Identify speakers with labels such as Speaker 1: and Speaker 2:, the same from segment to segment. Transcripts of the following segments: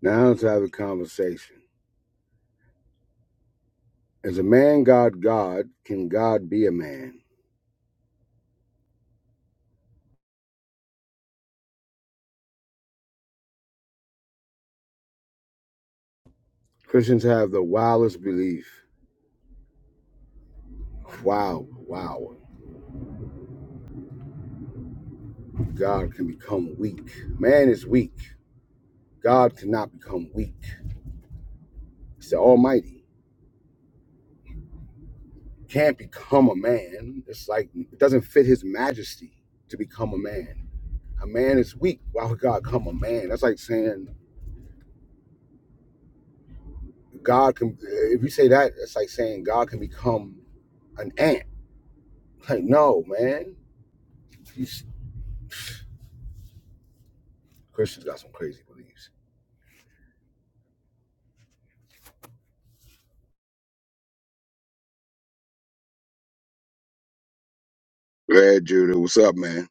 Speaker 1: Now let's have a conversation. Is a man God God? Can God be a man? Christians have the wildest belief. Wow, wow. God can become weak. Man is weak. God cannot become weak. He's the Almighty. Can't become a man. It's like it doesn't fit his majesty to become a man. A man is weak. Why would God come a man? That's like saying God can if you say that, it's like saying God can become an ant. Like, no, man. You Christians got some crazy beliefs. Glad Judah, what's up, man?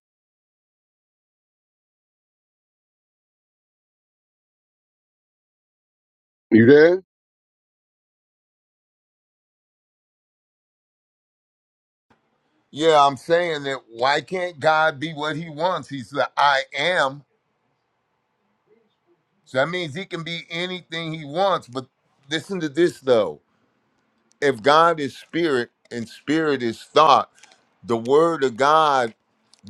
Speaker 1: You there?
Speaker 2: Yeah, I'm saying that why can't God be what he wants? He's the I am. So that means he can be anything he wants. But listen to this though. If God is spirit and spirit is thought, the word of God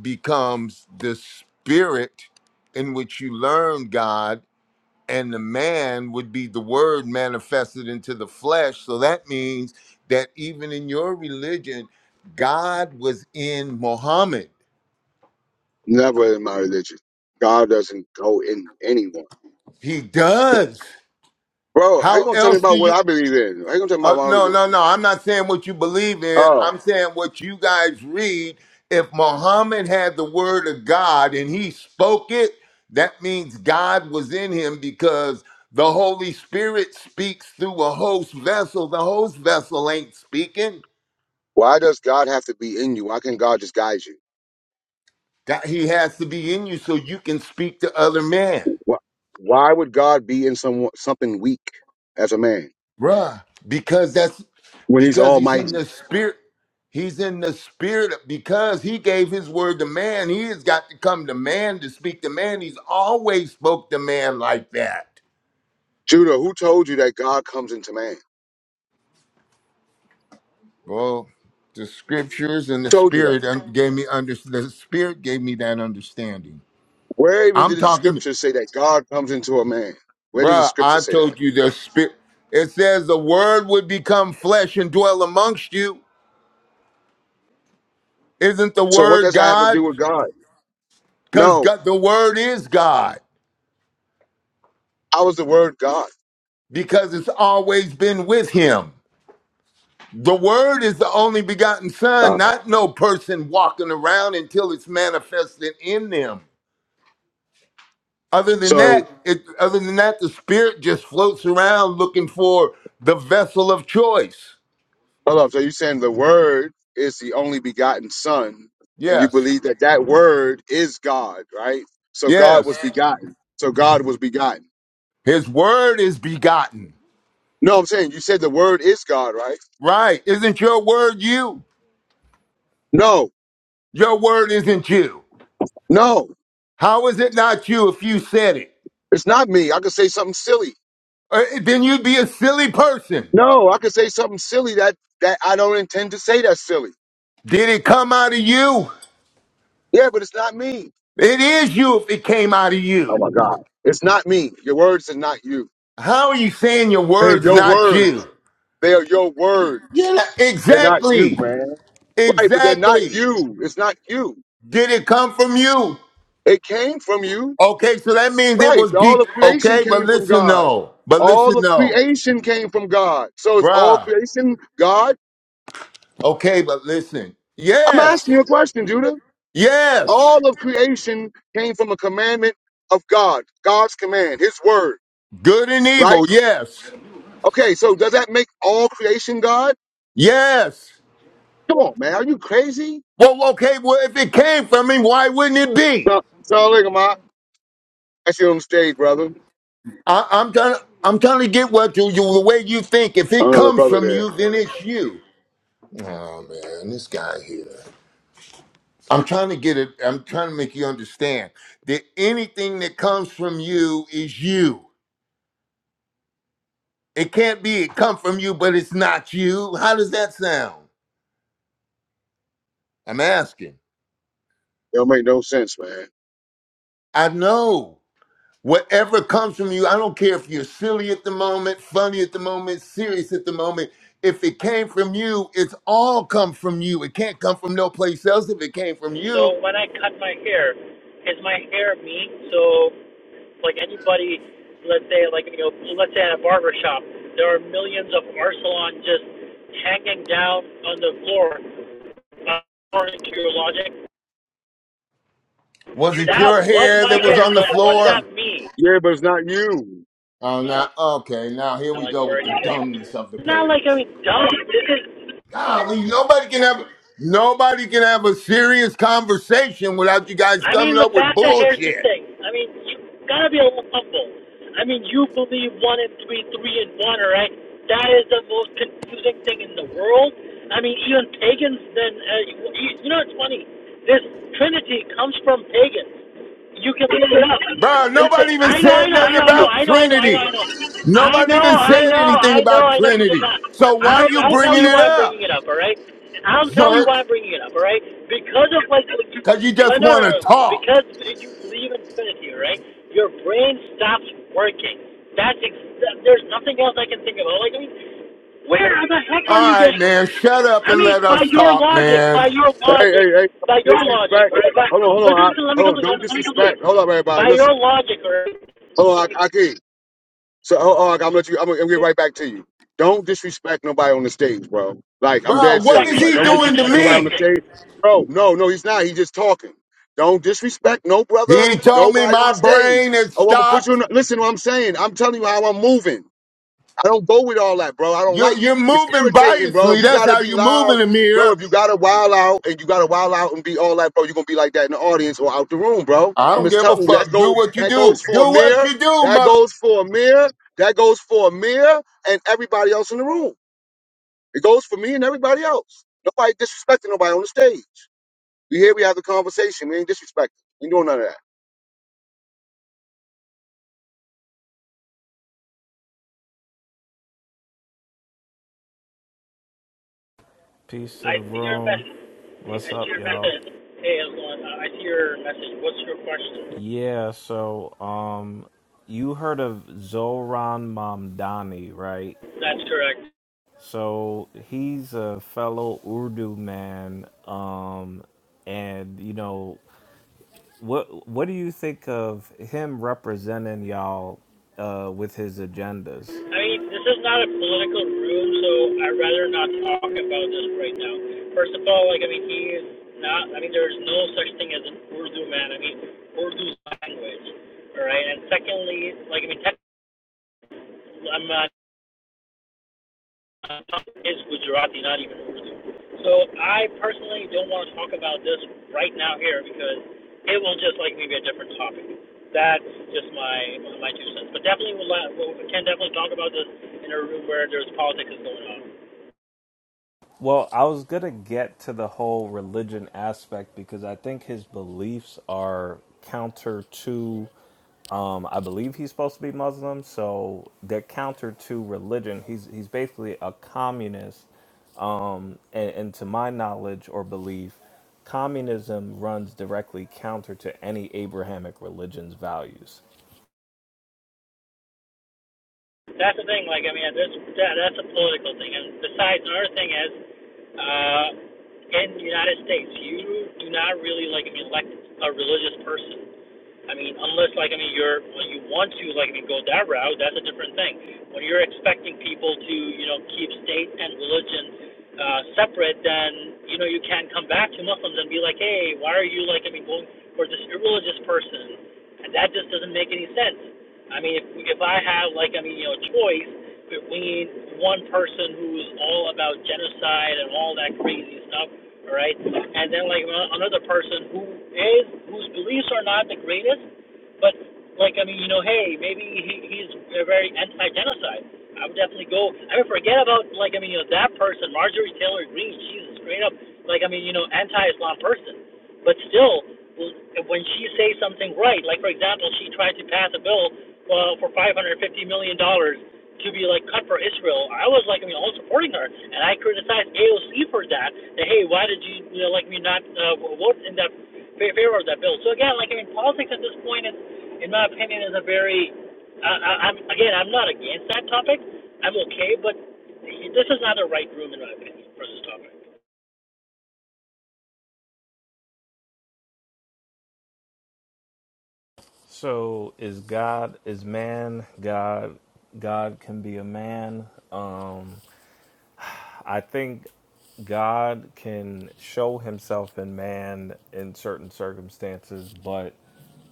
Speaker 2: becomes the spirit in which you learn God, and the man would be the word manifested into the flesh. So that means that even in your religion, God was in Muhammad.
Speaker 1: Never in my religion. God doesn't go in anyone.
Speaker 2: He does.
Speaker 1: Bro, how you
Speaker 2: How
Speaker 1: gonna tell me
Speaker 2: else do
Speaker 1: about what
Speaker 2: you?
Speaker 1: I believe in? How you gonna tell me about
Speaker 2: Uh,
Speaker 1: my
Speaker 2: no, no,
Speaker 1: religion?
Speaker 2: no. I'm not saying what you believe in.
Speaker 1: Oh.
Speaker 2: I'm saying what you guys read. If Muhammad had the word of God and he spoke it, that means God was in him because the Holy Spirit speaks through a host vessel. The host vessel ain't speaking.
Speaker 1: Why does God have to be in you? Why can't God just guide you?
Speaker 2: God, he has to be in you so you can speak to other men.
Speaker 1: Why, why would God be in some something weak as a man
Speaker 2: Bruh, because that's
Speaker 1: when he's
Speaker 2: because he's in
Speaker 1: almighty?
Speaker 2: the spirit. He's in the spirit of- because he gave his word to man. He has got to come to man to speak to man. He's always spoke to man like that.
Speaker 1: Judah, who told you that God comes into man?
Speaker 2: Well, the scriptures and the
Speaker 1: Who told you that?
Speaker 2: spirit un- gave me under the spirit gave me that understanding.
Speaker 1: Where even
Speaker 2: I'm
Speaker 1: did the
Speaker 2: talking,
Speaker 1: scripture say that God comes into a man? Where does the
Speaker 2: bruh.
Speaker 1: scripture
Speaker 2: I
Speaker 1: say that?
Speaker 2: told you the spirit. It says the word would become flesh and dwell amongst you. Isn't the
Speaker 1: So what
Speaker 2: word
Speaker 1: does that have to do
Speaker 2: God?
Speaker 1: with God?
Speaker 2: Because
Speaker 1: No,
Speaker 2: the word is God.
Speaker 1: I was the word God.
Speaker 2: because it's always been with him. The word is the only begotten son,
Speaker 1: God.
Speaker 2: not no person walking around until it's manifested in them. Other than
Speaker 1: So
Speaker 2: that, it, other than that, the spirit just floats around looking for the vessel of choice.
Speaker 1: hold up. So you're saying the word is the only begotten son, and you
Speaker 2: Yes,
Speaker 1: believe that that word is God, right? So God
Speaker 2: yes.
Speaker 1: was begotten. So God was begotten.
Speaker 2: His word is begotten.
Speaker 1: No, I'm saying you said the word is God, right?
Speaker 2: Right. Isn't your word you?
Speaker 1: No,
Speaker 2: Your word isn't you.
Speaker 1: no,
Speaker 2: How is it not you if you said it?
Speaker 1: it's not me. I could say something silly.
Speaker 2: Uh, then you'd be a silly person.
Speaker 1: No, I could say something silly that that I don't intend to say that's silly.
Speaker 2: Did it come out of you?
Speaker 1: Yeah, but it's not me.
Speaker 2: It is you if it came out of
Speaker 1: Oh
Speaker 2: you.
Speaker 1: my God. It's not me. Your words are not you.
Speaker 2: How are you saying your
Speaker 1: They're
Speaker 2: words
Speaker 1: your
Speaker 2: not
Speaker 1: words.
Speaker 2: you?
Speaker 1: They are your words.
Speaker 2: Yeah,
Speaker 1: They're not you,
Speaker 2: exactly.
Speaker 1: man. Right, but they're not
Speaker 2: Exactly.
Speaker 1: you. It's not you.
Speaker 2: Did it come from you?
Speaker 1: It came from you.
Speaker 2: Okay, so that means it
Speaker 1: Right.
Speaker 2: was
Speaker 1: All
Speaker 2: deep.
Speaker 1: of creation
Speaker 2: Okay, but
Speaker 1: came from
Speaker 2: listen
Speaker 1: God.
Speaker 2: though. But
Speaker 1: All
Speaker 2: listen
Speaker 1: of
Speaker 2: though.
Speaker 1: creation came from God. So it's all
Speaker 2: Bruh.
Speaker 1: creation, God.
Speaker 2: Okay, but listen.
Speaker 1: I'm
Speaker 2: Yes.
Speaker 1: asking you a question, Judah.
Speaker 2: Yes.
Speaker 1: All of creation came from a commandment of God, God's command, His word,
Speaker 2: Good and
Speaker 1: right?
Speaker 2: evil. Yes.
Speaker 1: Okay, so does that make all creation God?
Speaker 2: Yes.
Speaker 1: Come on, man. Are you crazy?
Speaker 2: Well, okay, well, if it came from him, why wouldn't it be?
Speaker 1: No, it's all like, I see you on stage, brother.
Speaker 2: I, I'm trying. I'm trying to get what you, you the way you think. If it
Speaker 1: Uh,
Speaker 2: comes
Speaker 1: brother
Speaker 2: from
Speaker 1: there. It
Speaker 2: you, then it's you. Oh man, this guy here. I'm trying to get it. I'm trying to make you understand that anything that comes from you is you. It can't be it come from you, but it's not you. How does that sound? I'm asking.
Speaker 1: don't make no sense, man.
Speaker 2: I know. Whatever comes from you, I don't care if you're silly at the moment, funny at the moment, serious at the moment. If it came from you, it's all come from you. It can't come from no place else if it came from you.
Speaker 3: So when I cut my hair, is my hair me? So like anybody, let's say like you know, let's say at a barber shop, there are millions of Arcelon just hanging down on the floor. Uh, According to your logic,
Speaker 2: Was it
Speaker 3: that
Speaker 2: your
Speaker 3: was
Speaker 2: hair
Speaker 3: my
Speaker 2: that was
Speaker 3: hair,
Speaker 2: on the
Speaker 3: but was that
Speaker 2: floor?
Speaker 3: me?
Speaker 1: Yeah, but it's not you.
Speaker 2: Oh,
Speaker 3: Uh,
Speaker 2: now, okay, now here we
Speaker 3: like
Speaker 2: go with
Speaker 3: where
Speaker 2: the
Speaker 3: anything?
Speaker 2: dumbness of the
Speaker 3: It's not like I'm
Speaker 2: page.
Speaker 3: dumb. This is
Speaker 2: Golly, nobody can have nobody can have a serious conversation without you guys
Speaker 3: I mean,
Speaker 2: coming up with
Speaker 3: LaFacta, here's the
Speaker 2: bullshit.
Speaker 3: thing. I mean, you gotta be a little humble. I mean, you believe one and three, three and one, all right? That is the most confusing thing in the world. I mean, even pagans. Then uh, you, you know, it's funny. This Trinity comes from pagans. You can look it up.
Speaker 2: Bro,
Speaker 3: Listen,
Speaker 2: nobody even
Speaker 3: I know, I
Speaker 2: said
Speaker 3: know, I
Speaker 2: nothing
Speaker 3: know, I know,
Speaker 2: about
Speaker 3: I know, I know,
Speaker 2: Trinity.
Speaker 3: I
Speaker 2: Nobody
Speaker 3: know,
Speaker 2: even
Speaker 3: I know, I know, I
Speaker 2: said
Speaker 3: know,
Speaker 2: anything
Speaker 3: I know,
Speaker 2: about
Speaker 3: I know. You did
Speaker 2: Trinity.
Speaker 3: not.
Speaker 2: So why
Speaker 3: I'll,
Speaker 2: you
Speaker 3: I'll tell
Speaker 2: bringing
Speaker 3: you
Speaker 2: it
Speaker 3: why I'm
Speaker 2: up,
Speaker 3: bringing it up. All right. I'll tell you
Speaker 2: jerk?
Speaker 3: why I'm bringing it up. All right. Because of like what you
Speaker 2: Because you
Speaker 3: no,
Speaker 2: just
Speaker 3: no, no,
Speaker 2: want to
Speaker 3: no. Because
Speaker 2: talk.
Speaker 3: you leave infinity, right? Your brain stops working. That's ex- there's nothing else I can think of. Like, I mean, where the heck
Speaker 2: All
Speaker 3: are you
Speaker 2: right,
Speaker 3: getting?
Speaker 2: man, shut up
Speaker 3: I
Speaker 2: and
Speaker 3: mean,
Speaker 2: let
Speaker 3: by
Speaker 2: us
Speaker 3: your
Speaker 2: talk,
Speaker 3: logic,
Speaker 2: man.
Speaker 3: by your
Speaker 1: Hey, hey,
Speaker 3: logic,
Speaker 1: hey,
Speaker 3: by
Speaker 1: don't
Speaker 3: your logic,
Speaker 1: disrespect.
Speaker 3: right? By,
Speaker 1: Hold on, hold on,
Speaker 3: listen, listen, let
Speaker 1: I,
Speaker 3: me
Speaker 1: hold on.
Speaker 3: complete.
Speaker 1: Don't
Speaker 3: Let me complete.
Speaker 1: disrespect. Hold up, everybody.
Speaker 3: By your
Speaker 1: Listen.
Speaker 3: logic, or
Speaker 1: Hold
Speaker 3: let
Speaker 1: on,
Speaker 3: me
Speaker 1: I, I can't. So, hold on, I'm gonna let you. I'm gonna, I'm gonna get right back to you. Don't disrespect nobody on the stage, bro. Like, I'm
Speaker 2: Bro,
Speaker 1: dead
Speaker 2: what is
Speaker 1: serious.
Speaker 3: respecting.
Speaker 1: Like,
Speaker 2: he
Speaker 1: don't
Speaker 3: I'm not
Speaker 2: doing to
Speaker 1: disrespect nobody on the
Speaker 2: me?
Speaker 3: disrespecting.
Speaker 1: stage, bro. No, no, he's not. He's just talking. Don't disrespect no brother,
Speaker 2: He told me
Speaker 1: nobody on
Speaker 2: my
Speaker 1: the stage.
Speaker 2: brain had
Speaker 1: Oh, I'm gonna put you in.
Speaker 2: stopped.
Speaker 1: The, listen, to what I'm saying. I'm telling you how I'm moving. I don't go with all that, bro. I don't
Speaker 2: You're,
Speaker 1: like it.
Speaker 2: you're
Speaker 1: It's
Speaker 2: moving
Speaker 1: irritating, bro. If
Speaker 2: biasly.
Speaker 1: you
Speaker 2: That's
Speaker 1: gotta
Speaker 2: how
Speaker 1: be
Speaker 2: you move
Speaker 1: loud,
Speaker 2: in the
Speaker 1: bro,
Speaker 2: mirror.
Speaker 1: if you gotta wild out and you gotta wild out and be all that, bro, you're gonna be like that in the audience or out the room, bro.
Speaker 2: I
Speaker 1: I'm
Speaker 2: don't
Speaker 1: just
Speaker 2: give a
Speaker 1: telling you,
Speaker 2: fuck.
Speaker 1: that
Speaker 2: Do
Speaker 1: go
Speaker 2: what you
Speaker 1: that
Speaker 2: do.
Speaker 1: goes
Speaker 2: Do
Speaker 1: for
Speaker 2: what
Speaker 1: Amir,
Speaker 2: you do,
Speaker 1: that
Speaker 2: mother.
Speaker 1: goes for Amir, that goes for Amir and everybody else in the room. It goes for me and everybody else. Nobody disrespecting nobody on the stage. We here, we have the conversation. We ain't disrespecting. We ain't doing none of that.
Speaker 4: Peace to the
Speaker 3: I see your
Speaker 4: room.
Speaker 3: message.
Speaker 4: What's
Speaker 3: I see
Speaker 4: up,
Speaker 3: your
Speaker 4: y'all?
Speaker 3: message. Hey, Elon, I see your message. What's your question?
Speaker 4: Yeah, so um you heard of Zoran Mamdani, right?
Speaker 3: That's correct.
Speaker 4: So he's a fellow Urdu man um and you know what what do you think of him representing y'all uh with his agendas?
Speaker 3: I mean, this is not a political room, so I'd rather not talk about this right now. First of all, like, I mean, he is not, I mean, there is no such thing as an Urdu man. I mean, Urdu language, all right? And secondly, like, I mean, technically, I'm not, is Gujarati, not even Urdu. So I personally don't want to talk about this right now here because it will just, like, maybe a different topic. That's just my my two cents. But definitely, we'll, we we can definitely talk about this in a room where there's politics is going on.
Speaker 4: Well, I was going to get to the whole religion aspect because I think his beliefs are counter to Um, I believe he's supposed to be Muslim, so they're counter to religion. He's he's basically a communist. Um, and, and to my knowledge or belief, communism runs directly counter to any Abrahamic religion's values.
Speaker 3: That's the thing. Like, I mean, that's that, that's a political thing. And besides, another thing is, uh, in the United States, you do not really like be elect a religious person. I mean, unless like I mean you're when you want to like I mean go that route, that's a different thing. When you're expecting people to you know keep state and religion uh, separate, then you know you can not come back to Muslims and be like, hey, why are you like I mean going for this irreligious person? And that just doesn't make any sense. I mean, if if I have like I mean you know choice between one person who's all about genocide and all that crazy stuff, all right, and then like another person who is whose beliefs are not the greatest, but like I mean, you know, hey, maybe he, he's very anti-genocide. I would definitely go. I mean, forget about like I mean, you know, that person, Marjorie Taylor Greene. She's a straight up like I mean, you know, anti-Islam person. But still, when she says something right, like for example, she tried to pass a bill uh, for 550 million dollars to be like cut for Israel. I was like, I mean, I was supporting her, and I criticized AOC for that. That hey, why did you, you know, like me not uh, vote in that favor of that bill? So again, like I mean, politics at this point is, in my opinion, is a very, I, I, I'm again, I'm not against that topic. I'm okay, but this is not the right room in my opinion for this topic.
Speaker 4: So is God is man God? God can be a man. Um, I think God can show himself in man in certain circumstances, but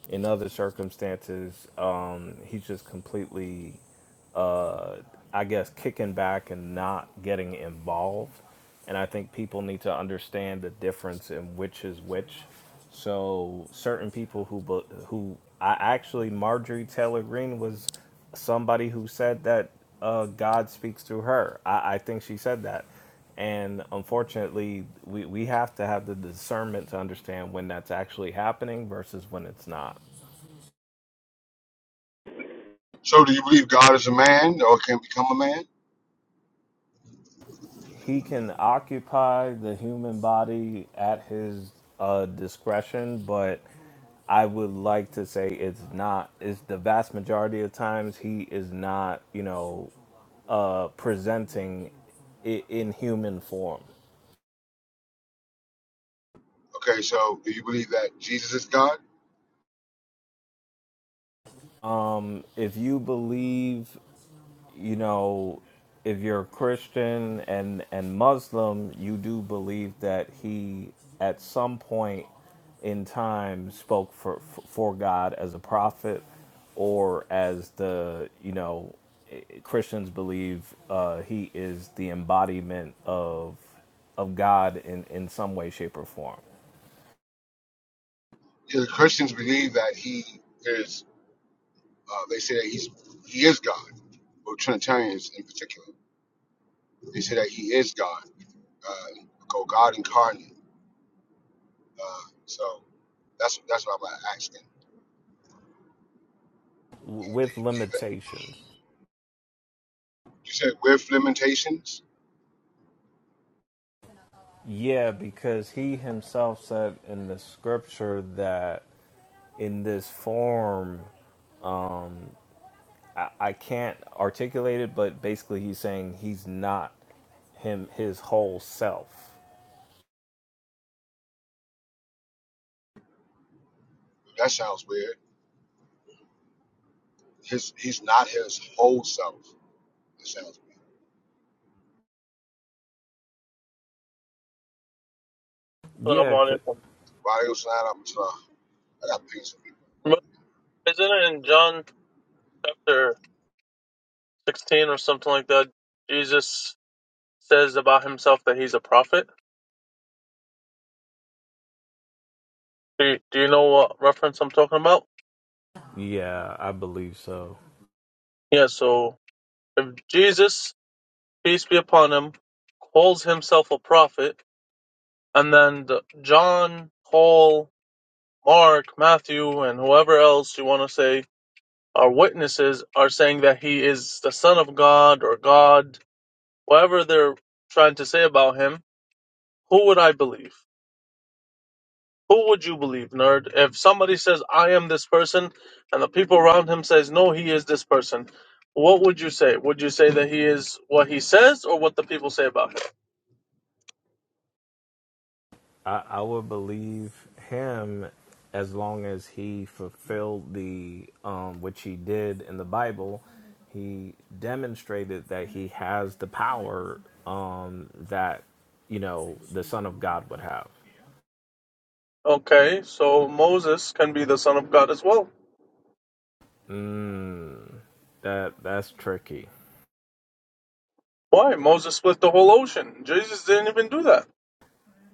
Speaker 4: in other circumstances, um, he's just completely uh, I guess, kicking back and not getting involved. And I think people need to understand the difference in which is which. So certain people who bu- who I actually Marjorie Taylor Greene was somebody who said that uh, God speaks through her. I, I think she said that. And unfortunately, we, we have to have the discernment to understand when that's actually happening versus when it's not.
Speaker 1: So, do you believe God is a man or can become a man?
Speaker 4: he can occupy the human body at his uh, discretion, but I would like to say it's not. It's the vast majority of times he is not, you know, uh, presenting it in human form. If you believe you know, if you're Christian and and Muslim, you do believe that he at some point in time spoke for for God as a prophet or as the, you know, Christians believe uh, he is the embodiment of of God in in some way shape or form
Speaker 1: Yeah, the Christians believe that he is. Uh, they say that he's he is God, or Trinitarians in particular. They say that he is God, uh, go God incarnate. So that's that's what I'm asking.
Speaker 4: w-
Speaker 1: Uh, do
Speaker 4: with
Speaker 1: you believe that?
Speaker 4: limitations.
Speaker 1: You said with limitations.
Speaker 4: Yeah, because he himself said in the scripture that in this form I, I can't articulate it, but basically he's saying he's not him his whole self.
Speaker 1: That sounds weird. His he's not his whole self. That sounds weird.
Speaker 5: Salaam
Speaker 4: Yeah,
Speaker 5: alaikum.
Speaker 1: Why they gonna sign up to? I got pings of people.
Speaker 5: Isn't it in John chapter 16 or something like that? Jesus says about himself that he's a prophet. Do you, do you know what reference I'm talking about?
Speaker 4: yeah, I believe so.
Speaker 5: Yeah, so if Jesus, peace be upon him, calls himself a prophet, and then the, John, Paul, Mark, Matthew, and whoever else you want to say are witnesses are saying that he is the Son of God or God, whatever they're trying to say about him, who would I believe? Who would you believe, nerd? If somebody says, I am this person, and the people around him says, no, he is this person, what would you say? Would you say that he is what he says or what the people say about him?
Speaker 4: I, I would believe him as long as he fulfilled the um, which he did in the Bible. He demonstrated that he has the power um, that you know the Son of God would have.
Speaker 5: Okay, so Moses can be the son of God as well.
Speaker 4: Mm, That that's tricky.
Speaker 5: Why? Moses split the whole ocean. Jesus didn't even do that.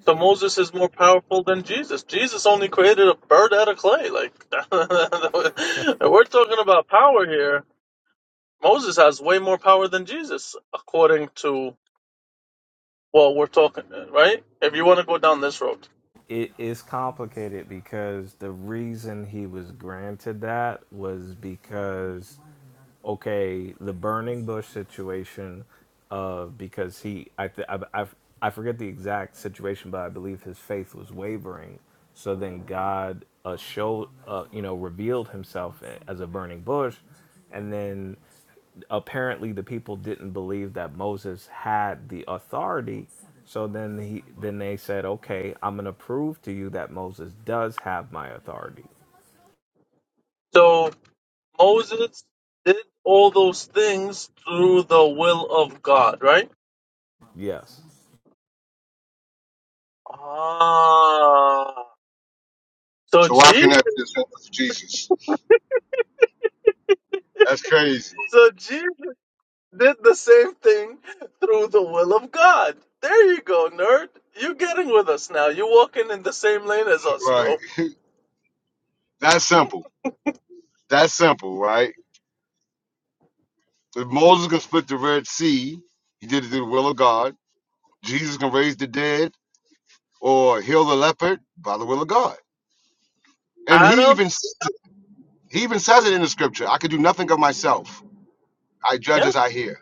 Speaker 5: So Moses is more powerful than Jesus. Jesus only created a bird out of clay. Like we're talking about power here. Moses has way more power than Jesus, according to what we're talking, right? If you want to go down this road.
Speaker 4: it is complicated because the reason he was granted that was because okay the burning bush situation uh because he i th- I, I i forget the exact situation but i believe his faith was wavering so then god uh showed uh you know revealed himself as a burning bush and then apparently the people didn't believe that Moses had the authority. So then he then they said, "Okay, I'm going to prove to you that Moses does have my authority."
Speaker 5: So Moses did all those things through the will of God, right?
Speaker 4: Yes.
Speaker 5: Ah. So
Speaker 1: So why
Speaker 5: Jesus,
Speaker 1: can that be a simple for Jesus? That's crazy,
Speaker 5: so Jesus did the same thing through the will of God. There you go, nerd. You're getting with us now. You're walking in the same lane as us,
Speaker 1: right?
Speaker 5: bro.
Speaker 1: That's simple. That's simple, right? If Moses can split the Red Sea, he did it through the will of God Jesus can raise the dead or heal the leopard by the will of God. And he
Speaker 5: Adam,
Speaker 1: even he even says it in the scripture. I could do nothing of myself. I judge
Speaker 5: yeah,
Speaker 1: as I hear.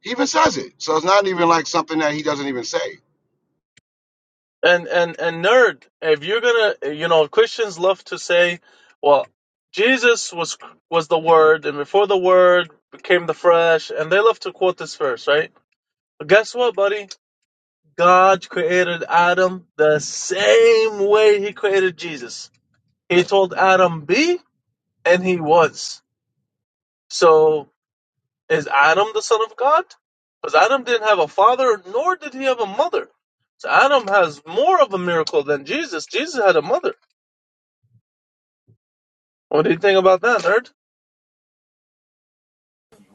Speaker 1: He even says it. So it's not even like something that he doesn't even say.
Speaker 5: and and and nerd. If you're gonna, you know, Christians love to say, well, Jesus was was the Word, and before the Word became the flesh, and they love to quote this verse, right? But guess what, buddy? God created Adam the same way He created Jesus. He told Adam be, and he was. So is Adam the son of God? Because Adam didn't have a father, nor did he have a mother. So Adam has more of a miracle than Jesus. Jesus had a mother. What do you think about that, nerd?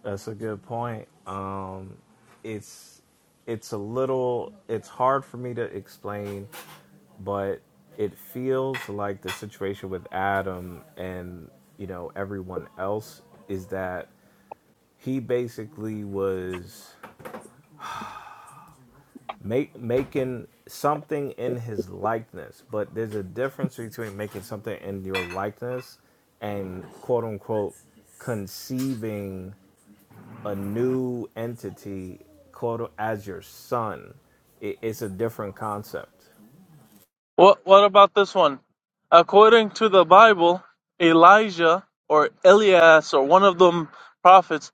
Speaker 4: That's a good point. Um it's it's a little it's hard for me to explain, but it feels like the situation with Adam and, you know, everyone else is that he basically was make making something in his likeness but there's a difference between making something in your likeness and quote unquote conceiving a new entity quote as your son it, it's a different concept
Speaker 5: What What about this one? According to the Bible, Elijah or Elias or one of them prophets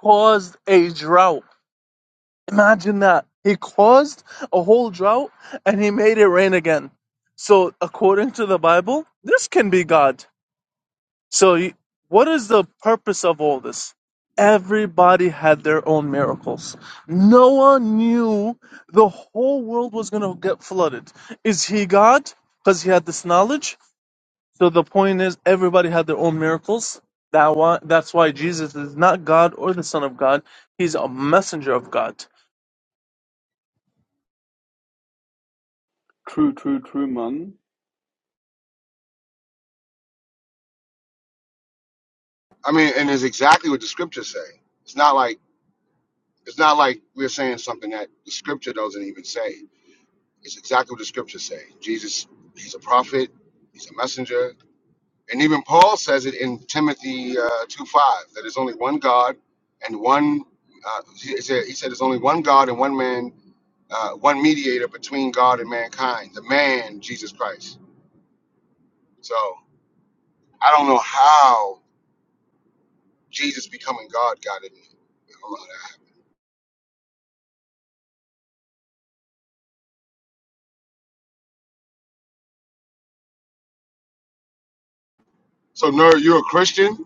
Speaker 5: caused a drought. Imagine that. He caused a whole drought and he made it rain again. So according to the Bible, this can be God. So, you- what is the purpose of all this? Everybody had their own miracles. Noah knew the whole world was going to get flooded. Is he God? Because he had this knowledge. So the point is, everybody had their own miracles. That why, that's why Jesus is not God or the Son of God. He's a messenger of God.
Speaker 6: True, true, true, man.
Speaker 1: I mean, and it's exactly what the scriptures say. It's not like it's not like we're saying something that the scripture doesn't even say. It's exactly what the scriptures say. Jesus, he's a prophet, he's a messenger, And even Paul says it in Timothy uh, 2 5 that there's only one God and one, uh, he, said, he said there's only one God and one man, uh, one mediator between God and mankind, the man, Jesus Christ. So I don't know how Jesus becoming God got in. So, nerd, you're a Christian?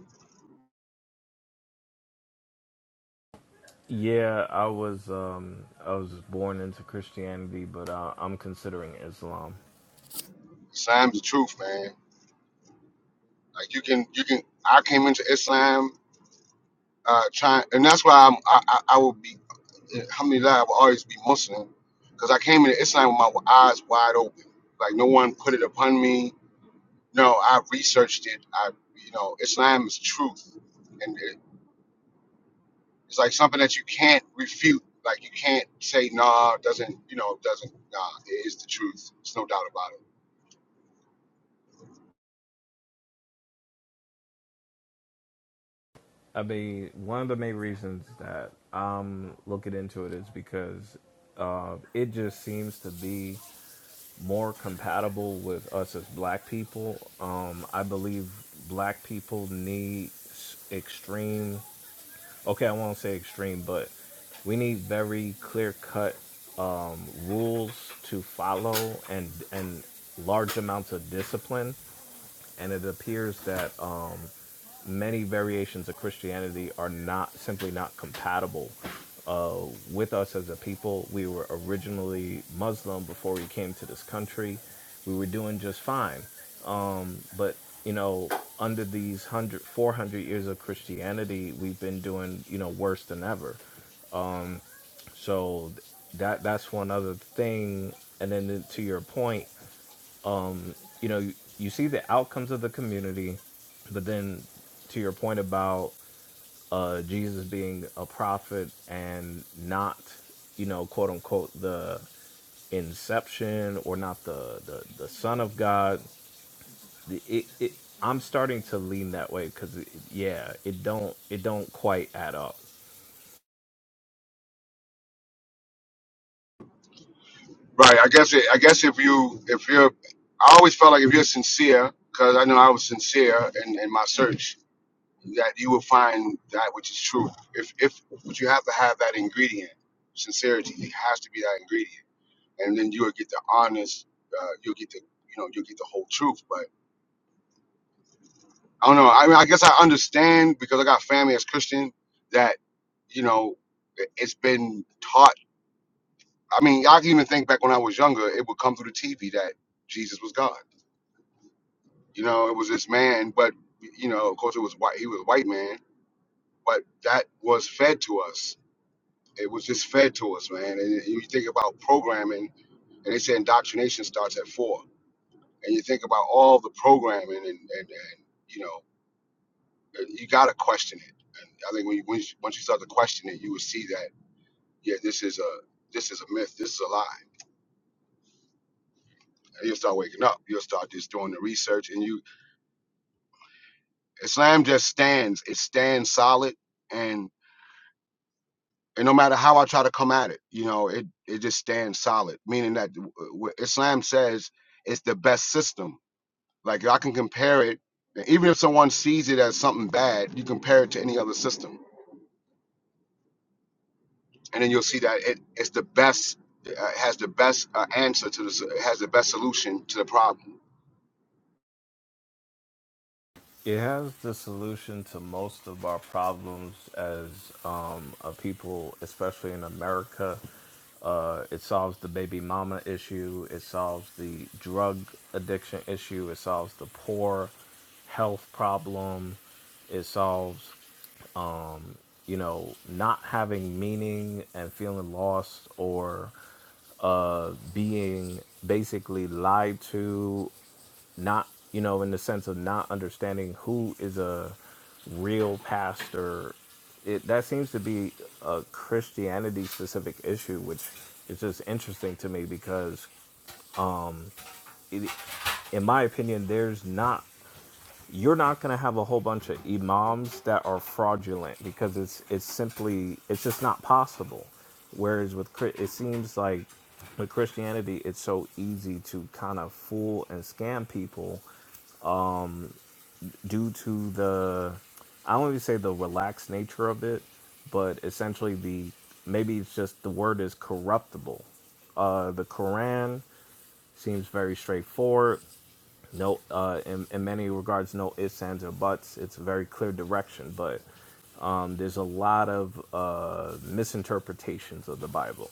Speaker 4: yeah i was um i was born into christianity but uh, i'm considering islam
Speaker 1: Islam's the truth, man. Like you can, you can. I came into Islam uh, trying, and that's why I'm, I, I I will be, alhamdulillah, I will always be Muslim because I came into Islam with my eyes wide open. Like no one put it upon me. No, I researched it. I, you know, Islam is truth, and it, it's like something that you can't refute. Like you can't say nah, it doesn't you know, it doesn't nah, it is the truth. There's no doubt about it.
Speaker 4: i mean one of the main reasons that i'm looking into it is because uh it just seems to be more compatible with us as black people. Um, I believe black people need s- extreme, okay, I won't say extreme, but we need very clear cut rules to follow and, and large amounts of discipline. And it appears that um, many variations of Christianity are not simply not compatible uh, with us as a people. We were originally Muslim before we came to this country. We were doing just fine, but you know, under these 100, 400 years of Christianity, we've been doing you know worse than ever. So that that's one other thing. And then to to your point, you know, you, you see the outcomes of the community, but then to your point about uh, Jesus being a prophet and not, you know, quote unquote, the inception or not the the, the son of God. It, it, I'm starting to lean that way because yeah, it don't it don't quite add up.
Speaker 1: Right. I guess it, I guess if you if you're, I always felt like if you're sincere, because I know I was sincere in, in my search that you will find that which is true. If if but you have to have that ingredient, sincerity. It has to be that ingredient, and then you will get the honest. Uh, you'll get the you know you'll get the whole truth. But I don't know. I mean, I guess I understand because I got family as Christian that you know it- it's been taught. I mean, I can even think back when I was younger, it would come through the TV that Jesus was God. You know, it was this man, but you know, of course, it was white. He was a white man, but that was fed to us It was just fed to us, man. And you think about programming, and they say indoctrination starts at four. And you think about all the programming, and, and, and you know, you got to question it. And I think when you, once you once you start to question it, you will see that yeah, this is a this is a myth. This is a lie. And you'll start waking up. You'll start just doing the research, and you Islam just stands. It stands solid, and and no matter how I try to come at it, you know, it it just stands solid. Meaning that w- w- Islam says it's the best system Like I can compare it, even if someone sees it as something bad, you compare it to any other system, and then you'll see that it, it's the best, uh, has the best uh, answer to this, it has the best solution to the problem.
Speaker 4: It has the solution to most of our problems as um, a people, especially in America. Uh, it solves the baby mama issue. It solves the drug addiction issue. It solves the poor health problem. It solves, you know, not having meaning and feeling lost or uh, being basically lied to not you know in the sense of not understanding who is a real pastor it that seems to be a christianity specific issue which is just interesting to me because it, in my opinion there's not you're not going to have a whole bunch of imams that are fraudulent because it's it's simply it's just not possible whereas with Chri- it seems like with christianity it's so easy to kind of fool and scam people due to the I don't even say the relaxed nature of it, but essentially the maybe it's just the word is corruptible. Uh, the Quran seems very straightforward. No, uh, in, in many regards, no ifs, ands, or buts. It's a very clear direction, but um, there's a lot of uh, misinterpretations of the Bible.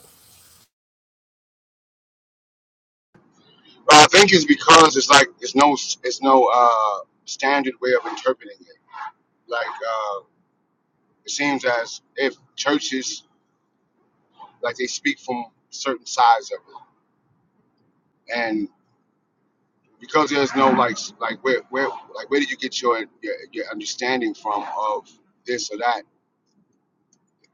Speaker 1: But I think it's because it's like it's no, it's no uh, standard way of interpreting it. Like uh, it seems as if churches, like they speak from certain sides of it, and because there's no like, like where, where, like where do you get your your, your understanding from of this or that?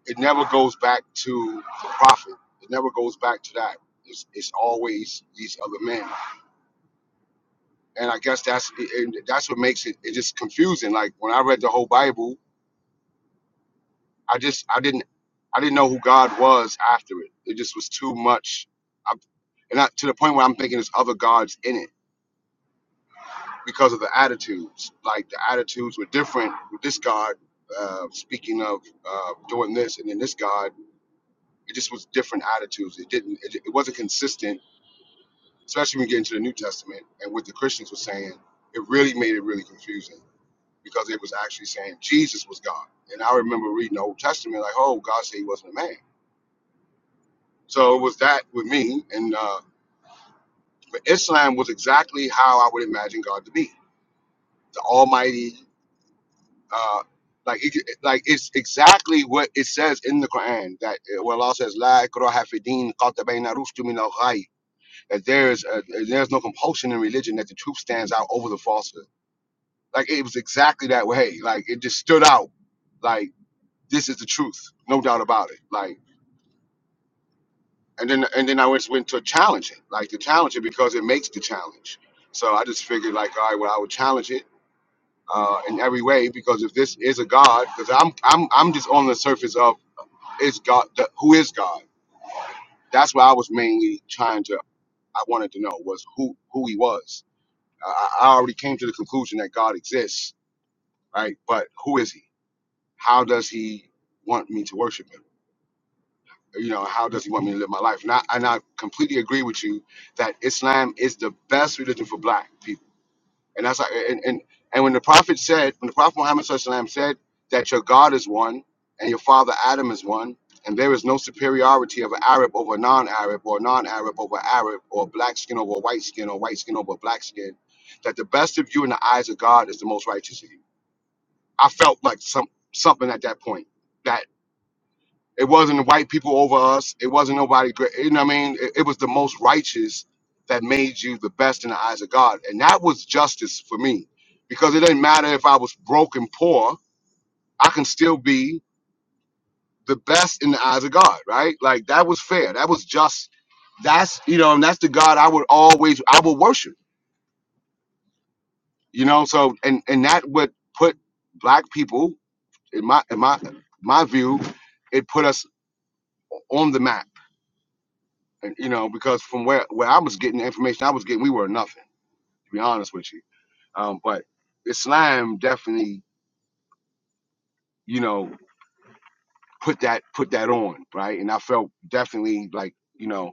Speaker 1: it never goes back to the prophet. It never goes back to that. It's, it's always these other men, and I guess that's and that's what makes it, it just confusing. Like when I read the whole Bible, I just I didn't I didn't know who God was after it. It just was too much, I, and I, to the point where I'm thinking there's other gods in it because of the attitudes. Like the attitudes were different with this God. Uh, speaking of uh, doing this, and then this God, it just was different attitudes. It didn't. It, it wasn't consistent especially when you get into the New Testament and what the Christians were saying, it really made it really confusing because it was actually saying Jesus was God. And I remember reading the Old Testament, like, oh, God said he wasn't a man. So it was that with me. And uh, but Islam was exactly how I would imagine God to be the Almighty. Uh, like, it, like it's exactly what it says in the Quran that uh, where Allah says, La ikraha fi din, qad tabayyana rushdu min al-ghayy, that there is a, there's no compulsion in religion, that the truth stands out over the falsehood Like it was exactly that way. Like it just stood out. Like this is the truth, no doubt about it. Like and then and then I just went to challenge it, like to challenge it because it makes the challenge. So I just figured like, all right, well I would challenge it uh, in every way because if this is a God, because I'm I'm I'm just on the surface of is God the, who is God. That's what I was mainly trying to. I wanted to know was who who he was. I, I I already came to the conclusion that God exists, right? But who is he? how does he want me to worship him? You know, how does he want me to live my life? And I, and I completely agree with you that Islam is the best religion for black people. And that's like, and, and, and when the prophet said, when the prophet Muhammad SAW said that your God is one and your father Adam is one, and there is no superiority of an Arab over a non-Arab or a non-Arab over Arab or black skin over white skin or white skin over black skin, that the best of you in the eyes of God is the most righteous of you. I felt like some something at that point that. It wasn't white people over us. It wasn't nobody great. You know what I mean? It, it was the most righteous that made you the best in the eyes of God. And that was justice for me because it didn't matter if I was broke and poor, I can still be the best in the eyes of God, right? Like that was fair. That was just. That's, you know, and that's the God I would always, I would worship, you know? So, and, and that would put black people in my, in my, my view, it put us on the map And, you know, because from where, where I was getting the information I was getting, we were nothing, to be honest with you. Um, but Islam definitely, you know, put that put that on, right? And I felt definitely like, you know,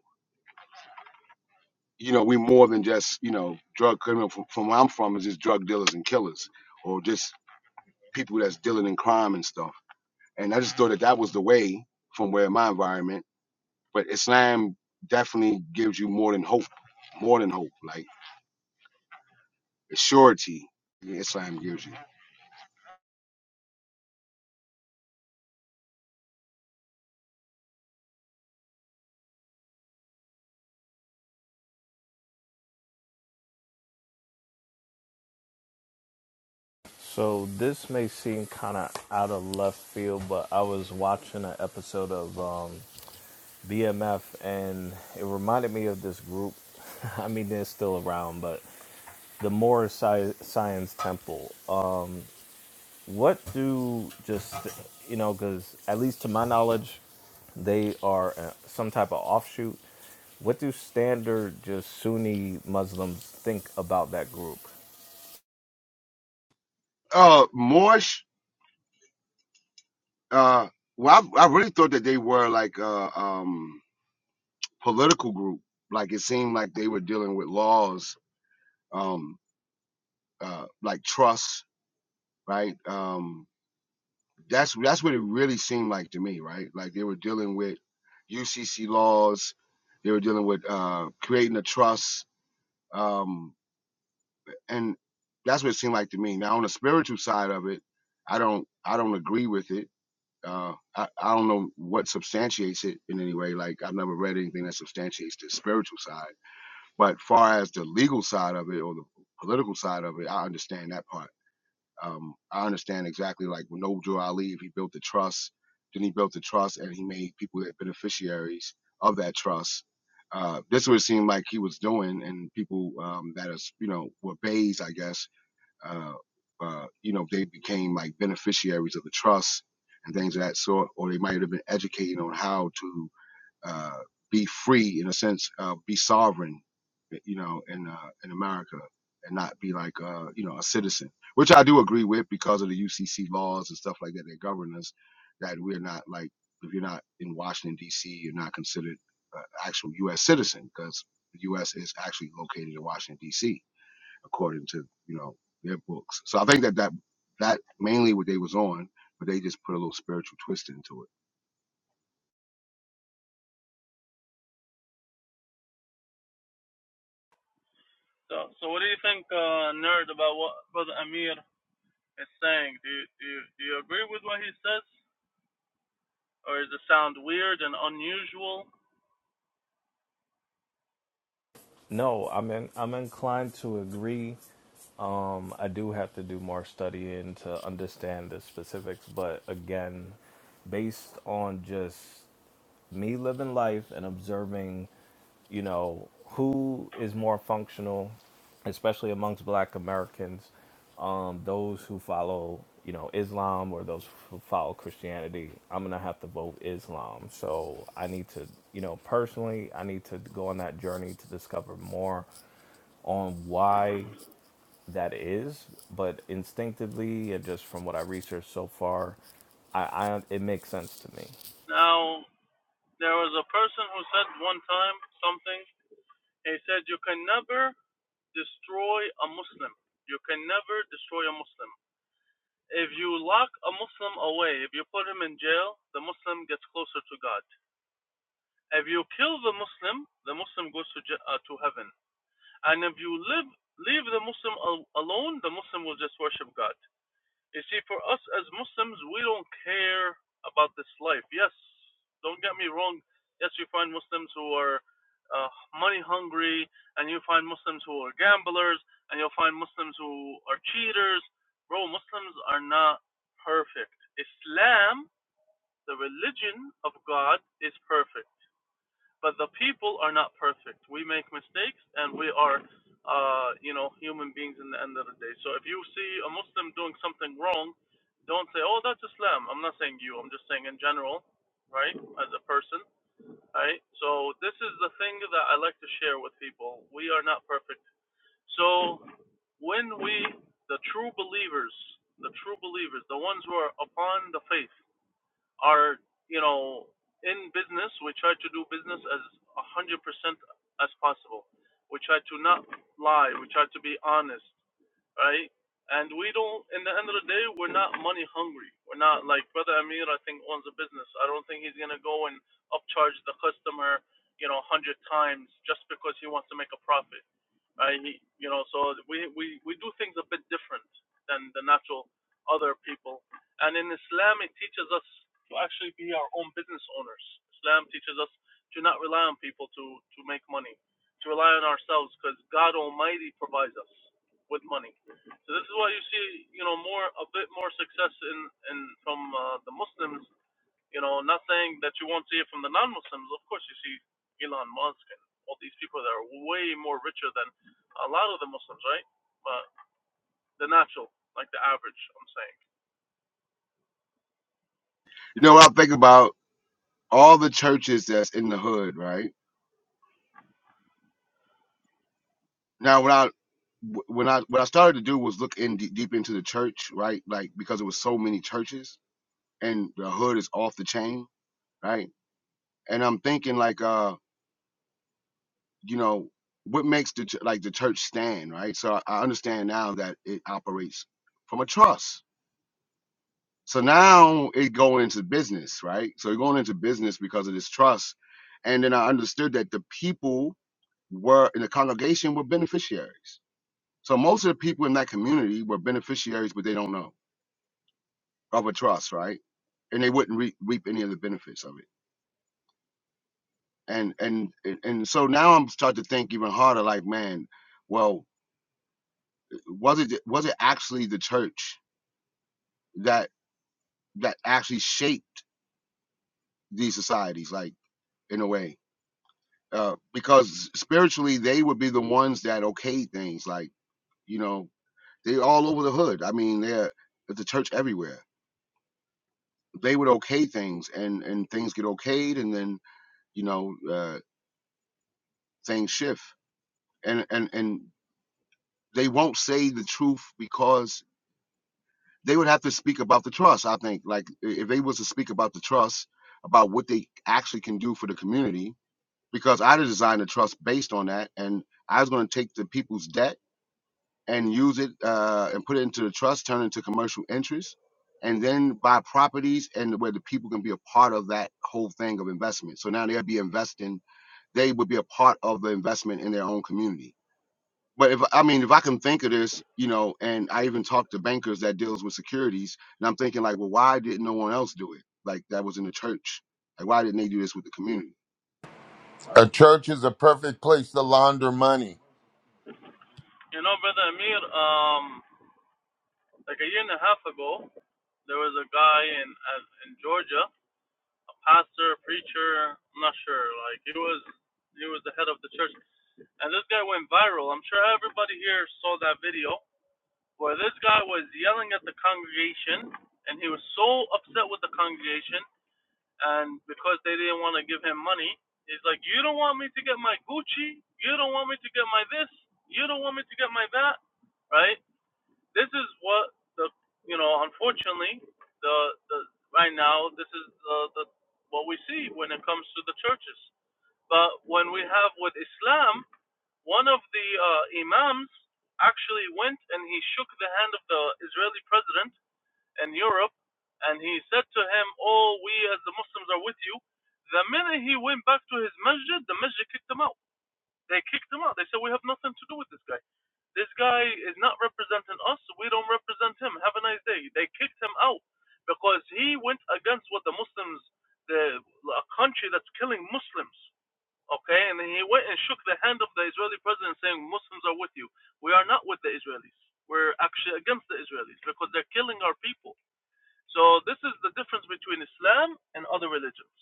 Speaker 1: you know, we more than just, you know, drug criminal from, from where I'm from is just drug dealers and killers or just people that's dealing in crime and stuff. And I just thought that that was the way from where my environment, but Islam definitely gives you more than hope, more than hope, like surety Islam gives you.
Speaker 4: So this may seem kind of out of left field, but I was watching an episode of um, BMF, and it reminded me of this group. I mean, they're still around, but the Moore Sci- Science Temple. Uh, what do just you know? Because at least to my knowledge, they are uh, some type of offshoot. What do standard just Sunni Muslims think about that group?
Speaker 1: uh Morsh uh well I, I really thought that they were like a um political group like it seemed like they were dealing with laws um uh like trusts, right um that's that's what it really seemed like to me right like they were dealing with UCC laws they were dealing with uh creating a trust um and that's what it seemed like to me now on the spiritual side of it I don't I don't agree with it Uh, I, I don't know what substantiates it in any way. Like I've never read anything that substantiates the spiritual side. But far as the legal side of it or the political side of it, I understand that part. Um, I understand exactly like when Noble Ali, if he built the trust, then he built the trust and he made people that beneficiaries of that trust. Uh, this would seem like he was doing, and people um, that is, you know, were bays, I guess, uh, uh, you know, they became like beneficiaries of the trust and things of that sort, or they might have been educated on how to uh, be free in a sense, uh, be sovereign, eh, you know, in uh, in America and not be like uh, you know a citizen, which I do agree with because of the UCC laws and stuff like that that govern us, that we're not like if you're not in Washington D.C., you're not considered an actual U.S. citizen because the U.S. is actually located in Washington D.C according to you know their books. So I think that that that mainly what they was on, but they just put a little spiritual twist into it.
Speaker 5: So, so what do you think, uh, nerd, about what Brother Amir is saying? Do you, do you do you agree with what he says, or does it sound weird and unusual?
Speaker 4: No, I'm in, I'm inclined to agree. Um, I do have to do more studying to understand the specifics, but again, based on just me living life and observing, you know, who is more functional, especially amongst black Americans, um, those who follow, you know, Islam or those who follow Christianity, I'm going to have to vote Islam. So I need to, you know, personally, I need to go on that journey to discover more on why that is. But instinctively and just from what I researched so far, I, I it makes sense to me.
Speaker 5: Now, there was a person who said one time something. He said, You can never destroy a Muslim. You can never destroy a Muslim. If you lock a Muslim away, if you put him in jail, the Muslim gets closer to God. If you kill the Muslim, the Muslim goes to, ja- uh, to heaven. And if you live, leave the Muslim al- alone, the Muslim will just worship God. You see, for us as Muslims, we don't care about this life. Yes, don't get me wrong. Yes, you find Muslims who are uh, money hungry, and you find Muslims who are gamblers, and you'll find Muslims who are cheaters. Bro, Muslims are not perfect. Islam, the religion of God, is perfect but the people are not perfect. We make mistakes, and we are, uh, you know, human beings in the end of the day. So if you see a Muslim doing something wrong, don't say, "Oh, that's Islam." I'm not saying you. I'm just saying in general, right? As a person, right? So this is the thing that I like to share with people. We are not perfect. So when we, the true believers, the true believers, the ones who are upon the faith are you know in business we try to do business as 100% as possible we try to not lie we try to be honest right and we don't in the end of the day we're not money hungry we're not like brother amir i think owns a business i don't think he's going to go and upcharge the customer you know 100 times just because he wants to make a profit I, you know, so we, we, we do things a bit different than the natural other people. And in Islam, it teaches us to actually be our own business owners. Islam teaches us to not rely on people to, to make money, to rely on ourselves because God Almighty provides us with money. So this is why you see, you know, more a bit more success in, in from uh, the Muslims you know, not saying that you won't see it from the non-Muslims. Of course, you see Elon Musk and all these people that are way more richer than a lot of the Muslims, right? But the natural, like the average, I'm saying.
Speaker 1: You know what I think about all the churches that's in the hood, right? Now when I when I what I started to do was look in deep, deep into the church, right? Like because it was so many churches and the hood is off the chain, right? And I'm thinking like uh you know what makes the ch- like the church stand, right? So I I understand now that it operates from a trust So now it going into business, right? So it going into business because of this trust. And then I understood that the people were in the congregation were beneficiaries. So most of the people in that community were beneficiaries, but they don't know of a trust, right? And they wouldn't re- reap any of the benefits of it. And and and and so now I'm starting to think even harder, like, man, well, was it was it actually the church that that actually shaped these societies, like in a way? uh, because spiritually they would be the ones that okay things like you know they're all over the hood i mean they're at the church everywhere they would okay things and and things get okayed and then you know uh, things shift and and and they won't say the truth because they would have to speak about the trust i think like if they was to speak about the trust about what they actually can do for the community because i designed the trust based on that and i was going to take the people's debt and use it uh, and put it into the trust, turn it into commercial interest, and then buy properties and where the people can be a part of that whole thing of investment. So now they'll be investing, they would be a part of the investment in their own community. But if I mean, if I can think of this, you know, and I even talk to bankers that deals with securities, and I'm thinking like, well, why didn't no one else do it? Like that was in the church. Like why didn't they do this with the community?
Speaker 2: A church is a perfect place to launder money.
Speaker 5: You know, brother Amir, um, like a year and a half ago, there was a guy in uh, in Georgia, pastor, preacher, I'm not sure. Like he was he was the head of the church, and this guy went viral. I'm sure everybody here saw that video where this guy was yelling at the congregation, and he was so upset with the congregation, and because they didn't want to give him money, he's like, "You don't want me to get my Gucci, you don't want me to get my this, you don't want me to get my that, right?" This is what the you know, unfortunately, the the right now this is the, the what we see when it comes to the churches. But when we have with Islam, one of the uh, imams actually went and he shook the hand of the Israeli president in Europe and he said to him, Oh, we as the Muslims are with you. The minute he went back to his masjid, the masjid kicked him out. They kicked him out. They said, We have nothing to do with this guy. This guy is not representing us. We don't represent him. Have a nice day. They kicked him out because he went against what the Muslims, the a country that's killing Muslims. Okay, and then he went and shook the hand of the Israeli president, saying, "Muslims are with you. We are not with the Israelis. We're actually against the Israelis because they're killing our people." So this is the difference between Islam and other religions.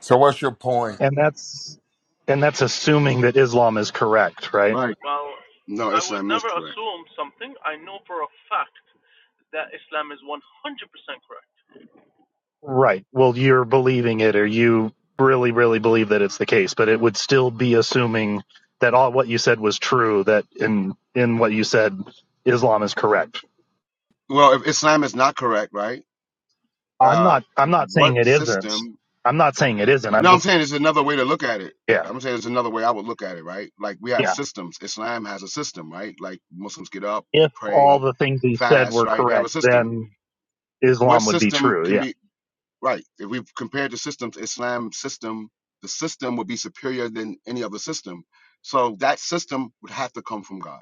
Speaker 2: So what's your point?
Speaker 7: And that's and that's assuming that Islam is correct, right?
Speaker 1: Right.
Speaker 5: Well,
Speaker 1: No,
Speaker 5: I would
Speaker 1: Islam is
Speaker 5: never
Speaker 1: correct.
Speaker 5: assume something. I know for a fact that Islam is 100% correct.
Speaker 7: Right. Well, you're believing it or you really really believe that it's the case, but it would still be assuming that all what you said was true that in in what you said Islam is correct.
Speaker 1: Well, if Islam is not correct, right?
Speaker 7: I'm
Speaker 1: Uh,
Speaker 7: not I'm not saying
Speaker 1: what
Speaker 7: it isn't.
Speaker 1: system
Speaker 7: I'm not saying it isn't. I'm
Speaker 1: No, I'm
Speaker 7: just
Speaker 1: saying it's another way to look at it.
Speaker 7: yeah.
Speaker 1: I'm saying it's another way I would look at it, right? Like we have
Speaker 7: Yeah.
Speaker 1: systems. Islam has a system, right? Like Muslims get up, they
Speaker 7: If all
Speaker 1: pray,
Speaker 7: the things he said
Speaker 1: fast,
Speaker 7: were
Speaker 1: right? They have a
Speaker 7: correct,
Speaker 1: system.
Speaker 7: then
Speaker 1: What
Speaker 7: Islam would be
Speaker 1: system
Speaker 7: true.
Speaker 1: can
Speaker 7: Yeah.
Speaker 1: be right? If we've compared the systems, Islam system, the system would be superior than any other system. So that system would have to come from God.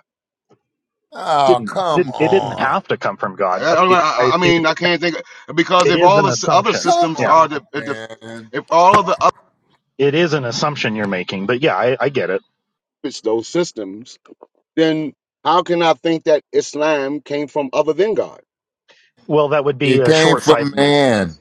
Speaker 2: Oh,
Speaker 7: Didn't
Speaker 2: come
Speaker 7: didn't it didn't
Speaker 2: on.
Speaker 7: have to come from
Speaker 1: I,
Speaker 7: God, but
Speaker 1: I,
Speaker 7: it,
Speaker 1: I
Speaker 7: I
Speaker 1: I
Speaker 7: see that
Speaker 1: mean, I can't think because
Speaker 7: it
Speaker 1: if
Speaker 7: is
Speaker 1: all
Speaker 7: an
Speaker 1: the s- other
Speaker 7: assumption.
Speaker 2: Come
Speaker 7: Yeah.
Speaker 1: systems are
Speaker 2: on,
Speaker 1: the if, the,
Speaker 2: man.
Speaker 1: if all of the other
Speaker 7: It is an assumption you're making, but yeah, I, I get it.
Speaker 1: those systems then how can I think that Islam came from other than God?
Speaker 7: Well, that would be
Speaker 2: It
Speaker 7: a
Speaker 2: came
Speaker 7: short
Speaker 2: from
Speaker 7: sightedness.
Speaker 2: man.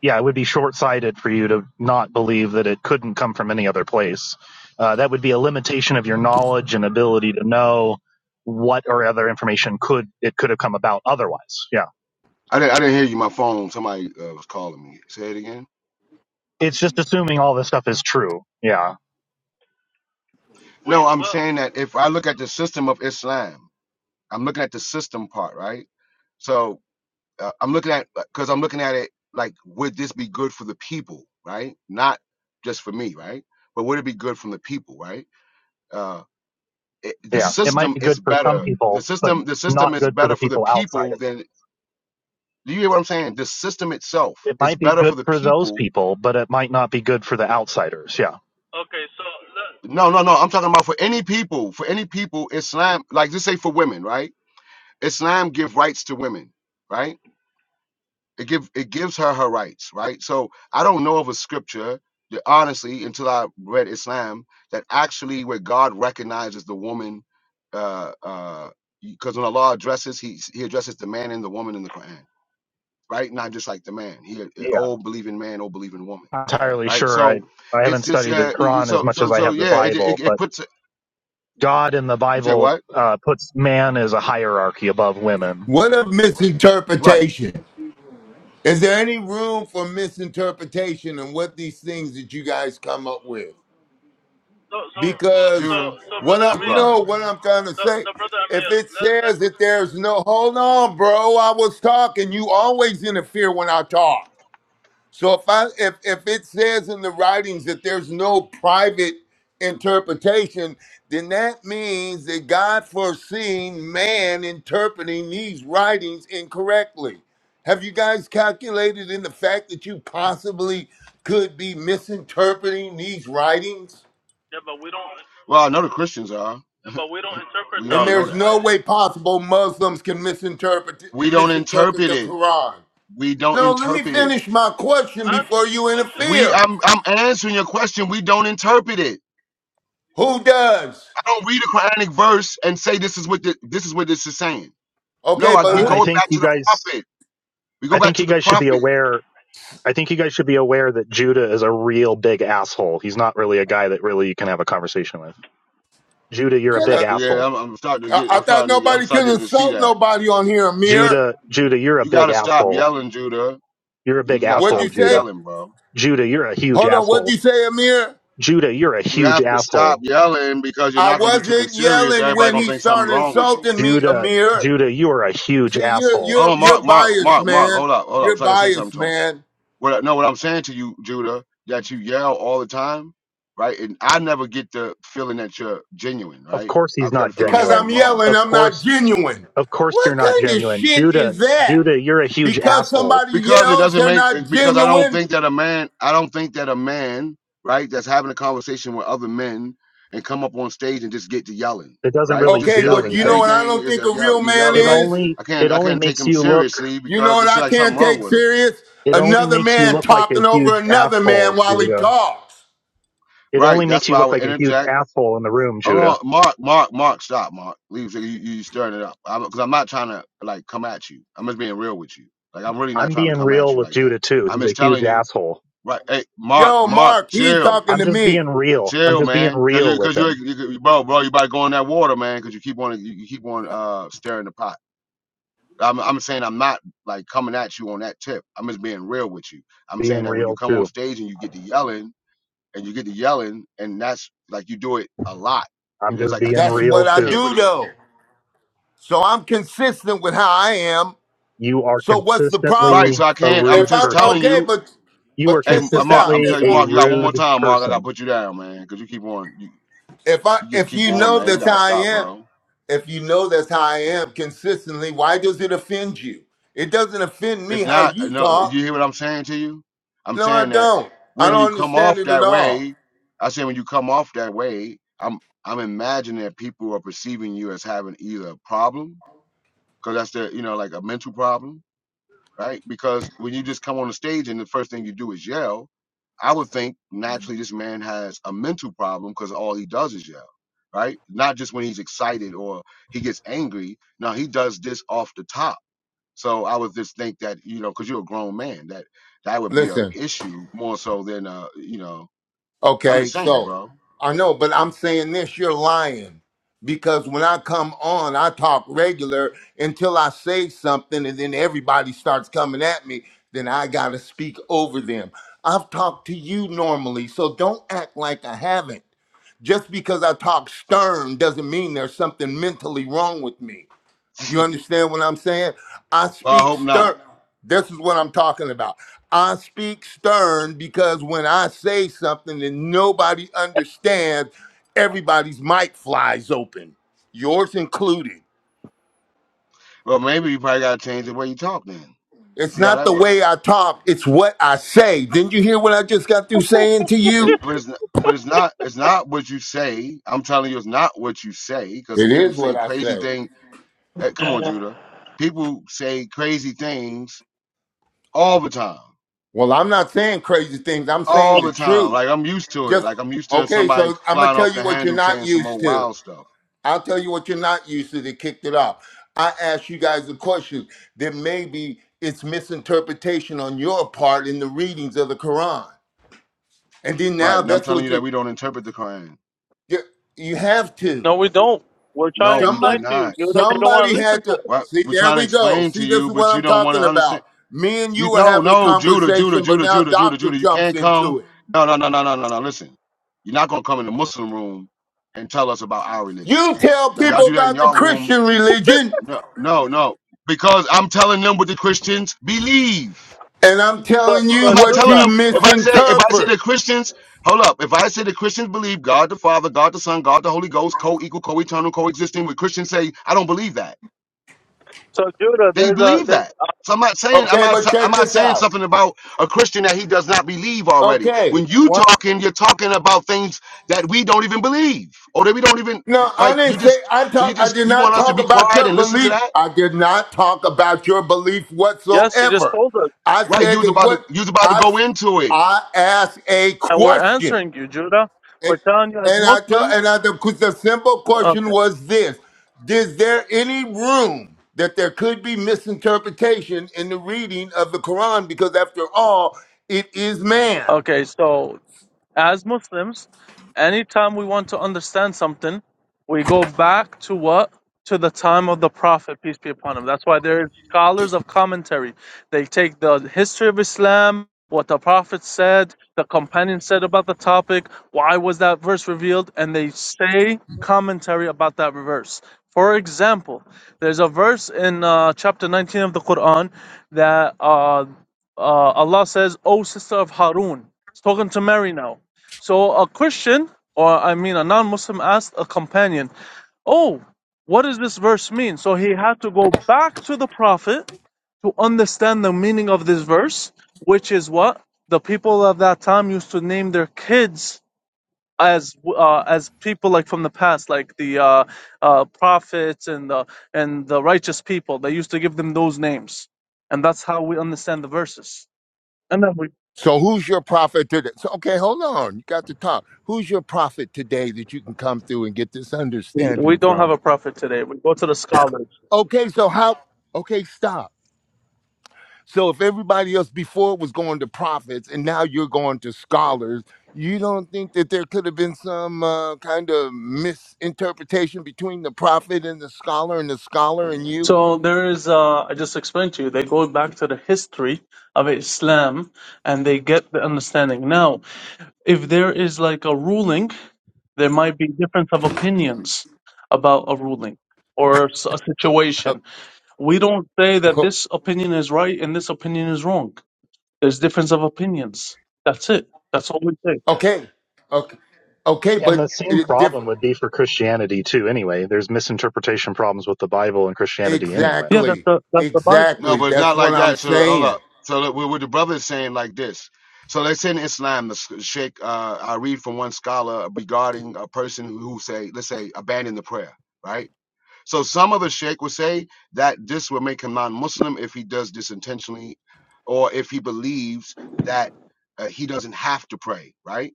Speaker 7: Yeah, it would be short sighted for you to not believe that it couldn't come from any other place. Uh, that would be a limitation of your knowledge and ability to know what or other information could it could have come about otherwise. Yeah,
Speaker 1: I didn't, I didn't hear you. My phone, somebody uh, was calling me. Say it again.
Speaker 7: it's just assuming all this stuff is true. Yeah,
Speaker 5: We
Speaker 1: No, I'm
Speaker 5: well,
Speaker 1: saying that if I look at the system of Islam, I'm looking at the system part, right? So uh, I'm looking at because I'm looking at it like, would this be good for the people, right? Not just for me, right? But would it be good from the people, right? Uh, it, the
Speaker 7: yeah, it might
Speaker 1: system
Speaker 7: be
Speaker 1: is
Speaker 7: good for some
Speaker 1: better. The
Speaker 7: people, but
Speaker 1: system, the system
Speaker 7: not
Speaker 1: is
Speaker 7: good for
Speaker 1: better
Speaker 7: the
Speaker 1: for the
Speaker 7: people outside of
Speaker 1: people than. Do you hear what I'm saying? The system itself
Speaker 7: it. It
Speaker 1: is
Speaker 7: might be
Speaker 1: better for
Speaker 7: good
Speaker 1: the
Speaker 7: for those
Speaker 1: people
Speaker 7: people, but it might not be good for the outsiders. Yeah.
Speaker 5: okay. So let-
Speaker 1: No, no, no. I'm talking about for any people, for any people, Islam, like just say for women, right? Islam give rights to women, right? It give it gives her her rights, right? So I don't know of a scripture that honestly, until I read Islam, that actually where God recognizes the woman, uh, uh, because when Allah addresses, he he addresses the man and the woman in the Quran, right? Not just like the man. He uh,
Speaker 7: Yeah.
Speaker 1: oh believing man, oh believing woman,
Speaker 7: not entirely
Speaker 1: right?
Speaker 7: sure. I,
Speaker 1: So
Speaker 7: I
Speaker 1: it's
Speaker 7: haven't
Speaker 1: just
Speaker 7: studied the
Speaker 1: uh,
Speaker 7: Quran as
Speaker 1: so
Speaker 7: much
Speaker 1: so
Speaker 7: as I
Speaker 1: so
Speaker 7: have the
Speaker 1: yeah, it it,
Speaker 7: Bible,
Speaker 1: it
Speaker 7: but
Speaker 1: puts.
Speaker 7: God in the
Speaker 1: You say
Speaker 7: Bible
Speaker 1: what?
Speaker 7: uh, puts man as a hierarchy above women.
Speaker 2: What a
Speaker 1: Right
Speaker 2: misinterpretation. Is there any room for misinterpretation in what these things that you guys come up with?
Speaker 5: so so,
Speaker 2: Because
Speaker 1: Judah,
Speaker 5: so
Speaker 2: what
Speaker 5: brother
Speaker 2: I
Speaker 1: be
Speaker 5: Amir,
Speaker 2: no,
Speaker 1: quiet,
Speaker 2: what
Speaker 1: man.
Speaker 2: I'm trying to
Speaker 5: so,
Speaker 2: say,
Speaker 5: so brother Amir,
Speaker 2: if it
Speaker 5: let, let,
Speaker 2: says that there's no hold on, bro, I was talking. You always interfere when I talk. So if I if if it says in the writings that there's no private interpretation, then that means that God foreseen man interpreting these writings incorrectly. Have you guys calculated in the fact that you possibly could be misinterpreting these writings?
Speaker 5: yeah, but we don't,
Speaker 1: Well, I know the Christians are.
Speaker 5: yeah, but we don't interpret
Speaker 1: We
Speaker 5: the
Speaker 2: And
Speaker 1: already know
Speaker 2: there's
Speaker 5: the
Speaker 1: that.
Speaker 2: no way
Speaker 5: writing.
Speaker 2: possible Muslims can misinterpret
Speaker 1: We don't
Speaker 2: misinterpret
Speaker 1: interpret
Speaker 2: the
Speaker 1: it.
Speaker 2: Quran.
Speaker 1: We don't
Speaker 2: No, let me
Speaker 1: interpret it.
Speaker 2: finish my question
Speaker 5: Answer
Speaker 2: before you
Speaker 5: though.
Speaker 1: We,
Speaker 2: interfere.
Speaker 1: I'm, I'm answering your question. We don't interpret it.
Speaker 2: Who does?
Speaker 1: I don't read a Quranic verse and say this is what the, this is what this is saying. No,
Speaker 2: Okay,
Speaker 1: I,
Speaker 2: but
Speaker 1: we
Speaker 7: I,
Speaker 1: go
Speaker 7: I
Speaker 2: who
Speaker 7: think
Speaker 1: back to
Speaker 7: you
Speaker 1: the
Speaker 7: guys,
Speaker 1: prophet. We go
Speaker 7: I
Speaker 1: back
Speaker 7: think
Speaker 1: to
Speaker 7: you
Speaker 1: the
Speaker 7: guys should be
Speaker 1: prophet.
Speaker 7: aware. I think you guys should be aware that Judah is a real big asshole. He's not really a guy that really you can have a conversation with. Judah, you're a
Speaker 2: killed
Speaker 7: big
Speaker 2: her?
Speaker 1: Yeah,
Speaker 7: asshole.
Speaker 1: I'm, I'm starting to
Speaker 2: I,
Speaker 1: get.
Speaker 2: I
Speaker 1: I'm
Speaker 2: thought
Speaker 1: starting to. Get, I'm
Speaker 2: nobody could
Speaker 1: starting to see
Speaker 2: insult
Speaker 1: that.
Speaker 2: nobody on here, Amir.
Speaker 7: Judah, Judah, you're a
Speaker 1: You
Speaker 7: big
Speaker 1: gotta stop
Speaker 7: asshole.
Speaker 1: yelling, Judah.
Speaker 7: You're a
Speaker 1: You
Speaker 7: big
Speaker 1: just gotta
Speaker 2: What'd
Speaker 1: stop
Speaker 2: you
Speaker 7: asshole,
Speaker 2: say?
Speaker 7: Judah.
Speaker 1: yelling, bro.
Speaker 7: Judah, you're a huge
Speaker 2: Hold on, what'd you
Speaker 7: asshole.
Speaker 2: say, Amir?
Speaker 7: Judah, you're a
Speaker 1: You
Speaker 7: huge
Speaker 1: have to stop
Speaker 7: asshole.
Speaker 1: yelling because you're
Speaker 2: I
Speaker 1: not gonna be taken
Speaker 2: wasn't
Speaker 1: serious.
Speaker 2: yelling
Speaker 1: Everybody
Speaker 2: when
Speaker 1: gonna
Speaker 2: he
Speaker 1: think something
Speaker 2: started
Speaker 1: wrong with you.
Speaker 2: insulting me,
Speaker 7: Judah,
Speaker 2: Amir.
Speaker 7: Judah, you are a huge
Speaker 2: See, you're
Speaker 7: asshole.
Speaker 1: Oh,
Speaker 2: you're
Speaker 1: Mark,
Speaker 2: you're
Speaker 1: Mark,
Speaker 2: biased,
Speaker 1: Mark, Mark,
Speaker 2: man.
Speaker 1: hold up, hold up.
Speaker 2: You're
Speaker 1: So I can say something
Speaker 2: biased,
Speaker 1: to him.
Speaker 2: man.
Speaker 1: What, I- no, what I'm saying to you, Judah, that you yell all the time, right? And I never get the feeling that you're genuine,
Speaker 7: of
Speaker 1: right?
Speaker 7: course he's
Speaker 1: I've got to
Speaker 7: not
Speaker 1: feel like
Speaker 2: Because I'm
Speaker 1: something
Speaker 7: genuine.
Speaker 1: wrong with
Speaker 2: yelling,
Speaker 7: Of
Speaker 1: you
Speaker 2: I'm not
Speaker 7: course,
Speaker 2: genuine.
Speaker 7: of course you're
Speaker 2: What
Speaker 7: not
Speaker 2: kind of
Speaker 7: genuine.
Speaker 2: shit
Speaker 7: Judah,
Speaker 2: is that?
Speaker 7: Judah, you're a huge
Speaker 2: Because
Speaker 7: asshole
Speaker 2: somebody
Speaker 1: because it
Speaker 2: yells,
Speaker 1: doesn't
Speaker 2: they're
Speaker 1: make.
Speaker 2: not
Speaker 1: Because I don't
Speaker 2: genuine.
Speaker 1: think that a man, I don't think that a man, right, that's having a conversation with other men and come up on stage and just get to yelling,
Speaker 7: that doesn't
Speaker 1: right?
Speaker 7: really
Speaker 1: Just
Speaker 2: Okay,
Speaker 7: do
Speaker 2: well,
Speaker 1: yelling.
Speaker 2: you know what
Speaker 7: anything.
Speaker 2: I
Speaker 1: Everything
Speaker 2: don't
Speaker 1: is
Speaker 2: think
Speaker 1: a
Speaker 2: a
Speaker 1: yell.
Speaker 2: real
Speaker 1: You're
Speaker 2: man
Speaker 1: yelling.
Speaker 7: It
Speaker 1: Like
Speaker 2: is?
Speaker 7: only,
Speaker 1: I can't,
Speaker 7: it
Speaker 1: I
Speaker 7: only
Speaker 1: can't take
Speaker 7: makes
Speaker 1: him
Speaker 7: you look,
Speaker 1: seriously
Speaker 2: You know
Speaker 1: because it
Speaker 2: what
Speaker 1: seems
Speaker 2: I
Speaker 1: like something
Speaker 2: can't
Speaker 1: wrong
Speaker 2: take
Speaker 1: with him,
Speaker 2: serious?
Speaker 7: it only
Speaker 2: Another
Speaker 7: makes you
Speaker 2: man
Speaker 7: look like a
Speaker 2: talking over
Speaker 7: huge
Speaker 2: another man
Speaker 7: asshole,
Speaker 2: while he
Speaker 7: Judah.
Speaker 2: talks.
Speaker 7: It
Speaker 1: right?
Speaker 7: only makes
Speaker 1: That's
Speaker 7: you
Speaker 1: why I
Speaker 7: look
Speaker 1: would
Speaker 7: like a huge
Speaker 1: interject
Speaker 7: asshole in the room,
Speaker 1: Hold
Speaker 7: Judah.
Speaker 1: on, Mark, Mark, Mark, stop, Mark. Leave, you, you stirring it up. Cause I'm not trying to like come at you. I'm just being real with you. Like I'm really not
Speaker 7: I'm
Speaker 1: trying to
Speaker 7: being
Speaker 1: come at
Speaker 7: real
Speaker 1: you
Speaker 7: with
Speaker 1: like that.
Speaker 7: Judah too.
Speaker 1: I'm
Speaker 7: He's a
Speaker 1: just
Speaker 7: huge
Speaker 1: telling you,
Speaker 7: asshole.
Speaker 1: right? Hey, Mark,
Speaker 2: Yo,
Speaker 1: Mark,
Speaker 2: Mark, he's
Speaker 1: chill,
Speaker 2: talking
Speaker 7: I'm
Speaker 2: to
Speaker 7: just being
Speaker 2: me.
Speaker 1: Uh,
Speaker 7: real. I'm
Speaker 1: chill,
Speaker 7: just being
Speaker 1: man. Cause
Speaker 7: real
Speaker 1: you,
Speaker 7: with
Speaker 1: cause you,
Speaker 7: him.
Speaker 1: you you- bro, bro, you about to go in that water, man. Cause you keep on, you, you keep on uh stirring the pot. I'm, I'm saying I'm not like coming at you on that tip. I'm just being real with you. I'm saying
Speaker 7: Being
Speaker 1: that when you
Speaker 7: real
Speaker 1: come on
Speaker 7: too.
Speaker 1: stage and you get to yelling and you get to yelling and that's like you do it a lot.
Speaker 7: I'm
Speaker 1: And it's
Speaker 7: just
Speaker 1: like I
Speaker 7: being
Speaker 2: That's
Speaker 1: can't,
Speaker 7: real
Speaker 2: what
Speaker 1: I
Speaker 2: I
Speaker 1: can't
Speaker 7: too.
Speaker 2: do
Speaker 1: really
Speaker 2: though. So I'm consistent with how I am.
Speaker 7: You are
Speaker 2: So what's the
Speaker 1: Right,
Speaker 2: problem?
Speaker 7: consistently
Speaker 1: so I
Speaker 7: a
Speaker 1: can't. I'm
Speaker 2: If
Speaker 7: rude
Speaker 1: just
Speaker 2: I'm
Speaker 1: telling
Speaker 7: person
Speaker 2: okay,
Speaker 1: you.
Speaker 2: but
Speaker 7: You
Speaker 2: but
Speaker 7: were
Speaker 1: Hey,
Speaker 2: check
Speaker 1: M- uh,
Speaker 2: this
Speaker 1: Mark,
Speaker 2: out.
Speaker 1: I'm
Speaker 7: consistently
Speaker 2: If
Speaker 1: telling you,
Speaker 2: I
Speaker 7: a
Speaker 1: Mark, you got one more
Speaker 7: rude
Speaker 1: time, Mark. I gotta
Speaker 7: person.
Speaker 1: put you down, man, because you keep on. You,
Speaker 2: if I
Speaker 1: you just
Speaker 2: if
Speaker 1: keep
Speaker 2: you
Speaker 1: on,
Speaker 2: know
Speaker 1: man. You
Speaker 2: that's
Speaker 1: gotta
Speaker 2: how I
Speaker 1: stop,
Speaker 2: am,
Speaker 1: bro.
Speaker 2: if you know that's how I am consistently, why does it offend you? It doesn't offend
Speaker 1: It's
Speaker 2: me how
Speaker 1: not. uh,
Speaker 2: you
Speaker 1: No, you
Speaker 2: talk.
Speaker 1: hear what I'm saying to you? I'm
Speaker 2: No, I
Speaker 1: saying that
Speaker 2: don't. I
Speaker 1: when you
Speaker 2: don't
Speaker 1: come
Speaker 2: understand
Speaker 1: off
Speaker 2: it at
Speaker 1: that
Speaker 2: all.
Speaker 1: way, I say when you come off that way, I'm I'm imagining that people are perceiving you as having either a problem, because that's the you know like a mental problem, right? Because when you just come on the stage and the first thing you do is yell, I would think naturally this man has a mental problem because all he does is yell, right? Not just when he's excited or he gets angry. No, he does this off the top. So I would just think that you know, because you're a grown man, that that would be a
Speaker 2: Listen.
Speaker 1: issue more so than uh, you know. I'm just
Speaker 2: Okay,
Speaker 1: saying,
Speaker 2: so
Speaker 1: bro.
Speaker 2: I know, but I'm saying this, you're lying. Because when I come on, I talk regular until I say something and then everybody starts coming at me, then I gotta speak over them. I've talked to you normally, so don't act like I haven't. Just because I talk stern doesn't mean there's something mentally wrong with me. You understand what I'm saying? I
Speaker 1: Well, I
Speaker 2: speak
Speaker 1: hope not.
Speaker 2: stern. This is what I'm talking about. I speak stern because when I say something and nobody understands, everybody's mic flies open, yours included.
Speaker 1: Well, maybe you probably gotta change the way you talk then.
Speaker 2: It's
Speaker 1: See how
Speaker 2: not
Speaker 1: that
Speaker 2: the way
Speaker 1: works.
Speaker 2: I talk, it's what I say. Didn't you hear what I just got through saying to
Speaker 1: It,
Speaker 2: you?
Speaker 1: but it's n- but it's not it's not what you say. I'm telling you, it's not what you say because
Speaker 2: It
Speaker 1: people
Speaker 2: is what
Speaker 1: say
Speaker 2: I
Speaker 1: crazy
Speaker 2: say.
Speaker 1: things eh, come on, Judah. People say crazy things all the time,
Speaker 2: Well, I'm not saying crazy things, I'm saying
Speaker 1: all
Speaker 2: the
Speaker 1: the time.
Speaker 2: truth.
Speaker 1: Like I'm used to it.
Speaker 2: Just
Speaker 1: Like I'm used to
Speaker 2: okay,
Speaker 1: somebody
Speaker 2: so I'm gonna
Speaker 1: flying off
Speaker 2: tell
Speaker 1: the
Speaker 2: you what you're
Speaker 1: handle
Speaker 2: not
Speaker 1: saying some
Speaker 2: used
Speaker 1: old
Speaker 2: to.
Speaker 1: wild stuff,
Speaker 2: I'll tell you what you're not used to that kicked it off. I asked you guys a question that maybe it's misinterpretation on your part in the readings of the Quran. And then
Speaker 1: right?
Speaker 2: now
Speaker 1: And I'm
Speaker 2: that's
Speaker 1: telling
Speaker 2: what
Speaker 1: you
Speaker 2: you
Speaker 1: that we don't interpret the Quran.
Speaker 2: you, you have to.
Speaker 5: No, we don't. We're trying
Speaker 1: No,
Speaker 5: to
Speaker 1: we do
Speaker 5: explain
Speaker 2: Somebody
Speaker 5: to you,
Speaker 1: not.
Speaker 5: Judah. You don't want
Speaker 2: somebody
Speaker 5: to listen
Speaker 2: had
Speaker 5: to
Speaker 2: to
Speaker 5: us.
Speaker 1: What
Speaker 2: see
Speaker 1: we're
Speaker 2: there
Speaker 1: trying to
Speaker 2: we go.
Speaker 1: explain to
Speaker 2: See this
Speaker 1: you,
Speaker 2: is
Speaker 1: but
Speaker 2: what
Speaker 1: you
Speaker 2: I'm
Speaker 1: don't want to
Speaker 2: talking
Speaker 1: understand.
Speaker 2: about. Me and
Speaker 1: You
Speaker 2: you were
Speaker 1: no,
Speaker 2: having a
Speaker 1: no, Judah, Judah,
Speaker 2: conversation, but
Speaker 1: Judah,
Speaker 2: now
Speaker 1: Judah, Judah,
Speaker 2: doctor
Speaker 1: Judah. You
Speaker 2: jumps
Speaker 1: can't come.
Speaker 2: into it.
Speaker 1: No, no, no, no, no, no, no. Listen, you're not gonna come in the Muslim room and tell us about our religion.
Speaker 2: You tell
Speaker 1: Now y'all
Speaker 2: people
Speaker 1: do that in
Speaker 2: about the
Speaker 1: y'all rooms
Speaker 2: Christian religion,
Speaker 1: No, no, no. Because I'm telling them what the Christians believe.
Speaker 2: and I'm
Speaker 5: So,
Speaker 2: telling you
Speaker 1: I'm
Speaker 5: so
Speaker 1: not
Speaker 2: what
Speaker 1: telling
Speaker 2: you
Speaker 5: Judah,
Speaker 1: them if I say if I say the
Speaker 2: misinterpret.
Speaker 1: Christians, hold up. If I say the Christians believe God the Father, God the Son, God the Holy Ghost, co-equal, co-eternal, coexisting, with Christians say I don't believe that.
Speaker 5: so Judah,
Speaker 1: They
Speaker 5: there's a
Speaker 1: believe
Speaker 5: there's,
Speaker 1: that. So I'm not saying I'm
Speaker 2: Okay,
Speaker 1: not
Speaker 2: but
Speaker 1: I'm
Speaker 2: check
Speaker 1: not
Speaker 2: this
Speaker 1: saying
Speaker 2: out.
Speaker 1: something about a Christian that he does not believe already.
Speaker 2: Okay,
Speaker 1: When you
Speaker 2: what?
Speaker 1: talking, you're talking about things that we don't even believe, or that we don't even
Speaker 2: No, I
Speaker 1: like. You
Speaker 2: didn't say
Speaker 1: just
Speaker 2: I
Speaker 1: so you
Speaker 2: talk. I
Speaker 1: just
Speaker 2: did
Speaker 1: you
Speaker 2: not
Speaker 1: want us to
Speaker 2: talk
Speaker 1: be
Speaker 2: about
Speaker 1: quiet
Speaker 2: your
Speaker 1: and listen to
Speaker 2: belief.
Speaker 1: that.
Speaker 2: I did not talk about your belief
Speaker 5: yes. You just
Speaker 2: whatsoever.
Speaker 5: told us,
Speaker 2: I
Speaker 1: Right, you
Speaker 2: said
Speaker 1: was
Speaker 2: that
Speaker 1: about to
Speaker 2: what
Speaker 1: you was about to
Speaker 2: I
Speaker 1: go into it.
Speaker 2: I asked a
Speaker 5: and we're
Speaker 2: question,
Speaker 5: answering you, Judah.
Speaker 2: and,
Speaker 5: We're telling you as
Speaker 2: and I told
Speaker 5: Muslims.
Speaker 2: and I the, the simple question
Speaker 5: Okay.
Speaker 2: was this: Is there any room that there could be misinterpretation in the reading of the Quran? Because after all, it is man.
Speaker 5: Okay. So as Muslims, anytime we want to understand something, we go back to what? To the time of the Prophet, peace be upon him. That's why there are scholars of commentary. They take the history of Islam, what the Prophet said, the companion said about the topic, why was that verse revealed, and they say commentary about that verse. For example, there's a verse in uh, chapter 19 of the Quran that uh, uh, Allah says, O sister of Harun, He's talking to Mary now. So a Christian, or I mean a non-Muslim, asked a companion, "Oh, what does this verse mean?" So he had to go back to the Prophet to understand the meaning of this verse, which is what the people of that time used to name their kids as uh, as people like from the past, like the uh, uh, prophets and the and the righteous people. They used to give them those names, and that's how we understand the verses. And then we
Speaker 2: So who's your prophet today? So okay, hold on. You got to talk. Who's your prophet today that you can come through and get this
Speaker 5: we
Speaker 2: understanding
Speaker 5: don't have
Speaker 2: from?
Speaker 5: a prophet today. We go to the scholars.
Speaker 2: Okay, so how okay, stop. So if everybody else before was going to prophets and now you're going to scholars, you don't think that there could have been some uh, kind of misinterpretation between the prophet and the scholar and the scholar and you?
Speaker 5: So there is, uh, I just explained to you, they go back to the history of Islam and they get the understanding. Now, if there is like a ruling, there might be difference of opinions about a ruling or s- a situation. We don't say that this opinion is right and this opinion is wrong. There's difference of opinions. That's it. That's all we say.
Speaker 2: Okay. Okay. Okay,
Speaker 7: And
Speaker 2: but
Speaker 7: the same
Speaker 2: it
Speaker 7: problem
Speaker 2: different.
Speaker 7: would be for Christianity too, anyway. There's misinterpretation problems with the Bible and Christianity anyway.
Speaker 5: Yeah, that's
Speaker 2: Exactly.
Speaker 5: the that's the Bible.
Speaker 1: No,
Speaker 2: Exactly.
Speaker 1: but it's
Speaker 2: That's
Speaker 1: not
Speaker 2: what
Speaker 1: like
Speaker 2: I'm
Speaker 1: that. So hold
Speaker 2: saying.
Speaker 1: up. So look, what what the brother is saying like this. So let's say in Islam, the sch- Sheikh, uh, I read from one scholar regarding a person who, who say, let's say, abandon the prayer, right? So some of the Sheikh will say that this will make him non-Muslim if he does this intentionally, or if he believes that uh, he doesn't have to pray, right?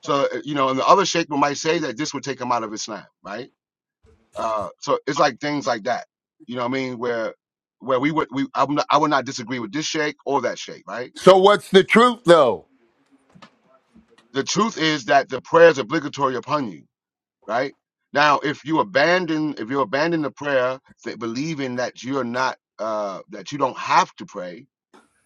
Speaker 1: So uh, you know, and the other Sheikh might say that this would take him out of Islam, right? Uh, so it's like things like that. You know what I mean? Where where we would we I'm not, I would not disagree with this shake or that shake, right?
Speaker 2: So what's the truth though?
Speaker 1: The truth is that the prayer is obligatory upon you, right? Now, if you abandon if you abandon the prayer, th- believing that you're not uh, that you don't have to pray,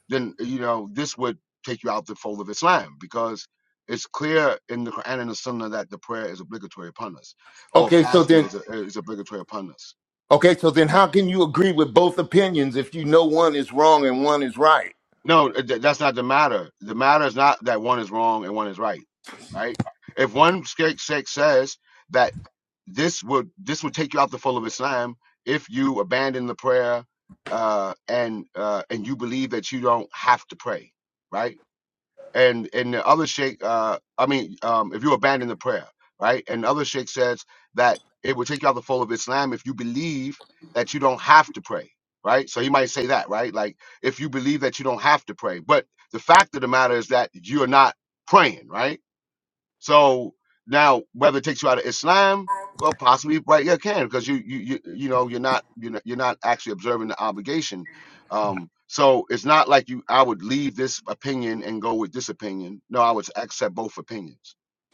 Speaker 1: then you know this would take you out the fold of Islam because it's clear in the Quran and the Sunnah that the prayer is obligatory upon us, or
Speaker 2: Okay, so
Speaker 1: fasting
Speaker 2: then
Speaker 1: is, a, is obligatory upon us
Speaker 2: okay, so then how can you agree with both opinions if you know one is wrong and one is right?
Speaker 1: No, uh, th- that's not the matter. The matter is not that one is wrong and one is right, right? If one sheikh sheikh says that this would this would take you out the fold of Islam if you abandon the prayer uh, and uh, and you believe that you don't have to pray, right? and and the other sheikh uh i mean um if you abandon the prayer right and the other sheikh says that it will take you out the fold of islam if you believe that you don't have to pray right so he might say that right like if you believe that you don't have to pray but the fact of the matter is that you're not praying right so now, whether it takes you out of Islam, well, possibly, right? Yeah, it can because you, you, you, you know, you're not, you're not, you're not actually observing the obligation. Um, so it's not like you. I would leave this opinion and go with this opinion. No, I would accept both opinions.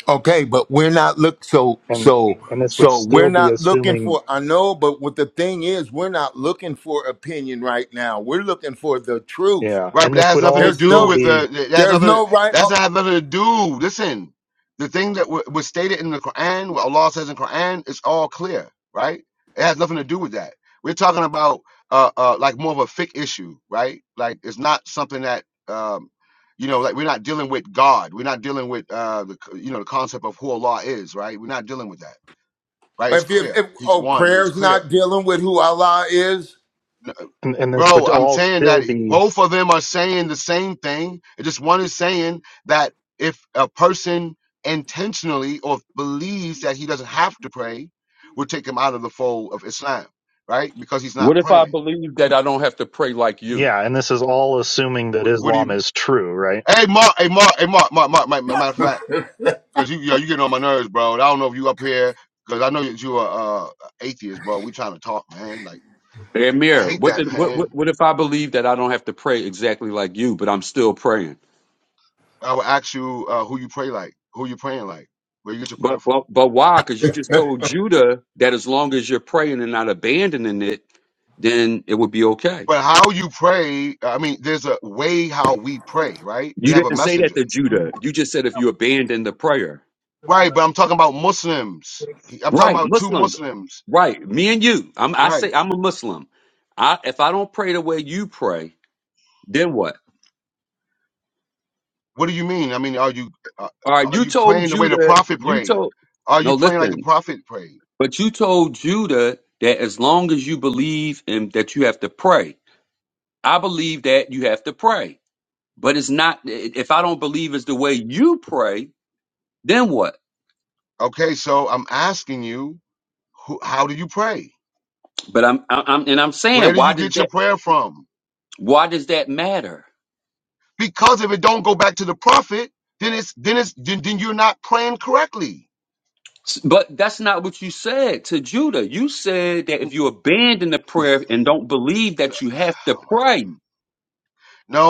Speaker 2: Okay, but we're not look so
Speaker 7: And,
Speaker 2: so
Speaker 7: and this would
Speaker 2: so we're
Speaker 7: still be
Speaker 2: not looking
Speaker 7: assuming,
Speaker 2: for I know, but what the thing is, we're not looking for opinion right now. We're looking for the truth.
Speaker 7: yeah,
Speaker 1: Right, but
Speaker 7: and
Speaker 1: that
Speaker 7: this
Speaker 1: has
Speaker 7: would
Speaker 1: nothing
Speaker 7: all
Speaker 1: to
Speaker 2: There's
Speaker 1: do
Speaker 7: still
Speaker 2: no
Speaker 1: with
Speaker 7: be,
Speaker 1: uh, that has
Speaker 2: there's
Speaker 1: nothing.
Speaker 2: no right
Speaker 1: That's
Speaker 2: oh,
Speaker 1: not have nothing to do. Listen, the thing that wa- was stated in the Quran, what Allah says in Quran, is all clear. Right, it has nothing to do with that. We're talking about uh, uh, like more of a fic issue, right? Like it's not something that um, you know, like we're not dealing with God. We're not dealing with uh, the c- you know the concept of who Allah is, right? We're not dealing with that, right? It's
Speaker 2: if you
Speaker 1: clear.
Speaker 2: if
Speaker 1: He's
Speaker 2: oh
Speaker 1: one. It's
Speaker 2: prayer's
Speaker 1: clear
Speaker 2: not dealing with who Allah is.
Speaker 7: and, and this
Speaker 1: Bro,
Speaker 7: would
Speaker 1: I'm
Speaker 7: all
Speaker 1: saying
Speaker 7: still
Speaker 1: that
Speaker 7: be,
Speaker 1: both of them are saying the same thing. It Just one is saying that if a person intentionally or believes that he doesn't have to pray, we'll take him out of the fold of Islam, right? Because he's not
Speaker 8: What if I
Speaker 1: praying.
Speaker 8: believe that I don't have to pray like you?
Speaker 7: yeah, and this is all assuming that
Speaker 1: What, what do
Speaker 7: Islam
Speaker 1: you?
Speaker 7: is true, right?
Speaker 1: Hey, Mark. Hey, Mark. Hey, Mark. Mark. Mark. Mark matter of fact, because you, yo, you getting on my nerves, bro. And I don't know if you up here, because I know that you are uh, atheist, bro. We trying to talk, man. Like I
Speaker 8: Amir,
Speaker 1: hate
Speaker 8: what,
Speaker 1: that,
Speaker 8: did, what what
Speaker 1: man.
Speaker 8: what if I believe that I don't have to pray exactly like you, but I'm still praying?
Speaker 1: I would ask you uh, who you pray like, who you praying like, where you get your prayer
Speaker 8: But
Speaker 1: from.
Speaker 8: but but why? Because you just told Judah that as long as you're praying and not abandoning it, then it would be okay.
Speaker 1: But how you I mean, there's a way how we pray, right? We
Speaker 8: You
Speaker 1: have a
Speaker 8: didn't say
Speaker 1: messenger,
Speaker 8: that to Judah. You just said if you abandon the prayer.
Speaker 1: right? But I'm talking about, I'm talking
Speaker 8: Right,
Speaker 1: about two
Speaker 8: Muslims.
Speaker 1: Muslims,
Speaker 8: Right, me and you. I'm I
Speaker 1: right?
Speaker 8: say I'm a Muslim. I if I don't pray the way you pray, then what?
Speaker 1: What do you mean? I mean, are you, uh,
Speaker 8: All right,
Speaker 1: are
Speaker 8: you
Speaker 1: you
Speaker 8: told
Speaker 1: praying the way the
Speaker 8: Judah.
Speaker 1: prophet
Speaker 8: You
Speaker 1: prayed?
Speaker 8: told
Speaker 1: Are you
Speaker 8: no.
Speaker 1: praying like the
Speaker 8: Listen,
Speaker 1: prophet prayed?
Speaker 8: But you told Judah that as long as you believe in that you have to pray. I believe that you have to pray. But it's not if I don't believe it's the way you pray, then what?
Speaker 1: Okay, so I'm asking you, who, how do you pray?
Speaker 8: But I'm I'm and I'm
Speaker 1: Where
Speaker 8: saying
Speaker 1: do
Speaker 8: why
Speaker 1: you
Speaker 8: does
Speaker 1: get your
Speaker 8: that
Speaker 1: prayer from?
Speaker 8: why does that matter?
Speaker 1: Because if it don't go back to the prophet, then it's then it's then, then you're not praying correctly.
Speaker 8: S- But that's not what you said to Judah. You said that if you abandon the prayer and don't believe that you have to pray.
Speaker 1: No,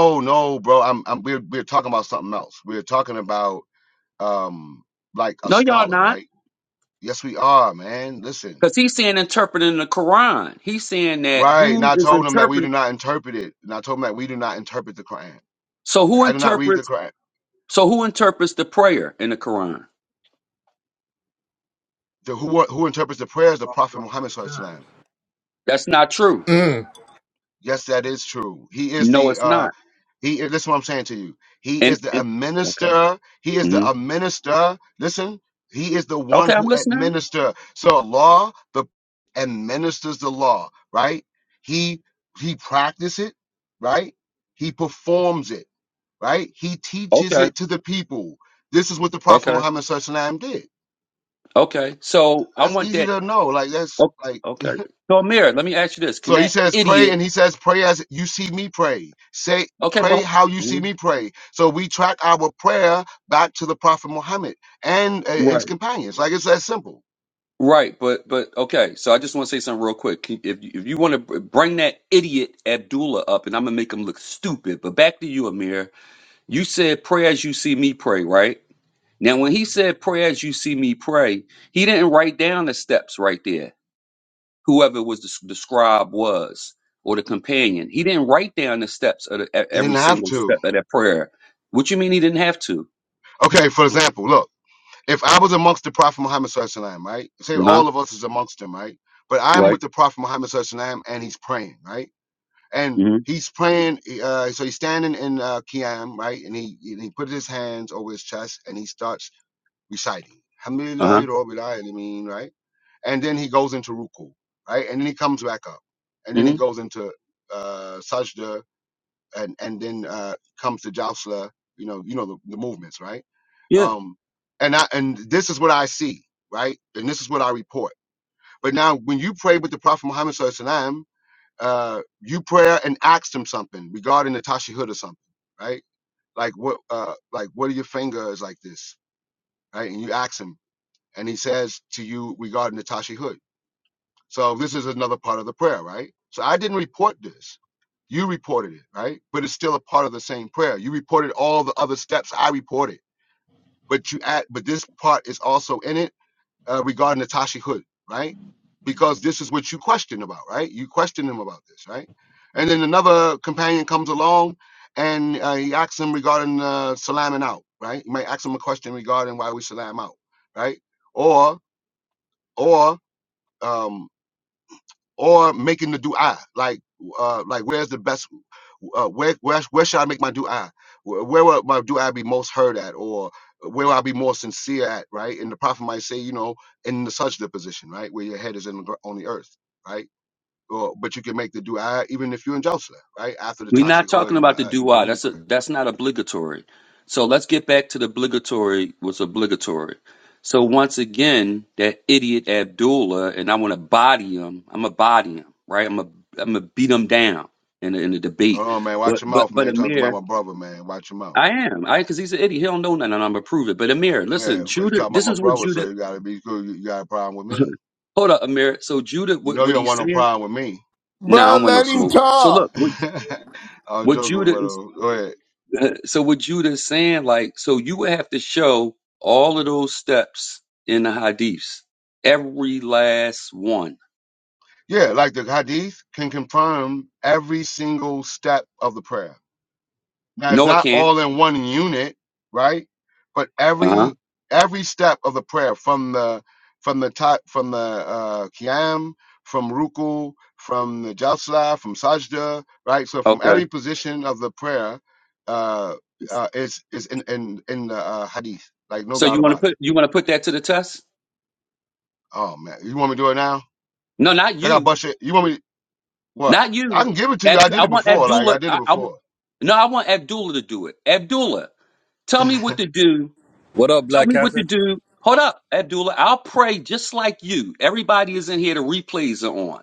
Speaker 1: um, like,
Speaker 8: No, y'all not.
Speaker 1: right? Yes, we are, man. Listen.
Speaker 8: Because he's saying interpreting the Quran. He's saying that
Speaker 1: Right. And
Speaker 8: who
Speaker 1: I
Speaker 8: is
Speaker 1: told him that we do
Speaker 8: interpreting
Speaker 1: not interpret it. And I told him that we do not interpret the Quran.
Speaker 8: so
Speaker 1: Like
Speaker 8: who
Speaker 1: I do not read
Speaker 8: interprets
Speaker 1: the Quran.
Speaker 8: So who interprets the prayer in the Quran?
Speaker 1: The, who who interprets the prayers? The Prophet Muhammad Sallallahu Alaihi Wasallam.
Speaker 8: That's not true.
Speaker 1: Yes, that is true. He is
Speaker 8: No,
Speaker 1: the
Speaker 8: it's
Speaker 1: uh
Speaker 8: not.
Speaker 1: he is this is what I'm saying to you. He
Speaker 8: And,
Speaker 1: is the
Speaker 8: and okay,
Speaker 1: administer. He is the
Speaker 8: hmm
Speaker 1: administer. Listen, he is the one
Speaker 8: okay, I'm
Speaker 1: who
Speaker 8: listening.
Speaker 1: administer. So Allah the administers the law, right? He he practices it, right? He performs it. right? He teaches
Speaker 8: Okay,
Speaker 1: it to the people. This is what the Prophet
Speaker 8: okay,
Speaker 1: Muhammad SAW did.
Speaker 8: okay. So I
Speaker 1: That's
Speaker 8: want
Speaker 1: easy
Speaker 8: that.
Speaker 1: to know. That's
Speaker 8: o-
Speaker 1: like
Speaker 8: Okay. So Amir, let me ask you this: Can
Speaker 1: so he
Speaker 8: that
Speaker 1: says pray
Speaker 8: idiot?
Speaker 1: and he says pray as you see me pray. Say
Speaker 8: Okay,
Speaker 1: pray
Speaker 8: but
Speaker 1: how you see
Speaker 8: mhm,
Speaker 1: me pray. So we track our prayer back to the Prophet Muhammad and uh, his
Speaker 8: right,
Speaker 1: companions. Like it's that simple.
Speaker 8: right, but but okay. So I just want to say something real quick. Can- If you- if you want to bring that idiot Abdullah up, and I'm gonna make him look stupid. But back to you, Amir. You said pray as you see me pray, right? Now, when he said, Pray as you see me pray, he didn't write down the steps right there, whoever was the, the scribe was or the companion. He didn't write down the steps of the, e-
Speaker 1: You didn't
Speaker 8: every
Speaker 1: have
Speaker 8: single
Speaker 1: to.
Speaker 8: step of that prayer. What you mean he didn't have to?
Speaker 1: Okay, for example, look, if I was amongst the Prophet Muhammad SAW, right? Say
Speaker 8: Uh huh.
Speaker 1: all of us is amongst him, right? But I'm
Speaker 8: Right.
Speaker 1: with the Prophet Muhammad SAW and he's praying, right? and
Speaker 8: Mm
Speaker 1: he's praying. Uh, so he's standing in uh, Qiyam, right? And he and he put his hands over his chest and he starts reciting,
Speaker 8: hmm. Uh
Speaker 1: Alhamdulillah,
Speaker 8: huh.
Speaker 1: Rabbil Alameen, right? And then he goes into ruku, right? And then he comes back up, and then
Speaker 8: Mm
Speaker 1: he
Speaker 8: hmm.
Speaker 1: goes into uh, sajda, and and then uh, comes to Jowsla, you know, you know the, the movements, right?
Speaker 8: Yeah.
Speaker 1: Um, and I and this is what I see, right? And this is what I report. But now, when you pray with the Prophet Muhammad Sallallahu Alaihi Wasallam, uh, you prayer and asked him something regarding Natasha Hood or something, right? Like what, uh, like what are your fingers like this, right? And you ask him, and he says to you regarding Natasha Hood. So part of the prayer, right? So I did this. You reported it, right? But it's still a part of the same prayer. You reported all the other steps I reported, but you add, but this part is also in it uh, regarding Natasha Hood, right? Because this is what you question about, right? You question him about this, right? And then another companion comes along and uh, he asks him regarding uh, salamming out, right? He might ask him a question regarding why we salam out, right? Or or um or making the du'a, like uh like where's the best uh where where's where I where where would I be most heard at or where was sincere at, right? And the prophet might say, you know, in the sajda position, right, where your head is in the, gr- on the earth, right? Or, but you can make the dua even if you're in Joseph, right? After the
Speaker 8: We're not
Speaker 1: hood
Speaker 8: talking
Speaker 1: and the
Speaker 8: about the do
Speaker 1: Naheem
Speaker 8: That's a,
Speaker 1: prayer.
Speaker 8: that's not obligatory. So let's get back to the obligatory was obligatory. So once again, that idiot Abdullah, and I want to body him. I'm a body him, right? I'm a I'm a beat him down in the, in the debate.
Speaker 1: Hold on, man.
Speaker 8: But
Speaker 1: Watch your
Speaker 8: but
Speaker 1: mouth, man.
Speaker 8: but
Speaker 1: you are talking about
Speaker 8: Amir,
Speaker 1: my brother, man. Watch your mouth.
Speaker 8: I am I because he's an idiot. He don't know nothing, and I'm gonna prove it. But Amir,
Speaker 1: Yeah,
Speaker 8: listen,
Speaker 1: but you
Speaker 8: Judah,
Speaker 1: talking about
Speaker 8: this
Speaker 1: my
Speaker 8: is what
Speaker 1: brother, so
Speaker 8: Judah.
Speaker 1: you gotta be cool. You, you got a problem with me.
Speaker 8: Hold up, Amir. So Judah,
Speaker 1: You
Speaker 8: what
Speaker 1: know you
Speaker 8: what
Speaker 1: don't
Speaker 8: he
Speaker 1: want no
Speaker 8: saying?
Speaker 1: problem with me.
Speaker 8: Nah, I
Speaker 2: Bro,
Speaker 8: don't want no
Speaker 2: let him
Speaker 8: smoke. So
Speaker 2: talk.
Speaker 8: look, what
Speaker 1: I was
Speaker 8: what
Speaker 1: joking
Speaker 8: Judah
Speaker 1: with
Speaker 8: is.
Speaker 1: him. Go ahead.
Speaker 8: So what Judah's saying, like, so you would have to show all of those steps in the hadiths, every last one.
Speaker 1: Yeah, like the hadith can confirm every single step of the prayer. Now it's
Speaker 8: No, I
Speaker 1: not
Speaker 8: can't.
Speaker 1: all in one unit, right? But
Speaker 8: Uh huh.
Speaker 1: every every step of the prayer from the from the top from the uh Qiyam, from Ruku, from the Jalsa, from Sajda, right? So from
Speaker 8: Okay.
Speaker 1: every position of the prayer, uh uh is is in in, in the uh, hadith. Like no
Speaker 8: So
Speaker 1: doubt
Speaker 8: you want to
Speaker 1: about it.
Speaker 8: put you want to put that to the test?
Speaker 1: Oh man. You want me to do it now?
Speaker 8: No, not
Speaker 1: I got
Speaker 8: you,
Speaker 1: bush it. You want me what?
Speaker 8: not
Speaker 1: I
Speaker 8: you.
Speaker 1: can give it to you.
Speaker 8: Ab-
Speaker 1: I did
Speaker 8: I
Speaker 1: it
Speaker 8: want
Speaker 1: before. Like I
Speaker 8: Abdullah.
Speaker 1: did it
Speaker 8: I, I want,
Speaker 1: before.
Speaker 8: no, I want Abdullah to do it. Abdullah, tell me what to do.
Speaker 9: What up,
Speaker 8: Tell
Speaker 9: Black
Speaker 8: me what to
Speaker 9: Kafir?
Speaker 8: do. Hold up, Abdullah. I'll pray just like you. Everybody is in here. The replays are on.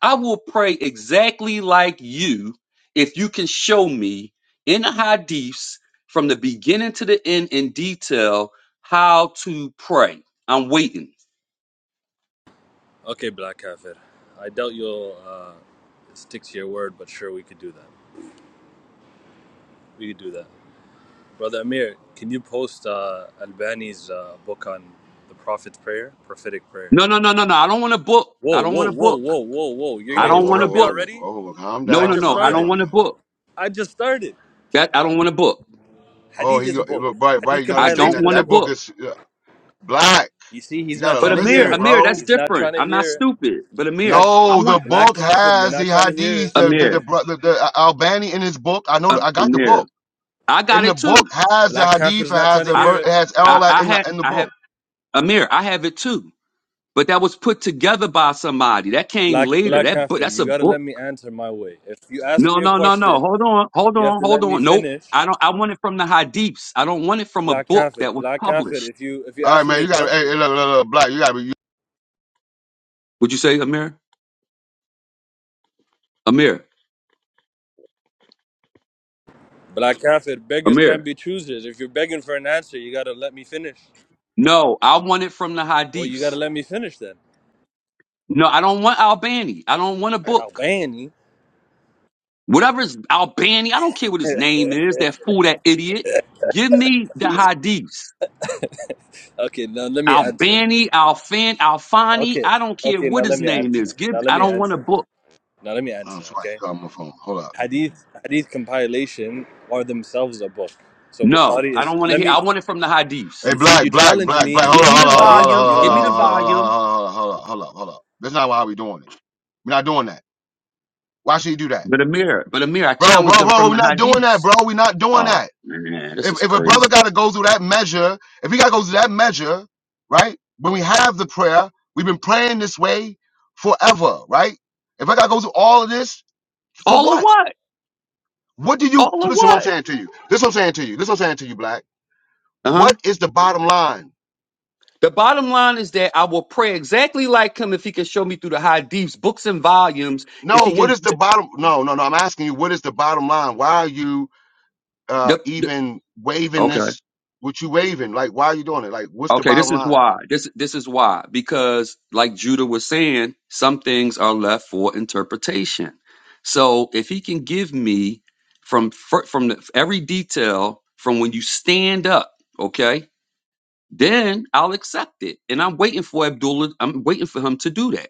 Speaker 8: I will pray exactly like you if you can show me in the hadiths from the beginning to the end in detail how to pray. I'm waiting.
Speaker 9: Okay, Black Kafir. I doubt you'll uh, stick to your word, but sure, we could do that. We could do that. Brother Amir, can you post uh, Albani's uh, book on the Prophet's Prayer, prophetic prayer?
Speaker 8: No, no, no, no, no. I don't want to book.
Speaker 9: Whoa,
Speaker 8: I don't
Speaker 9: whoa,
Speaker 8: want to
Speaker 9: whoa,
Speaker 8: book.
Speaker 9: whoa, whoa, whoa. You're
Speaker 1: Oh,
Speaker 8: I
Speaker 9: going to
Speaker 8: don't want to
Speaker 9: interrupt me
Speaker 8: book.
Speaker 1: oh, oh,
Speaker 9: already?
Speaker 1: oh, calm
Speaker 8: No,
Speaker 9: I
Speaker 1: down,
Speaker 8: no,
Speaker 9: just
Speaker 8: no.
Speaker 1: calm
Speaker 8: I don't
Speaker 9: started.
Speaker 1: down
Speaker 8: want
Speaker 1: now.
Speaker 8: to book.
Speaker 9: I just started.
Speaker 8: That I don't want to book.
Speaker 1: Oh,
Speaker 9: Hadith
Speaker 1: he
Speaker 9: is a book.
Speaker 1: right, right.
Speaker 9: Hadith
Speaker 1: You gotta
Speaker 8: I
Speaker 1: understand
Speaker 8: don't
Speaker 9: compilation
Speaker 1: that
Speaker 9: is
Speaker 8: want
Speaker 9: a
Speaker 8: to
Speaker 1: that
Speaker 9: book.
Speaker 1: book
Speaker 8: book.
Speaker 1: is uh, black.
Speaker 9: You see,
Speaker 1: You
Speaker 9: he's not
Speaker 1: gotta
Speaker 8: But
Speaker 9: trying to
Speaker 8: Amir,
Speaker 9: hear
Speaker 1: listen,
Speaker 9: it.
Speaker 8: Amir, that's
Speaker 1: bro.
Speaker 9: He's not trying
Speaker 8: different.
Speaker 9: to
Speaker 8: I'm not
Speaker 9: hear it.
Speaker 8: stupid. But
Speaker 9: Black,
Speaker 8: Amir, I
Speaker 1: No, the
Speaker 8: want
Speaker 9: Black
Speaker 1: book
Speaker 9: Kafir, you're
Speaker 1: has the
Speaker 9: not trying to hear
Speaker 1: hadith.
Speaker 9: it.
Speaker 1: The the the,
Speaker 8: Amir,
Speaker 1: bro- the, the uh, Albani in his book. I know.
Speaker 8: uh,
Speaker 1: The, I got the
Speaker 8: Amir.
Speaker 1: book.
Speaker 8: I
Speaker 1: In
Speaker 8: got
Speaker 1: the
Speaker 8: it
Speaker 1: book
Speaker 8: too.
Speaker 1: has the
Speaker 9: Black
Speaker 1: hadith.
Speaker 9: Kafir's
Speaker 1: It
Speaker 9: not
Speaker 1: has
Speaker 9: trying to
Speaker 1: the
Speaker 8: I,
Speaker 1: ver.
Speaker 9: hear
Speaker 1: It
Speaker 9: it.
Speaker 1: has all
Speaker 8: I,
Speaker 1: that
Speaker 8: I
Speaker 1: in the
Speaker 8: had,
Speaker 1: in the
Speaker 8: I have
Speaker 1: book.
Speaker 8: Amir. I have it too. but that was put together by somebody. That came
Speaker 9: Black
Speaker 8: later.
Speaker 9: Black
Speaker 8: That book,
Speaker 9: Kafir,
Speaker 8: that's
Speaker 9: you
Speaker 8: a
Speaker 9: gotta
Speaker 8: book.
Speaker 9: let me answer my way. If you ask
Speaker 8: No,
Speaker 9: me a
Speaker 8: no, no, no.
Speaker 9: question,
Speaker 8: Hold on, hold
Speaker 9: you have
Speaker 8: on,
Speaker 9: to let
Speaker 8: hold
Speaker 9: me
Speaker 8: on. Nope.
Speaker 9: finish.
Speaker 8: I don't. I want it from the Hadiths. I don't want it from a
Speaker 9: Black
Speaker 8: book
Speaker 9: Kafir,
Speaker 8: that was
Speaker 9: Black Kafir,
Speaker 8: published.
Speaker 9: if you if you
Speaker 1: All right,
Speaker 9: ask
Speaker 1: man.
Speaker 9: me
Speaker 1: You
Speaker 9: a
Speaker 1: gotta. Hey, hey
Speaker 9: question,
Speaker 1: look, look, look, black. You gotta be. You,
Speaker 8: Would you say, Amir? Amir?
Speaker 9: Black Kafir, beggars can't
Speaker 8: Amir?
Speaker 9: be choosers. If you're begging for an answer, you gotta let me finish.
Speaker 8: No, I want it from the
Speaker 9: Well, you gotta
Speaker 8: Hadiths.
Speaker 9: let me finish then.
Speaker 8: No, I don't want Albani. I don't want a
Speaker 1: hey,
Speaker 8: book.
Speaker 9: Albani.
Speaker 8: Whatever is Albani, I don't care what his name is. That fool, that idiot. Give me the Hadiths.
Speaker 9: Okay, now let me answer.
Speaker 8: Albani, Alfan, Alfani.
Speaker 9: Okay,
Speaker 8: I don't care
Speaker 9: okay, now
Speaker 8: what
Speaker 9: let
Speaker 8: his
Speaker 9: me
Speaker 8: name
Speaker 9: answer.
Speaker 8: is. Give.
Speaker 9: Now let
Speaker 8: I
Speaker 9: me
Speaker 8: don't want a
Speaker 9: answer.
Speaker 8: book.
Speaker 9: Now let me
Speaker 1: oh,
Speaker 9: answer.
Speaker 1: somebody
Speaker 9: Okay,
Speaker 1: got my phone. Hold up.
Speaker 9: Hadith Hadith compilation are themselves a book. So
Speaker 8: No,
Speaker 9: Bukhari
Speaker 8: I
Speaker 9: is.
Speaker 8: don't want to
Speaker 9: Let
Speaker 8: hear.
Speaker 9: me
Speaker 8: I want it from the hadiths.
Speaker 1: Hey,
Speaker 9: You see,
Speaker 1: black,
Speaker 9: you
Speaker 1: black,
Speaker 9: challenge
Speaker 1: black, black.
Speaker 9: me
Speaker 1: Hold
Speaker 8: Give
Speaker 1: on,
Speaker 9: from
Speaker 8: me
Speaker 9: the
Speaker 8: the
Speaker 1: hold on, hold on, hold on,
Speaker 9: audience and
Speaker 8: volume.
Speaker 9: you don't
Speaker 8: Give
Speaker 9: let
Speaker 8: me
Speaker 9: me
Speaker 8: the
Speaker 9: finish.
Speaker 1: hold on, hold on,
Speaker 8: volume.
Speaker 1: hold on, hold on, hold on, hold on. hold on. That's not how we doing it. We're not doing that. Why should you do that?
Speaker 8: But Amir, but Amir, I
Speaker 1: Bro,
Speaker 8: challenged
Speaker 1: bro,
Speaker 8: them
Speaker 1: bro,
Speaker 8: from
Speaker 1: we're
Speaker 8: the
Speaker 1: not doing that,
Speaker 8: hadiths.
Speaker 1: bro. We're not doing
Speaker 8: Oh
Speaker 1: that.
Speaker 8: man, this
Speaker 1: If
Speaker 8: is
Speaker 1: if a brother
Speaker 8: crazy.
Speaker 1: gotta go through that measure, if he gotta go through that measure, right? When we have the prayer, we've been praying this way forever, right? If I gotta go through all of this, for
Speaker 8: All of
Speaker 1: what?
Speaker 8: what?
Speaker 1: What do you
Speaker 8: All of
Speaker 1: listen what I'm
Speaker 8: what?
Speaker 1: saying to you? This what I'm saying to you. This what I'm saying to you, Black.
Speaker 8: Uh
Speaker 1: What
Speaker 8: huh.
Speaker 1: is the bottom line?
Speaker 8: The bottom line is that I will pray exactly like him if he can show me through the hadiths, books and volumes.
Speaker 1: No,
Speaker 8: If he
Speaker 1: what
Speaker 8: can,
Speaker 1: is the bottom? No, no, no. I'm asking you, what is the bottom line? Why are you uh
Speaker 8: the, the-
Speaker 1: even waving
Speaker 8: okay.
Speaker 1: this what you waving? Like, why are you doing it? Like, what's the
Speaker 8: Okay,
Speaker 1: bottom
Speaker 8: this is
Speaker 1: line?
Speaker 8: why. This this is why. Because like Judah was saying, some things are left for interpretation. So if he can give me from fir- from the, every detail from when you stand up, okay, then I'll accept it. And I'm waiting for Abdullah. I'm waiting for him to do that.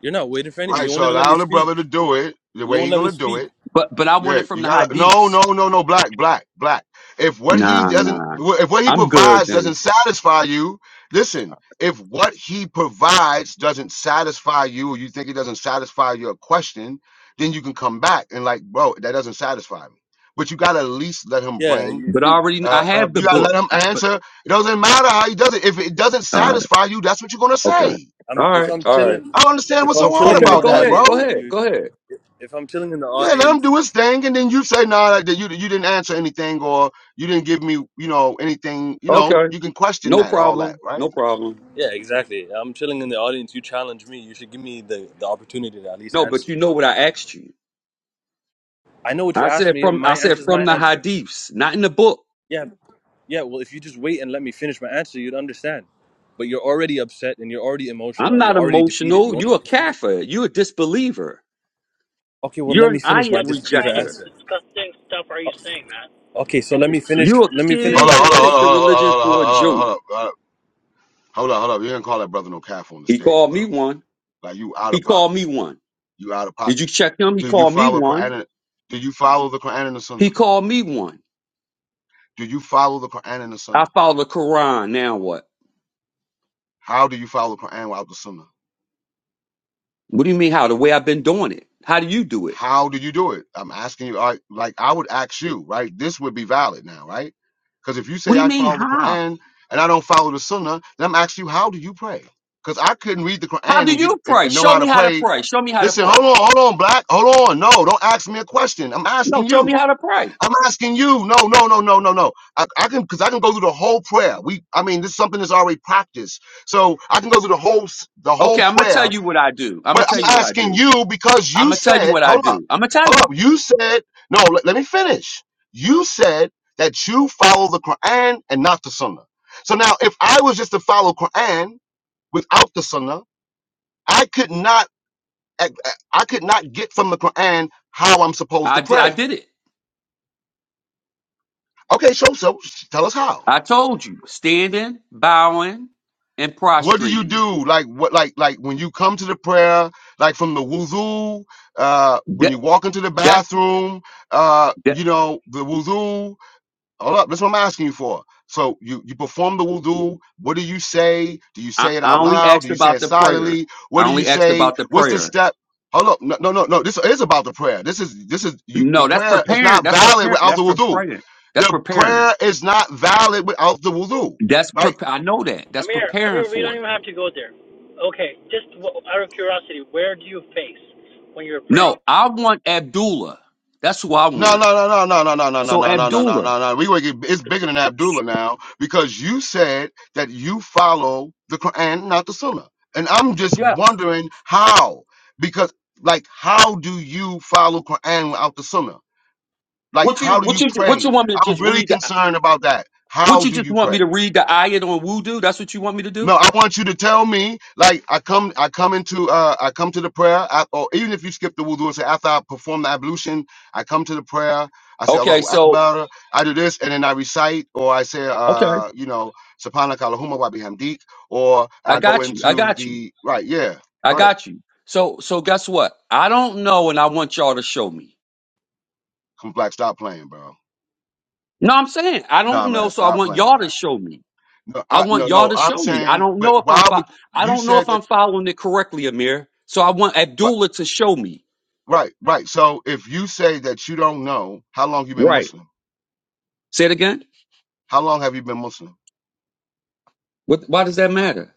Speaker 9: You're not waiting for anything.
Speaker 1: Right.
Speaker 9: You won't
Speaker 1: So
Speaker 9: even let
Speaker 1: allow
Speaker 9: me
Speaker 1: the
Speaker 9: speak.
Speaker 1: brother to do it the
Speaker 9: You
Speaker 1: way he
Speaker 9: won't let me
Speaker 1: gonna do
Speaker 9: speak.
Speaker 1: it.
Speaker 8: But but I want
Speaker 1: Yeah,
Speaker 8: it from
Speaker 1: you
Speaker 8: the
Speaker 1: gotta no,
Speaker 8: hadiths.
Speaker 1: no, no, no, black, black, black. If what he
Speaker 8: Nah,
Speaker 1: doesn't
Speaker 8: nah.
Speaker 1: if what he
Speaker 8: I'm good
Speaker 1: provides doesn't
Speaker 8: then.
Speaker 1: satisfy you, listen, if what he provides doesn't satisfy you or you think it doesn't satisfy your question, then you can come back and like, bro, that doesn't satisfy me. But you gotta at least let him
Speaker 9: Yeah,
Speaker 1: bring
Speaker 9: you, if
Speaker 8: But I
Speaker 9: you,
Speaker 8: already kn- I
Speaker 1: uh, uh
Speaker 8: have the
Speaker 1: you gotta
Speaker 8: book.
Speaker 1: let him
Speaker 8: I, but
Speaker 1: answer. It doesn't matter how he does it. If it doesn't
Speaker 8: all right,
Speaker 1: satisfy you, that's what you're gonna
Speaker 8: okay,
Speaker 1: say.
Speaker 9: I'm,
Speaker 8: all
Speaker 9: if
Speaker 8: right,
Speaker 9: I'm
Speaker 8: all right.
Speaker 9: chilling,
Speaker 1: I don't understand
Speaker 9: if
Speaker 1: what's so
Speaker 9: I'm
Speaker 1: hard
Speaker 9: chilling in
Speaker 8: Okay,
Speaker 9: the
Speaker 1: about
Speaker 8: go
Speaker 1: that,
Speaker 8: ahead,
Speaker 1: bro.
Speaker 8: go
Speaker 9: audience and
Speaker 8: ahead,
Speaker 9: you,
Speaker 8: go ahead.
Speaker 9: if I'm chilling in the
Speaker 1: Yeah, let him
Speaker 9: audience,
Speaker 1: do his thing, and then you say, "Nah, like that you you didn't answer anything, or you didn't give me, you know, anything. You know,
Speaker 8: Okay.
Speaker 1: you can question
Speaker 8: No
Speaker 1: that, all that,
Speaker 8: problem.
Speaker 1: right?"
Speaker 8: No problem.
Speaker 9: yeah, exactly. I'm chilling in the audience. You challenge me. You should give me the, the opportunity to at least
Speaker 8: No, but
Speaker 9: answer.
Speaker 8: you know what I asked you.
Speaker 9: I know what you
Speaker 8: I
Speaker 9: asked
Speaker 8: said
Speaker 9: me, and
Speaker 8: from I
Speaker 9: my
Speaker 8: said
Speaker 9: answer is my
Speaker 8: from the
Speaker 9: answer.
Speaker 8: hadiths, not in the book.
Speaker 9: Yeah, yeah. Well, if you just wait and let me finish my answer, you'd understand. But you're already upset and you're already emotional
Speaker 8: I'm
Speaker 9: and you're
Speaker 8: not
Speaker 9: already defeated. You
Speaker 8: emotional.
Speaker 9: won't
Speaker 8: You're a
Speaker 9: let me finish.
Speaker 8: kafir. You're a disbeliever.
Speaker 9: Okay, well, let
Speaker 8: You're
Speaker 9: me
Speaker 8: an
Speaker 9: finish my
Speaker 8: ayat
Speaker 3: What
Speaker 9: disbeliever
Speaker 3: kind of
Speaker 8: rejector.
Speaker 9: answer.
Speaker 3: disgusting stuff are
Speaker 9: O-
Speaker 3: you saying, man?
Speaker 9: Okay, so let me finish.
Speaker 8: You're a
Speaker 9: Let me finish
Speaker 1: Hold
Speaker 8: kid
Speaker 1: on,
Speaker 9: my
Speaker 1: hold
Speaker 8: that
Speaker 1: on,
Speaker 8: take
Speaker 9: dis.
Speaker 8: the religion
Speaker 1: hold on, hold on, hold
Speaker 8: for a
Speaker 1: on, hold
Speaker 8: joke.
Speaker 1: on, hold on. hold on. You didn't call that from the
Speaker 8: He
Speaker 1: stage,
Speaker 8: called me
Speaker 1: bro.
Speaker 8: one.
Speaker 1: Like you out
Speaker 8: He
Speaker 1: of
Speaker 8: called
Speaker 1: pocket.
Speaker 8: me one.
Speaker 1: You out of pocket.
Speaker 8: Did you check him? He
Speaker 1: Do you
Speaker 8: called me
Speaker 1: follow Quran?
Speaker 8: one.
Speaker 1: and- Do you follow the Quran and the
Speaker 8: He
Speaker 1: Sunnah?
Speaker 8: called me one.
Speaker 1: Do you follow the Quran and the
Speaker 8: I
Speaker 1: Sunnah?
Speaker 8: follow the Quran. Now what?
Speaker 1: How do you follow the Quran without the Sunnah?
Speaker 8: What do you mean how? The way I've been doing it. How do you do it?
Speaker 1: How do you do it? I'm asking you. All right, like I would ask you, right? This would be valid now, right? Because if you
Speaker 8: What
Speaker 1: say
Speaker 8: do you
Speaker 1: I
Speaker 8: mean
Speaker 1: follow the
Speaker 8: how?
Speaker 1: Quran and I don't follow the Sunnah, then I'm asking you, how do you pray? Because I couldn't read the
Speaker 8: How
Speaker 1: Quran
Speaker 8: do
Speaker 1: and get
Speaker 8: you
Speaker 1: and,
Speaker 8: pray?
Speaker 1: and know
Speaker 8: Show
Speaker 1: how
Speaker 8: me
Speaker 1: to
Speaker 8: how to
Speaker 1: pray.
Speaker 8: pray. Show me how to
Speaker 1: Listen, hold
Speaker 8: pray.
Speaker 1: on, hold on, black, hold on. No, don't ask me a question. I'm
Speaker 8: No,
Speaker 1: asking
Speaker 8: show me
Speaker 1: you.
Speaker 8: how to pray.
Speaker 1: I'm asking you. No, no, no, no, no, no. I, I can because I can go through the whole prayer. We, I mean, this is something that's already practiced, so I can go through the whole s- the whole
Speaker 8: Okay, I'm gonna
Speaker 1: prayer
Speaker 8: tell you what I do. I'm
Speaker 1: but
Speaker 8: gonna tell you
Speaker 1: I'm
Speaker 8: what I
Speaker 1: asking
Speaker 8: do.
Speaker 1: you because
Speaker 8: I'm
Speaker 1: you
Speaker 8: gonna tell you
Speaker 1: said,
Speaker 8: what I
Speaker 1: hold up,
Speaker 8: do. I'm gonna tell
Speaker 1: hold up.
Speaker 8: you.
Speaker 1: You said, no, let, let me finish. You said that you follow the Quran and not the Sunnah. So now, if I was just to follow Quran without the Sunnah, I could not, I, I could not get from the Quran how I'm supposed
Speaker 8: I
Speaker 1: to
Speaker 8: di- I
Speaker 1: pray.
Speaker 8: did it.
Speaker 1: Okay, so so tell us how.
Speaker 8: I told you. Standing, bowing, and
Speaker 1: What do you
Speaker 8: prostrating.
Speaker 1: do? Like what? Like like when you come to the prayer, like from the wuzu, uh, when you
Speaker 8: That
Speaker 1: walk into the
Speaker 8: that
Speaker 1: bathroom, uh, you
Speaker 8: that.
Speaker 1: know the wuzu, Hold up, that's what I'm asking you for. So you you perform the wudu. What do you say? Do you
Speaker 8: I,
Speaker 1: say it
Speaker 8: I
Speaker 1: out
Speaker 8: only
Speaker 1: loud? Do
Speaker 8: asked
Speaker 1: you say
Speaker 8: about
Speaker 1: it
Speaker 8: the prayer.
Speaker 1: silently? What
Speaker 8: I
Speaker 1: do you
Speaker 8: only asked
Speaker 1: say?
Speaker 8: about the
Speaker 1: What's the
Speaker 8: prayer.
Speaker 1: step? Hold up, no, no, no, no. This is about the prayer. This is this is you. The
Speaker 8: No, that's
Speaker 1: prayer is
Speaker 8: preparing.
Speaker 1: not
Speaker 8: That's
Speaker 1: valid
Speaker 8: preparing.
Speaker 1: without
Speaker 8: That's
Speaker 1: the wudu.
Speaker 8: preparing. That's
Speaker 1: The
Speaker 8: preparing.
Speaker 1: prayer is not valid without the wudu.
Speaker 8: That's
Speaker 1: Right?
Speaker 8: prep. I know that. That's
Speaker 3: Amir,
Speaker 8: preparing
Speaker 3: Amir, we
Speaker 8: for
Speaker 3: don't
Speaker 8: it.
Speaker 3: even have to go there. Okay, just out of curiosity, where do you face when you're praying?
Speaker 8: No, I want Abdullah. That's who I
Speaker 1: No,
Speaker 8: want.
Speaker 1: no, no, no, no, no, no, no, no, no,
Speaker 8: So
Speaker 1: no, no, no,
Speaker 8: Abdullah.
Speaker 1: no, no. We gonna get it's bigger than Abdullah now because you said that you follow the Quran, not the Sunnah, and I'm just
Speaker 8: Yes.
Speaker 1: wondering how because like how do you follow Quran without the Sunnah? Like
Speaker 8: What you
Speaker 1: how do you
Speaker 8: what you what you
Speaker 1: pray?
Speaker 8: want me to
Speaker 1: I'm
Speaker 8: just
Speaker 1: really
Speaker 8: read? The,
Speaker 1: concerned about that.
Speaker 8: what
Speaker 1: How
Speaker 8: you
Speaker 1: do
Speaker 8: just
Speaker 1: you pray?
Speaker 8: want me to read the ayat on wudu? That's what you want me to do?
Speaker 1: No, I want you to tell me. Like I come, I come into, uh, I come to the prayer, I, or even if you skip the wudu and say after I perform the ablution, I come to the prayer. I say
Speaker 8: Okay,
Speaker 1: Allahu
Speaker 8: so
Speaker 1: Akbar. I do this, and then I recite, or I say,
Speaker 8: okay,
Speaker 1: uh, you know, Subhanaka Allahumma wa bihamdik, or
Speaker 8: I
Speaker 1: I go
Speaker 8: got you. I
Speaker 1: into
Speaker 8: got you.
Speaker 1: the right. Yeah,
Speaker 8: I
Speaker 1: go ahead.
Speaker 8: got you. So so guess what? I don't know, and I want y'all to show me.
Speaker 1: Come black, stop playing, bro.
Speaker 8: No, I'm saying I
Speaker 1: Nah,
Speaker 8: don't
Speaker 1: man,
Speaker 8: know, so I
Speaker 1: stop
Speaker 8: want
Speaker 1: playing,
Speaker 8: y'all to
Speaker 1: right?
Speaker 8: show me.
Speaker 1: No,
Speaker 8: I
Speaker 1: I, no,
Speaker 8: want y'all
Speaker 1: no.
Speaker 8: to
Speaker 1: I'm
Speaker 8: show me. I
Speaker 1: saying,
Speaker 8: don't
Speaker 1: but
Speaker 8: know if
Speaker 1: why
Speaker 8: I'm fo-
Speaker 1: would
Speaker 8: I
Speaker 1: you
Speaker 8: don't know if
Speaker 1: said that?
Speaker 8: I'm following it correctly, Amir. So I want
Speaker 1: ri-
Speaker 8: Abdullah to show me.
Speaker 1: Right, right. So if you say that you don't know how long you've been
Speaker 8: Right.
Speaker 1: Muslim.
Speaker 8: Say it again.
Speaker 1: How long have you been Muslim?
Speaker 8: What? Why does that matter?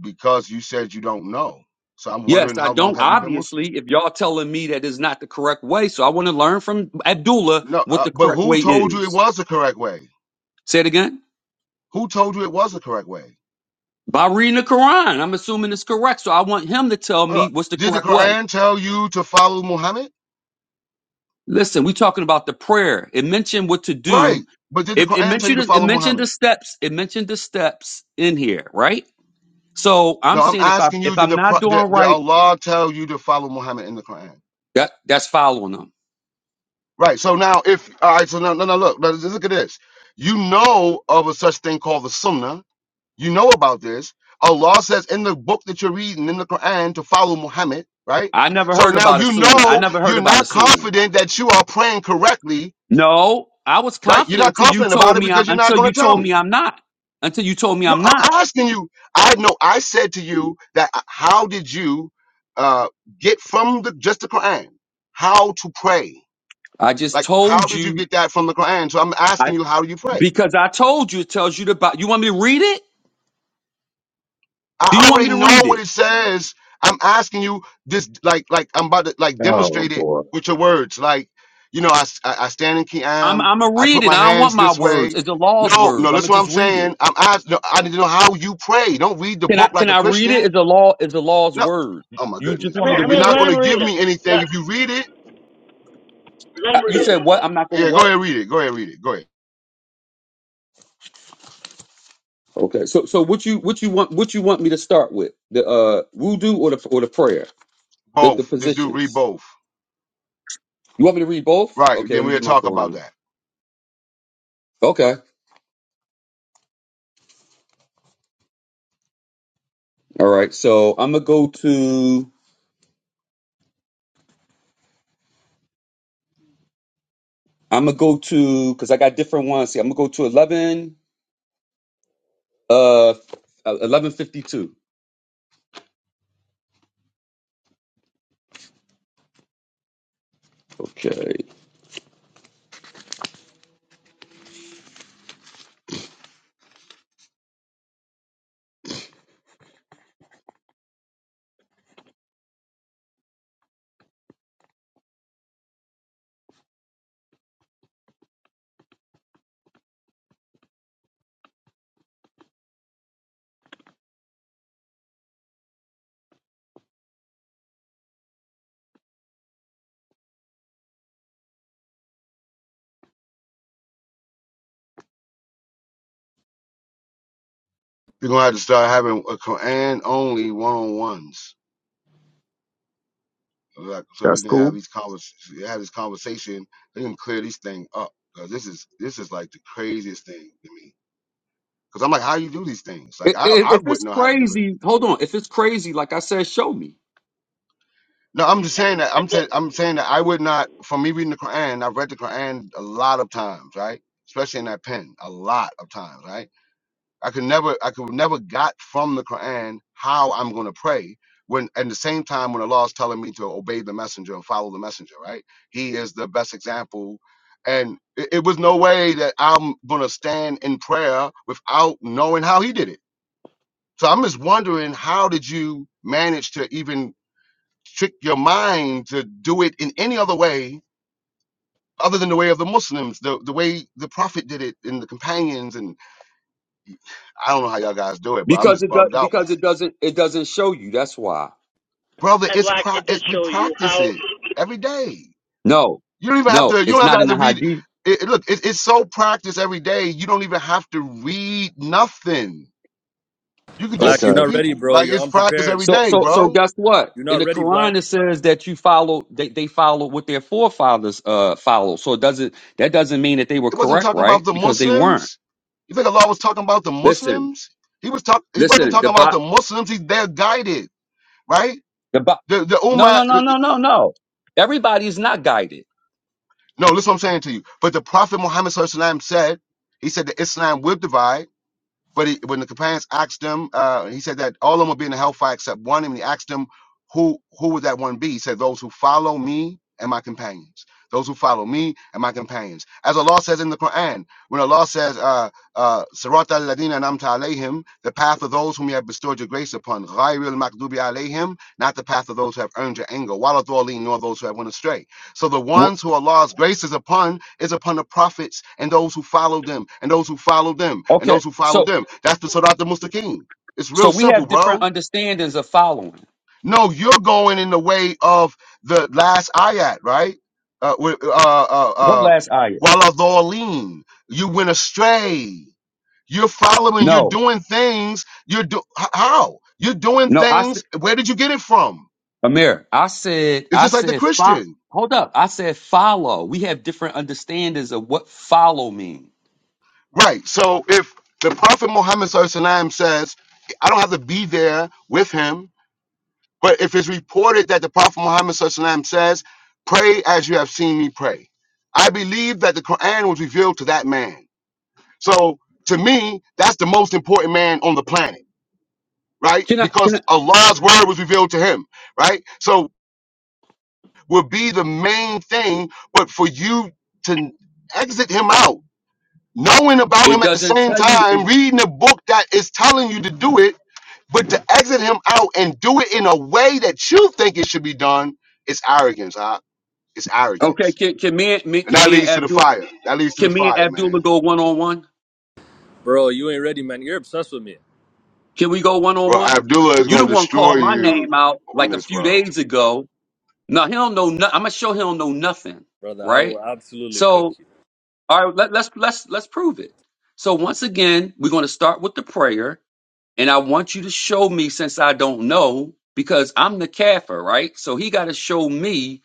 Speaker 1: Because you said you don't know. So I'm
Speaker 8: Yes,
Speaker 1: wondering
Speaker 8: I
Speaker 1: how long
Speaker 8: don't.
Speaker 1: have you been Muslim?
Speaker 8: Obviously, if y'all telling me that is not the correct way, so I want to learn from Abdullah
Speaker 1: No,
Speaker 8: what
Speaker 1: uh,
Speaker 8: the
Speaker 1: but
Speaker 8: correct
Speaker 1: who
Speaker 8: way
Speaker 1: told you it
Speaker 8: is.
Speaker 1: was the correct way?
Speaker 8: Say it again.
Speaker 1: Who told you it was the correct way?
Speaker 8: By reading the Quran, I'm assuming it's correct, so I want him to tell
Speaker 1: Hold
Speaker 8: me
Speaker 1: up.
Speaker 8: what's the
Speaker 1: Did the
Speaker 8: correct way.
Speaker 1: Quran tell follow Muhammad?
Speaker 8: Listen, we talking about the prayer. It mentioned what to
Speaker 1: Right.
Speaker 8: do.
Speaker 1: But did the
Speaker 8: It, it
Speaker 1: Quran tell you to
Speaker 8: mentioned it
Speaker 1: follow
Speaker 8: mentioned the
Speaker 1: Muhammad?
Speaker 8: steps. It mentioned the steps in here, right? So I'm
Speaker 1: No, I'm
Speaker 8: saying if I
Speaker 1: asking
Speaker 8: if
Speaker 1: you, did
Speaker 8: I'm
Speaker 1: the
Speaker 8: not
Speaker 1: pro-
Speaker 8: doing
Speaker 1: did, did
Speaker 8: right,
Speaker 1: Allah tell you to follow Muhammad in the Quran?
Speaker 8: that that's following them.
Speaker 1: Right. So now if all right, so now, no no look, let's- look at this. You know of a such thing called the Sunnah You know about this. Allah says in the book that you're reading in the Quran to follow Muhammad, right?
Speaker 8: I never
Speaker 1: So
Speaker 8: heard
Speaker 1: now
Speaker 8: about a
Speaker 1: you
Speaker 8: sunnah. I
Speaker 1: know
Speaker 8: never heard
Speaker 1: you're
Speaker 8: about a
Speaker 1: not
Speaker 8: sunnah.
Speaker 1: confident that you are praying correctly,
Speaker 8: No, I was
Speaker 1: right? You're
Speaker 8: confident
Speaker 1: not
Speaker 8: until you
Speaker 1: confident about
Speaker 8: told
Speaker 1: it
Speaker 8: me I'm
Speaker 1: because you're not
Speaker 8: until
Speaker 1: going
Speaker 8: you
Speaker 1: to tell
Speaker 8: told
Speaker 1: me.
Speaker 8: me I'm not. Until you told me
Speaker 1: No,
Speaker 8: I'm not.
Speaker 1: I'm asking you. I know I said to you that uh, how did you uh, get from the just the Quran how to pray?
Speaker 8: I just
Speaker 1: Like how
Speaker 8: told
Speaker 1: did you
Speaker 8: you
Speaker 1: get that from the Quran? So I'm
Speaker 8: I
Speaker 1: asking you how do you pray?
Speaker 8: because I told you it tells you to buy you want me to read it? Do you
Speaker 1: I
Speaker 8: want me
Speaker 1: already
Speaker 8: to read
Speaker 1: know what
Speaker 8: it?
Speaker 1: it says. I'm asking you this, like, like I'm about to like
Speaker 8: Oh
Speaker 1: demonstrate it
Speaker 8: boy.
Speaker 1: with your words. Like, you know, I s- I, I stand in
Speaker 8: I'm
Speaker 1: Qiyam.
Speaker 8: I'm gonna
Speaker 1: I
Speaker 8: read
Speaker 1: put
Speaker 8: it.
Speaker 1: my
Speaker 8: I don't
Speaker 1: hands
Speaker 8: want my
Speaker 1: this
Speaker 8: words.
Speaker 1: way.
Speaker 8: It's the law's
Speaker 1: No, no,
Speaker 8: words. I'm
Speaker 1: that's
Speaker 8: gonna
Speaker 1: what I'm
Speaker 8: just read it.
Speaker 1: saying. I'm asking. No, I need to know how you pray. Don't read the
Speaker 8: Can I
Speaker 1: book
Speaker 8: can
Speaker 1: like a
Speaker 8: I read it?
Speaker 1: Christian.
Speaker 8: It's the law It's the law's
Speaker 1: No.
Speaker 8: word.
Speaker 1: Oh my
Speaker 8: You just
Speaker 1: goodness,
Speaker 3: I
Speaker 8: want
Speaker 3: mean,
Speaker 8: me
Speaker 1: bro.
Speaker 8: to
Speaker 3: I
Speaker 1: You're
Speaker 3: mean,
Speaker 8: read
Speaker 1: not
Speaker 8: it?
Speaker 3: let him
Speaker 1: gonna
Speaker 3: read
Speaker 1: give
Speaker 3: it.
Speaker 1: me anything
Speaker 3: Let,
Speaker 1: if you read it.
Speaker 3: let
Speaker 8: Uh,
Speaker 3: him
Speaker 8: You
Speaker 3: read it.
Speaker 8: said what? I'm not gonna
Speaker 1: Yeah, go
Speaker 8: what?
Speaker 1: ahead, read it. Go ahead, read it. Go ahead.
Speaker 8: Okay. So so what you what you want what you want me to start with? The uh wudu or the or the prayer? The the
Speaker 1: Both. This dude read
Speaker 8: positions.
Speaker 1: both.
Speaker 8: You want me to read both?
Speaker 1: Right.
Speaker 8: Okay, let me get my
Speaker 1: About
Speaker 8: Quran.
Speaker 1: that.
Speaker 8: Okay. All right. So I'm gonna go to I'm gonna go to because I got different ones. See, I'm gonna go to eleven uh uh, eleven fifty two. Okay.
Speaker 1: You're gonna have to start having a Quran only one on ones. Like, so we
Speaker 8: That's
Speaker 1: can have
Speaker 8: cool.
Speaker 1: these convers have this conversation. They can clear this thing up because this is this is like the craziest thing to me. Because I'm like, how you? It's
Speaker 8: I-
Speaker 1: like
Speaker 8: i-
Speaker 1: I I
Speaker 8: If it's
Speaker 1: wouldn't know how to do it.
Speaker 8: crazy, hold on. If it's crazy, like I said, show me
Speaker 1: No, I'm
Speaker 3: And, and,
Speaker 1: I'm i I'm saying that I would not. From me reading the Quran, I've read the Quran a lot of times, right? Especially in that pen, a lot of times, right? I could never, I could never got from the Quran how I'm going to pray. When at the same time, when Allah is telling me to obey the messenger and follow the messenger, right? He is the best example, and it, it was no way that I'm going to stand in prayer without knowing how he did it. So I'm just wondering, how did you manage to even trick your mind to do it in any other way other than the way of the Muslims, the, the way the Prophet did it and the companions, and I don't know how y'all guys do it, but I'm
Speaker 8: because
Speaker 1: just
Speaker 8: it does
Speaker 1: bugged out
Speaker 8: because it doesn't it doesn't show you. That's why.
Speaker 1: brother.
Speaker 3: and
Speaker 1: It's,
Speaker 3: Black,
Speaker 1: pro-
Speaker 3: it did
Speaker 1: it's we
Speaker 3: show you
Speaker 1: practice
Speaker 3: how.
Speaker 1: it every day.
Speaker 8: No,
Speaker 1: You don't even have to.
Speaker 8: no,
Speaker 1: You don't
Speaker 8: it's
Speaker 1: have to,
Speaker 8: not in the
Speaker 1: have to read.
Speaker 8: hadith.
Speaker 1: It, it- look, it, it's so practiced every day. You don't even have to read nothing. You could just
Speaker 9: Black,
Speaker 1: see
Speaker 9: you're
Speaker 8: Okay.
Speaker 1: the
Speaker 9: not ready,
Speaker 1: people.
Speaker 9: bro.
Speaker 1: Like
Speaker 9: You're
Speaker 1: it's practiced
Speaker 9: unprepared.
Speaker 1: every
Speaker 8: So
Speaker 1: day,
Speaker 8: so so
Speaker 1: bro.
Speaker 8: guess what?
Speaker 9: You're
Speaker 8: In
Speaker 9: not
Speaker 8: the
Speaker 9: ready, Black.
Speaker 8: Quran it says that you follow they, they follow what their forefathers uh followed. So it doesn't that doesn't mean that they were
Speaker 1: It wasn't
Speaker 8: correct,
Speaker 1: talking
Speaker 8: right?
Speaker 1: about the
Speaker 8: Because they weren't.
Speaker 1: Muslims. You think Allah was talking about the
Speaker 8: Listen,
Speaker 1: Muslims? He was talk. He wasn't
Speaker 8: listen,
Speaker 1: talking
Speaker 8: the
Speaker 1: about
Speaker 8: bot
Speaker 1: the Muslims. He they're guided, right?
Speaker 8: the bot
Speaker 1: The the
Speaker 8: no
Speaker 1: Ummah.
Speaker 8: no no
Speaker 1: uh,
Speaker 8: no no no. Everybody is not guided.
Speaker 1: No, listen, what I'm saying to you. But the Prophet Muhammad SAW said, he said that Islam will divide But he, when the companions asked him, uh, he said that all of them will be in the hellfire except one. And he asked them, who who would that one be? He said, those who follow me and my companions. Those who follow me and my companions. As Allah says in the Quran, when Allah says, uh, uh, Sirat al-Ladina namta alayhim, the path of those whom you have bestowed your grace upon, ghayril makdubi alayhim, not the path of those who have earned your anger, wala dhalin, nor those who have went astray. So the
Speaker 8: Wh-
Speaker 1: ones who Allah's grace is upon is upon the prophets and those who follow them and those who follow them and
Speaker 8: Okay.
Speaker 1: those who follow
Speaker 8: So
Speaker 1: them. That's the Sadat the Mustaqim. It's real
Speaker 8: so we
Speaker 1: simple,
Speaker 8: have different
Speaker 1: bro.
Speaker 8: understandings of following.
Speaker 1: No, you're going in the way of the last ayat, right? Uh, with, uh, uh,
Speaker 8: What
Speaker 1: uh,
Speaker 8: last ayah?
Speaker 1: Waladhaleen. You went astray. You're following. You're
Speaker 8: No.
Speaker 1: doing things. You're do h- how? You're doing
Speaker 8: No, I said
Speaker 1: things. Where did you get it from?
Speaker 8: Amir, I said
Speaker 1: It's
Speaker 8: I
Speaker 1: just like the
Speaker 8: said fo-
Speaker 1: Christian.
Speaker 8: hold up. I said follow. We have different understandings of what follow means.
Speaker 1: Right. So if the Prophet Muhammad SAW says, I don't have to be there with him, but if it's reported that the Prophet Muhammad SAW says, Pray as you have seen me pray, I believe that the Quran was revealed to that man. So to me, that's the most important man on the planet, right?
Speaker 8: Can I? Can
Speaker 1: Because
Speaker 8: I?
Speaker 1: Allah's word was revealed to him, right? So will be the main thing, but for you to exit him out knowing about
Speaker 8: It
Speaker 1: him at the
Speaker 8: doesn't
Speaker 1: same
Speaker 8: tell you. It,
Speaker 1: time, reading a book that is telling you to do it, but to exit him out and do it in a way that you think it should be done, it's arrogance, huh? It's
Speaker 8: okay.
Speaker 1: arrogance.
Speaker 8: Can can me, and- me
Speaker 1: And
Speaker 8: can
Speaker 1: that
Speaker 8: me and
Speaker 1: leads to the
Speaker 8: Abdul
Speaker 1: fire. That leads to the
Speaker 8: can me and
Speaker 1: fire,
Speaker 8: Abdullah
Speaker 1: man.
Speaker 8: go one on one?
Speaker 9: Bro, you ain't ready, man. You're obsessed with me,
Speaker 8: Can we go one on
Speaker 1: Bro,
Speaker 8: one?
Speaker 1: Abdullah is
Speaker 8: You
Speaker 1: going
Speaker 8: the
Speaker 1: to
Speaker 8: one
Speaker 1: destroy
Speaker 8: called my name
Speaker 1: you
Speaker 8: out
Speaker 1: on
Speaker 8: like a
Speaker 1: this,
Speaker 8: few
Speaker 1: bro.
Speaker 8: days ago. Now he don't know. No, I'm gonna show he don't know nothing,
Speaker 9: brother. I
Speaker 8: right?
Speaker 9: will absolutely cook
Speaker 8: So
Speaker 9: you.
Speaker 8: all right, let, let's let's let's prove it. So once again, we're gonna start with the prayer, and I want you to show me since I don't know because I'm the kaffir, right? So he got to show me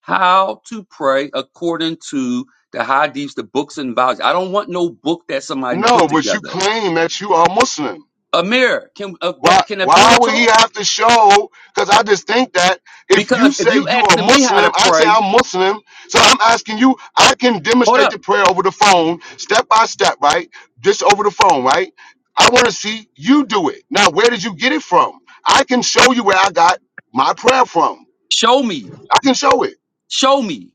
Speaker 8: how to pray according to the hadiths, the books and volumes. I don't want no book that somebody
Speaker 1: No,
Speaker 8: put
Speaker 1: but you
Speaker 8: together.
Speaker 1: claim that you are Muslim.
Speaker 8: Amir, can uh,
Speaker 1: Why
Speaker 8: that- can
Speaker 1: why
Speaker 8: Abdullah
Speaker 1: would he
Speaker 8: talk?
Speaker 1: have to show? Because I just think that if you
Speaker 8: Because if
Speaker 1: say
Speaker 8: you
Speaker 1: you are
Speaker 8: asking me how
Speaker 1: Muslim,
Speaker 8: to
Speaker 1: I say
Speaker 8: pray,
Speaker 1: I'm Muslim. So I'm asking you, I can
Speaker 8: hold
Speaker 1: demonstrate
Speaker 8: up,
Speaker 1: the prayer over the phone, step by step, right? Just over the phone, right? I want to see you do it. Now, where did you get it from? I can show you where I got my prayer from.
Speaker 8: show me,
Speaker 1: I can show it.
Speaker 8: show me,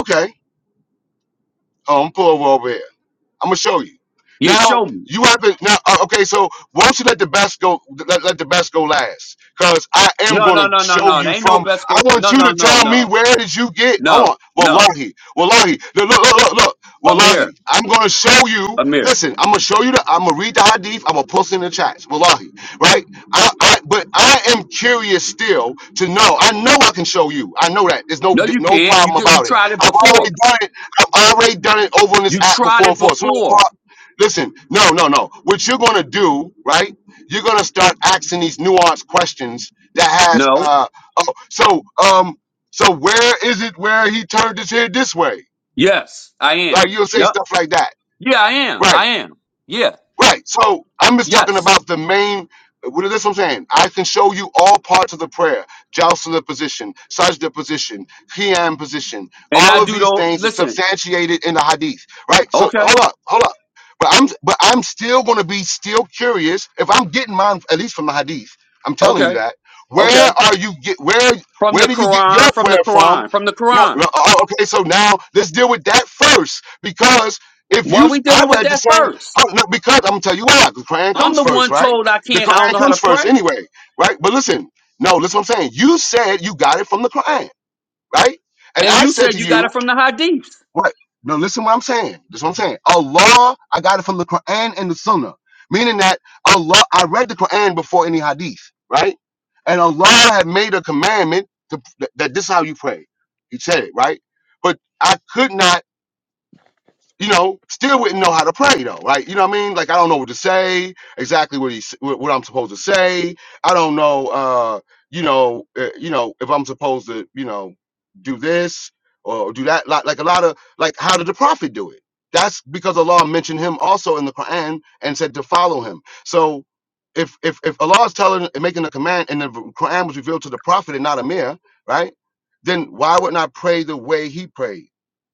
Speaker 1: Okay. Um, pull over over here. I'm gonna show you.
Speaker 8: yeah,
Speaker 1: Now
Speaker 8: show me.
Speaker 1: you have to now. uh, Okay, so why don't you let the best go? Let, let the best go last, because I am
Speaker 8: No, no,
Speaker 1: gonna
Speaker 8: no, no,
Speaker 1: show
Speaker 8: no. There
Speaker 1: you
Speaker 8: ain't no
Speaker 1: from.
Speaker 8: best
Speaker 1: I
Speaker 8: go.
Speaker 1: want
Speaker 8: No,
Speaker 1: you
Speaker 8: no,
Speaker 1: to
Speaker 8: no,
Speaker 1: tell me
Speaker 8: no,
Speaker 1: where did you get? Hold
Speaker 8: no,
Speaker 1: on,
Speaker 8: no.
Speaker 1: wallahi, wallahi. Look, look, look, look, look.
Speaker 8: Amir,
Speaker 1: wallahi. I'm gonna show you.
Speaker 8: Amir.
Speaker 1: Listen, I'm gonna show you the. I'm gonna read the hadith. I'm gonna post it in the chats, wallahi. Right? I, I, but I am curious still to know. I know I can show you. I know that. There's no
Speaker 8: No, you
Speaker 1: no
Speaker 8: can't. You
Speaker 1: problem
Speaker 8: did- you
Speaker 1: about it.
Speaker 8: tried it
Speaker 1: I've already
Speaker 8: before.
Speaker 1: done it. I've already done it over on this
Speaker 8: You
Speaker 1: app
Speaker 8: tried
Speaker 1: before
Speaker 8: it
Speaker 1: and for. So no
Speaker 8: before.
Speaker 1: part. Listen, no, no, no. What you're gonna do, right? You're gonna start asking these nuanced questions that has
Speaker 8: No.
Speaker 1: uh oh so um so where is it where he turned his head this way?
Speaker 8: Yes, I
Speaker 1: Like
Speaker 8: am.
Speaker 1: you'll say
Speaker 8: Yep.
Speaker 1: stuff like that.
Speaker 8: Yeah, I am.
Speaker 1: Right.
Speaker 8: I am. Yeah.
Speaker 1: Right. So I'm just talking
Speaker 8: Yes.
Speaker 1: about the main. What is this? I'm saying I can show you all parts of the prayer: Jocelyn position, Sajda position, Qiyam position.
Speaker 8: And I
Speaker 1: All of
Speaker 8: do
Speaker 1: these
Speaker 8: though.
Speaker 1: things are
Speaker 8: Listen,
Speaker 1: substantiated in the Hadith. Right. So
Speaker 8: okay,
Speaker 1: hold up, hold up. But I'm but I'm still going to be still curious if I'm getting mine at least from the Hadith. I'm telling you
Speaker 8: okay,
Speaker 1: that. Where
Speaker 8: okay.
Speaker 1: are you get where
Speaker 8: From
Speaker 1: where
Speaker 8: the
Speaker 1: do you get your
Speaker 8: Quran, from the
Speaker 1: prayer from?
Speaker 8: Quran, from the
Speaker 1: No, no,
Speaker 8: Quran.
Speaker 1: oh, okay. So now let's deal with that first because if
Speaker 8: Why
Speaker 1: you
Speaker 8: we
Speaker 1: I
Speaker 8: dealing with
Speaker 1: read the
Speaker 8: that
Speaker 1: same.
Speaker 8: first?
Speaker 1: Oh, no, because I'm gonna tell you why. The Quran
Speaker 8: I'm
Speaker 1: comes
Speaker 8: the
Speaker 1: first,
Speaker 8: one
Speaker 1: right?
Speaker 8: told I
Speaker 1: The
Speaker 8: can't. I don't
Speaker 1: Quran
Speaker 8: know how
Speaker 1: comes
Speaker 8: to
Speaker 1: first
Speaker 8: pray,
Speaker 1: anyway, right? But listen, no, listen what I'm saying. You said you got it from the Quran, right? And
Speaker 8: and
Speaker 1: I
Speaker 8: you
Speaker 1: said to
Speaker 8: said you got
Speaker 1: you,
Speaker 8: it from the Hadith.
Speaker 1: what? No, listen what I'm saying. This is what I'm saying. Allah, I got it from the Quran and the Sunnah. Meaning that Allah, I read the Quran before any hadith, right? And Allah had made a commandment to, that that this is how you pray. He said it, right? But I could not you know, still wouldn't know how to pray though, right? You know what I mean? Like I don't know what to say exactly what he s- what, what I'm supposed to say. I don't know, uh, you know, uh, you know if I'm supposed to, you know, do this or do that. Like like a lot of like how did the prophet do it? That's because Allah mentioned him also in the Quran and said to follow him. So if if if Allah is telling and making a command and the Quran was revealed to the prophet and not a mere, right? Then why would not pray the way he prayed?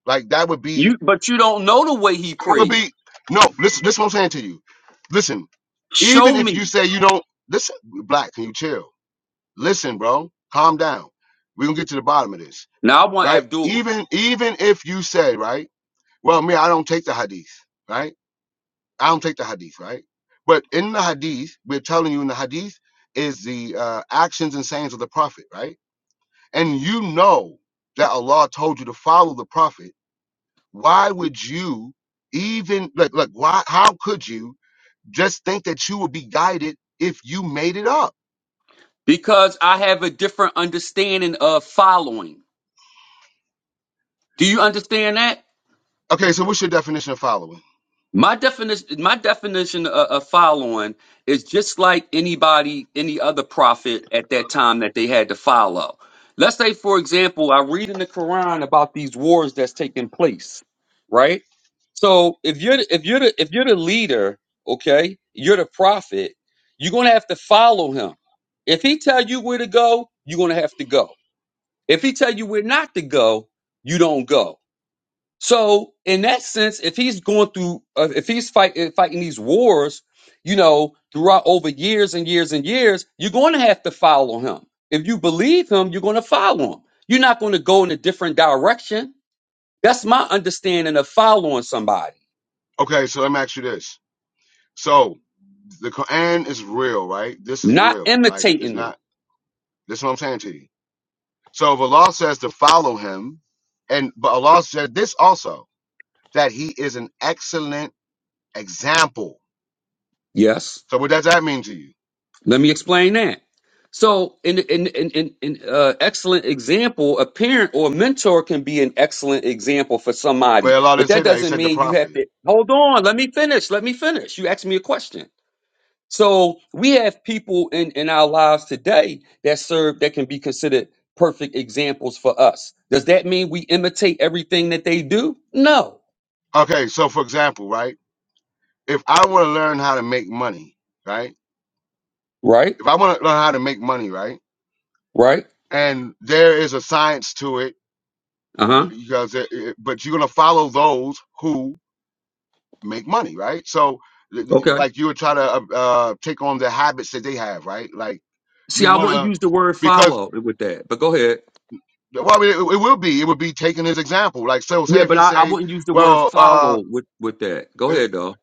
Speaker 1: Like that would be
Speaker 8: You, but you don't know the way he
Speaker 1: that would
Speaker 8: prayed.
Speaker 1: be no. Listen, this is what I'm saying to you. Listen,
Speaker 8: Show
Speaker 1: even if you
Speaker 8: me.
Speaker 1: say you don't listen, black, can you chill? Listen, bro, calm down. We're gonna get to the bottom of this,
Speaker 8: Now I want
Speaker 1: right?
Speaker 8: Abdullah
Speaker 1: Even even if you say, right, well, me, I don't take the hadith, right? I don't take the hadith, right? But in the hadith, we're telling you in the hadith is the uh, actions and sayings of the prophet, right? And you know that Allah told you to follow the prophet. Why would you even like like why? How could you? Just think that you would be guided if you made it up.
Speaker 8: because I have a different understanding of following. Do you understand that?
Speaker 1: Okay, so what's your definition of following?
Speaker 8: My definition, my definition of, of following is just like anybody, any other prophet at that time that they had to follow. Let's say, for example, I read in the Quran about these wars that's taking place, right? So if you're the- if you're the, if you're the leader, okay, you're the prophet, you're gonna have to follow him. If he tell you where to go, you're gonna have to go. If he tell you where not to go, you don't go. So in that sense, if he's going through, uh, if he's fight, uh, fighting these wars, you know, throughout over years and years and years, you're going to have to follow him. If you believe him, you're going to follow him. You're not going to go in a different direction. That's my understanding of following somebody,
Speaker 1: Okay, so let me ask you this. So the Quran is real, right? This is
Speaker 8: not
Speaker 1: real. Like it's
Speaker 8: imitating them.
Speaker 1: not. This is what I'm saying to you. So if Allah says to follow Him, and but Allah said this also that He is an excellent example.
Speaker 8: Yes.
Speaker 1: So what do you?
Speaker 8: Let me explain that. So, in in in in, in uh, excellent example, a parent or a mentor can be an excellent example for
Speaker 1: But
Speaker 8: somebody,
Speaker 1: Allah didn't
Speaker 8: but
Speaker 1: say
Speaker 8: that
Speaker 1: that. He
Speaker 8: doesn't
Speaker 1: said the
Speaker 8: mean you have
Speaker 1: Prophet.
Speaker 8: to. Hold on, let me finish. Let me finish. You asked me a question. So we have people in in our lives today that serve that can be considered perfect examples for us. Does that mean we imitate everything that they do? No.
Speaker 1: Okay, so for example, right? If I want to learn how to make money, right?
Speaker 8: Right.
Speaker 1: If I want to learn how to make money, right?
Speaker 8: Right.
Speaker 1: and there is a science to it
Speaker 8: Uh huh.
Speaker 1: because it, it- but you're going to follow those who make money right so l- l-
Speaker 8: Okay.
Speaker 1: like you would try to uh, uh take on the habits that they have right like
Speaker 8: See,
Speaker 1: you
Speaker 8: I
Speaker 1: want
Speaker 8: wouldn't
Speaker 1: to
Speaker 8: use the word
Speaker 1: because
Speaker 8: follow with that, but go ahead.
Speaker 1: well it, it will be it would be taking his example like so say
Speaker 8: Yeah,
Speaker 1: if
Speaker 8: but
Speaker 1: he
Speaker 8: I, I
Speaker 1: say
Speaker 8: wouldn't use the word
Speaker 1: well uh
Speaker 8: follow with with that. Go
Speaker 1: it,
Speaker 8: ahead though.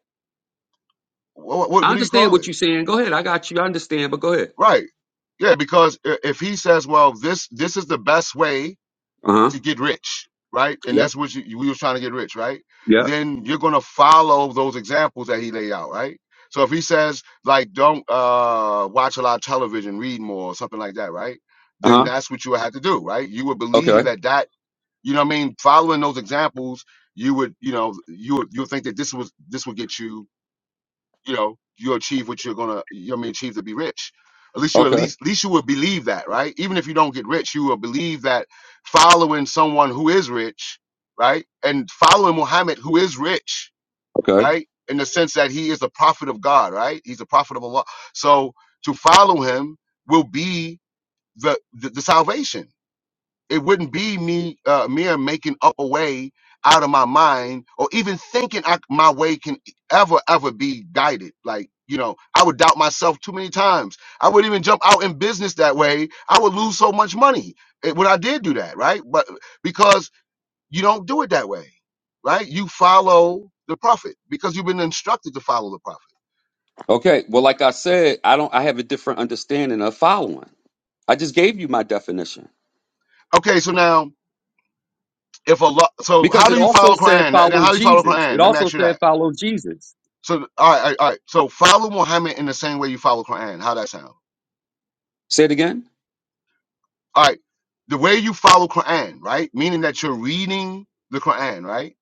Speaker 8: I understand
Speaker 1: call
Speaker 8: what
Speaker 1: it
Speaker 8: you're saying. Go ahead. I got you. I understand, but go ahead.
Speaker 1: right yeah because i- if he says well this this is the best way
Speaker 8: Uh huh.
Speaker 1: to get rich, right? And
Speaker 8: Yep.
Speaker 1: that's what you, we was trying to get rich, right?
Speaker 8: Yep.
Speaker 1: Then you're gonna follow those examples that he laid out, right? So if he says like don't uh, watch a lot of television, read more, or something like that, right?
Speaker 8: Uh
Speaker 1: Then
Speaker 8: huh.
Speaker 1: that's what you would have to do, right? You would believe
Speaker 8: Okay.
Speaker 1: that that you know what I mean, following those examples, you would you know you would you would think that this was this would get you you know you achieve what you're gonna you know what I mean achieve to be rich at least you at
Speaker 8: Okay.
Speaker 1: least at least you will believe that right even if you don't get rich you will believe that following someone who is rich right and following muhammad who is rich
Speaker 8: Okay.
Speaker 1: right in the sense that he is the prophet of god right he's a prophet of allah so to follow him will be the the, the salvation it wouldn't be me uh mere making up a way out of my mind or even thinking I, my way can ever ever be guided like you know i would doubt myself too many times i would even jump out in business that way i would lose so much money eh, when i did do that right but because you don't do it that way right you follow the prophet because you've been instructed to follow the prophet
Speaker 8: Okay. Well, like I said, I don't. I have a different understanding of following. I just gave you my definition
Speaker 1: okay so now if a lot so how
Speaker 8: because
Speaker 1: do
Speaker 8: it
Speaker 1: you
Speaker 8: also
Speaker 1: follow
Speaker 8: said
Speaker 1: quran and
Speaker 8: follow
Speaker 1: how do you follow
Speaker 8: Jesus. It
Speaker 1: quran let me
Speaker 8: also
Speaker 1: ask you that
Speaker 8: said follow Jesus.
Speaker 1: So all right, all right, all right. So follow Muhammad in the same way you follow Quran. How that sound?
Speaker 8: Say it again.
Speaker 1: All right. The way you follow Quran, right? Meaning that you're reading the Quran, right?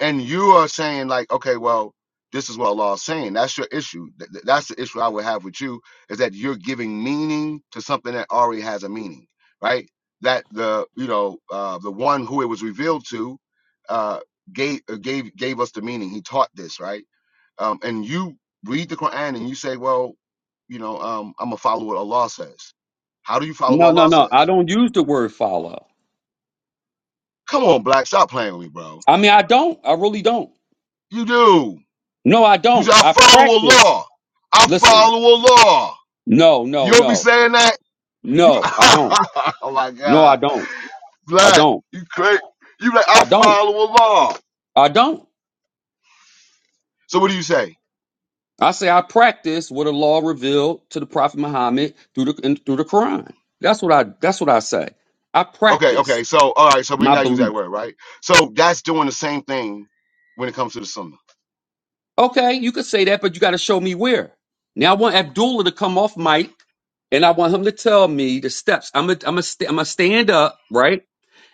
Speaker 1: And you are saying like, okay, well, this is what Allah is saying. That's your issue. Th- th- That's the issue I would have with you is that you're giving meaning to something that already has a meaning, right? That the you know uh, the one who it was revealed to uh, gave uh, gave gave us the meaning. He taught this, right? um, and you read the Quran and you say, well, you know, um, I'm gonna follow what Allah says. How do you follow
Speaker 8: No,
Speaker 1: what
Speaker 8: no,
Speaker 1: Allah
Speaker 8: no. I
Speaker 1: says?
Speaker 8: don't use the word follow.
Speaker 1: Come on, black, stop playing with me, bro.
Speaker 8: I mean, I don't. I really don't.
Speaker 1: You do.
Speaker 8: No, I
Speaker 1: You
Speaker 8: don't.
Speaker 1: say I
Speaker 8: I
Speaker 1: follow
Speaker 8: practice.
Speaker 1: Allah. I
Speaker 8: Listen.
Speaker 1: follow Allah.
Speaker 8: No,
Speaker 1: You
Speaker 8: no,
Speaker 1: don't be
Speaker 8: no.
Speaker 1: saying that. You,
Speaker 8: No, I don't.
Speaker 1: oh my
Speaker 8: No, I
Speaker 1: God,
Speaker 8: don't. I
Speaker 1: black,
Speaker 8: don't.
Speaker 1: you crazy. You like I
Speaker 8: I don't.
Speaker 1: follow Allah.
Speaker 8: I don't.
Speaker 1: So what do you say?
Speaker 8: I say I practice what the law revealed to the Prophet Muhammad through the in, through the Quran. That's what I. That's what I say. I
Speaker 1: Okay,
Speaker 8: practice
Speaker 1: okay. So all right. So we ain't
Speaker 8: my
Speaker 1: gotta use that
Speaker 8: belief.
Speaker 1: word, right? So that's doing the same thing when it comes to the Sunnah.
Speaker 8: Okay, you could say that, but you got to show me where. Now I want Abdullah to come off mic, and I want him to tell me the steps. I'm a. I'm a. St- I'm a stand up, right?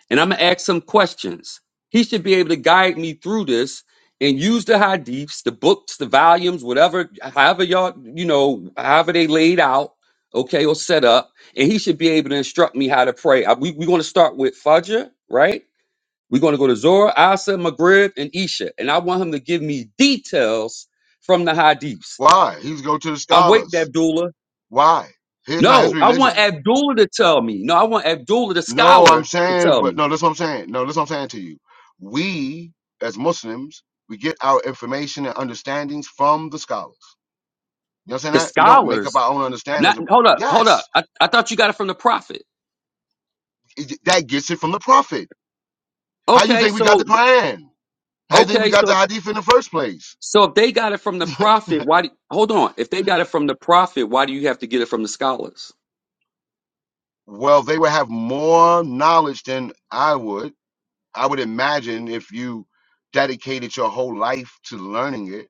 Speaker 8: and I'm gonna ask some questions. He should be able to guide me through this and use the hadiths, the books, the volumes, whatever, however y'all, you know, however they laid out, okay, or set up, and he should be able to instruct me how to pray. I- we, we're gonna start with Fajr, right? We're gonna go to Zora, Asa, Maghrib, and Isha, and I want him to give me details from the hadiths.
Speaker 1: Why? He's go to the
Speaker 8: I'm waiting,
Speaker 1: scholars.
Speaker 8: Abdullah.
Speaker 1: Why? His not his
Speaker 8: No, I want
Speaker 1: religion.
Speaker 8: Abdullah to tell me. No, I want Abdullah, the
Speaker 1: No, I'm
Speaker 8: scholar, to
Speaker 1: saying,
Speaker 8: tell
Speaker 1: but
Speaker 8: me.
Speaker 1: no, that's what I'm saying. No, that's what I'm saying to you. We as Muslims, we get our information and understandings from the scholars. You know what I'm
Speaker 8: The
Speaker 1: saying? That? We don't make up
Speaker 8: scholars
Speaker 1: our own.
Speaker 8: Not
Speaker 1: Ab-
Speaker 8: hold up, hold up.
Speaker 1: Yes,
Speaker 8: I, I thought you got it from the prophet.
Speaker 1: it- that give them the prophet. How you
Speaker 8: Okay,
Speaker 1: got the
Speaker 8: so
Speaker 1: pen? How you think we
Speaker 8: okay,
Speaker 1: got the
Speaker 8: so
Speaker 1: hadith in the first place?
Speaker 8: so if they got it from the prophet, why? Do, hold on. If they got it from the prophet, why do you have to get it from the scholars?
Speaker 1: Well, they would have more knowledge than I would. I would imagine if you dedicated your whole life to learning it.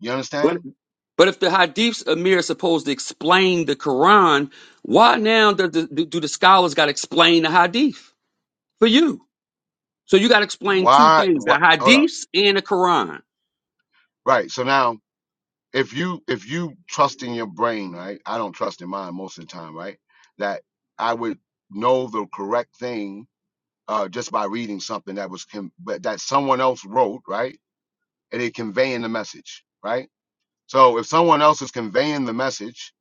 Speaker 1: You
Speaker 8: But
Speaker 1: understand?
Speaker 8: but if the hadiths Amir is supposed to explain the Quran, why now do the, do do the scholars got to explain the hadith for you? So you got to explain two
Speaker 1: Why?
Speaker 8: things: the
Speaker 1: What? Hold up.
Speaker 8: hadiths and the Quran.
Speaker 1: Right. So now if you if you trust in your brain, right? I don't trust in mine most of the time, right? That I would know the correct thing uh, just by reading something that was con- but that someone else wrote, right? And it conveying the message, right? So if someone else is conveying the message,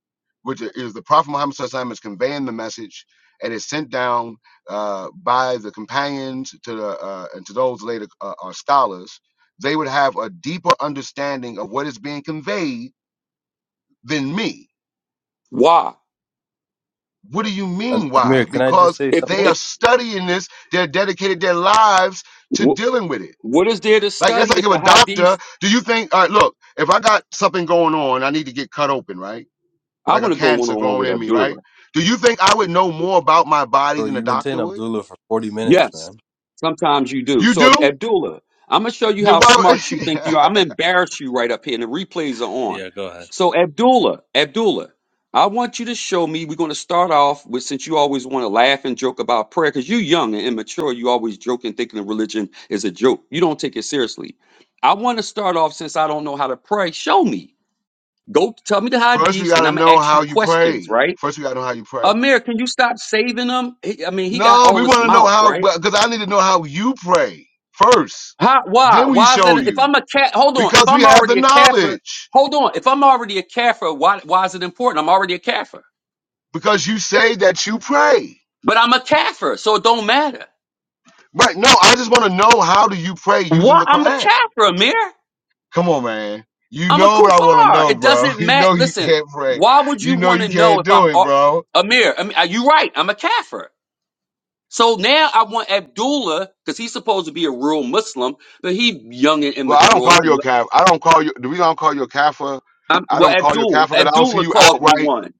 Speaker 1: which i- is the Prophet Muhammad SAW is conveying the message, and it's sent down uh, by the companions to the uh, and to those later uh, are scholars, they would have a deeper understanding of what is being conveyed than me
Speaker 8: Why?
Speaker 1: What do you
Speaker 9: Um,
Speaker 1: mean
Speaker 9: Amir,
Speaker 1: why?
Speaker 9: can I
Speaker 1: Because
Speaker 9: just say
Speaker 8: If
Speaker 1: they
Speaker 8: if
Speaker 1: are
Speaker 9: something?
Speaker 1: studying this, they're dedicated their lives to
Speaker 8: wh-
Speaker 1: dealing with it.
Speaker 8: what is there to
Speaker 1: Like that's
Speaker 8: study
Speaker 1: like
Speaker 8: if
Speaker 1: if
Speaker 8: the
Speaker 1: a doctor,
Speaker 8: hadiths?
Speaker 1: do you think, all right, look, if I got something going on, I need to get cut open, right?
Speaker 8: I
Speaker 1: Like a
Speaker 8: want to go one
Speaker 1: cancer
Speaker 8: on one with
Speaker 1: growing in me,
Speaker 8: Abdullah.
Speaker 1: right? Do you think I would know more about my body
Speaker 9: Bro,
Speaker 1: than a
Speaker 9: you've been saying
Speaker 1: doctor would?
Speaker 9: Abdullah for 40 minutes,
Speaker 8: Yes,
Speaker 9: man.
Speaker 8: sometimes you do.
Speaker 1: You do?
Speaker 8: So, Abdullah, I'm going to show you
Speaker 1: Then
Speaker 8: how
Speaker 1: why
Speaker 8: smart you think you are. I'm going to embarrass you right up here, and the replays are on.
Speaker 9: Yeah, go ahead.
Speaker 8: So, Abdullah, Abdullah, I want you to show me. We're going to start off with since you always want to laugh and joke about prayer because you're young and immature. You always joke and thinking of religion is a joke. You don't take it seriously. I want to start off since I don't know how to pray. Show me. Go tell me the hadiths,
Speaker 1: first we
Speaker 8: and
Speaker 1: gotta
Speaker 8: I'm going to
Speaker 1: know
Speaker 8: ask
Speaker 1: how
Speaker 8: you
Speaker 1: you
Speaker 8: questions,
Speaker 1: pray.
Speaker 8: right?
Speaker 1: First we gotta know how you pray.
Speaker 8: Amir, can you stop saving him? He- I mean, he got
Speaker 1: No, we
Speaker 8: all this
Speaker 1: wanna know
Speaker 8: mouth,
Speaker 1: how
Speaker 8: right?
Speaker 1: because I need to know how you pray first.
Speaker 8: How, why?
Speaker 1: Then we
Speaker 8: Why is
Speaker 1: show
Speaker 8: that? If
Speaker 1: you.
Speaker 8: I'm a cat, hold on. If
Speaker 1: Because we
Speaker 8: I'm
Speaker 1: have the
Speaker 8: already a kafir,
Speaker 1: knowledge.
Speaker 8: hold on. If I'm already a kafir, why? Why is it important? I'm already a kafir,
Speaker 1: because you say that you pray.
Speaker 8: but I'm a kafir, so it don't matter.
Speaker 1: Right. No, I just want to know how do you pray using
Speaker 8: Why?
Speaker 1: the
Speaker 8: I'm a
Speaker 1: Quran?
Speaker 8: kafir, Amir.
Speaker 1: Come on, man. You
Speaker 8: I'm a
Speaker 1: know what I want to
Speaker 8: kufar.
Speaker 1: know,
Speaker 8: It
Speaker 1: bro.
Speaker 8: doesn't
Speaker 1: You
Speaker 8: matter.
Speaker 1: know you
Speaker 8: Listen,
Speaker 1: can't pray.
Speaker 8: why would
Speaker 1: You
Speaker 8: you
Speaker 1: know
Speaker 8: want
Speaker 1: you
Speaker 8: to know
Speaker 1: can't
Speaker 8: if I'm
Speaker 1: do it,
Speaker 8: al-
Speaker 1: bro.
Speaker 8: Amir? I mean, are you right? I'm a kafir. So now I want Abdullah because he's supposed to be a real Muslim, but he young and
Speaker 1: Well, I don't
Speaker 8: immature.
Speaker 1: call
Speaker 8: He,
Speaker 1: you a calf. I don't call you. The reason I don't call you a kafir,
Speaker 8: I'm,
Speaker 1: I
Speaker 8: well,
Speaker 1: don't call you a
Speaker 8: Abdul
Speaker 1: kafir because I don't see
Speaker 8: Abdullah
Speaker 1: you
Speaker 8: called me
Speaker 1: outright.
Speaker 8: one.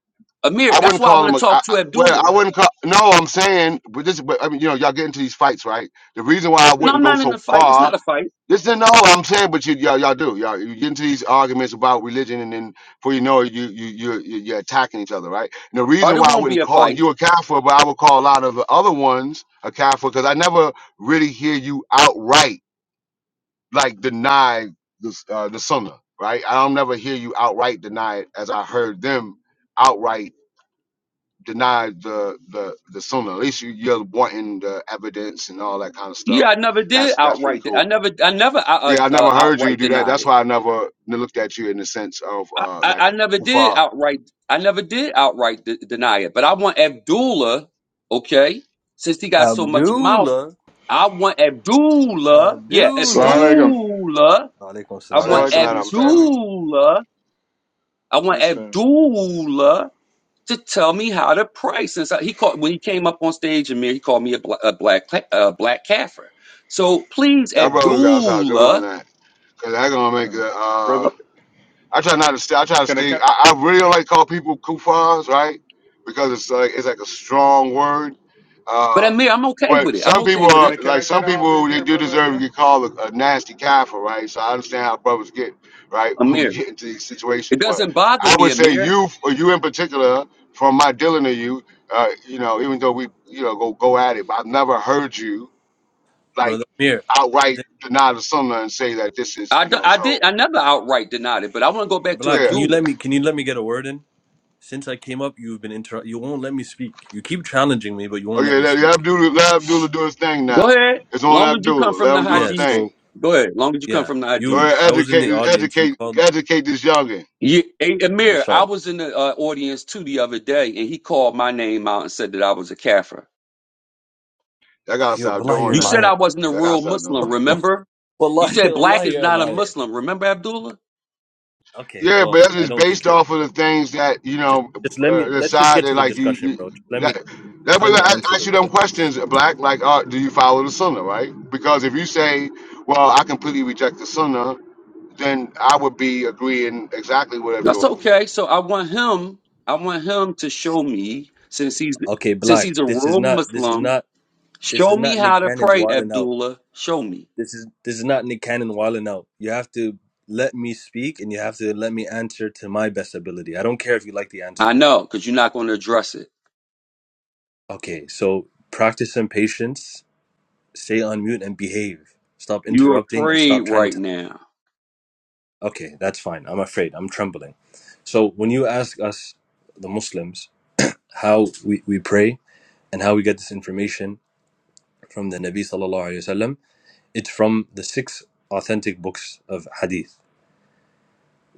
Speaker 1: I
Speaker 8: Amir. That's
Speaker 1: wouldn't
Speaker 8: why I
Speaker 1: call
Speaker 8: want
Speaker 1: him
Speaker 8: to
Speaker 1: a. I,
Speaker 8: talk
Speaker 1: I-
Speaker 8: to
Speaker 1: well,
Speaker 8: Abdullah.
Speaker 1: I wouldn't call. No, I'm saying, but this. But I mean, you know, y'all get into these fights, right? The reason why I
Speaker 8: No,
Speaker 1: wouldn't
Speaker 8: I'm
Speaker 1: go
Speaker 8: not in
Speaker 1: so
Speaker 8: a fight. It's
Speaker 1: far
Speaker 8: not a fight.
Speaker 1: This isn't all I'm saying, but you y'all, y'all do y'all you get into these arguments about religion, and then before you know it, you you you you- you're attacking each other, right? And the
Speaker 8: Or
Speaker 1: reason
Speaker 8: it
Speaker 1: why I
Speaker 8: won't be
Speaker 1: wouldn't
Speaker 8: a
Speaker 1: call
Speaker 8: fight.
Speaker 1: you a Catholic, but I would call a lot of the other ones a Catholic, because I never really hear you outright like deny the uh, the Sunnah, right? I don't never hear you outright deny it, as I heard them outright deny the the the Sunnah. At least you, you're wanting the evidence and all that kind of stuff.
Speaker 8: Yeah, I never did
Speaker 1: That's that's pretty
Speaker 8: outright.
Speaker 1: cool.
Speaker 8: I never, I never uh, uh,
Speaker 1: Yeah, I never
Speaker 8: uh,
Speaker 1: heard you
Speaker 8: outright
Speaker 1: do that.
Speaker 8: denied
Speaker 1: That's
Speaker 8: it.
Speaker 1: why I never n- looked at you in the sense of
Speaker 8: I,
Speaker 1: uh
Speaker 8: I,
Speaker 1: like
Speaker 8: I
Speaker 1: a
Speaker 8: never did
Speaker 1: kufar.
Speaker 8: outright. I never did outright de- deny it. But I want Abdullah. Okay, since he got so much mouth,
Speaker 9: Abdullah,
Speaker 8: I want Abdullah. Yeah,
Speaker 9: Abdullah.
Speaker 10: Salaam, alaikum.
Speaker 8: Abdullah.
Speaker 9: Alaikum
Speaker 8: I
Speaker 1: I
Speaker 9: salam.
Speaker 1: think
Speaker 8: want
Speaker 10: Salam
Speaker 1: it's
Speaker 10: alaikum.
Speaker 1: not
Speaker 10: Peace,
Speaker 1: I'm talking.
Speaker 10: family.
Speaker 8: Abdullah. I want
Speaker 10: Peace, family.
Speaker 8: Abdullah. to tell me how to pray. Since I, he called when he came up on stage and he called me a, bla- a black ca- a black kafir. So please,
Speaker 1: That brother got outside doing on
Speaker 8: Abdullah,
Speaker 1: that because that's gonna make it.
Speaker 10: Uh,
Speaker 1: Uh,
Speaker 10: brother,
Speaker 1: I try not to stay. I try to
Speaker 10: can I
Speaker 1: stay.
Speaker 10: can,
Speaker 1: I, I really don't like call people kufars, right? Because it's like it's like a strong word. Uh.
Speaker 8: but Amir, I'm okay with
Speaker 1: But
Speaker 8: it. I'm
Speaker 1: some
Speaker 8: okay
Speaker 1: people
Speaker 8: with
Speaker 10: can
Speaker 1: are
Speaker 8: it,
Speaker 10: I can
Speaker 1: like
Speaker 10: I
Speaker 1: some
Speaker 10: can I hop in
Speaker 1: people they
Speaker 10: here,
Speaker 1: do
Speaker 10: brother
Speaker 1: deserve to
Speaker 10: Amir?
Speaker 1: get called a, a nasty kaffir, right? So I understand how brothers get right when we
Speaker 8: Amir.
Speaker 1: get into these
Speaker 8: It
Speaker 1: situations. But
Speaker 8: doesn't bother
Speaker 1: I
Speaker 8: me,
Speaker 1: would say
Speaker 8: Amir.
Speaker 1: you, or you in particular, from my dealing to you, uh, you know, even though we, you know, go go at it, but I've never heard you like
Speaker 9: Brother Amir,
Speaker 1: outright deny the sunnah and say that this is,
Speaker 8: I,
Speaker 1: you
Speaker 8: d-
Speaker 1: know.
Speaker 8: I did
Speaker 1: So
Speaker 8: I never outright denied it, but I want to go back to
Speaker 9: Black,
Speaker 1: yeah,
Speaker 9: can you
Speaker 8: Abdullah.
Speaker 9: let me? Can you let me get a word in? Since I came up, you've been inter. You won't let me speak. You keep challenging me, but you won't
Speaker 1: okay,
Speaker 9: let me
Speaker 1: let, let
Speaker 9: speak.
Speaker 1: Abdullah, let Abdullah do his thing
Speaker 8: Go
Speaker 1: now.
Speaker 8: ahead,
Speaker 1: It's on
Speaker 8: long as you come
Speaker 1: Abdullah.
Speaker 8: from
Speaker 1: Let
Speaker 8: the
Speaker 1: him do his
Speaker 9: Yeah,
Speaker 8: hadiths.
Speaker 1: thing.
Speaker 9: so
Speaker 8: Go ahead, long as you come
Speaker 9: yeah,
Speaker 8: from the
Speaker 1: Or
Speaker 9: you
Speaker 8: hadiths.
Speaker 9: I was in the
Speaker 1: educate,
Speaker 9: audience, you
Speaker 1: educate,
Speaker 9: called
Speaker 1: educate this youngin.
Speaker 8: Yeah, hey, Amir,
Speaker 9: Inshallah.
Speaker 8: I was in the uh, audience too the other day, and he called my name out and said that I was a kafir.
Speaker 1: Y'all
Speaker 9: You're wallahi you're
Speaker 8: You
Speaker 1: got,
Speaker 8: said
Speaker 9: lying.
Speaker 8: I wasn't a
Speaker 1: y'all
Speaker 8: real
Speaker 1: got
Speaker 8: Muslim, remember? You
Speaker 9: Wallahi,
Speaker 8: said black
Speaker 9: wallahi
Speaker 8: is
Speaker 9: you're a
Speaker 8: not a
Speaker 9: liar.
Speaker 8: Muslim. Remember Abdullah?
Speaker 9: Okay,
Speaker 1: Yeah, but
Speaker 9: well
Speaker 1: that's
Speaker 9: I
Speaker 1: just
Speaker 9: don't think
Speaker 1: based
Speaker 9: you're a
Speaker 1: off
Speaker 9: Muslim.
Speaker 1: of the things that you
Speaker 9: just
Speaker 1: know,
Speaker 9: just let
Speaker 1: uh,
Speaker 9: me
Speaker 1: the
Speaker 9: let's just
Speaker 1: side
Speaker 9: get
Speaker 1: that
Speaker 9: to the
Speaker 1: like you.
Speaker 9: discussion, bro.
Speaker 1: you
Speaker 9: Just let
Speaker 1: that,
Speaker 9: me
Speaker 1: that
Speaker 9: just
Speaker 1: way,
Speaker 9: let me
Speaker 1: I I
Speaker 9: answer
Speaker 1: ask you
Speaker 9: them.
Speaker 1: them questions, Black. Like, uh, do you follow the Sunnah, right? Because if you say, "Well, I completely reject the Sunnah," then I would be agreeing exactly what I'm
Speaker 8: That's
Speaker 1: doing.
Speaker 8: okay. So I want him. I want him to show me since he's
Speaker 9: Okay,
Speaker 8: since
Speaker 9: Black,
Speaker 8: he's a
Speaker 9: this is
Speaker 8: real
Speaker 9: not this is
Speaker 8: Muslim.
Speaker 9: not this
Speaker 8: Show
Speaker 9: is
Speaker 8: me
Speaker 9: not Nick
Speaker 8: how to
Speaker 9: Cannon's
Speaker 8: pray,
Speaker 9: wilding out.
Speaker 8: Abdullah. Show me.
Speaker 9: This is this is not Nick Cannon wilding out. You have to let me speak and you have to let me answer to my best ability. I don't care if you like the
Speaker 8: I
Speaker 9: answer or not.
Speaker 8: know, because you're not going to address it.
Speaker 9: Okay, so practice some patience stay on mute and behave. Stop
Speaker 8: You're
Speaker 9: interrupting and
Speaker 8: afraid
Speaker 9: stop trying to
Speaker 8: right
Speaker 9: tell.
Speaker 8: now.
Speaker 9: Okay, that's fine. I'm afraid. I'm trembling. So when you ask us, the Muslims, how we, we pray and how we get this information from the Nabi sallallahu alaihi wasallam, it's from the six authentic books of Hadith.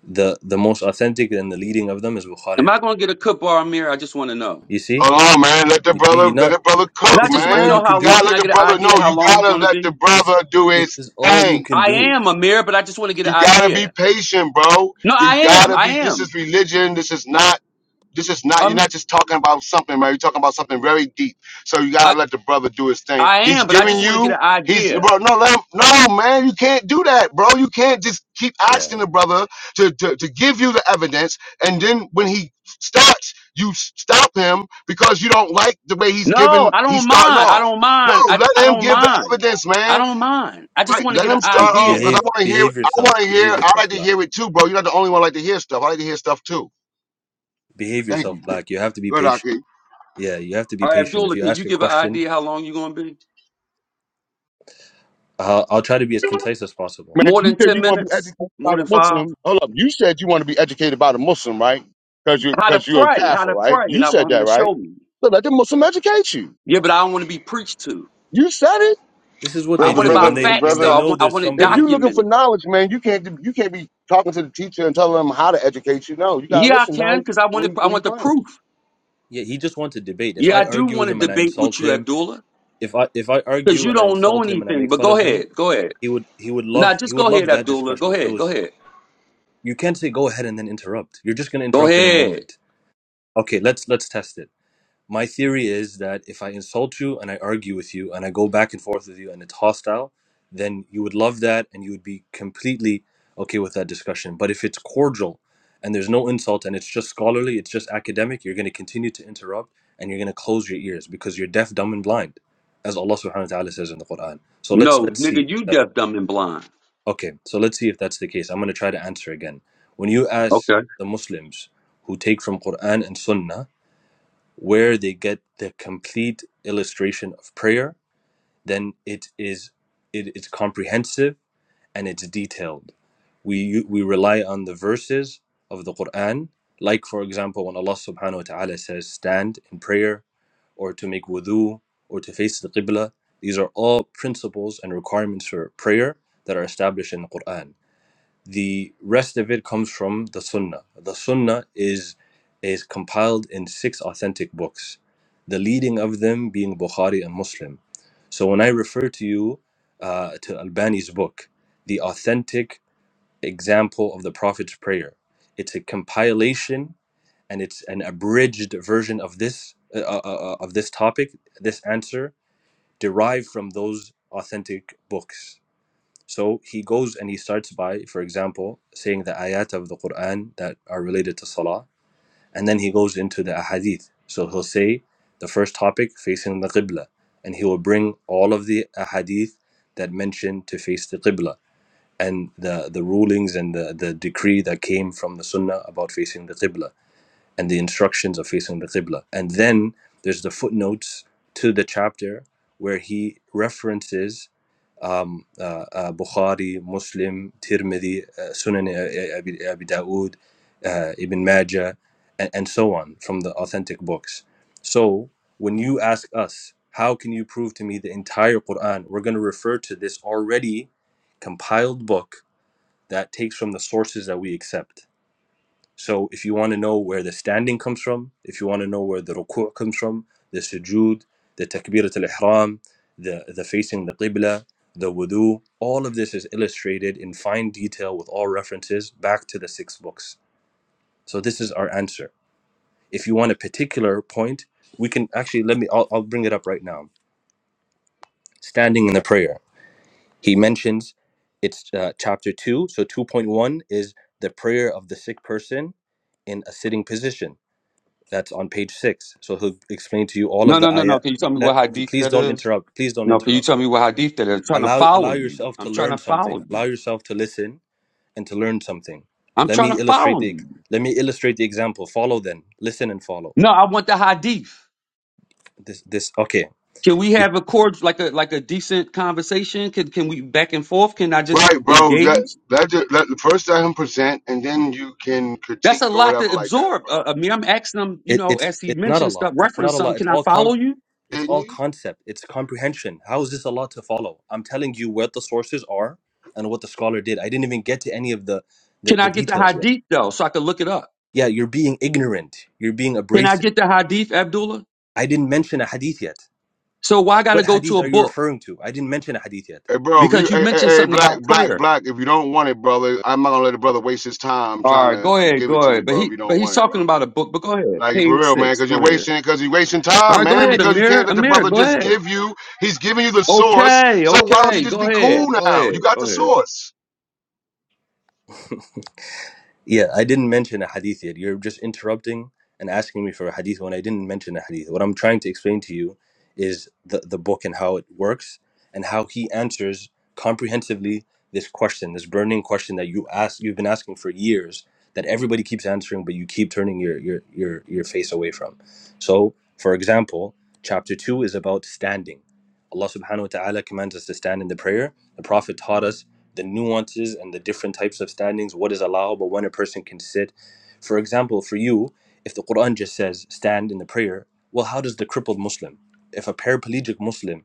Speaker 9: The the most authentic and the leading of them is Bukhari.
Speaker 8: Am
Speaker 9: and
Speaker 8: I
Speaker 9: Muslim.
Speaker 8: going to get a kippa or mirror? I just want to know.
Speaker 9: You see,
Speaker 1: Hold on, man. Let the
Speaker 9: you see, you're
Speaker 1: brother, let
Speaker 9: not.
Speaker 1: the brother
Speaker 8: And
Speaker 1: cook,
Speaker 8: I
Speaker 9: This
Speaker 8: just
Speaker 9: is
Speaker 8: want to
Speaker 9: all you
Speaker 1: man.
Speaker 8: know
Speaker 9: can
Speaker 8: how
Speaker 1: You
Speaker 8: long.
Speaker 9: do.
Speaker 1: gotta
Speaker 8: Can
Speaker 1: let
Speaker 8: I
Speaker 1: the
Speaker 8: get an
Speaker 1: brother
Speaker 8: idea
Speaker 1: know.
Speaker 8: how
Speaker 1: You
Speaker 8: long he's
Speaker 1: gotta
Speaker 8: going to
Speaker 1: let the
Speaker 8: be?
Speaker 9: This
Speaker 1: brother do
Speaker 9: this
Speaker 1: his
Speaker 9: is all you
Speaker 1: thing.
Speaker 9: can
Speaker 8: I
Speaker 9: do.
Speaker 8: am a mirror, but I just want to get an
Speaker 1: You gotta be
Speaker 8: idea.
Speaker 1: patient, bro.
Speaker 8: No, I
Speaker 1: You
Speaker 8: am.
Speaker 1: gotta
Speaker 8: I
Speaker 1: be. This
Speaker 8: am.
Speaker 1: is religion. This is not This is not, you're
Speaker 8: Um,
Speaker 1: not just talking about something, man. You're talking about something very deep. So you
Speaker 8: I,
Speaker 1: gotta let the brother do his thing.
Speaker 8: I
Speaker 1: He's
Speaker 8: am, but I
Speaker 1: giving
Speaker 8: just want to get
Speaker 1: you,
Speaker 8: an
Speaker 1: he's,
Speaker 8: idea.
Speaker 1: bro, no, let him, no, man, you can't do that, bro. You can't just keep
Speaker 9: Yeah,
Speaker 1: asking the brother to, to, to give you the evidence. And then when he starts, you s- stop him because you don't like the way he's
Speaker 8: No,
Speaker 1: giving,
Speaker 8: I
Speaker 1: he's
Speaker 8: don't
Speaker 1: starting
Speaker 8: mind. I
Speaker 1: off.
Speaker 8: don't mind.
Speaker 1: No,
Speaker 8: I, I
Speaker 1: let him
Speaker 8: don't
Speaker 1: give the
Speaker 8: mind.
Speaker 1: evidence,
Speaker 8: I
Speaker 1: man.
Speaker 8: don't mind. I just
Speaker 1: Right,
Speaker 8: want to
Speaker 1: let
Speaker 8: get an
Speaker 1: him
Speaker 9: Be,
Speaker 1: start off
Speaker 8: idea.
Speaker 1: because I
Speaker 9: behave
Speaker 1: want to hear.
Speaker 9: behave
Speaker 1: I want
Speaker 9: yourself.
Speaker 1: to hear.
Speaker 9: Behave
Speaker 1: I
Speaker 9: yourself.
Speaker 1: like to
Speaker 9: black.
Speaker 1: hear it too, bro. You're not the only one like to hear stuff. I like to hear stuff too.
Speaker 9: behave
Speaker 1: Thank you.
Speaker 9: yourself black you have to be
Speaker 1: Good,
Speaker 9: patient
Speaker 1: Aki.
Speaker 9: yeah you have to be
Speaker 8: All right,
Speaker 9: patient if
Speaker 8: Abdullah,
Speaker 9: you
Speaker 8: can
Speaker 9: ask
Speaker 8: you
Speaker 9: a
Speaker 8: give an
Speaker 9: question
Speaker 8: idea how long you're going to be?
Speaker 9: i'll, I'll try to be as concise as possible
Speaker 1: Man,
Speaker 8: More
Speaker 1: you
Speaker 8: than
Speaker 1: said
Speaker 8: 10
Speaker 1: you want to be
Speaker 8: minutes?
Speaker 1: educated by
Speaker 8: More
Speaker 1: the
Speaker 8: than five?
Speaker 1: Muslim. Hold up, you said you want to be educated by the Muslim, right? Because you
Speaker 8: How to
Speaker 1: because you're a
Speaker 8: pray. How
Speaker 1: Catholic,
Speaker 8: to
Speaker 1: right?
Speaker 8: pray.
Speaker 1: You
Speaker 8: And I
Speaker 1: said
Speaker 8: want him
Speaker 1: that,
Speaker 8: to
Speaker 1: right?
Speaker 8: show me.
Speaker 1: So let the Muslim educate you.
Speaker 8: Yeah, but I don't want to be preached to.
Speaker 1: You said it.
Speaker 9: this is what
Speaker 8: I
Speaker 9: they
Speaker 10: Brother,
Speaker 8: want it
Speaker 9: do
Speaker 8: by
Speaker 9: when
Speaker 10: brother,
Speaker 9: they when
Speaker 8: facts, though.
Speaker 9: they
Speaker 8: I
Speaker 10: brother,
Speaker 9: know
Speaker 8: want, I
Speaker 9: there's
Speaker 8: want it
Speaker 1: If
Speaker 9: somebody
Speaker 1: you're looking for
Speaker 8: documented.
Speaker 1: knowledge, man, you can't you can't be talking to the teacher and telling them how to educate you. No, you gotta
Speaker 8: Yeah, I
Speaker 1: listen. Now,
Speaker 8: can, because I want
Speaker 1: what do
Speaker 8: it,
Speaker 1: you,
Speaker 8: I
Speaker 1: what do you
Speaker 8: want the
Speaker 1: bring?
Speaker 8: proof.
Speaker 9: yeah he just wants to debate if
Speaker 8: Yeah,
Speaker 9: i
Speaker 8: I do
Speaker 9: argue
Speaker 8: want
Speaker 9: with
Speaker 8: to
Speaker 9: him and i
Speaker 8: debate with
Speaker 9: insult
Speaker 8: you,
Speaker 9: him
Speaker 8: Abdullah,
Speaker 9: if i if i
Speaker 8: because
Speaker 9: argue
Speaker 8: you
Speaker 9: and i
Speaker 8: don't know
Speaker 9: insult him and i
Speaker 8: anything.
Speaker 9: make
Speaker 8: But
Speaker 9: fun
Speaker 8: go
Speaker 9: of him
Speaker 8: ahead. Go ahead.
Speaker 9: he would he would love
Speaker 8: Nah,
Speaker 9: he
Speaker 8: just
Speaker 9: would
Speaker 8: go
Speaker 9: love
Speaker 8: ahead,
Speaker 9: that
Speaker 8: Abdullah.
Speaker 9: discussion
Speaker 8: Go
Speaker 9: if it
Speaker 8: ahead. Go
Speaker 9: was
Speaker 8: ahead.
Speaker 9: you can't say go ahead and then interrupt you're just going to
Speaker 8: Go
Speaker 9: interrupt in a
Speaker 8: ahead.
Speaker 9: moment okay let's let's test it My theory is that if I insult you and I argue with you and I go back and forth with you and it's hostile, then you would love that and you would be completely okay with that discussion. But if it's cordial and there's no insult and it's just scholarly, it's just academic, you're going to continue to interrupt and you're going to close your ears because you're deaf, dumb, and blind, as Allah subhanahu wa ta'ala says in the Quran. So let's
Speaker 8: No,
Speaker 9: let's
Speaker 8: nigga,
Speaker 9: see.
Speaker 8: you
Speaker 9: That,
Speaker 8: deaf, dumb, and blind.
Speaker 9: okay, so let's see if that's the case. I'm going to try to answer again. When you ask
Speaker 8: Okay.
Speaker 9: the Muslims who take from Quran and Sunnah, where they get the complete illustration of prayer, then it is it, it's comprehensive and it's detailed. We we rely on the verses of the Quran, like for example when Allah subhanahu wa ta'ala says stand in prayer or to make wudu or to face the qibla. These are all principles and requirements for prayer that are established in the Quran. The rest of it comes from the Sunnah. The Sunnah is is compiled in six authentic books, the leading of them being Bukhari and Muslim. So when I refer to you uh, to Albani's book, the authentic example of the Prophet's prayer, it's a compilation and it's an abridged version of this uh, uh, uh, of this topic, this answer derived from those authentic books. So he goes and he starts by, for example, saying the ayat of the Quran that are related to Salah, and then he goes into the ahadith. So he'll say the first topic facing the Qibla, and he will bring all of the ahadith that mention to face the Qibla and the, the rulings and the, the decree that came from the Sunnah about facing the Qibla and the instructions of facing the Qibla. And then there's the footnotes to the chapter where he references um, uh, uh, Bukhari, Muslim, Tirmidhi, uh, Sunan uh, Abi, Abi Dawood, uh, Ibn Majah, and, and so on from the authentic books. So when you ask us, how can you prove to me the entire Quran? We're going to refer to this already compiled book that takes from the sources that we accept. So if you want to know where the standing comes from, if you want to know where the ruku' comes from, the sujood, the takbirat al-ihram, the, the facing the qibla, the wudu, all of this is illustrated in fine detail with all references back to the six books. So this is our answer. If you want a particular point, we can actually, let me, I'll, I'll bring it up right now. Standing in the prayer. He mentions it's uh, chapter 2. So 2.1 is the prayer of the sick person in a sitting position. That's on page six. So he'll explain to you all
Speaker 8: No,
Speaker 9: of the
Speaker 8: no, no, no.
Speaker 9: ayat.
Speaker 8: Can you tell me
Speaker 9: Let
Speaker 8: what hadith
Speaker 9: please
Speaker 8: that
Speaker 9: don't
Speaker 8: is?
Speaker 9: interrupt. Please don't
Speaker 8: No, can you tell
Speaker 9: interrupt.
Speaker 8: me what hadith that is? I'm trying to
Speaker 9: Allow
Speaker 8: follow
Speaker 9: allow
Speaker 8: you.
Speaker 9: yourself to
Speaker 8: I'm trying
Speaker 9: learn
Speaker 8: to
Speaker 9: something.
Speaker 8: follow you.
Speaker 9: Allow yourself to listen and to learn something.
Speaker 8: I'm
Speaker 9: Let
Speaker 8: trying
Speaker 9: me
Speaker 8: to
Speaker 9: illustrate
Speaker 8: follow
Speaker 9: the
Speaker 8: you.
Speaker 9: let me illustrate the example. Follow then. Listen and follow.
Speaker 8: No, I want the hadith.
Speaker 9: This this okay.
Speaker 8: Can we
Speaker 9: You
Speaker 8: have a cord like a like a decent conversation? Can can we back and forth? Can I just
Speaker 1: Right, bro. Let
Speaker 8: engage?
Speaker 1: Let ju- let first let him present, and then you can
Speaker 8: That's
Speaker 1: critique
Speaker 8: a
Speaker 1: or
Speaker 8: lot
Speaker 1: whatever
Speaker 8: to
Speaker 1: like that.
Speaker 8: absorb. Uh, I mean, I'm asking him, you
Speaker 9: it,
Speaker 8: know,
Speaker 9: it's
Speaker 8: as he
Speaker 9: it's not a
Speaker 8: mentioned stuff,
Speaker 9: lot. It's not
Speaker 8: reference
Speaker 9: a
Speaker 8: something.
Speaker 9: lot. It's
Speaker 8: Can I
Speaker 9: all
Speaker 8: follow
Speaker 9: com
Speaker 8: you?
Speaker 9: it's
Speaker 1: Didn't
Speaker 9: all
Speaker 1: you,
Speaker 9: concept. It's comprehension. How is this a lot to follow? I'm telling you what the sources are and what the scholar did. I didn't even get to any of the the,
Speaker 8: Can
Speaker 9: the
Speaker 8: I get the
Speaker 9: details yet.
Speaker 8: hadith though, so I can look it up?
Speaker 9: Yeah, you're being ignorant. You're being
Speaker 8: Can I
Speaker 9: abrasive.
Speaker 8: get the hadith, Abdullah?
Speaker 9: I didn't mention a hadith yet.
Speaker 8: So why I gotta
Speaker 9: What
Speaker 8: go to
Speaker 9: hadith
Speaker 8: a
Speaker 9: are you
Speaker 8: book?
Speaker 9: referring to? I didn't mention a hadith
Speaker 1: hey,
Speaker 9: yet.
Speaker 1: bro?
Speaker 8: because you mentioned
Speaker 1: Hey,
Speaker 8: something
Speaker 1: Black,
Speaker 8: about
Speaker 1: Black,
Speaker 8: prayer.
Speaker 1: Black, if you don't want it, brother, I'm not gonna let a brother waste his time
Speaker 8: All
Speaker 1: trying
Speaker 8: right, go
Speaker 1: to
Speaker 8: ahead,
Speaker 1: give it
Speaker 8: go
Speaker 1: to you,
Speaker 8: ahead. But
Speaker 1: bro, if
Speaker 8: he
Speaker 1: you don't
Speaker 8: but he's
Speaker 1: want it,
Speaker 8: talking
Speaker 1: bro.
Speaker 8: about a book. But go ahead,
Speaker 1: Like, for
Speaker 8: page
Speaker 1: real, man,
Speaker 8: six.
Speaker 1: because
Speaker 8: Go
Speaker 1: you're
Speaker 8: ahead.
Speaker 1: wasting, because you're wasting
Speaker 8: All
Speaker 1: time,
Speaker 8: right, go
Speaker 1: man,
Speaker 8: ahead,
Speaker 1: because you can't
Speaker 8: Amir.
Speaker 1: let the
Speaker 8: Amir,
Speaker 1: brother
Speaker 8: go
Speaker 1: just
Speaker 8: ahead.
Speaker 1: give you, he's giving you the source,
Speaker 8: Okay,
Speaker 1: so why don't you
Speaker 8: okay,
Speaker 1: just
Speaker 8: go
Speaker 1: be
Speaker 8: ahead,
Speaker 1: cool
Speaker 8: go
Speaker 1: now?
Speaker 8: ahead,
Speaker 1: You got the
Speaker 8: go ahead.
Speaker 1: source.
Speaker 9: Yeah, I didn't mention a hadith yet. You're just interrupting and asking me for a hadith when I didn't mention a hadith. What I'm trying to explain to you is the, the book and how it works and how he answers comprehensively this question, this burning question that you ask you've been asking for years that everybody keeps answering but you keep turning your your your, your face away from. So for example, chapter two is about standing. Allah subhanahu wa ta'ala commands us to stand in the prayer. The Prophet taught us the nuances and the different types of standings, what is allowable, when a person can sit. For example, for you, if the Quran just says stand in the prayer, well, how does the crippled Muslim, if a paraplegic Muslim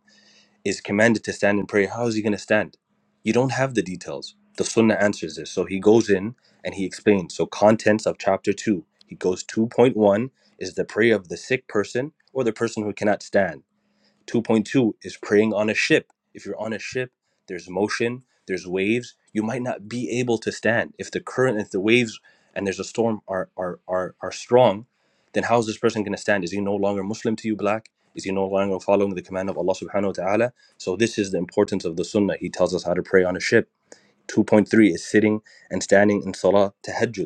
Speaker 9: is commanded to stand in prayer, how is he going to stand? You don't have the details. The Sunnah answers this. So he goes in and he explains. So, contents of chapter 2, he goes 2.1 is the prayer of the sick person or the person who cannot stand. 2.2 is praying on a ship. If you're on a ship, there's motion, there's waves. You might not be able to stand. If the current, if the waves and there's a storm are are are, are strong, then how is this person going to stand? Is he no longer Muslim to you, black? Is he no longer following the command of Allah subhanahu wa ta'ala? So this is the importance of the sunnah. He tells us how to pray on a ship. 2.3 is sitting and standing in salah, tahajjud.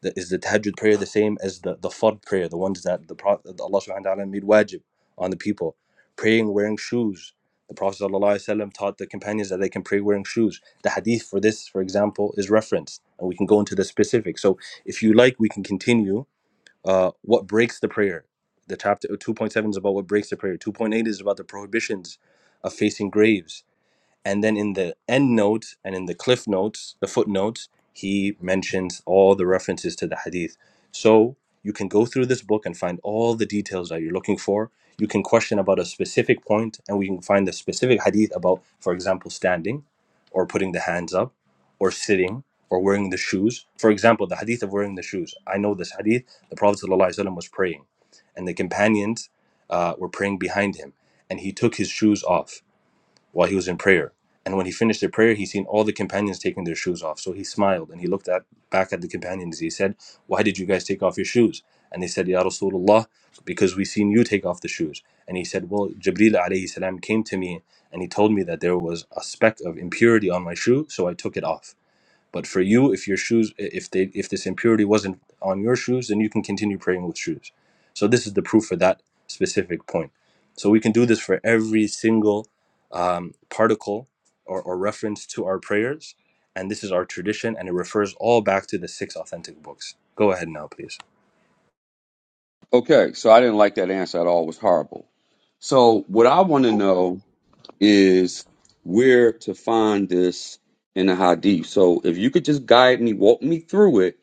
Speaker 9: The, is the tahajjud prayer the same as the, the fard prayer, the ones that the Pro- Allah subhanahu wa ta'ala made wajib on the people? Praying wearing shoes. The Prophet sallallahu alaihi wasallam taught the companions that they can pray wearing shoes. The hadith for this, for example, is referenced, and we can go into the specifics. So if you like, we can continue. Uh, what breaks the prayer? The chapter 2.7 is about what breaks the prayer. 2.8 is about the prohibitions of facing graves. And then in the end note and in the cliff notes, the footnotes, he mentions all the references to the hadith. So you can go through this book and find all the details that you're looking for. You can question about a specific point, and we can find the specific hadith about, for example, standing or putting the hands up or sitting or wearing the shoes. For example, the hadith of wearing the shoes. I know this hadith, the Prophet ﷺ was praying, and the companions uh, were praying behind him, and he took his shoes off while he was in prayer. And when he finished the prayer, he seen all the companions taking their shoes off. So he smiled and he looked at back at the companions. He said, Why did you guys take off your shoes? And they said, Ya Rasulullah, because we seen you take off the shoes. And he said, Well, Jibreel alayhi salam came to me and he told me that there was a speck of impurity on my shoe, so I took it off. But for you, if your shoes, if they, if this impurity wasn't on your shoes, then you can continue praying with shoes. So this is the proof for that specific point. So we can do this for every single um, particle or, or reference to our prayers, and this is our tradition, and it refers all back to the six authentic books. Go ahead now, please.
Speaker 8: Okay, so I didn't like that answer at all. It was horrible. So what I want to know is where to find this in the Hadith. So if you could just guide me, walk me through it,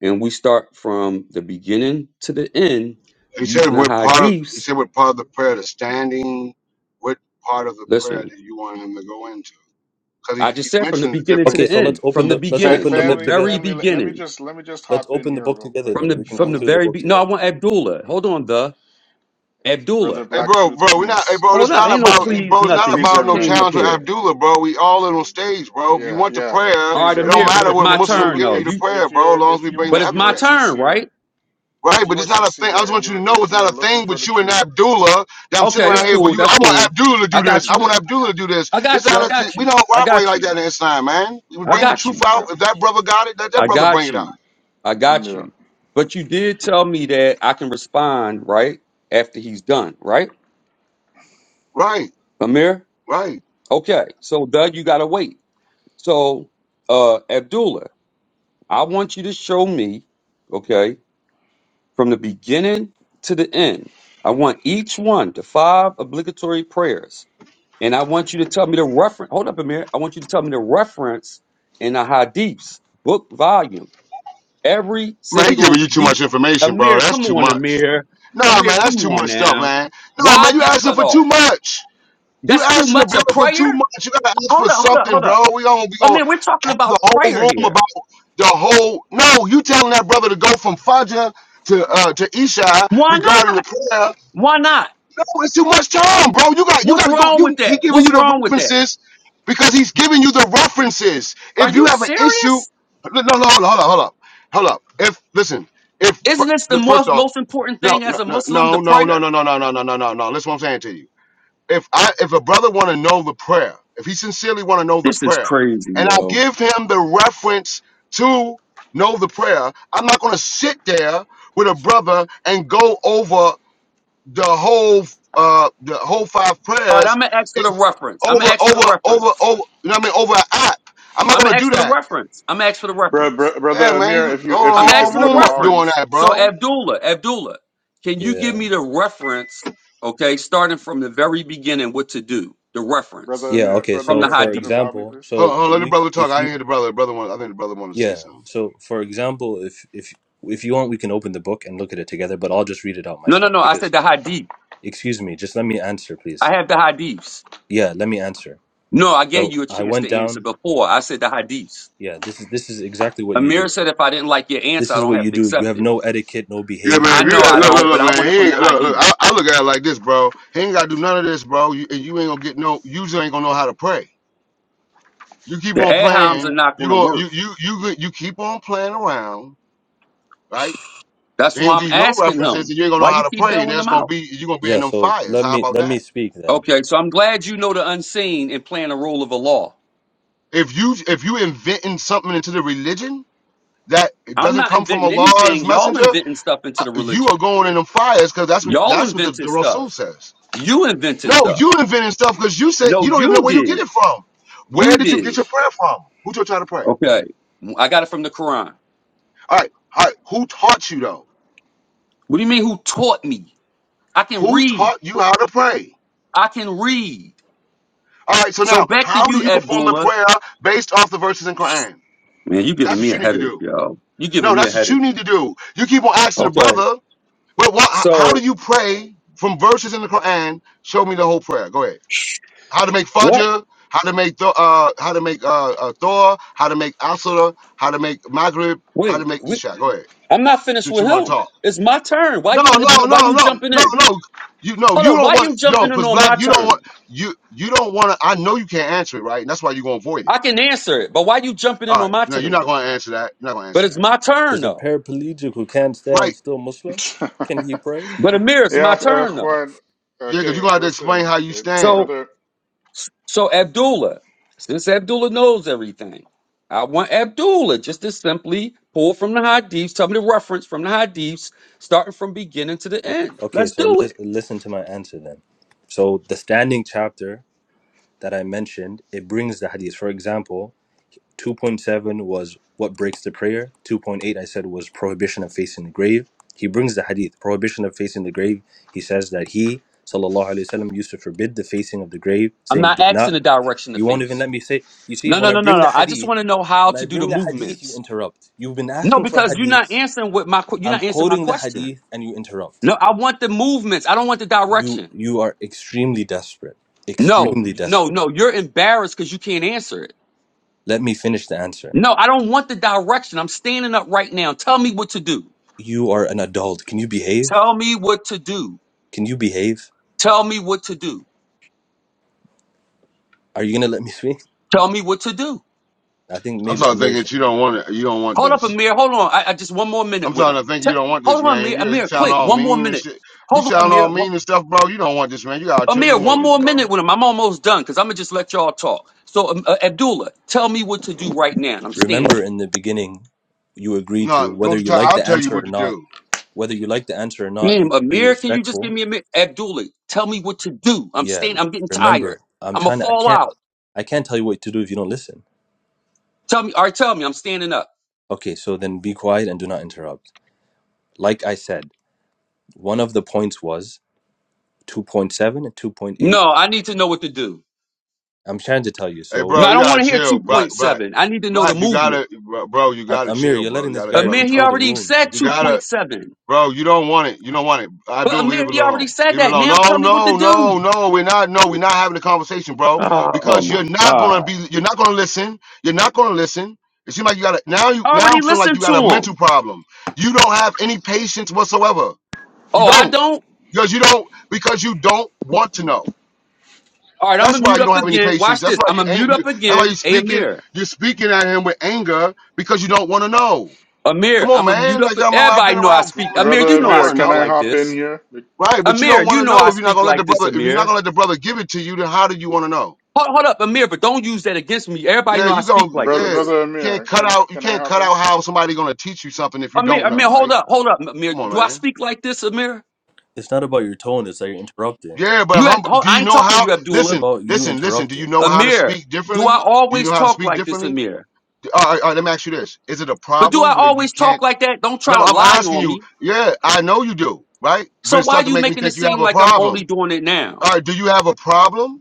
Speaker 8: and we start from the beginning to the end
Speaker 1: He said
Speaker 8: using the
Speaker 1: what part of, he
Speaker 8: Hadiths.
Speaker 1: said what part of the prayer, the standing, what part of the prayer
Speaker 8: Listen.
Speaker 1: that you want him to go into. Because he,
Speaker 8: I just
Speaker 1: he's
Speaker 8: said from the
Speaker 1: mentioning the
Speaker 8: beginning to
Speaker 1: different
Speaker 9: Okay,
Speaker 8: the
Speaker 9: so let's
Speaker 8: end,
Speaker 9: open
Speaker 8: from the
Speaker 9: the let's
Speaker 10: fa-
Speaker 8: beginning,
Speaker 9: open the
Speaker 8: from the
Speaker 9: book
Speaker 10: family,
Speaker 8: very
Speaker 9: together.
Speaker 10: family. Let, let me
Speaker 8: beginning,
Speaker 10: just let me just
Speaker 9: Let's
Speaker 10: hop in
Speaker 9: open the
Speaker 10: here
Speaker 9: book
Speaker 10: real
Speaker 9: together.
Speaker 10: quick,
Speaker 8: from
Speaker 9: Then we
Speaker 8: the
Speaker 9: can
Speaker 8: from
Speaker 9: go
Speaker 8: the
Speaker 10: inshallah.
Speaker 9: through the
Speaker 8: very
Speaker 9: book
Speaker 8: be- no. I
Speaker 9: together.
Speaker 8: want Abdullah. Hold on, the
Speaker 10: Brother
Speaker 8: Abdullah.
Speaker 1: Hey,
Speaker 10: Black
Speaker 1: bro,
Speaker 10: Truth,
Speaker 1: bro, we not. Hey,
Speaker 10: please,
Speaker 1: bro, it's
Speaker 8: Hold up,
Speaker 1: not
Speaker 8: ain't
Speaker 10: please,
Speaker 8: no
Speaker 10: young
Speaker 1: about.
Speaker 10: man,
Speaker 8: please
Speaker 1: Bro, it's
Speaker 10: Eh,
Speaker 1: not
Speaker 8: nothing. You
Speaker 10: please,
Speaker 1: about
Speaker 8: just
Speaker 10: young
Speaker 1: no
Speaker 10: man.
Speaker 8: came up
Speaker 1: challenge with
Speaker 8: here.
Speaker 1: Abdullah, bro. We all in on stage, bro. If you
Speaker 10: Yeah,
Speaker 1: want the
Speaker 10: yeah,
Speaker 1: prayer,
Speaker 8: All
Speaker 10: please,
Speaker 8: right,
Speaker 1: it
Speaker 10: young
Speaker 1: don't
Speaker 10: man.
Speaker 8: Amir, but
Speaker 10: If
Speaker 8: it
Speaker 1: matter
Speaker 8: was
Speaker 10: if
Speaker 1: what
Speaker 8: my
Speaker 10: if you're
Speaker 1: Muslim
Speaker 8: turn
Speaker 10: look
Speaker 1: giving
Speaker 8: though.
Speaker 1: you the
Speaker 10: if
Speaker 8: You,
Speaker 1: prayer,
Speaker 10: if
Speaker 1: bro. As
Speaker 10: you're
Speaker 1: long as
Speaker 10: if
Speaker 1: we
Speaker 10: you
Speaker 1: bring
Speaker 8: but
Speaker 1: the
Speaker 10: if
Speaker 8: it's
Speaker 10: you
Speaker 8: my
Speaker 10: are
Speaker 1: evidence,
Speaker 8: turn, right?
Speaker 10: sincere,
Speaker 1: right?
Speaker 10: if
Speaker 1: But
Speaker 10: you
Speaker 1: it's
Speaker 10: are
Speaker 1: not a thing. I just
Speaker 10: sincere and
Speaker 1: want you to
Speaker 10: you're
Speaker 1: know it's
Speaker 10: if
Speaker 1: not
Speaker 10: you're
Speaker 1: a
Speaker 10: looking
Speaker 1: thing
Speaker 10: for
Speaker 1: with
Speaker 10: the
Speaker 1: you and
Speaker 10: truth,
Speaker 1: Abdullah that I'm sitting
Speaker 8: Okay,
Speaker 1: around
Speaker 8: that's
Speaker 10: yeah,
Speaker 1: here. Well,
Speaker 8: cool.
Speaker 1: you,
Speaker 8: That's
Speaker 1: I want
Speaker 8: cool.
Speaker 1: Abdullah to
Speaker 8: I
Speaker 1: do this.
Speaker 8: got
Speaker 1: I
Speaker 8: you.
Speaker 1: want
Speaker 10: okay,
Speaker 1: Abdullah to do this.
Speaker 8: I
Speaker 1: It's
Speaker 8: got you.
Speaker 1: not.
Speaker 8: I
Speaker 1: A,
Speaker 8: got
Speaker 1: we
Speaker 8: you.
Speaker 1: don't
Speaker 8: I
Speaker 1: operate
Speaker 8: got
Speaker 1: like
Speaker 8: you.
Speaker 1: that in Islam, man. We
Speaker 8: I
Speaker 1: bring the
Speaker 8: got
Speaker 1: truth
Speaker 8: you.
Speaker 1: out.
Speaker 10: okay,
Speaker 1: If that brother got it, let that
Speaker 8: I
Speaker 1: brother bring
Speaker 8: got
Speaker 1: it out.
Speaker 8: you. I got
Speaker 10: yeah.
Speaker 8: you. But you did tell me that I can respond right after he's done, right,
Speaker 1: Right,
Speaker 8: Amir?
Speaker 1: right.
Speaker 8: Okay, so Doug, you gotta wait. So, uh, Abdullah, I want you to show me, okay, from the beginning to the end. I want each one, the five obligatory prayers, and I want you to tell me the reference. Hold up, Amir. I want you to tell me the reference in the Hadiths book volume. Every
Speaker 1: Man, he giving
Speaker 8: single
Speaker 1: you too
Speaker 8: deep.
Speaker 1: much information, bro.
Speaker 8: Amir,
Speaker 1: That's
Speaker 8: come
Speaker 1: too
Speaker 8: on,
Speaker 1: much.
Speaker 8: Amir.
Speaker 1: Nah,
Speaker 8: Amir,
Speaker 1: man, that's
Speaker 8: come
Speaker 1: too
Speaker 8: on
Speaker 1: much stuff,
Speaker 8: now.
Speaker 1: man. No,
Speaker 8: Why
Speaker 1: man, you
Speaker 8: get
Speaker 1: asking
Speaker 8: cut
Speaker 1: for too
Speaker 8: off?
Speaker 1: much. You
Speaker 8: That's too
Speaker 1: asking the
Speaker 8: much of
Speaker 1: brother for too
Speaker 8: prayer.
Speaker 1: much. You gotta ask for
Speaker 8: Hold up, hold up,
Speaker 1: something,
Speaker 8: hold
Speaker 1: bro.
Speaker 8: up.
Speaker 1: We gonna we gonna
Speaker 8: Amir, we're talking
Speaker 1: have the
Speaker 8: about
Speaker 1: whole
Speaker 8: prayer
Speaker 1: room about
Speaker 8: here.
Speaker 1: the whole. No, you telling that brother to go from Fajr to uh to Isha
Speaker 8: Why not?
Speaker 1: regarding the prayer.
Speaker 8: Why not?
Speaker 1: No, it's too much time, bro. You got you
Speaker 8: What's
Speaker 1: got to go.
Speaker 8: wrong with
Speaker 1: You he
Speaker 8: that?
Speaker 1: giving
Speaker 8: What's
Speaker 1: you the
Speaker 8: wrong with that?
Speaker 1: references because he's giving you the references.
Speaker 8: Are
Speaker 1: If you
Speaker 8: you
Speaker 1: have an issue, no,
Speaker 8: serious?
Speaker 1: no, no, hold on, hold on, hold up, hold up. If listen, if fir-
Speaker 8: Isn't this the
Speaker 1: look, first
Speaker 8: most
Speaker 1: off,
Speaker 8: most important
Speaker 1: no,
Speaker 8: thing
Speaker 1: no,
Speaker 8: as a
Speaker 1: no,
Speaker 8: Muslim, the
Speaker 1: no, no, no,
Speaker 8: prayer?
Speaker 1: no, no, no, no, no, no, no, no. Listen, what I'm saying to you. If I if a brother want to know the prayer, if he sincerely want to know the
Speaker 8: This is
Speaker 1: prayer,
Speaker 8: crazy,
Speaker 1: and I
Speaker 8: yo.
Speaker 1: give him the reference to know the prayer, I'm not going to sit there with a brother and go over the whole uh the whole five
Speaker 8: All right,
Speaker 1: prayers
Speaker 8: I'm gonna ask for
Speaker 1: if
Speaker 8: the reference. I'm
Speaker 1: over
Speaker 8: gonna ask for the
Speaker 1: over over
Speaker 8: reference.
Speaker 1: over you know what I mean over an app. I'm not
Speaker 8: I'm
Speaker 1: gonna
Speaker 8: gonna
Speaker 1: do
Speaker 8: ask for the
Speaker 1: that.
Speaker 8: reference. I'm gonna ask for the
Speaker 10: Bro,
Speaker 8: reference.
Speaker 10: bro, brother
Speaker 1: Yeah, man, you
Speaker 10: Amir, if you if
Speaker 8: I'm
Speaker 1: hold the
Speaker 10: you
Speaker 8: gonna
Speaker 1: whole
Speaker 8: ask
Speaker 10: if
Speaker 8: for
Speaker 10: you
Speaker 8: the
Speaker 10: would
Speaker 1: room up
Speaker 10: allow me,
Speaker 1: doing
Speaker 8: reference.
Speaker 1: that,
Speaker 8: So
Speaker 1: bro.
Speaker 8: Abdullah, Abdullah, can you give
Speaker 9: Yeah.
Speaker 8: me the reference? Okay, starting from the very beginning, what to do? The
Speaker 10: brother
Speaker 8: reference
Speaker 9: Yeah.
Speaker 10: Amir,
Speaker 9: Okay.
Speaker 10: brother
Speaker 8: from
Speaker 9: So,
Speaker 8: the
Speaker 10: Amir, if you
Speaker 9: for
Speaker 10: could
Speaker 8: Hadith.
Speaker 10: allow me,
Speaker 9: example,
Speaker 10: please.
Speaker 9: so
Speaker 1: Huh,
Speaker 9: we, if you Yeah.
Speaker 1: huh.
Speaker 9: So, for example, if if if you want, we can open the book and look at it together. But I'll just read it out
Speaker 8: No, no,
Speaker 9: myself
Speaker 8: no. I said
Speaker 9: because,
Speaker 8: the Hadith.
Speaker 9: excuse me, just let me answer, please.
Speaker 8: I have the Hadiths.
Speaker 9: Yeah, let me answer.
Speaker 8: No, I gave
Speaker 9: So
Speaker 8: you a
Speaker 9: I
Speaker 8: chance
Speaker 9: went
Speaker 8: to answer
Speaker 9: down.
Speaker 8: before. I said the hadiths.
Speaker 9: Yeah, this is this is exactly what you
Speaker 8: Amir
Speaker 9: do.
Speaker 8: said if I didn't like your answer,
Speaker 9: This
Speaker 8: I
Speaker 9: is
Speaker 8: don't
Speaker 9: what
Speaker 8: have
Speaker 9: you
Speaker 8: to
Speaker 9: do. You
Speaker 8: accept
Speaker 9: have
Speaker 8: it.
Speaker 9: no etiquette, no
Speaker 1: Yeah, man.
Speaker 8: I
Speaker 9: behavior,
Speaker 8: know
Speaker 9: no
Speaker 1: If you
Speaker 8: I
Speaker 1: look, look,
Speaker 8: don't,
Speaker 1: look,
Speaker 8: but I
Speaker 9: manners.
Speaker 1: man.
Speaker 8: want it
Speaker 1: He
Speaker 8: from the
Speaker 1: ain't, look, look.
Speaker 8: hadiths.
Speaker 1: I, I look at it like this, bro. He ain't gotta do none of this, bro. You, and you ain't gonna get no. User ain't gonna know how to pray. You keep
Speaker 8: The
Speaker 1: on
Speaker 8: ahams are
Speaker 1: playing.
Speaker 8: not
Speaker 1: You
Speaker 8: going to
Speaker 1: gonna
Speaker 8: work.
Speaker 1: you you you go- you keep on playing around, right?
Speaker 8: That's
Speaker 1: They ain't
Speaker 8: why
Speaker 1: gonna give
Speaker 8: I'm
Speaker 1: you no
Speaker 8: asking
Speaker 1: references,
Speaker 8: him.
Speaker 1: and you ain't gonna know
Speaker 8: Why
Speaker 1: how
Speaker 8: you
Speaker 1: to
Speaker 8: keep
Speaker 1: pray, and
Speaker 8: bailing
Speaker 1: that's
Speaker 8: them
Speaker 1: gonna
Speaker 8: out?
Speaker 1: be you gonna be in
Speaker 9: Yeah.
Speaker 1: them
Speaker 9: So
Speaker 1: fires.
Speaker 9: let
Speaker 1: How
Speaker 9: me
Speaker 1: about that?
Speaker 9: let me speak then.
Speaker 8: Okay, so I'm glad you know the unseen and playing the role of a law.
Speaker 1: If you if you inventing something into the religion that it
Speaker 8: I'm
Speaker 1: doesn't
Speaker 8: not
Speaker 1: come from
Speaker 8: inventing
Speaker 1: Allah's
Speaker 8: anything. Y'all
Speaker 1: messenger,
Speaker 8: inventing stuff
Speaker 1: uh,
Speaker 8: into the
Speaker 1: you
Speaker 8: religion.
Speaker 1: are going in them fires because that's what
Speaker 8: Y'all
Speaker 1: that's what the,
Speaker 8: invented
Speaker 1: the Rasul
Speaker 8: stuff.
Speaker 1: says.
Speaker 8: You invented
Speaker 1: No, you
Speaker 8: stuff.
Speaker 1: inventing stuff because you said you
Speaker 8: No,
Speaker 1: don't even know
Speaker 8: you
Speaker 1: where you get
Speaker 8: did.
Speaker 1: it from. Where
Speaker 8: You
Speaker 1: did you
Speaker 8: did.
Speaker 1: get your prayer from? Who taught you how to pray?
Speaker 8: Okay. I got it from the Quran.
Speaker 1: All right, all right. Who taught you though?
Speaker 8: What do you mean who taught me? I can
Speaker 1: Who
Speaker 8: read.
Speaker 1: taught you how to pray?
Speaker 8: I can read.
Speaker 1: All right. So
Speaker 8: So
Speaker 1: now,
Speaker 8: back to
Speaker 1: how do
Speaker 8: you,
Speaker 1: you perform the
Speaker 8: Abdullah.
Speaker 1: prayer based off the verses in Quran?
Speaker 8: Man, you
Speaker 1: That's
Speaker 8: giving
Speaker 1: what
Speaker 8: me
Speaker 1: you
Speaker 8: a
Speaker 1: need to
Speaker 8: headache,
Speaker 1: do.
Speaker 8: yo. You giving
Speaker 1: No,
Speaker 8: me a
Speaker 1: that's what you
Speaker 8: headache.
Speaker 1: need to do. You keep on asking the
Speaker 8: Okay.
Speaker 1: brother But why, how do
Speaker 8: So
Speaker 1: you pray from verses in the Quran? Show me the whole prayer. Go ahead. How to make
Speaker 8: what?
Speaker 1: fajr? How to make th- uh? How to make uh, uh Thor? How to make asura? How to make maghrib? How to
Speaker 8: Wait,
Speaker 1: make
Speaker 8: we,
Speaker 1: isha? Go ahead.
Speaker 8: I'm not finished
Speaker 1: Since you
Speaker 8: with
Speaker 1: want to
Speaker 8: him.
Speaker 1: talk.
Speaker 8: It's my turn. Why
Speaker 1: No,
Speaker 8: you
Speaker 1: no,
Speaker 8: igno- why
Speaker 1: no,
Speaker 8: you
Speaker 1: no,
Speaker 8: jumping
Speaker 1: no,
Speaker 8: in?
Speaker 1: no. You no,
Speaker 8: Hold
Speaker 1: you
Speaker 8: on.
Speaker 1: don't
Speaker 8: Why
Speaker 1: want
Speaker 8: you
Speaker 1: yo,
Speaker 8: jumping in
Speaker 1: cause
Speaker 8: on
Speaker 1: black,
Speaker 8: my
Speaker 1: you don't
Speaker 8: turn?
Speaker 1: want you you don't want to. I know you can't answer it, right? And that's why you're gonna avoid it.
Speaker 8: I can answer it, but why you jumping
Speaker 1: All
Speaker 8: in
Speaker 1: right,
Speaker 8: on my
Speaker 1: no, you're not
Speaker 8: turn?
Speaker 1: gonna answer that. You're not gonna
Speaker 8: But
Speaker 1: answer
Speaker 8: it's
Speaker 1: that,
Speaker 8: my turn
Speaker 9: Is a
Speaker 8: though.
Speaker 9: paraplegic who can't
Speaker 1: right?
Speaker 9: stand still Muslim? Can he pray?
Speaker 8: But Amir, it's
Speaker 10: yeah,
Speaker 8: my
Speaker 10: uh,
Speaker 8: turn though.
Speaker 10: Juan.
Speaker 1: Yeah, cause you're
Speaker 10: Okay,
Speaker 1: gonna have to explain
Speaker 10: listen,
Speaker 1: how you
Speaker 10: uh,
Speaker 8: So
Speaker 1: stand.
Speaker 10: brother,
Speaker 8: So Abdullah, since Abdullah knows everything, I want Abdullah just to simply pull from the hadiths, tell me the reference from the hadiths, starting from beginning to the
Speaker 9: Okay.
Speaker 8: end.
Speaker 9: okay
Speaker 8: Let's
Speaker 9: so
Speaker 8: do
Speaker 9: lis-
Speaker 8: it.
Speaker 9: listen to my answer then. So the standing chapter that I mentioned, it brings the hadith. For example, 2.7 was what breaks the prayer. 2.8 I said was prohibition of facing the grave. He brings the hadith, prohibition of facing the grave. He says that he, sallallahu alaihi wasallam, used to forbid the facing of the grave,
Speaker 8: I'm
Speaker 9: saying,
Speaker 8: not
Speaker 9: "Do
Speaker 8: asking
Speaker 9: not."
Speaker 8: the direction of
Speaker 9: You won't even
Speaker 8: feast.
Speaker 9: let me say. You see,
Speaker 8: No,
Speaker 9: when
Speaker 8: no,
Speaker 9: I
Speaker 8: no, no,
Speaker 9: bring the
Speaker 8: no. I just
Speaker 9: hadith,
Speaker 8: want to know how
Speaker 9: when I
Speaker 8: to do the
Speaker 9: bring the hadith, you
Speaker 8: movements.
Speaker 9: interrupt. You've been
Speaker 8: No,
Speaker 9: asking for
Speaker 8: because you're not
Speaker 9: hadiths.
Speaker 8: answering what my que- you're
Speaker 9: I'm
Speaker 8: not answering my
Speaker 9: quoting the
Speaker 8: question.
Speaker 9: hadith, and you interrupt.
Speaker 8: No, I want the movements. I don't want the
Speaker 9: You
Speaker 8: direction.
Speaker 9: you are extremely desperate,
Speaker 8: No,
Speaker 9: extremely
Speaker 8: no,
Speaker 9: desperate.
Speaker 8: no. You're embarrassed because you can't answer it.
Speaker 9: Let me finish the answer.
Speaker 8: No, I don't want the direction. I'm standing up right now. Tell me what to do.
Speaker 9: You are an adult. Can you behave?
Speaker 8: Tell me what to do.
Speaker 9: Can you behave?
Speaker 8: Tell me what to do.
Speaker 9: Are you gonna let me speak?
Speaker 8: Tell me what to do.
Speaker 9: I think
Speaker 1: I'm
Speaker 9: maybe
Speaker 1: starting thinking
Speaker 9: Amir's.
Speaker 1: that you don't want it. You don't want
Speaker 8: Hold up,
Speaker 1: this.
Speaker 8: Amir. Hold on. I, I just one more
Speaker 1: I'm
Speaker 8: minute with
Speaker 1: starting
Speaker 8: him.
Speaker 1: to think
Speaker 8: Te-
Speaker 1: you don't want this,
Speaker 8: hold on,
Speaker 1: man.
Speaker 8: Amir.
Speaker 1: You, you
Speaker 8: Amir,
Speaker 1: sound
Speaker 8: quick.
Speaker 1: all
Speaker 8: One more
Speaker 1: mean and
Speaker 8: minute.
Speaker 1: shit. You
Speaker 8: Hold on,
Speaker 1: sound all
Speaker 8: Amir. One,
Speaker 1: mean and stuff, bro. You don't want this, man. You gotta tell your
Speaker 8: Amir, one
Speaker 1: motives,
Speaker 8: more
Speaker 1: bro.
Speaker 8: minute with him. I'm almost done because I'm gonna just let y'all talk. So, um, uh, Abdullah, tell me what to do right now. I'm
Speaker 9: Remember
Speaker 8: standing.
Speaker 9: in the beginning, you agreed to
Speaker 1: No, don't
Speaker 9: whether
Speaker 1: you
Speaker 9: you
Speaker 1: tell.
Speaker 9: like
Speaker 1: I'll
Speaker 9: the
Speaker 1: tell you
Speaker 9: answer
Speaker 1: what
Speaker 9: or
Speaker 1: to
Speaker 9: not.
Speaker 1: do.
Speaker 9: Whether you like the answer or not, you
Speaker 8: Damn,
Speaker 9: should be
Speaker 8: Amir, can you just give
Speaker 9: respectful.
Speaker 8: me a minute? Abdullah, tell me what to do. I'm
Speaker 9: Yeah.
Speaker 8: standing. I'm getting tired.
Speaker 9: Remember, I'm
Speaker 8: I'm gonna
Speaker 9: trying to. I
Speaker 8: fall
Speaker 9: can't.
Speaker 8: out.
Speaker 9: I can't tell you what to do if you don't listen.
Speaker 8: Tell me. All right, tell me. I'm standing up.
Speaker 9: Okay. So then be quiet and do not interrupt. Like I said, one of the points was 2.7 and 2.8.
Speaker 8: No, I need to know what to do.
Speaker 9: I'm trying to tell you.
Speaker 1: Hey,
Speaker 9: So
Speaker 8: No,
Speaker 1: bro,
Speaker 8: I
Speaker 1: you
Speaker 8: don't
Speaker 1: gotta
Speaker 8: want to hear
Speaker 1: chill, black, black,
Speaker 8: 2.7. I need to know the
Speaker 1: black. You
Speaker 8: movement.
Speaker 1: gotta, bro. You
Speaker 9: A-
Speaker 1: gotta
Speaker 9: Amir,
Speaker 1: chill,
Speaker 9: you're
Speaker 1: bro.
Speaker 9: letting
Speaker 1: You
Speaker 9: this
Speaker 1: gotta let the
Speaker 9: guy
Speaker 1: brother
Speaker 8: Amir, he
Speaker 9: control
Speaker 1: talk.
Speaker 9: the
Speaker 8: already
Speaker 9: room,
Speaker 8: said
Speaker 9: man.
Speaker 1: You gotta.
Speaker 8: 2.7.
Speaker 1: Bro, you don't want it. You don't want it. I
Speaker 8: But
Speaker 1: do leave it
Speaker 8: Amir, he already
Speaker 1: alone.
Speaker 8: said
Speaker 1: Leave it
Speaker 8: that.
Speaker 1: alone.
Speaker 8: Now
Speaker 1: No,
Speaker 8: tell me what to
Speaker 1: no,
Speaker 8: do.
Speaker 1: no, no. We're not. No, we're not having a conversation, bro.
Speaker 8: Oh, oh
Speaker 1: Because you're
Speaker 8: my
Speaker 1: not gonna
Speaker 8: God.
Speaker 1: be. You're not gonna listen. You're not gonna listen. It seems like you got a now. You
Speaker 8: I
Speaker 1: now
Speaker 8: already
Speaker 1: I'm feeling like
Speaker 8: listened
Speaker 1: you
Speaker 8: to
Speaker 1: got a mental
Speaker 8: him.
Speaker 1: problem. You don't have any patience whatsoever. You
Speaker 8: Oh, I
Speaker 1: don't
Speaker 8: don't?
Speaker 1: because you don't because you don't want to know.
Speaker 8: All right, I'm
Speaker 1: That's
Speaker 8: going to
Speaker 1: why
Speaker 8: mute
Speaker 1: you
Speaker 8: up
Speaker 1: don't have any
Speaker 8: again.
Speaker 1: patience.
Speaker 8: Watch
Speaker 1: That's
Speaker 8: this.
Speaker 1: why
Speaker 8: I'm
Speaker 1: you
Speaker 8: going to
Speaker 1: ain't.
Speaker 8: mute
Speaker 1: You,
Speaker 8: up
Speaker 1: that's why you're
Speaker 8: again. Hey,
Speaker 1: speaking.
Speaker 8: Amir.
Speaker 1: You're speaking at him with anger because you don't want to know. Come
Speaker 8: Amir,
Speaker 1: on,
Speaker 8: I'm going to mute
Speaker 1: man.
Speaker 8: up.
Speaker 1: Like I'm, I've
Speaker 8: Everybody
Speaker 1: been
Speaker 8: know I
Speaker 1: around before,
Speaker 8: speak.
Speaker 1: man.
Speaker 8: Amir,
Speaker 10: brother
Speaker 8: you
Speaker 1: You
Speaker 8: know
Speaker 1: don't
Speaker 8: I
Speaker 1: want
Speaker 10: Amir,
Speaker 1: to
Speaker 10: can
Speaker 8: speak
Speaker 10: I
Speaker 1: know.
Speaker 8: like
Speaker 10: hop in
Speaker 8: this.
Speaker 10: here?
Speaker 1: Right, but you don't
Speaker 8: Amir,
Speaker 1: want
Speaker 8: you
Speaker 1: to
Speaker 8: know
Speaker 1: know
Speaker 8: I
Speaker 1: if you're not
Speaker 8: speak
Speaker 1: gonna let the
Speaker 8: like this,
Speaker 1: brother. If you're not
Speaker 8: Amir.
Speaker 1: gonna let the brother give it to you, then how do you want to know?
Speaker 8: Hold, hold up, Amir, but don't use that against me. Everybody
Speaker 1: Yeah,
Speaker 8: know I
Speaker 1: you gonna
Speaker 8: speak like
Speaker 10: Brother,
Speaker 1: yeah. You
Speaker 8: this.
Speaker 10: brother
Speaker 1: can't
Speaker 10: Amir,
Speaker 1: cut
Speaker 10: can I
Speaker 1: out. You
Speaker 10: can I
Speaker 1: can't
Speaker 10: hop
Speaker 1: cut out
Speaker 10: in?
Speaker 1: how somebody gonna teach you something if you
Speaker 8: Amir,
Speaker 1: don't
Speaker 8: Amir,
Speaker 1: know,
Speaker 8: hold
Speaker 1: right?
Speaker 8: up, hold up, Amir.
Speaker 1: Come on,
Speaker 8: Do I
Speaker 1: man.
Speaker 8: speak like this, Amir?
Speaker 9: It's not about your tone. It's that you're interrupting.
Speaker 1: Yeah, but
Speaker 8: You
Speaker 1: hum,
Speaker 8: had, hold,
Speaker 1: do
Speaker 8: I
Speaker 1: you
Speaker 8: ain't
Speaker 1: know
Speaker 8: talking to
Speaker 1: how?
Speaker 8: you,
Speaker 9: It's
Speaker 8: Abdullah.
Speaker 1: Listen,
Speaker 9: about you
Speaker 1: listen, listen. Do you
Speaker 9: interrupting.
Speaker 1: know how to
Speaker 8: Amir,
Speaker 1: speak
Speaker 8: do I
Speaker 1: differently? Do you know
Speaker 8: always
Speaker 1: how to
Speaker 8: talk
Speaker 1: speak
Speaker 8: like this,
Speaker 1: differently?
Speaker 8: Amir?
Speaker 1: All right, all right, let me ask you this: Is it a
Speaker 8: But do
Speaker 1: problem
Speaker 8: I
Speaker 1: where you
Speaker 8: always
Speaker 1: can't?
Speaker 8: talk like that? Don't
Speaker 1: No,
Speaker 8: try to
Speaker 1: I'm
Speaker 8: lie
Speaker 1: asking
Speaker 8: on
Speaker 1: you.
Speaker 8: me.
Speaker 1: Yeah, I know you do, right? But
Speaker 8: So
Speaker 1: it
Speaker 8: why
Speaker 1: start to
Speaker 8: you
Speaker 1: make me
Speaker 8: making it
Speaker 1: think you have
Speaker 8: seem
Speaker 1: a
Speaker 8: like I'm only
Speaker 1: problem.
Speaker 8: doing it
Speaker 1: All
Speaker 8: now?
Speaker 1: right, do you have a problem?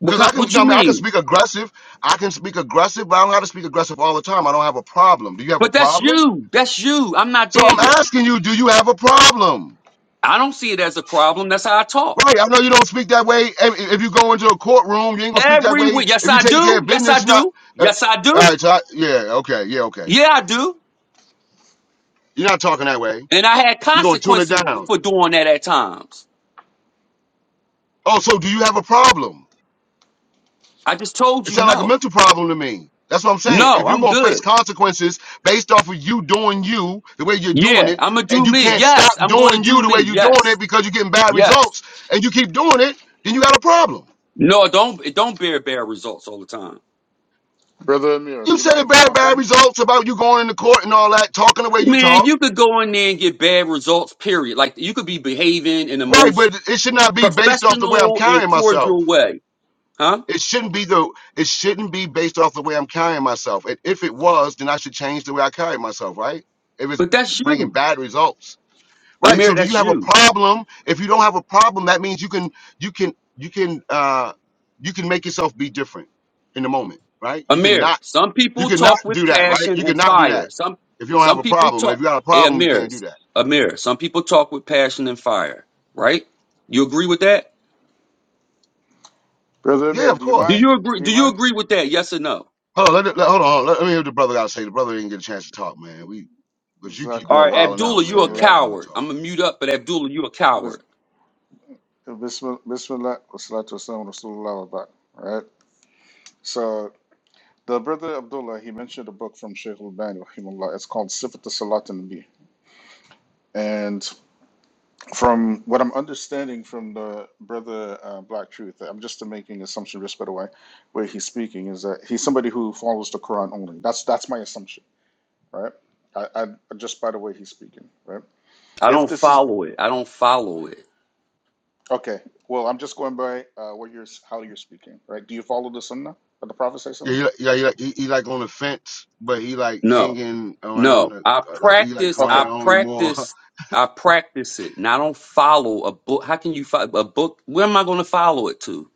Speaker 8: What
Speaker 1: Cause I
Speaker 8: kind,
Speaker 1: can, you
Speaker 8: what
Speaker 1: know, what I
Speaker 8: you
Speaker 1: mean, I can
Speaker 8: mean?
Speaker 1: speak aggressive. I can speak aggressive, but I don't have to speak aggressive all the time. I don't have a problem. Do you have a
Speaker 8: But that's
Speaker 1: problem?
Speaker 8: you. That's you. I'm not
Speaker 1: So
Speaker 8: there
Speaker 1: I'm
Speaker 8: yet.
Speaker 1: asking you, do you have a problem?
Speaker 8: I don't see it as a problem. That's how I talk.
Speaker 1: Right. I know you don't speak that way. If if you go into a courtroom, you ain't gonna speak that
Speaker 8: Every
Speaker 1: way.
Speaker 8: week. Yes,
Speaker 1: If you're
Speaker 8: I
Speaker 1: taking care
Speaker 8: do.
Speaker 1: of
Speaker 8: Yes, I
Speaker 1: business, you're not.
Speaker 8: do.
Speaker 1: Uh,
Speaker 8: Yes, I
Speaker 1: all
Speaker 8: do.
Speaker 1: right. So I, yeah. Okay. Yeah. Okay.
Speaker 8: Yeah, I do.
Speaker 1: You're not talking that way.
Speaker 8: And I had
Speaker 1: You're gonna tune it
Speaker 8: consequences
Speaker 1: down.
Speaker 8: for doing that at times.
Speaker 1: Oh, so do you have a problem?
Speaker 8: I just told
Speaker 1: It
Speaker 8: you
Speaker 1: sounds like a
Speaker 8: no.
Speaker 1: mental problem to me. That's what I'm saying.
Speaker 8: No,
Speaker 1: If you're
Speaker 8: I'm
Speaker 1: gonna face
Speaker 8: good.
Speaker 1: consequences based off of you doing you the way you're doing
Speaker 8: Yeah,
Speaker 1: it,
Speaker 8: I'm going to
Speaker 1: and
Speaker 8: do
Speaker 1: you
Speaker 8: me.
Speaker 1: can't stop
Speaker 8: Yes, I'm going to
Speaker 1: doing
Speaker 8: do
Speaker 1: you the way
Speaker 8: me.
Speaker 1: you're doing it
Speaker 8: Yes.
Speaker 1: because you're getting bad
Speaker 8: Yes.
Speaker 1: results, and you keep doing it, then you got a problem.
Speaker 8: No, don't don't bear bad results all the time.
Speaker 10: Brother Amir,
Speaker 1: You
Speaker 10: do you
Speaker 1: said
Speaker 10: mind
Speaker 1: it
Speaker 10: if I
Speaker 1: bad,
Speaker 10: hop
Speaker 1: bad
Speaker 10: in?
Speaker 1: results about you going into court and all that, talking the way you
Speaker 8: Man,
Speaker 1: talk,
Speaker 8: you could go in there and get bad results, period. Like you could be behaving in the
Speaker 1: right?
Speaker 8: most
Speaker 1: But it should not be based off the way I'm
Speaker 8: professional and
Speaker 1: carrying myself.
Speaker 8: cordial way, huh?
Speaker 1: It shouldn't be the. It shouldn't be based off the way I'm carrying myself. And if it was, then I should change the way I carry myself, right? If it's
Speaker 8: But that's
Speaker 1: bringing
Speaker 8: you.
Speaker 1: bad results. Right. So
Speaker 8: Amir,
Speaker 1: do you
Speaker 8: that's
Speaker 1: have a
Speaker 8: you.
Speaker 1: problem? If you don't have a problem, that means you can you can you can uh you can make yourself be different in the moment, right? You
Speaker 8: Amir,
Speaker 1: cannot
Speaker 8: some
Speaker 1: you
Speaker 8: people
Speaker 1: cannot
Speaker 8: talk with
Speaker 1: do that, right?
Speaker 8: passion
Speaker 1: You
Speaker 8: and
Speaker 1: cannot do
Speaker 8: fire.
Speaker 1: that
Speaker 8: Some
Speaker 1: if you don't have
Speaker 8: some
Speaker 1: a
Speaker 8: people
Speaker 1: problem. If
Speaker 8: talk
Speaker 1: you got a
Speaker 8: hey
Speaker 1: problem, you
Speaker 8: Amir,
Speaker 1: can't do that.
Speaker 8: Amir, some people talk with passion and fire, right? You agree with that?
Speaker 10: Brother
Speaker 1: Yeah,
Speaker 10: Amir,
Speaker 1: of
Speaker 10: do you
Speaker 8: Do
Speaker 1: course.
Speaker 8: you
Speaker 10: mind?
Speaker 8: agree
Speaker 10: Do
Speaker 8: do
Speaker 10: you
Speaker 8: you
Speaker 10: mind?
Speaker 8: agree with that? Yes or no?
Speaker 1: Hold on, let, it- let, hold on, let, let me hear what the brother got to say. The brother didn't get a chance to talk, man. We because you keep
Speaker 8: All
Speaker 1: on
Speaker 10: Jazakallah
Speaker 8: right,
Speaker 10: khair.
Speaker 1: wilding out,
Speaker 8: Abdullah, you're a
Speaker 1: man. Let the
Speaker 10: Bismillah.
Speaker 1: brother
Speaker 8: coward.
Speaker 1: talk.
Speaker 8: I'm gonna mute up, but Abdullah, you're a
Speaker 10: Bis-
Speaker 8: coward.
Speaker 10: Bismillah. Bismillah. Wassalatu wassalamu ala Rasulullah wa ba'd. All right. So The brother Abdullah he mentioned a book from Sheikh Al-Bani, rahimahullah. It's called Sifat Salat Nabi. And from what I'm understanding from the brother uh, Black Truth, I'm just making assumption just by the way, where he's speaking is that he's somebody who follows the Quran only. That's that's my assumption, right? I, I just by the way he's speaking, right?
Speaker 8: I
Speaker 10: If
Speaker 8: don't
Speaker 10: this is
Speaker 8: follow it. I don't follow it.
Speaker 10: okay, well, I'm just going by uh, what you're how you're speaking, right? Do you follow the Sunnah of the Prophet? sallallahu alaihi
Speaker 1: Yeah,
Speaker 10: wasallam?
Speaker 1: he, like- yeah, he, like- he, he like on the fence, but he like
Speaker 8: No,
Speaker 1: hanging around,
Speaker 8: no.
Speaker 1: the,
Speaker 8: I
Speaker 1: like he like
Speaker 8: practice.
Speaker 10: Okay,
Speaker 1: crying
Speaker 8: I
Speaker 1: only more.
Speaker 8: practice. I practice it, and I don't follow a book. How can you follow a book? Where am I going to follow it to?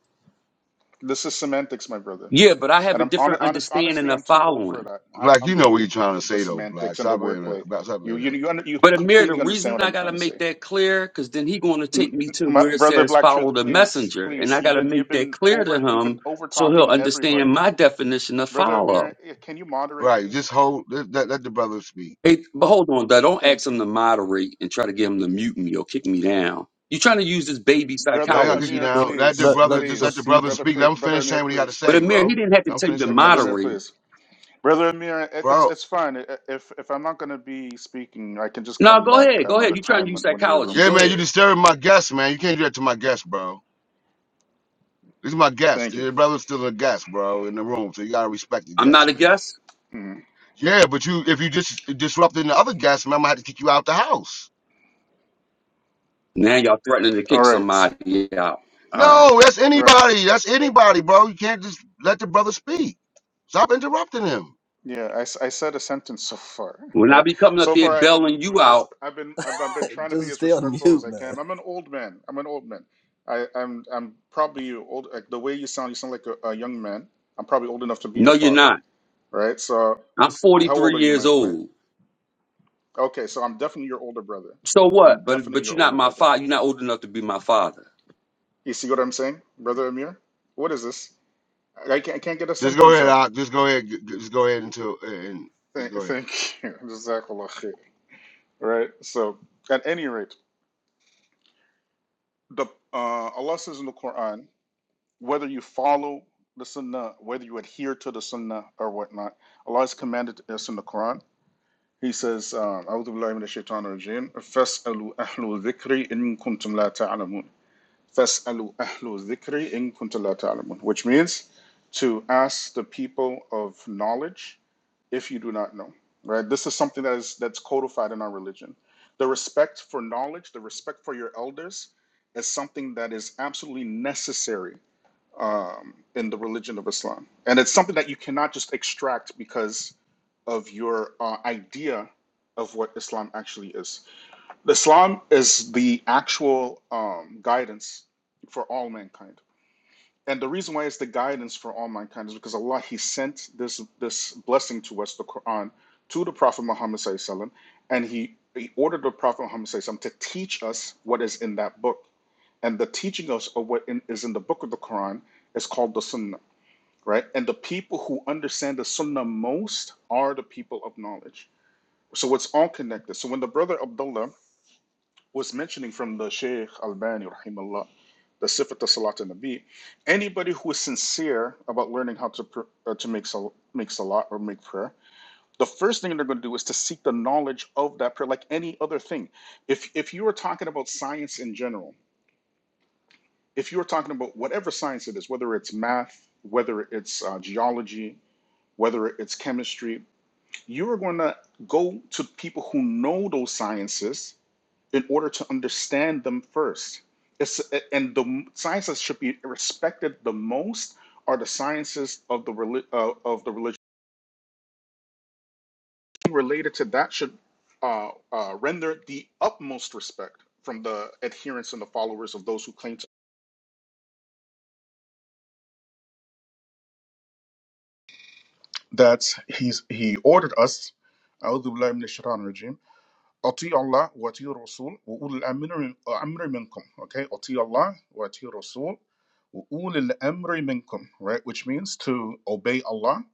Speaker 10: this is semantics, my brother.
Speaker 8: Yeah, but I have
Speaker 10: And
Speaker 8: a
Speaker 10: I'm hon-
Speaker 8: different
Speaker 10: honest,
Speaker 8: understanding
Speaker 10: honestly,
Speaker 8: of
Speaker 10: I'm too old for
Speaker 8: following.
Speaker 10: that. I,
Speaker 1: Black,
Speaker 10: I'm
Speaker 1: you know
Speaker 10: too
Speaker 1: what you're
Speaker 10: old for
Speaker 1: trying to
Speaker 10: the, the
Speaker 1: say though, Black.
Speaker 10: semantics and the
Speaker 1: Stop being a
Speaker 10: wordplay.
Speaker 1: Black. Stop
Speaker 10: You,
Speaker 1: being
Speaker 10: you,
Speaker 1: a
Speaker 10: you, under, you
Speaker 8: But Amir, the
Speaker 10: completely understand
Speaker 8: reason
Speaker 10: what
Speaker 8: I
Speaker 10: I'm
Speaker 8: got to
Speaker 10: trying to
Speaker 8: make
Speaker 10: say.
Speaker 8: that clear, because then he going to
Speaker 10: N-
Speaker 8: take me
Speaker 10: n-
Speaker 8: to
Speaker 10: My
Speaker 8: where it
Speaker 10: brother,
Speaker 8: says
Speaker 10: Black
Speaker 8: follow
Speaker 10: Truth,
Speaker 8: the
Speaker 10: please,
Speaker 8: messenger, and
Speaker 10: please,
Speaker 8: I
Speaker 10: you've
Speaker 8: got to
Speaker 10: been, you've
Speaker 8: make that
Speaker 10: been
Speaker 8: clear to
Speaker 10: over, you've been
Speaker 8: him
Speaker 10: over
Speaker 8: so he'll
Speaker 10: talking
Speaker 8: understand
Speaker 10: everybody.
Speaker 8: my definition of
Speaker 10: Brother
Speaker 8: follow.
Speaker 10: Amir, eh, can you moderate,
Speaker 1: right. Just
Speaker 10: please?
Speaker 1: hold. Let, let, let the brother speak.
Speaker 8: Hey, but hold on, though. Don't ask
Speaker 10: Thank
Speaker 8: him
Speaker 10: you.
Speaker 8: to moderate and try to get him to mute me or kick me down. You're trying to use this baby
Speaker 1: Now
Speaker 10: Brother
Speaker 1: y'all kick you
Speaker 8: psychology.
Speaker 10: Amir,
Speaker 9: Bro,
Speaker 1: down. Let the
Speaker 10: please,
Speaker 9: let,
Speaker 1: brother.
Speaker 9: let
Speaker 1: Just
Speaker 9: people
Speaker 1: let the
Speaker 10: please,
Speaker 9: speak.
Speaker 1: brother
Speaker 9: man.
Speaker 10: brother,
Speaker 1: speak. Let
Speaker 10: please,
Speaker 1: him
Speaker 10: brother
Speaker 1: finish
Speaker 10: Amir,
Speaker 1: saying what he got to
Speaker 10: please,
Speaker 8: But
Speaker 1: say,
Speaker 8: Amir, he
Speaker 1: bro.
Speaker 8: didn't have to
Speaker 1: Let him
Speaker 8: tell you
Speaker 1: finish
Speaker 8: to
Speaker 1: saying
Speaker 10: Br-
Speaker 1: what he got
Speaker 10: brother
Speaker 1: to
Speaker 10: Amir,
Speaker 1: say,
Speaker 8: moderate.
Speaker 10: please, brother Amir. It, it's
Speaker 1: bro.
Speaker 10: it's fine. I- I- If if I'm not gonna be speaking, I can just
Speaker 8: No,
Speaker 10: come
Speaker 8: go
Speaker 10: back
Speaker 8: ahead. Go ahead.
Speaker 10: another
Speaker 8: You're trying to
Speaker 10: time
Speaker 8: use
Speaker 10: when one of your
Speaker 8: psychology.
Speaker 1: Yeah,
Speaker 10: rooms.
Speaker 8: Go
Speaker 1: man, you
Speaker 8: ahead.
Speaker 1: disturbing my guest, man. You can't do that to my guest, bro. This is my guest.
Speaker 10: Thank you.
Speaker 1: The brother's still a guest, bro, in the room. So you gotta respect the
Speaker 8: I'm not
Speaker 1: guest,
Speaker 8: a
Speaker 1: man.
Speaker 8: guest.
Speaker 10: Hmm.
Speaker 1: Yeah, but you if you just disrupting the other guest, man, I'm gonna have to kick you out the house.
Speaker 8: Now y'all threatening to
Speaker 10: All
Speaker 8: kick
Speaker 10: right,
Speaker 8: somebody out. All right.
Speaker 1: No, that's
Speaker 10: right.
Speaker 1: anybody. That's anybody, bro. You can't just let the brother speak. Stop interrupting him.
Speaker 10: Yeah, I, s- I said a sentence so far,
Speaker 8: When I
Speaker 10: right?
Speaker 8: be coming up
Speaker 10: So
Speaker 8: there
Speaker 10: far, I've been
Speaker 8: bailing
Speaker 10: re-
Speaker 8: you
Speaker 10: res-
Speaker 8: out,
Speaker 10: I've been I've, I've been trying to be
Speaker 9: Just
Speaker 10: as
Speaker 9: stay on
Speaker 10: respectful as
Speaker 9: mute,
Speaker 10: I
Speaker 9: man.
Speaker 10: can. I'm an old man. I'm an old man. I, I'm I'm probably you old. Like the way you sound, you sound like a, a young man. I'm probably old enough to be your
Speaker 8: no, you're
Speaker 10: father,
Speaker 8: not.
Speaker 10: right? So
Speaker 8: I'm
Speaker 10: how old
Speaker 8: 43
Speaker 10: are you,
Speaker 8: years
Speaker 10: my my?
Speaker 8: old.
Speaker 10: Okay, so I'm definitely your older brother.
Speaker 8: So
Speaker 10: I'm
Speaker 8: what? But
Speaker 10: definitely
Speaker 8: but
Speaker 10: your
Speaker 8: you're not
Speaker 10: older
Speaker 8: my
Speaker 10: brother.
Speaker 8: father. You're not old enough to be my father.
Speaker 10: You see what I'm saying, brother Amir? What is this? I can't I can't get a
Speaker 1: Just go
Speaker 10: sentence
Speaker 1: ahead,
Speaker 10: out.
Speaker 1: Doc. Just go ahead. Just go ahead until and just
Speaker 10: Thank,
Speaker 1: go ahead.
Speaker 10: thank you. Right? So, at any rate, the uh, Allah says in the Quran, whether you follow the Sunnah, whether you adhere to the Sunnah or whatnot, Allah has commanded us in the Quran. He says, uh, أعوذ بالله من الشيطان الرجيم فاسألوا أهل الذكر إن كنتم لا تعلمون فَاسْأَلُوا أَهْلُ الذِّكْرِ إِن كُنتُمْ لَا تَعْلَمُونَ Which means to ask the people of knowledge if you do not know, right? This is something that is that's codified in our religion. The respect for knowledge, the respect for your elders is something that is absolutely necessary um, in the religion of Islam. And it's something that you cannot just extract because of your uh, idea of what Islam actually is. Islam is the actual um, guidance for all mankind. And the reason why it's the guidance for all mankind is because Allah He sent this this blessing to us, the Quran, to the Prophet Muhammad SAW, and He He ordered the Prophet Muhammad SAW to teach us what is in that book. And the teaching us of what in, is in the book of the Quran is called the Sunnah, right? And the people who understand the Sunnah most are the people of knowledge. So it's all connected. So when the brother Abdullah was mentioning from the Shaykh Albani, rahimahullah, the Sifat Salat al Nabi, anybody who is sincere about learning how to pr- uh, to make sal- make salat or make prayer, the first thing they're going to do is to seek the knowledge of that prayer, like any other thing. If if you are talking about science in general, if you are talking about whatever science it is, whether it's math, whether it's uh, geology, whether it's chemistry, you are going to go to people who know those sciences in order to understand them first. It's, and the sciences should be respected the most are the sciences of the uh, of the religion related to that should uh, uh, render the utmost respect from the adherents and the followers of those who claim to. That's he's he ordered us. أطيع الله وأطيع الرسول وأولي الأمر أمر منكم. Okay, أطيع الله وأطيع الرسول وأولي الأمر منكم. Right, which means to obey Allah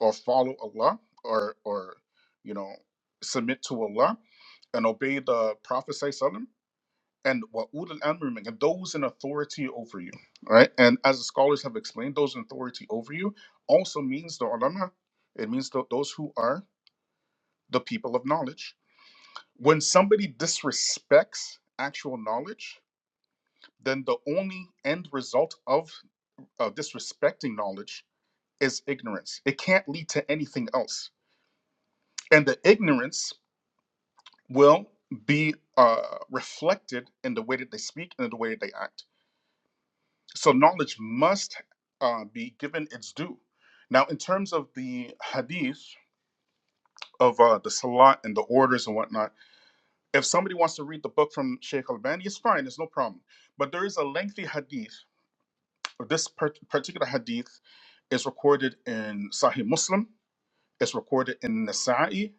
Speaker 10: or follow Allah or or you know submit to Allah and obey the Prophet sallam, and wa'ul al amr minkum, and those in authority over you. Right, and as the scholars have explained, those in authority over you also means the ulama. It means tho- those who are the people of knowledge when somebody disrespects actual knowledge, then the only end result of uh, disrespecting knowledge is ignorance. It can't lead to anything else. And the ignorance will be uh, reflected in the way that they speak and in the way that they act. So knowledge must uh, be given its due. Now, in terms of the hadith of uh, the salat and the orders and whatnot, if somebody wants to read the book from Sheikh Al-Bani, it's fine, There's no problem. But there is a lengthy hadith This particular hadith is recorded in Sahih Muslim. It's recorded in Nasa'i.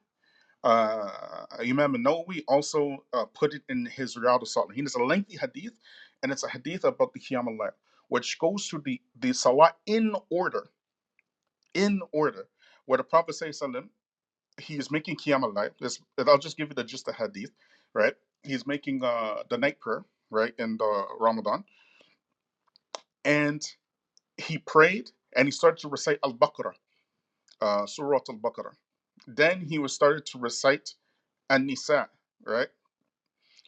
Speaker 10: Uh, Imam Nawawi also uh, put it in his Riyadh al-Salihin. It's a lengthy hadith, and it's a hadith about the Qiyam al-Layl, which goes to the, the Salah in order, in order, where the Prophet says, he is making Qiyam al-Layl. This- and I'll just give you the just the hadith, right? He's making uh, the night prayer, right, in the Ramadan. And he prayed, and he started to recite al-Baqarah uh, Surah Al Baqarah. Then he was started to recite An Nisa, right?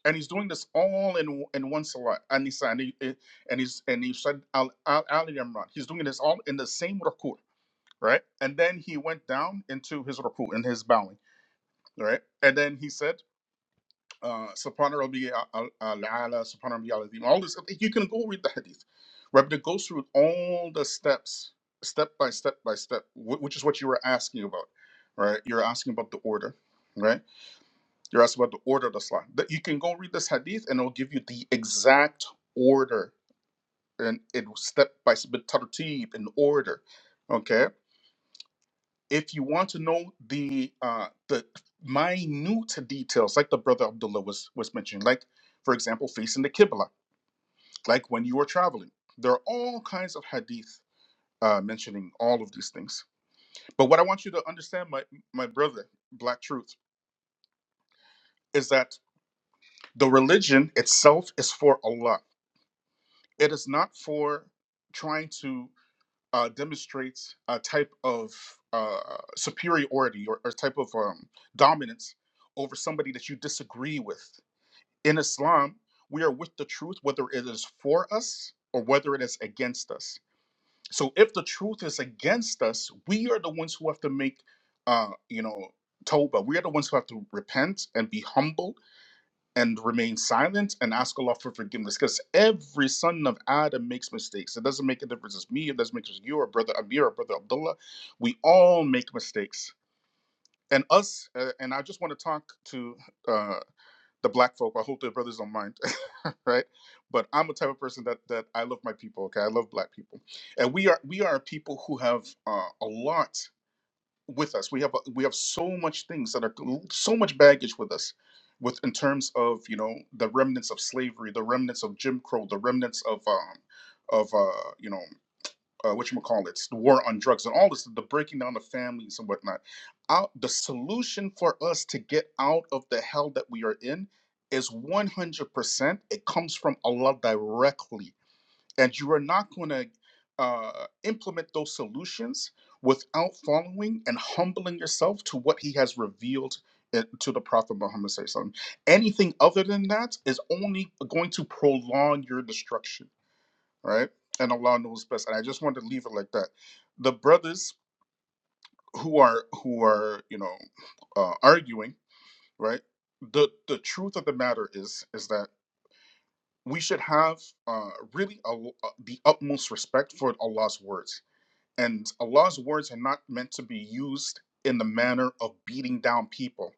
Speaker 10: And he's doing this all in in one salat, An Nisa, and, he, eh, and he's and he said Al Ali Imran. He's doing this all in the same ruku, right? And then he went down into his ruku, in his bowing, right? And then he said uh, Subhana Rabbi Al-Ala, Subhana Rabbi Al-Azim, all this. You can go read the hadith. Rabbi goes through all the steps, step by step by step, which is what you were asking about, right? You're asking about the order, right? You're asking about the order of the salah. That you can go read this hadith and it'll give you the exact order and it will step by step, tartib in order, okay if you want to know the uh, the minute details, like the brother Abdullah was was mentioning, like for example, facing the Qibla, like when you are traveling, there are all kinds of hadith uh, mentioning all of these things. But what I want you to understand, my my brother, Black Truth, is that the religion itself is for Allah. It is not for trying to. uh, demonstrates a type of uh, superiority or, or type of um, dominance over somebody that you disagree with. In Islam, we are with the truth, whether it is for us or whether it is against us. So if the truth is against us, we are the ones who have to make, uh, you know, Toba. We are the ones who have to repent and be humble and remain silent and ask Allah for forgiveness. Because every son of Adam makes mistakes. It doesn't make a difference. It's me. It doesn't make a difference. You or brother Amir or brother Abdullah. We all make mistakes. And us, uh, and I just want to talk to uh, the black folk. I hope their brothers don't mind, right? But I'm the type of person that that I love my people. Okay, I love black people, and we are we are people who have uh, a lot with us. We have we have so much things that are so much baggage with us, with in terms of you know the remnants of slavery, the remnants of Jim Crow, the remnants of um of uh you know uh, what you call it, the war on drugs and all this, the breaking down of families and whatnot. Out the solution for us to get out of the hell that we are in is 100%. It comes from Allah directly and you are not going to uh, implement those solutions without following and humbling yourself to what he has revealed uh, to the prophet muhammad SAW. anything other than that is only going to prolong your destruction right and allah knows best and i just wanted to leave it like that the brothers who are who are you know uh, arguing right the the truth of the matter is is that we should have uh, really a, uh, the utmost respect for allah's words And Allah's words are not meant to be used in the manner of beating down people.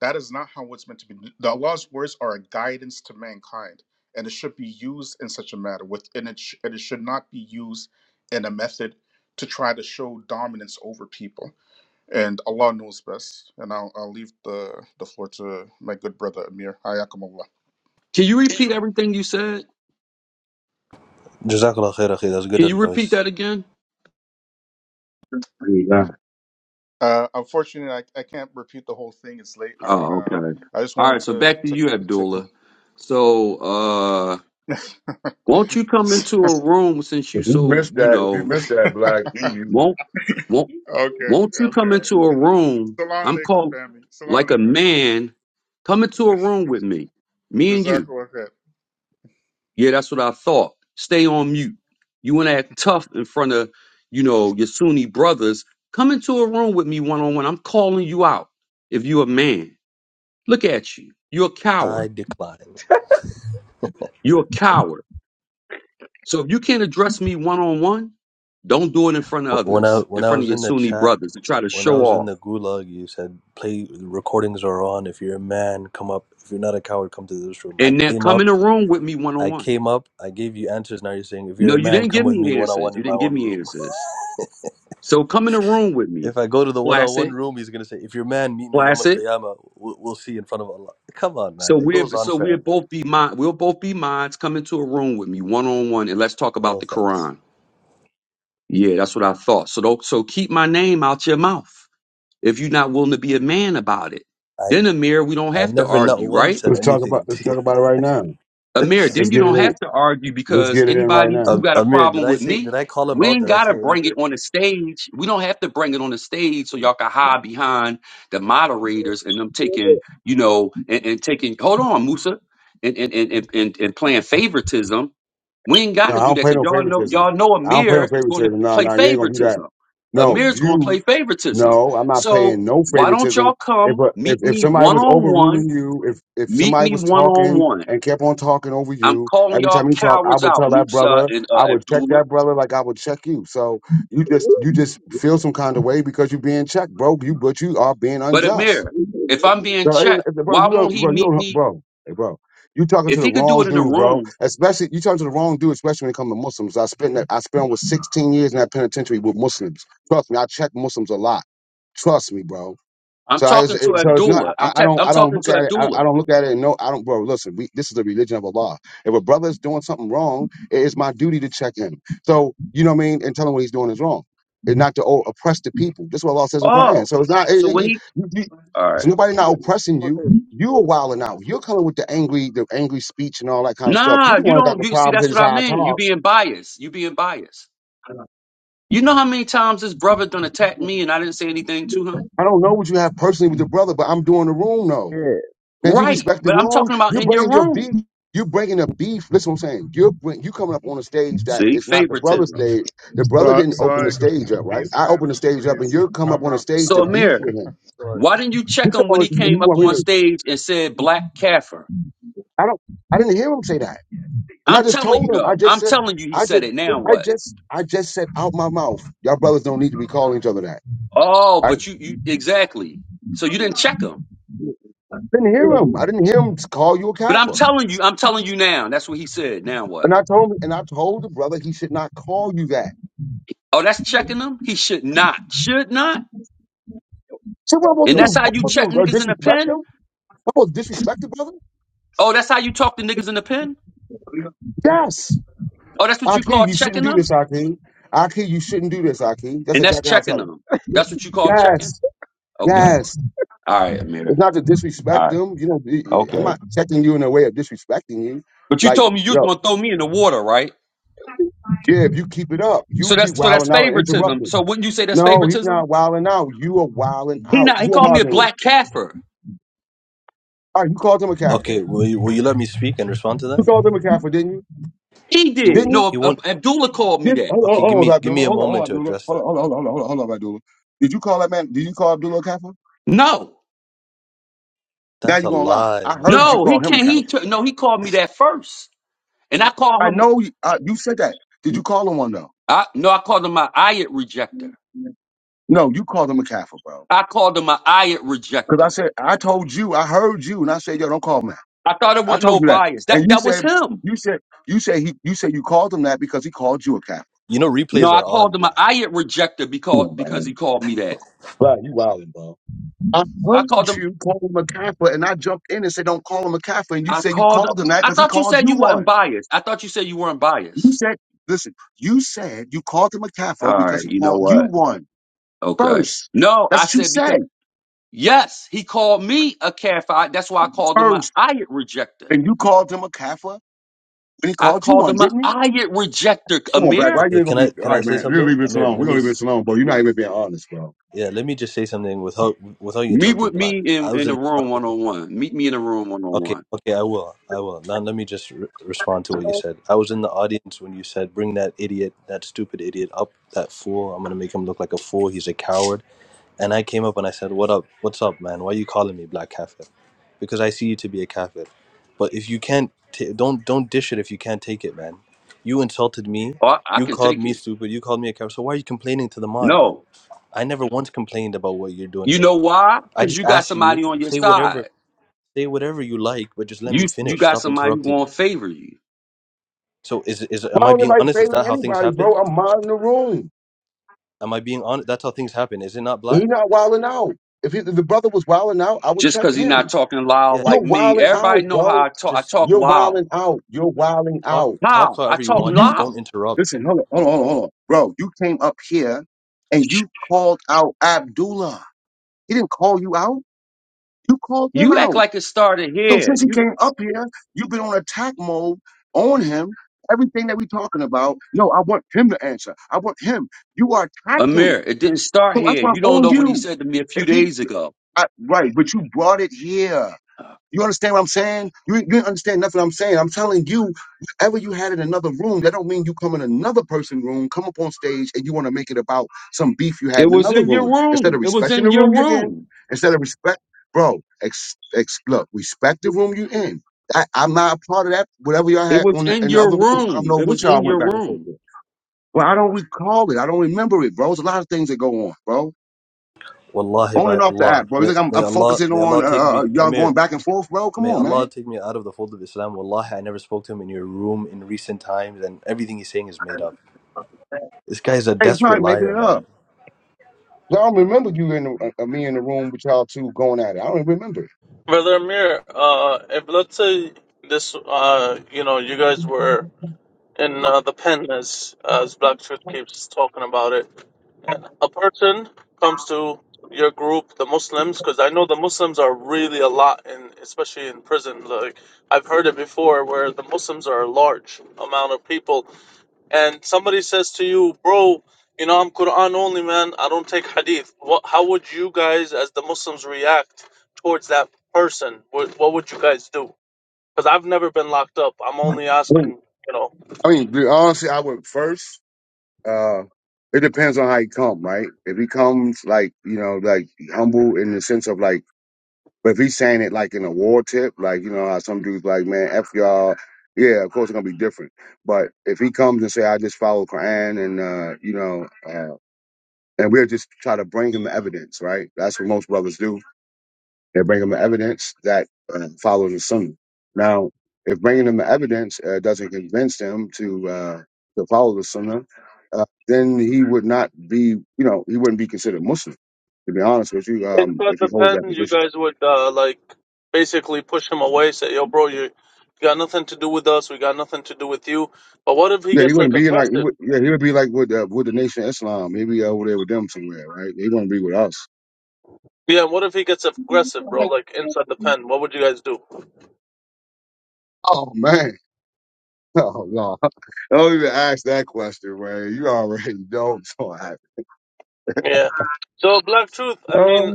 Speaker 10: That is not how it's meant to be. The Allah's words are a guidance to mankind, and it should be used in such a manner. With and it, sh- and it should not be used in a method to try to show dominance over people. And Allah knows best. And I'll, I'll leave the, the floor to my good brother Amir. Hayakumullah.
Speaker 8: Can you repeat everything you said?
Speaker 9: Jazakallah khair, akhi. That's good
Speaker 8: Can you repeat
Speaker 9: advice.
Speaker 8: that again?
Speaker 10: Uh, unfortunately, I, I can't repeat the whole thing. It's late. I
Speaker 8: Oh,
Speaker 10: wanna.
Speaker 8: okay.
Speaker 10: I just
Speaker 8: All
Speaker 10: wanted
Speaker 8: right, so
Speaker 10: to
Speaker 8: back to
Speaker 10: to
Speaker 8: you,
Speaker 10: to
Speaker 8: Abdullah. So, uh, won't you come
Speaker 10: come.
Speaker 8: into a room since you
Speaker 1: If you
Speaker 8: so,
Speaker 1: missed
Speaker 8: you
Speaker 1: that, if you
Speaker 8: know,
Speaker 1: missed that,
Speaker 10: okay,
Speaker 1: Black, you, you
Speaker 8: won't won't won't you come
Speaker 10: okay.
Speaker 8: into a room?
Speaker 10: Salam
Speaker 8: I'm
Speaker 10: alaikum,
Speaker 8: called
Speaker 10: family. Salam
Speaker 8: like a
Speaker 10: alaikum.
Speaker 8: man. Come into a room with me. Me and you.
Speaker 10: Jazakallah khair.
Speaker 8: Yeah, that's what I thought. Stay on mute. You want to act tough in front of, you know, your Sunni brothers. Come into a room with me one on one. I'm calling you out. If you're a man, look at you. You're a coward.
Speaker 9: I decline.
Speaker 8: You're a coward. So if you can't address me one on one, don't do it in front of
Speaker 9: Wh- When I
Speaker 8: others, in
Speaker 9: when I
Speaker 8: front
Speaker 9: was
Speaker 8: of your
Speaker 9: in the
Speaker 8: Sunni
Speaker 9: chat,
Speaker 8: brothers to try to
Speaker 9: when I
Speaker 8: show
Speaker 9: was in
Speaker 8: off.
Speaker 9: the gulag, you said play recordings are on. If you're a man, come up. If you're not a coward, come to this room. I
Speaker 8: And now
Speaker 9: came
Speaker 8: come in
Speaker 9: up.
Speaker 8: the room with me one on
Speaker 9: I
Speaker 8: one.
Speaker 9: came up. I gave you answers. Now you're saying, if you're
Speaker 8: No,
Speaker 9: a
Speaker 8: you
Speaker 9: man,
Speaker 8: didn't
Speaker 9: come
Speaker 8: give
Speaker 9: with me
Speaker 8: me
Speaker 9: one on
Speaker 8: answers.
Speaker 9: one in
Speaker 8: You
Speaker 9: my
Speaker 8: didn't give
Speaker 9: own
Speaker 8: me
Speaker 9: room.
Speaker 8: answers. So come in the room with me,
Speaker 9: if I go to the one on one
Speaker 8: Placid,
Speaker 9: room, he's gonna say, if you're a man, meet me Yom Al
Speaker 8: Placid.
Speaker 9: Qiyamah. We'll, we'll see in front of Allah. Come on,
Speaker 8: So
Speaker 9: man. It goes
Speaker 8: we're
Speaker 9: on
Speaker 8: so we'll
Speaker 9: forever.
Speaker 8: both be mind we'll both be minds. Come into a room with me one on one and let's talk about
Speaker 9: No
Speaker 8: the
Speaker 9: thanks.
Speaker 8: Quran. Yeah, that's what I thought. So don't so keep my name out your mouth if you're not willing to be a man about it.
Speaker 9: I
Speaker 8: Then Amir, we don't
Speaker 9: I
Speaker 8: have to
Speaker 9: never not
Speaker 8: argue,
Speaker 9: once
Speaker 8: right?
Speaker 9: said
Speaker 1: let's talk about
Speaker 9: anything
Speaker 1: let's
Speaker 9: to you.
Speaker 1: talk about it right now.
Speaker 8: Amir,
Speaker 1: Let's
Speaker 8: then you
Speaker 1: get it
Speaker 8: don't
Speaker 1: in.
Speaker 8: have to argue
Speaker 1: Let's
Speaker 8: because
Speaker 1: get it in right
Speaker 8: anybody who
Speaker 1: now.
Speaker 9: Um,
Speaker 8: got a
Speaker 9: Amir, did
Speaker 8: problem
Speaker 9: I
Speaker 8: with
Speaker 9: say did
Speaker 8: me,
Speaker 9: I call him
Speaker 8: we
Speaker 9: out?
Speaker 8: ain't
Speaker 9: Did I
Speaker 8: gotta
Speaker 9: say
Speaker 8: bring it
Speaker 9: anything?
Speaker 8: on the stage. We don't have to bring it on the stage so y'all can hide behind the moderators and them taking, you know, and, and taking hold on, Musa, and and, and and and and playing favoritism. We ain't
Speaker 1: No,
Speaker 8: gotta
Speaker 1: I
Speaker 8: do
Speaker 1: don't
Speaker 8: that
Speaker 1: play
Speaker 8: because
Speaker 1: no
Speaker 8: y'all know
Speaker 1: favoritism.
Speaker 8: y'all know
Speaker 1: I don't play no
Speaker 8: Amir is gonna
Speaker 1: favoritism. No,
Speaker 8: play
Speaker 1: no, you ain't gonna do that.
Speaker 8: favoritism.
Speaker 1: No,
Speaker 8: Amir's gonna
Speaker 1: you.
Speaker 8: play favoritism.
Speaker 1: No, I'm not
Speaker 8: So
Speaker 1: playing no
Speaker 8: why don't
Speaker 1: favoritism.
Speaker 8: y'all
Speaker 1: If
Speaker 8: come
Speaker 1: a,
Speaker 8: meet
Speaker 1: if if
Speaker 8: me
Speaker 1: somebody
Speaker 8: one
Speaker 1: was
Speaker 8: on one?
Speaker 1: overruling you, if if
Speaker 8: Meet
Speaker 1: somebody
Speaker 8: me
Speaker 1: was
Speaker 8: one on
Speaker 1: talking
Speaker 8: one
Speaker 1: and kept on talking over
Speaker 8: I'm
Speaker 1: you
Speaker 8: calling
Speaker 1: every
Speaker 8: y'all
Speaker 1: time you talk, I
Speaker 8: cowards
Speaker 1: would
Speaker 8: out,
Speaker 1: tell that
Speaker 8: Musa
Speaker 1: brother,
Speaker 8: and uh,
Speaker 1: I would check
Speaker 8: Abdullah.
Speaker 1: that brother like I would check you. So you just you just feel some kind of way because you're being checked, bro. You but you are being
Speaker 8: But
Speaker 1: unjust.
Speaker 8: Amir, if I'm being
Speaker 1: Bro, it-
Speaker 8: checked,
Speaker 1: bro,
Speaker 8: why
Speaker 1: you
Speaker 8: won't
Speaker 1: don't-
Speaker 8: he
Speaker 1: bro, you
Speaker 8: meet
Speaker 1: don't-
Speaker 8: me?
Speaker 1: bro, hey, bro, you talking to
Speaker 8: If
Speaker 1: the
Speaker 8: he could do
Speaker 1: wrong
Speaker 8: it in a
Speaker 1: dude, bro.
Speaker 8: room,
Speaker 1: Especially you talking to the wrong dude, especially when it comes to Muslims. I spent that, I spent with 16 years in that penitentiary with Muslims. Trust me, I check Muslims a lot. Trust me, bro.
Speaker 8: I'm
Speaker 1: So I was,
Speaker 8: talking to
Speaker 1: it- so it's not.
Speaker 8: Abdullah.
Speaker 1: I,
Speaker 8: I'm
Speaker 1: I
Speaker 8: te-
Speaker 1: don't.
Speaker 8: I'm
Speaker 1: I don't
Speaker 8: talking
Speaker 1: look
Speaker 8: to
Speaker 1: at it. I, I
Speaker 8: Abdullah.
Speaker 1: don't look at it. And no, I don't. Bro, listen. We, this is the religion of Allah. If a brother is doing something wrong, it is my duty to check him. So you know what I mean, and tell him what he's doing is wrong, and not to oh, oppress the people. This is what Allah says in the Quran.
Speaker 8: Oh,
Speaker 1: So it's not. It,
Speaker 8: so
Speaker 1: it,
Speaker 8: when
Speaker 1: it-
Speaker 8: he
Speaker 1: you, you,
Speaker 8: all
Speaker 1: so
Speaker 8: right?
Speaker 1: nobody not oppressing you.
Speaker 11: Mother,
Speaker 1: You are wilding out. You're coming with the angry, the angry speech and all that kind of stuff. You
Speaker 8: Nah,
Speaker 1: the
Speaker 8: you
Speaker 1: one that got
Speaker 8: don't.
Speaker 1: the
Speaker 8: You see,
Speaker 1: problems.
Speaker 8: that's
Speaker 1: That
Speaker 8: what
Speaker 1: is
Speaker 8: I
Speaker 1: how I
Speaker 8: mean. You
Speaker 1: talk.
Speaker 8: being biased. You being biased. You know how many times this brother done attack me and I didn't say anything to him?
Speaker 1: I don't know what you have personally with your brother, but I'm doing the room though.
Speaker 11: yeah,
Speaker 1: Man, you
Speaker 8: Right,
Speaker 1: respect the
Speaker 8: but I'm
Speaker 1: room.
Speaker 8: talking about
Speaker 1: You
Speaker 8: in your
Speaker 1: bringing your
Speaker 8: room.
Speaker 1: beef. You bringing a beef. Listen, what I'm saying. You bring you coming up on a stage that
Speaker 8: See,
Speaker 1: is not the brother
Speaker 8: favoritism.
Speaker 1: stage. The brother
Speaker 10: Sa-
Speaker 1: didn't open
Speaker 10: Salam
Speaker 1: the
Speaker 10: alaikum.
Speaker 1: stage up, right?
Speaker 10: Peace,
Speaker 1: I opened the
Speaker 10: family.
Speaker 1: stage up, and
Speaker 10: Peace.
Speaker 1: you come up
Speaker 10: I'm
Speaker 1: on a
Speaker 10: out.
Speaker 1: stage
Speaker 8: So
Speaker 1: to
Speaker 10: I'm
Speaker 1: beef
Speaker 8: Amir,
Speaker 1: with him.
Speaker 10: out. Sorry.
Speaker 8: Why didn't you
Speaker 1: You
Speaker 8: check him
Speaker 1: tell
Speaker 8: when
Speaker 1: me,
Speaker 8: he
Speaker 1: and you
Speaker 8: came up
Speaker 1: want me
Speaker 8: on
Speaker 1: to?
Speaker 8: stage and said black Kaffir?
Speaker 1: I don't. I didn't hear him say that, and I
Speaker 8: I'm
Speaker 1: just
Speaker 8: telling
Speaker 1: told
Speaker 8: you
Speaker 1: him. I
Speaker 8: though.
Speaker 1: just
Speaker 8: I'm
Speaker 1: said.
Speaker 8: telling you he
Speaker 1: I
Speaker 8: said
Speaker 1: just.
Speaker 8: it. Now
Speaker 1: I
Speaker 8: what?
Speaker 1: just. I just said out my mouth. Y'all brothers don't need to be calling each other that.
Speaker 8: Oh,
Speaker 1: I
Speaker 8: but you you exactly. So you didn't check him.
Speaker 11: yeah,
Speaker 1: didn't
Speaker 11: yeah,
Speaker 1: hear him.
Speaker 11: you-
Speaker 1: I didn't hear him call you a
Speaker 8: But I'm
Speaker 1: kafir.
Speaker 8: telling you, I'm telling you now. That's what he said. Now what?
Speaker 1: And I told him, and I told the brother he should not call you that.
Speaker 8: Oh, that's checking him? He should not. Should not?
Speaker 1: So what am I supposed to
Speaker 8: And
Speaker 11: yo,
Speaker 1: do?
Speaker 8: that's how
Speaker 1: What am I
Speaker 8: you
Speaker 1: supposed to
Speaker 8: check
Speaker 1: do? Uh,
Speaker 8: niggas in the
Speaker 1: disrespect
Speaker 8: pen?
Speaker 1: them? I'm supposed to disrespect the brother?
Speaker 8: Oh, that's how you talk to niggas in the pen?
Speaker 1: Yes.
Speaker 8: Oh, that's what you call
Speaker 1: Akeem, you shouldn't
Speaker 8: checking
Speaker 1: do
Speaker 8: them?
Speaker 1: this, Akeem. Akeem, you shouldn't do this, Akeem. That's
Speaker 8: And that's
Speaker 1: exactly how I
Speaker 8: checking
Speaker 1: tell him.
Speaker 8: them. That's what you call checking?
Speaker 1: Yes.
Speaker 8: Okay.
Speaker 1: Yes.
Speaker 8: All right,
Speaker 1: It's
Speaker 8: Amir.
Speaker 1: not to disrespect
Speaker 8: All right.
Speaker 1: them. You know, y- y- I'm
Speaker 8: Okay.
Speaker 1: not checking you in a way of disrespecting you.
Speaker 8: But you
Speaker 1: Like,
Speaker 8: told me you was
Speaker 1: yo,
Speaker 8: gonna throw me in the water, right?
Speaker 1: yeah, if you keep it up, you
Speaker 8: So
Speaker 1: keep
Speaker 8: that's so that's
Speaker 1: wilding out and
Speaker 8: favoritism.
Speaker 1: interrupting.
Speaker 8: So wouldn't you say that's
Speaker 1: No, he's
Speaker 8: favoritism?
Speaker 1: not wilding out. You are wilding
Speaker 8: He
Speaker 1: out.
Speaker 8: not he
Speaker 1: Who am I
Speaker 8: called me a
Speaker 1: arguing with?
Speaker 8: black kafir.
Speaker 1: All right, you called him a Kaffir.
Speaker 9: Okay, will you will you let me speak and respond to
Speaker 1: You
Speaker 9: that?
Speaker 1: called him a Kaffir, didn't you?
Speaker 8: He
Speaker 9: He
Speaker 1: Didn't
Speaker 8: did.
Speaker 1: you?
Speaker 8: No,
Speaker 9: he
Speaker 8: Ab-
Speaker 9: won't
Speaker 8: Ab- Abdullah called me
Speaker 1: Did,
Speaker 8: that.
Speaker 1: hold, on,
Speaker 9: okay, give
Speaker 1: hold
Speaker 9: me
Speaker 1: on,
Speaker 9: give
Speaker 1: Abdullah.
Speaker 9: me a
Speaker 1: Hold on, hold on,
Speaker 9: moment to
Speaker 1: Abdullah.
Speaker 9: address
Speaker 1: Hold on,
Speaker 9: that.
Speaker 1: hold on, hold on, hold on, hold on, Abdullah. Did you call that man? Did you call Abdullah a Kaffir?
Speaker 8: No,
Speaker 1: Now
Speaker 9: That's
Speaker 1: you're
Speaker 9: a
Speaker 1: gonna lie.
Speaker 9: lie,
Speaker 1: I heard you
Speaker 8: no,
Speaker 1: call
Speaker 8: he
Speaker 9: man.
Speaker 1: him a
Speaker 8: can't. He
Speaker 1: Kaffir.
Speaker 8: t- no, he called me that first, and I call
Speaker 1: I
Speaker 8: him.
Speaker 1: know you, uh, you said that. Did you call him one though?
Speaker 8: I no, I called him my ayat rejector.
Speaker 1: No, you called him a Kaffir, bro.
Speaker 8: I called him my ayat
Speaker 1: Because I
Speaker 8: rejector.
Speaker 1: said I told you. I heard you, and I said, yo, don't call him that.
Speaker 8: I thought it
Speaker 1: I
Speaker 8: wasn't
Speaker 1: told
Speaker 8: no
Speaker 1: you that,
Speaker 8: bias. That
Speaker 1: and you
Speaker 8: that was
Speaker 1: said
Speaker 8: him.
Speaker 1: you said you said he you said you called him that because he called you a Kaffir.
Speaker 9: You know
Speaker 8: No,
Speaker 9: replays are
Speaker 8: I
Speaker 9: on
Speaker 8: called him my
Speaker 9: black.
Speaker 8: ayat rejector because because he called me that.
Speaker 1: Right, you wildin', bro. I heard
Speaker 8: I called him.
Speaker 1: you call him a Kaffir, and I jumped in and said, don't call him a Kaffir, and you
Speaker 8: I
Speaker 1: said you
Speaker 8: called.
Speaker 1: called him that
Speaker 8: I
Speaker 1: because he
Speaker 8: thought you
Speaker 1: called
Speaker 8: said
Speaker 1: you
Speaker 8: you
Speaker 1: one.
Speaker 8: weren't biased. I thought you said you weren't
Speaker 1: You
Speaker 8: biased.
Speaker 1: said, listen, you said you called him a
Speaker 8: All
Speaker 1: kafir because
Speaker 8: right,
Speaker 1: he
Speaker 8: you know
Speaker 1: called
Speaker 8: what?
Speaker 1: you one
Speaker 8: Okay.
Speaker 1: first.
Speaker 8: No,
Speaker 1: That's
Speaker 8: I
Speaker 1: what you
Speaker 8: said
Speaker 1: said
Speaker 8: because yes, he called me a kafir. That's why I called him an
Speaker 1: first.
Speaker 8: ayat rejector.
Speaker 1: And you called him a kafir when he
Speaker 8: I
Speaker 1: called you
Speaker 8: called
Speaker 1: one,
Speaker 8: him an
Speaker 1: didn't he?
Speaker 8: ayat rejector.
Speaker 1: Come on, Black.
Speaker 8: Amir,
Speaker 1: Why you
Speaker 9: Okay,
Speaker 1: ain't gonna
Speaker 9: can I
Speaker 1: be? All
Speaker 9: can I
Speaker 1: right,
Speaker 9: say
Speaker 1: man. We're gonna
Speaker 9: something?
Speaker 1: leave this
Speaker 9: Amir,
Speaker 1: alone. We're
Speaker 9: let me
Speaker 1: gonna leave
Speaker 9: s-
Speaker 1: this alone, bro. You're not even being honest, bro.
Speaker 9: yeah, let me just say something without without you
Speaker 8: meet
Speaker 9: interrupting
Speaker 8: with
Speaker 9: black.
Speaker 8: me
Speaker 9: I
Speaker 8: in,
Speaker 9: was
Speaker 8: in
Speaker 9: in
Speaker 8: the room one on one. Meet me in the room one on
Speaker 9: Okay,
Speaker 8: one.
Speaker 9: okay, I will. I will. Now let me just re- respond to what you said. I was in the audience when you said, "Bring that idiot, that stupid idiot up, that fool. I'm gonna make him look like a fool. He's a coward." And I came up and I said, "What up? What's up, man? Why you calling me black kafir? Because I see you to be a kafir. But if you can't, ta don't don't dish it if you can't take it, man. You insulted me.
Speaker 8: I I
Speaker 9: You
Speaker 8: can
Speaker 9: called
Speaker 8: take
Speaker 9: me
Speaker 8: it.
Speaker 9: stupid. You called me a coward. So why are you complaining to the mod then?
Speaker 8: No,
Speaker 9: I never once complained about what you're doing
Speaker 8: you
Speaker 9: here.
Speaker 8: know why?
Speaker 9: I
Speaker 8: Because
Speaker 9: just
Speaker 8: you got
Speaker 9: asked you,
Speaker 8: somebody on your
Speaker 9: say whatever.
Speaker 8: side.
Speaker 9: Say whatever you like, but just let
Speaker 8: You
Speaker 9: me
Speaker 8: you
Speaker 9: finish.
Speaker 8: got
Speaker 9: Stop
Speaker 8: somebody who
Speaker 9: interrupting
Speaker 8: gonna
Speaker 9: me.
Speaker 8: favor you
Speaker 9: So is is am
Speaker 1: Why
Speaker 9: I
Speaker 1: don't
Speaker 9: being
Speaker 1: anybody
Speaker 9: honest? Is
Speaker 1: saving
Speaker 9: that how things
Speaker 1: anybody, bro?
Speaker 9: happen?
Speaker 1: I'm minding the room.
Speaker 9: Am I being honest? That's how things happen. Is it not
Speaker 1: He's
Speaker 9: black?
Speaker 1: not wilding out. If, he, if the brother was wilding out, I would
Speaker 8: just
Speaker 1: check
Speaker 8: because he's not
Speaker 1: him.
Speaker 8: talking loud
Speaker 9: Yeah,
Speaker 8: like
Speaker 1: You're
Speaker 8: me.
Speaker 1: wilding
Speaker 8: Everybody
Speaker 1: out,
Speaker 8: know
Speaker 1: bro.
Speaker 8: how I talk. I
Speaker 9: just
Speaker 8: talk
Speaker 1: You're
Speaker 8: loud.
Speaker 1: wilding out. You're wilding
Speaker 9: talk
Speaker 1: out.
Speaker 9: talk
Speaker 8: How I
Speaker 9: however you
Speaker 1: you
Speaker 8: talk
Speaker 9: want.
Speaker 1: you
Speaker 9: Just
Speaker 8: loud.
Speaker 9: don't interrupt.
Speaker 1: Listen, hold on, hold on, hold on, hold on. Bro, you came up here and you called out Abdullah. He didn't call you out. You called him
Speaker 8: You act
Speaker 1: out.
Speaker 8: like it started
Speaker 1: So
Speaker 8: here.
Speaker 1: since he
Speaker 8: You
Speaker 1: came up here, you've been on attack mode on him. Everything that we're talking about, no, I want him to answer. I want him. You are attacking.
Speaker 8: Amir, it didn't start
Speaker 1: So that's
Speaker 8: here.
Speaker 1: why I'm
Speaker 8: You don't
Speaker 1: on
Speaker 8: know what he
Speaker 1: you.
Speaker 8: said to me a few
Speaker 1: If he,
Speaker 8: days ago.
Speaker 1: I, right, but you brought it here. You understand what I'm saying? You, you didn't understand nothing I'm saying. I'm telling you, whatever you had in another room, that don't mean you come in another person's room, come up on stage, and you want to make it about some beef you had
Speaker 8: It
Speaker 1: in
Speaker 8: was
Speaker 1: another
Speaker 8: in your
Speaker 1: room instead of
Speaker 8: room. It was
Speaker 1: respecting
Speaker 8: in
Speaker 1: the
Speaker 8: your
Speaker 1: room you're in.
Speaker 8: room.
Speaker 1: Instead of respect, bro, ex, ex, look, respect the room you're in. I, I'm not a part of that. Whatever y'all
Speaker 8: It
Speaker 1: had
Speaker 8: was
Speaker 1: on
Speaker 8: in
Speaker 1: in the
Speaker 8: your
Speaker 1: other room, I don't
Speaker 8: room.
Speaker 1: know
Speaker 8: It
Speaker 1: which
Speaker 8: was
Speaker 1: y'all
Speaker 8: in
Speaker 1: went
Speaker 8: your
Speaker 1: back and forth
Speaker 8: room.
Speaker 1: with. Well, I don't recall it. I don't remember it, bro. There's a lot of things that go on, bro.
Speaker 9: Wallahi
Speaker 1: On
Speaker 9: by
Speaker 1: and off the
Speaker 9: Allah.
Speaker 1: app, bro. You
Speaker 9: May,
Speaker 1: think I'm,
Speaker 9: may
Speaker 1: I'm
Speaker 9: Allah
Speaker 1: focusing
Speaker 9: may
Speaker 1: on
Speaker 9: Allah
Speaker 1: uh,
Speaker 9: take me
Speaker 1: uh, y'all going
Speaker 9: Amir.
Speaker 1: back and forth, bro? Come
Speaker 9: May
Speaker 1: on, man.
Speaker 9: Allah take me out of the fold of Islam. Wallahi, I never spoke to him in your room in recent times, and everything he's saying is made up. This guy's a
Speaker 1: Hey, you
Speaker 9: desperate
Speaker 1: probably making
Speaker 9: liar,
Speaker 1: it up.
Speaker 9: man.
Speaker 1: So I don't remember you in the, uh, me in the room with y'all two going at it. I don't remember. it.
Speaker 5: Brother Amir, uh, if let's say this, uh, you know, you guys were in uh, the pen as as Black keeps talking about it. And a person comes to your group, the Muslims, because I know the Muslims are really a lot, in especially in prison. Like I've heard it before, where the Muslims are a large amount of people, and somebody says to you, "Bro, you know I'm Quran only, man. I don't take Hadith." What? How would you guys, as the Muslims, react towards that person? What, what would you guys do? Because I've never been locked up. I'm only
Speaker 1: Wait.
Speaker 5: asking, you know.
Speaker 1: I mean, be- honestly, I would first. Uh, it depends on how he come, right? If he comes like you know, like humble in the sense of like, but if he's saying it like in a war tip, like you know how some dudes like, man, f y'all. Yeah, of course it's gonna be different. But if he comes and say, I just follow Quran and uh, you know, uh, and we'll just try to bring him evidence, right? That's what most brothers do They're bringing them evidence that uh, follows the sunnah. Now, if bringing them evidence uh, doesn't convince them to uh, to follow the sunnah, uh, then he would not be, you know, he wouldn't be considered Muslim. To be honest with you, um,
Speaker 5: Inside
Speaker 1: if he
Speaker 5: the
Speaker 1: holds that
Speaker 5: pen, you
Speaker 1: position,
Speaker 5: guys would uh, like basically push him away, say, "Yo, bro, you, you got nothing to do with us. We got nothing to do with you." But what if he
Speaker 1: yeah, he
Speaker 5: gets like
Speaker 1: wouldn't be in like, he
Speaker 5: aggressive?
Speaker 1: would, yeah, he would be like with uh, with the Nation of Islam. He'd be over there with them somewhere, right? He wouldn't be with us.
Speaker 5: Yeah, what if he gets aggressive, bro? Like inside the pen, what would you guys do?
Speaker 1: Oh man, oh no, don't even ask that question, man. You already know. So I,
Speaker 5: Yeah. So Black Truth, I
Speaker 1: uh,
Speaker 5: mean,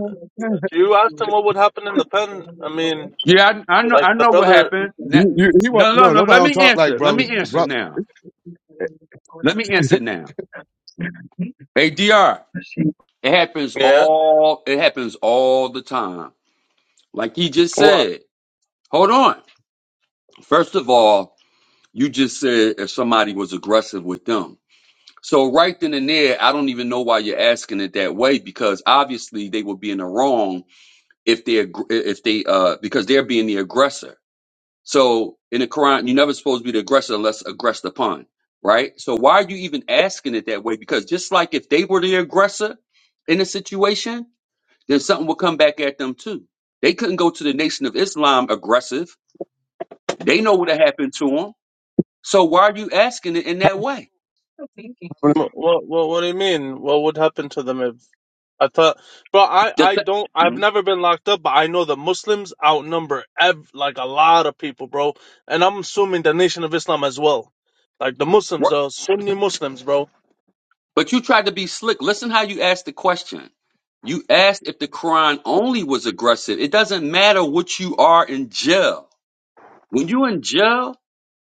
Speaker 5: you asked him what would happen in the pen. I mean,
Speaker 8: Yeah, I, I know. I
Speaker 5: like the
Speaker 8: know what
Speaker 5: brother.
Speaker 8: happened. Na-
Speaker 1: you, you, he wa-
Speaker 8: No, no,
Speaker 1: no,
Speaker 8: no.
Speaker 1: nobody
Speaker 8: Let
Speaker 1: don't
Speaker 8: me
Speaker 1: talk like
Speaker 8: answer. Let
Speaker 1: brother,
Speaker 8: me answer
Speaker 1: brother.
Speaker 8: now. Let me answer now. Hey, Dr. It happens
Speaker 5: Yeah.
Speaker 8: all. It happens all the time. Like he just
Speaker 5: What?
Speaker 8: said. Hold on. First of all, you just said if somebody was aggressive with them. So right then and there, I don't even know why you're asking it that way because obviously they would be in the wrong if they aggr- if they uh because they're being the aggressor. So in the Quran, you're never supposed to be the aggressor unless aggressed upon, right? So why are you even asking it that way? Because just like if they were the aggressor in a situation, then something would come back at them too. They couldn't go to the Nation of Islam aggressive. They know what happened to them. So why are you asking it in that way?
Speaker 5: What, what, what, do you mean? What would happen to them if I thought, bro? I,
Speaker 8: Just
Speaker 5: I
Speaker 8: that,
Speaker 5: don't. I've never been locked up, but I know the Muslims outnumber ev- like a lot of people, bro. And I'm assuming the Nation of Islam as well. Like the Muslims, the Sunni Muslims, bro.
Speaker 8: But you tried to be slick. Listen how you asked the question. You asked if the Quran only was aggressive. It doesn't matter what you are in jail. When you in jail,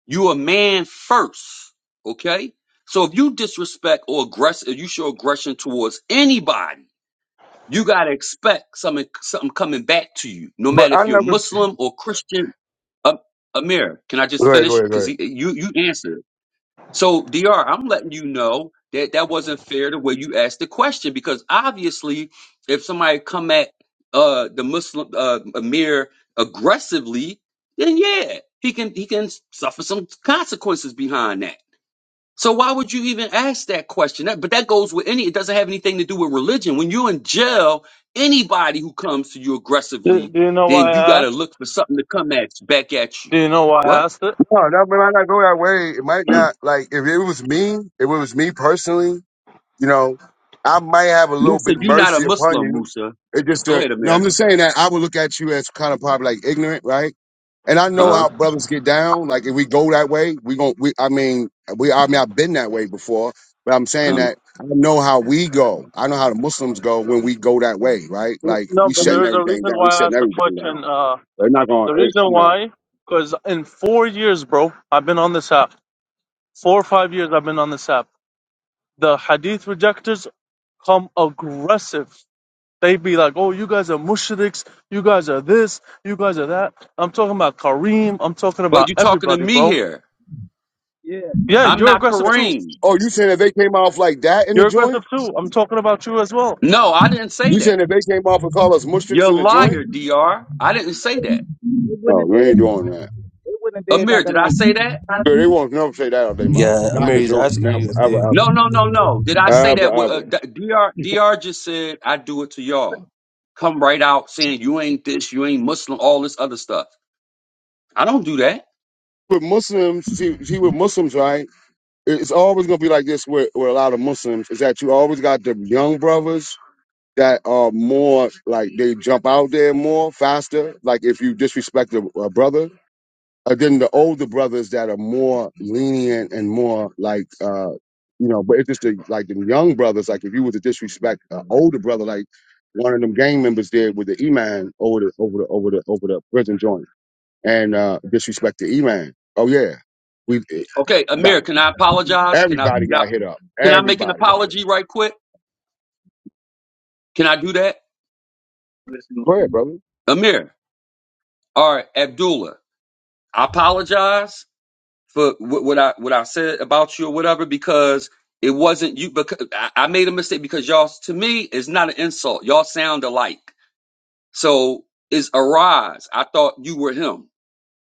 Speaker 8: you a man first. Okay? So if you disrespect or aggress, if you show aggression towards anybody, you gotta expect something something coming back to you, no
Speaker 1: But
Speaker 8: matter
Speaker 1: I
Speaker 8: if you're
Speaker 1: never.
Speaker 8: Muslim or Christian. Uh, Amir, can I just
Speaker 1: Go ahead, go
Speaker 8: finish?
Speaker 1: ahead, go
Speaker 8: Because
Speaker 1: ahead.
Speaker 8: you you answered. So, Dr. I'm letting you know that that wasn't fair the way you asked the question because obviously, if somebody come at uh the Muslim uh, Amir aggressively, then yeah, he can he can suffer some consequences behind that. So why would you even ask that question? That, but that goes with any. It doesn't have anything to do with religion. When you're in jail, anybody who comes to you
Speaker 5: Do,
Speaker 8: aggressively,
Speaker 5: do you know
Speaker 8: then
Speaker 5: why
Speaker 8: you got
Speaker 5: I
Speaker 8: to
Speaker 5: asked?
Speaker 8: look for something to come at back at you.
Speaker 5: Do you know why I
Speaker 8: What?
Speaker 5: asked it?
Speaker 1: No, that might not go that way. It might not like if it was me, if it was me personally, you know, I might have a little
Speaker 8: Musa,
Speaker 1: bit
Speaker 8: you're not a
Speaker 1: mercy upon
Speaker 8: Muslim,
Speaker 1: you.
Speaker 8: Musa.
Speaker 1: It just
Speaker 8: Go
Speaker 1: uh,
Speaker 8: ahead,
Speaker 1: no,
Speaker 8: Amir.
Speaker 1: I'm just saying that I would look at you as kind of probably like ignorant, right? And I know
Speaker 8: Uh-huh.
Speaker 1: how brothers get down. Like if we go that way, we gon' we I mean we I mean I've been that way before, but I'm saying
Speaker 8: uh-huh,
Speaker 1: that I know how we go. I know how the Muslims go when we go that way, right? Like
Speaker 5: no,
Speaker 1: we
Speaker 5: but there
Speaker 1: shutting
Speaker 8: mhm.
Speaker 5: is a
Speaker 1: everything
Speaker 5: reason
Speaker 1: down. We
Speaker 5: why I
Speaker 1: shutting
Speaker 5: asked the
Speaker 1: everything down.
Speaker 5: question. Uh,
Speaker 1: They're not gonna,
Speaker 5: the
Speaker 1: eh,
Speaker 5: reason
Speaker 1: you know.
Speaker 5: why, because in four years, bro, I've been on this app. Four or five years, I've been on this app. The hadith rejectors come aggressive. They be like, oh, you guys are mushriks, you guys are this, you guys are that. I'm talking about Kareem, I'm talking
Speaker 8: But
Speaker 5: about
Speaker 8: you talking to
Speaker 5: everybody,
Speaker 8: me
Speaker 5: bro.
Speaker 8: here.
Speaker 11: yeah.
Speaker 5: Yeah,
Speaker 8: I'm
Speaker 5: you're
Speaker 8: not
Speaker 5: aggressive too.
Speaker 8: Kareem.
Speaker 1: Oh, you saying that they came off like that in the
Speaker 5: You're
Speaker 1: joint?
Speaker 5: aggressive too. I'm talking about you as well.
Speaker 8: No, I didn't say
Speaker 1: You
Speaker 8: that.
Speaker 1: saying that they came off and call us
Speaker 8: You're
Speaker 1: mushriks
Speaker 8: a
Speaker 1: in the joint?
Speaker 8: liar, DR. I didn't say that.
Speaker 11: It wouldn't
Speaker 1: Oh,
Speaker 11: have
Speaker 1: we
Speaker 11: did.
Speaker 1: ain't doing that.
Speaker 11: It wouldn't have did
Speaker 8: Amir,
Speaker 11: nothing
Speaker 8: did I
Speaker 11: like.
Speaker 8: say that?
Speaker 1: Girl, they won't never say that out their mouth.
Speaker 9: Yeah,
Speaker 1: Not in
Speaker 9: Amir,
Speaker 1: the
Speaker 9: he's
Speaker 1: joint.
Speaker 9: asking
Speaker 1: Never,
Speaker 9: you if they
Speaker 1: ever,
Speaker 8: No,
Speaker 1: ever,
Speaker 8: no, no, no. Did I say
Speaker 1: ever,
Speaker 8: that? with- Uh,
Speaker 1: ever.
Speaker 8: D- DR, DR just said, I do it to y'all. Come right out saying you ain't this, you ain't Muslim, all this other stuff. I don't do that.
Speaker 1: With Muslims, see, see with Muslims, right? it- It's always gonna be like this with, with a lot of Muslims. Is that you always got the young brothers that are more like they jump out there more faster. Like if you disrespect a, a brother, uh, than the older brothers that are more lenient and more like uh you know but it's just the, like the young brothers like if you were to disrespect an older brother like one of them gang members did with the e-man over the over the over the over the prison joint and uh disrespect the e-man oh yeah we it
Speaker 8: Okay,
Speaker 1: got
Speaker 8: Amir, can I apologize? Can I,
Speaker 1: everybody
Speaker 8: can I,
Speaker 1: got hit up
Speaker 8: can I make an
Speaker 1: everybody got hit
Speaker 8: apology right quick? Can I do that?
Speaker 1: go ahead brother
Speaker 8: Amir. All right, Abdullah. I apologize. for wh- what I what I said about you or whatever because it wasn't you. Because I I made a mistake because y'all to me is not an insult. Y'all sound alike. So is arise. I thought you were him.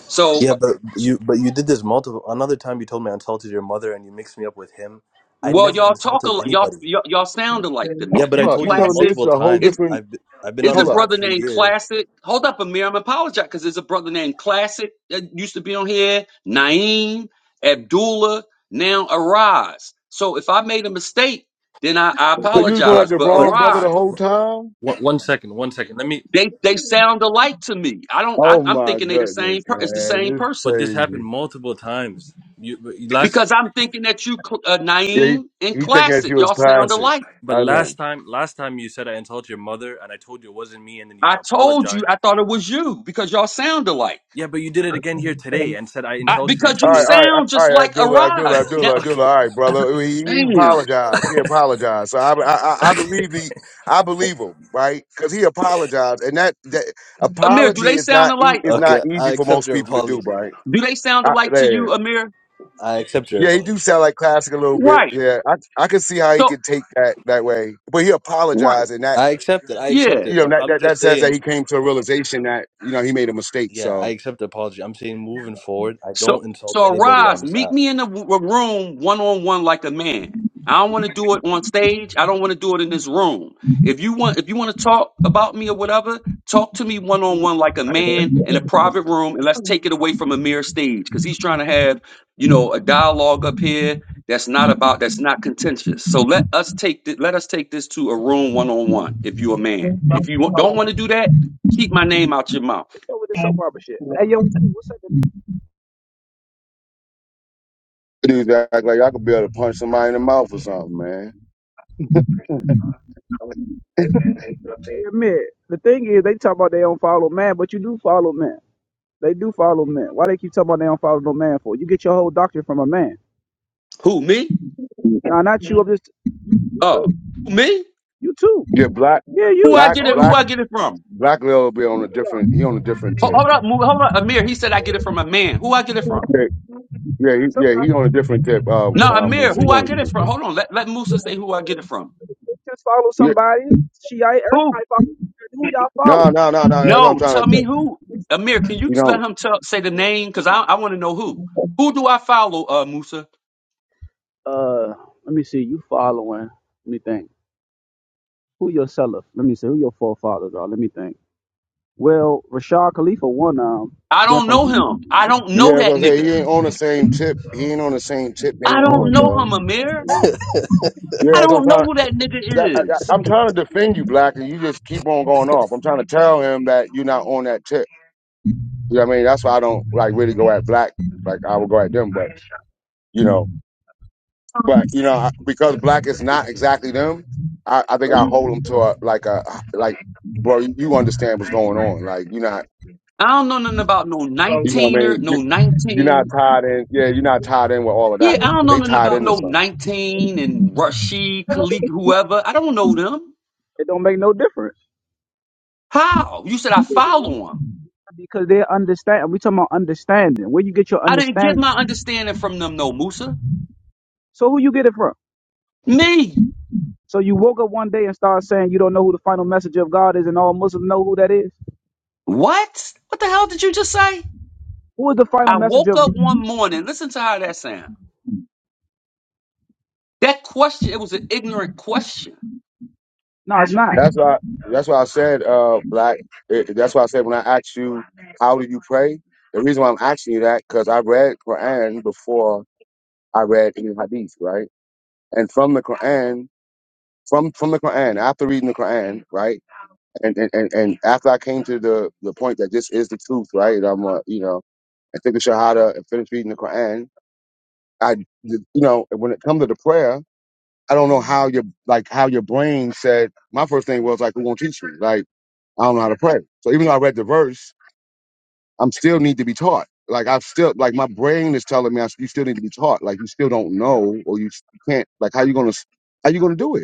Speaker 8: So
Speaker 9: Yeah,
Speaker 8: uh,
Speaker 9: but you but you did this multiple. Another time you told me I insulted your mother and you mixed me up with him. I
Speaker 8: well,
Speaker 9: never
Speaker 8: y'all talk
Speaker 9: insulted
Speaker 8: a y'all
Speaker 9: anybody.
Speaker 8: y'all y'all sound alike to
Speaker 9: Yeah,
Speaker 8: me.
Speaker 9: but I
Speaker 8: You
Speaker 1: Hold up, you
Speaker 9: told you this
Speaker 1: telling me
Speaker 8: classic.
Speaker 1: this is
Speaker 9: multiple
Speaker 1: a whole
Speaker 9: times.
Speaker 1: different
Speaker 9: I've been, I've been
Speaker 8: Is
Speaker 9: on
Speaker 8: a
Speaker 1: hold
Speaker 9: this
Speaker 1: up
Speaker 9: app
Speaker 8: brother
Speaker 9: for
Speaker 8: named
Speaker 9: years.
Speaker 8: Classic? Hold up, Amir. I'm apologize because there's a brother named Classic that used to be on here. Naeem, Abdullah, now Arise. So if I made a mistake, then I, I
Speaker 1: so
Speaker 9: But
Speaker 1: you was going
Speaker 9: but
Speaker 1: at
Speaker 8: apologize.
Speaker 1: the
Speaker 8: But
Speaker 9: but
Speaker 1: wrong brother the
Speaker 8: Arise,
Speaker 1: whole time
Speaker 9: one, one second, one second. Let me.
Speaker 8: they they sound alike to me. I don't. I,
Speaker 1: oh
Speaker 8: I'm
Speaker 1: my
Speaker 8: thinking they the
Speaker 1: goodness
Speaker 8: same. Per, it's the
Speaker 1: man
Speaker 8: same
Speaker 1: this is
Speaker 8: person
Speaker 9: But this
Speaker 1: crazy
Speaker 9: happened multiple times. You but you- last
Speaker 8: because I'm thinking that you, Cl- uh,
Speaker 1: Yeah,
Speaker 8: Naeem
Speaker 1: he,
Speaker 8: and
Speaker 1: he thinking that you
Speaker 8: Classic,
Speaker 1: was
Speaker 8: y'all
Speaker 9: but
Speaker 8: sound
Speaker 1: toxic.
Speaker 8: alike.
Speaker 9: but
Speaker 1: I know.
Speaker 9: last time last time you said I insulted your mother and I told you it wasn't me and then you
Speaker 8: I told you
Speaker 9: apologized.
Speaker 8: I thought it was you because y'all sound alike.
Speaker 9: Yeah, but you did it again here today and said I
Speaker 8: I,
Speaker 9: insulted you
Speaker 8: because
Speaker 1: All
Speaker 9: two
Speaker 8: you
Speaker 1: right,
Speaker 9: days
Speaker 1: all
Speaker 9: ago.
Speaker 1: right,
Speaker 8: sound
Speaker 1: all
Speaker 8: just
Speaker 1: right,
Speaker 8: like
Speaker 1: Abdullah, Abdullah,
Speaker 8: Arise. Now,
Speaker 1: Abdullah,
Speaker 9: Okay.
Speaker 1: Abdullah. All right, brother. He, he
Speaker 8: damn.
Speaker 1: apologized. He apologized. So I, I, I I believe the, I believe him, right? Because he apologized, and that, that
Speaker 8: Amir, do
Speaker 1: apology
Speaker 8: they
Speaker 1: is
Speaker 8: sound
Speaker 1: not e-
Speaker 8: alike?
Speaker 1: is not
Speaker 9: Okay,
Speaker 1: easy
Speaker 9: I
Speaker 1: for
Speaker 9: accept
Speaker 1: most
Speaker 9: your
Speaker 1: people to do,
Speaker 9: apology.
Speaker 1: right?
Speaker 8: Do they sound
Speaker 1: I,
Speaker 8: alike to
Speaker 1: there. Yeah,
Speaker 8: you, Amir?
Speaker 9: I accept your
Speaker 1: Yeah, he do
Speaker 9: apology.
Speaker 1: sound like classic a little bit.
Speaker 8: Right.
Speaker 1: Yeah, I, I can see how he
Speaker 8: So
Speaker 1: could take that that way. But he
Speaker 8: right.
Speaker 1: apologized, and that
Speaker 9: I accept it. I
Speaker 8: Yeah.
Speaker 9: accept
Speaker 1: you
Speaker 9: it.
Speaker 1: know
Speaker 9: But
Speaker 1: that,
Speaker 9: I'm
Speaker 1: that that
Speaker 9: just
Speaker 1: says that
Speaker 9: saying,
Speaker 1: he came to a realization that you know he made a mistake.
Speaker 9: yeah,
Speaker 1: So
Speaker 9: I accept the apology. I'm saying moving forward, I
Speaker 8: So,
Speaker 9: don't insult
Speaker 8: so
Speaker 9: anybody on
Speaker 8: arise,
Speaker 9: this
Speaker 8: meet
Speaker 9: app.
Speaker 8: me in the w- w- room one on one like a man. I don't want to do it on stage. I don't want to do it in this room. If you want, if you want to talk about me or whatever, talk to me one on one like a man in a private room, and let's take it away from a mere stage because he's trying to have, you know, a dialogue up here that's not about that's not contentious. So let us take th- let us take this to a room one on one. If you're a man, if you wa- don't want to do that, keep my name out your mouth.
Speaker 11: What's up with this soap opera shit? Hey yo, what's up? with-
Speaker 1: Dudes act like I could be able to punch somebody in the mouth or something, man.
Speaker 11: Hey, hey, admit the thing is they talk about they don't follow man, but you do follow man. They do follow men. Why they keep talking about they don't follow no man for? You get your whole doctrine from a man.
Speaker 8: Who me?
Speaker 11: Nah, not you. I'm just you too.
Speaker 8: Oh, me?
Speaker 11: You too.
Speaker 1: Yeah, black,
Speaker 11: Yeah,
Speaker 8: Who
Speaker 11: you.
Speaker 8: I
Speaker 1: black,
Speaker 8: get it?
Speaker 11: Oh, you.
Speaker 8: Who
Speaker 1: black,
Speaker 8: I get it from?
Speaker 1: black Lil be on a
Speaker 11: you are.
Speaker 1: different. He on a different
Speaker 8: Ho-
Speaker 1: tip.
Speaker 8: Hold up, Mu- hold up, Amir. He said I get it from a man. Who I get it from?
Speaker 1: Yeah, he, yeah, he
Speaker 11: Sometimes
Speaker 1: on a different tip.
Speaker 8: No,
Speaker 1: Um, uh,
Speaker 8: Amir.
Speaker 1: Musa, he
Speaker 8: Who I
Speaker 1: on a
Speaker 8: get it
Speaker 1: different
Speaker 8: from?
Speaker 1: tip.
Speaker 8: Hold on. Let let Musa say who I get it from.
Speaker 11: you just follow
Speaker 1: Yeah,
Speaker 11: somebody. She, I,
Speaker 8: Who?
Speaker 11: everybody follow. Who y'all follow?
Speaker 1: no, no, no, no. That's what I'm
Speaker 8: No,
Speaker 1: trying
Speaker 8: tell
Speaker 1: to tell
Speaker 8: me who. Amir, can you
Speaker 1: you.
Speaker 8: t-
Speaker 1: Know.
Speaker 8: let him tell say the name? Because I I want to know who. Who do I follow? Uh, Musa.
Speaker 11: Uh, let me see. You following? Let me think. Who your seller? Let me see. Who your forefathers are? Let me think. Well, Rashad Khalifa one um.
Speaker 8: I
Speaker 11: Then
Speaker 8: don't
Speaker 11: from
Speaker 8: know him. I don't know
Speaker 1: Yeah, that's what
Speaker 8: that
Speaker 1: I'm saying. He
Speaker 8: nigga.
Speaker 1: ain't on the same tip. He ain't on the same tip they
Speaker 8: I don't
Speaker 1: on,
Speaker 8: know
Speaker 1: bro.
Speaker 8: him, Amir. I
Speaker 1: Yeah, that's what I'm
Speaker 8: don't know
Speaker 1: trying.
Speaker 8: who that
Speaker 1: That, I,
Speaker 8: nigga
Speaker 1: I-
Speaker 8: is.
Speaker 1: I'm trying to defend you, black, and you just keep on going off. I'm trying to tell him that you're not on that tip. You know what I mean? That's why I don't like really go at black like I would go at them, but you know. But you know, I- because black is not exactly them, I, I think
Speaker 11: but
Speaker 1: I hold them
Speaker 11: it
Speaker 1: to a like a like, bro, you, you understand what's going on. Like you're not,
Speaker 8: I don't know nothing about no
Speaker 1: you know, what I
Speaker 8: nineteen or
Speaker 1: mean, you,
Speaker 8: no
Speaker 1: you're
Speaker 8: nineteen.
Speaker 1: not tied in. Yeah, you're not tied in with all of
Speaker 8: Yeah,
Speaker 1: that.
Speaker 8: I don't
Speaker 1: But
Speaker 8: know
Speaker 1: they
Speaker 8: nothing
Speaker 1: tied
Speaker 8: about
Speaker 1: into
Speaker 8: no
Speaker 1: something.
Speaker 8: 19 and Rashid, Khalid, whoever. I don't know them.
Speaker 11: don't make no difference
Speaker 8: How? You said I follow them.
Speaker 11: because they understand. We talking about understanding. Where you get your
Speaker 8: I didn't get my
Speaker 11: understanding?
Speaker 8: understanding from them, no, Musa.
Speaker 11: So who you get it from?
Speaker 8: Me.
Speaker 11: So you woke up one day and start saying you don't know who the final messenger of God is, and all Muslims know who that is.
Speaker 8: What? What the hell did you just say?
Speaker 11: Who is the final
Speaker 8: I
Speaker 11: messenger
Speaker 8: woke
Speaker 11: of?
Speaker 8: up
Speaker 11: God?
Speaker 8: one morning. Listen to how that sound. That question, it was an ignorant question.
Speaker 11: No, it's not.
Speaker 1: That's why. That's why I said, uh, black. It, that's why I said when I asked you, how do you pray? The reason why I'm asking you that because I read Quran before I read any hadith, right? And from the Quran, from from the Quran, after reading the Quran, right? and and, and and after I came to the the point that this is the truth, right? I'm uh, you know, I took the Shahada and finished reading the Quran. I you know, when it comes to the prayer, I don't know how your like how your brain said. My first thing was like, "Who won't teach me?" Like I don't know how to pray. So even though I read the verse, I'm still need to be taught. Like I've still like my brain is telling me I, you still need to be taught. Like you still don't know or you can't. Like how you gonna how you gonna do it?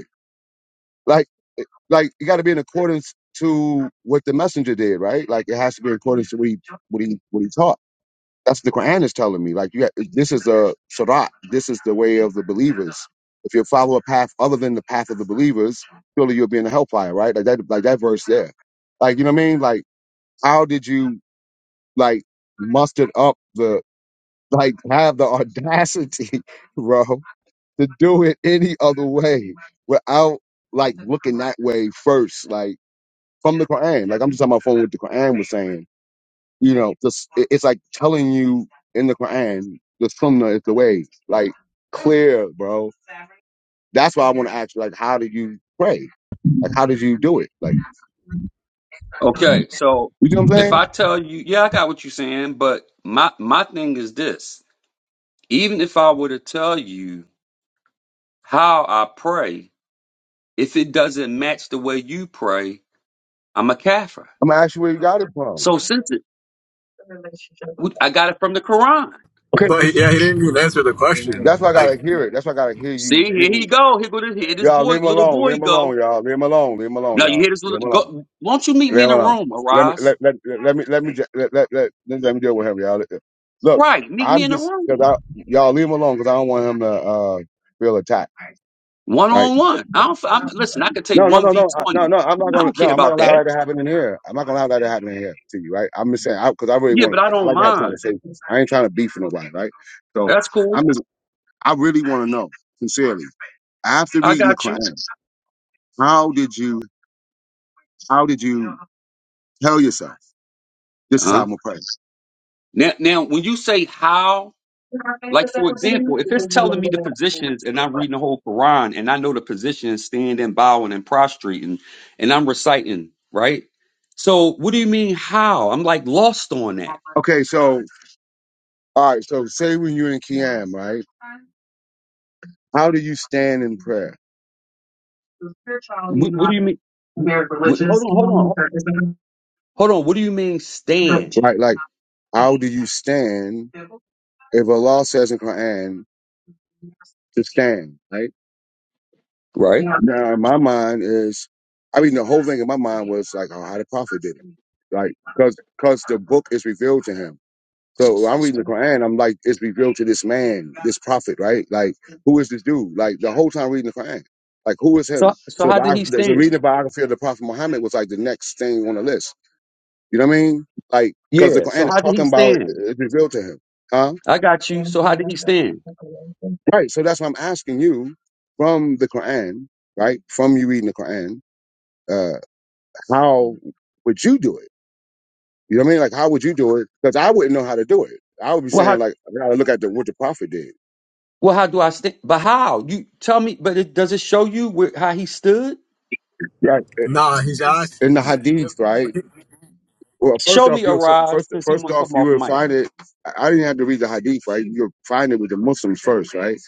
Speaker 1: Like, like it got to be in accordance to what the messenger did, right? Like it has to be in accordance to what he what he what he taught. That's what the Quran is telling me. Like you, got, this is a sharat. This is the way of the believers. If you follow a path other than the path of the believers, surely you'll be in the hellfire, right? Like that, like that verse there. Like you know what I mean? Like how did you like muster up the like have the audacity, bro, to do it any other way without like looking that way first? Like from the Quran. Like I'm just on my phone with the Quran was saying. You know, just it- it's like telling you in the Quran the Sunnah is the way. Like clear, bro. That's why I want to ask you. Like, how did you pray? Like, how did you do it? Like,
Speaker 8: Okay, so
Speaker 1: you know what I'm
Speaker 8: if I
Speaker 1: saying?
Speaker 8: tell you, yeah, I got what you're saying, but my, my thing is this. Even if I were to tell you how I pray, if it doesn't match the way you pray, I'm a kafir.
Speaker 1: I'm gonna ask you where you got it from.
Speaker 8: So since it, I got it from the Quran.
Speaker 1: Okay,
Speaker 12: But
Speaker 1: this-
Speaker 12: yeah, he didn't even answer the question.
Speaker 1: that's why I
Speaker 12: Like,
Speaker 1: gotta hear it. That's why I gotta hear you.
Speaker 8: See, here he
Speaker 1: Getting,
Speaker 8: go. Here go this, here this
Speaker 1: y'all
Speaker 8: boy,
Speaker 1: leave him
Speaker 8: little
Speaker 1: alone. Leave
Speaker 8: boy
Speaker 1: him
Speaker 8: go.
Speaker 1: alone, y'all. Leave him alone. Leave him alone,
Speaker 8: Now you
Speaker 1: y'all.
Speaker 8: hear this
Speaker 1: Leave
Speaker 8: little
Speaker 1: him alone.
Speaker 8: go. Won't you meet
Speaker 1: Leave
Speaker 8: me in
Speaker 1: him
Speaker 8: the
Speaker 1: alone.
Speaker 8: room,
Speaker 1: Let me
Speaker 8: Araz?
Speaker 1: let let let, let me let me ju- let let, let, let, let me deal with him, y'all. Look,
Speaker 8: Right, meet me
Speaker 1: I'm
Speaker 8: in the
Speaker 1: just
Speaker 8: room,
Speaker 1: because I y'all leave him alone because I don't want him to uh feel attacked.
Speaker 8: one
Speaker 1: Right?
Speaker 8: on one. I don't. f- I'm, listen, I could take
Speaker 1: No, no,
Speaker 8: one
Speaker 1: no,
Speaker 8: v
Speaker 1: no, I- no,
Speaker 8: twenty.
Speaker 1: no. I'm not
Speaker 8: I
Speaker 1: gonna
Speaker 8: don't care
Speaker 1: no. I'm not
Speaker 8: about
Speaker 1: gonna
Speaker 8: that.
Speaker 1: allow that to happen in here. I'm not gonna allow that to happen in here to you, right? I'm just saying because I, 'cause I really
Speaker 8: Yeah,
Speaker 1: want
Speaker 8: but I
Speaker 1: to. I
Speaker 8: don't
Speaker 1: like to have
Speaker 8: mind.
Speaker 1: conversations. I ain't trying to beef with nobody, right? So
Speaker 8: That's cool.
Speaker 1: I'm just. I really want to know sincerely after
Speaker 8: I
Speaker 1: reading the
Speaker 8: got
Speaker 1: Quran,
Speaker 8: you.
Speaker 1: how did you how did you tell yourself this
Speaker 8: Uh
Speaker 1: is how
Speaker 8: huh.
Speaker 1: I'm gonna pray?
Speaker 8: Now, now, when you say how Like for example, if it's telling me the positions and I'm reading the whole Quran and I know the positions standing, bowing, and prostrating, and I'm reciting, right? So what do you mean how? I'm like lost on that.
Speaker 1: Okay, so All right. So say when you're in Qiyam, right? How do you stand in prayer?
Speaker 8: What, what do you mean? What, hold on, hold on, hold on. What do you mean stand?
Speaker 1: Right. Like, how do you stand if Allah says in Quran to stand, right?
Speaker 8: Right.
Speaker 1: Now, in my mind is, I mean, the whole thing in my mind was like, oh, how the prophet did it. Like, cause, cause the book is revealed to him. So when I'm
Speaker 8: S-
Speaker 1: reading the Quran. I'm like, it's revealed to this man, this prophet, right? Like, who is this dude? Like the whole time reading the Quran. Like, who is him?
Speaker 8: So so
Speaker 1: So the
Speaker 8: how did he
Speaker 1: biography, so
Speaker 8: stand?
Speaker 1: reading the biography of the Prophet Muhammad was like the next thing on the list. You know what I mean? Like, because the
Speaker 8: Yeah. So
Speaker 1: Quran is
Speaker 8: how did he
Speaker 1: talking about
Speaker 8: stand?
Speaker 1: it's revealed to him. Huh?
Speaker 8: I got you. So how did he stand?
Speaker 1: Right. So that's why I'm asking you from the Quran, right? From you reading the Quran, uh, how would you do it? You know what I mean? Like, how would you do it? Because I wouldn't know how to do it. I would be
Speaker 8: Well, how
Speaker 1: saying, like, I gotta look at the, what the Prophet did.
Speaker 8: well how do I stand? But how? You tell me. But it, does it show you where, how he stood?
Speaker 1: Right.
Speaker 12: nah, he's
Speaker 1: In the
Speaker 12: asking.
Speaker 1: Hadith, right? Well, first
Speaker 8: Show
Speaker 1: off,
Speaker 8: me a
Speaker 1: you're
Speaker 8: rise
Speaker 1: first
Speaker 8: since he
Speaker 1: first
Speaker 8: won't
Speaker 1: off
Speaker 8: come
Speaker 1: you
Speaker 8: off
Speaker 1: will
Speaker 8: mic.
Speaker 1: find it. I I didn't have to read the hadith, right? You'll find it with the Muslims first, right?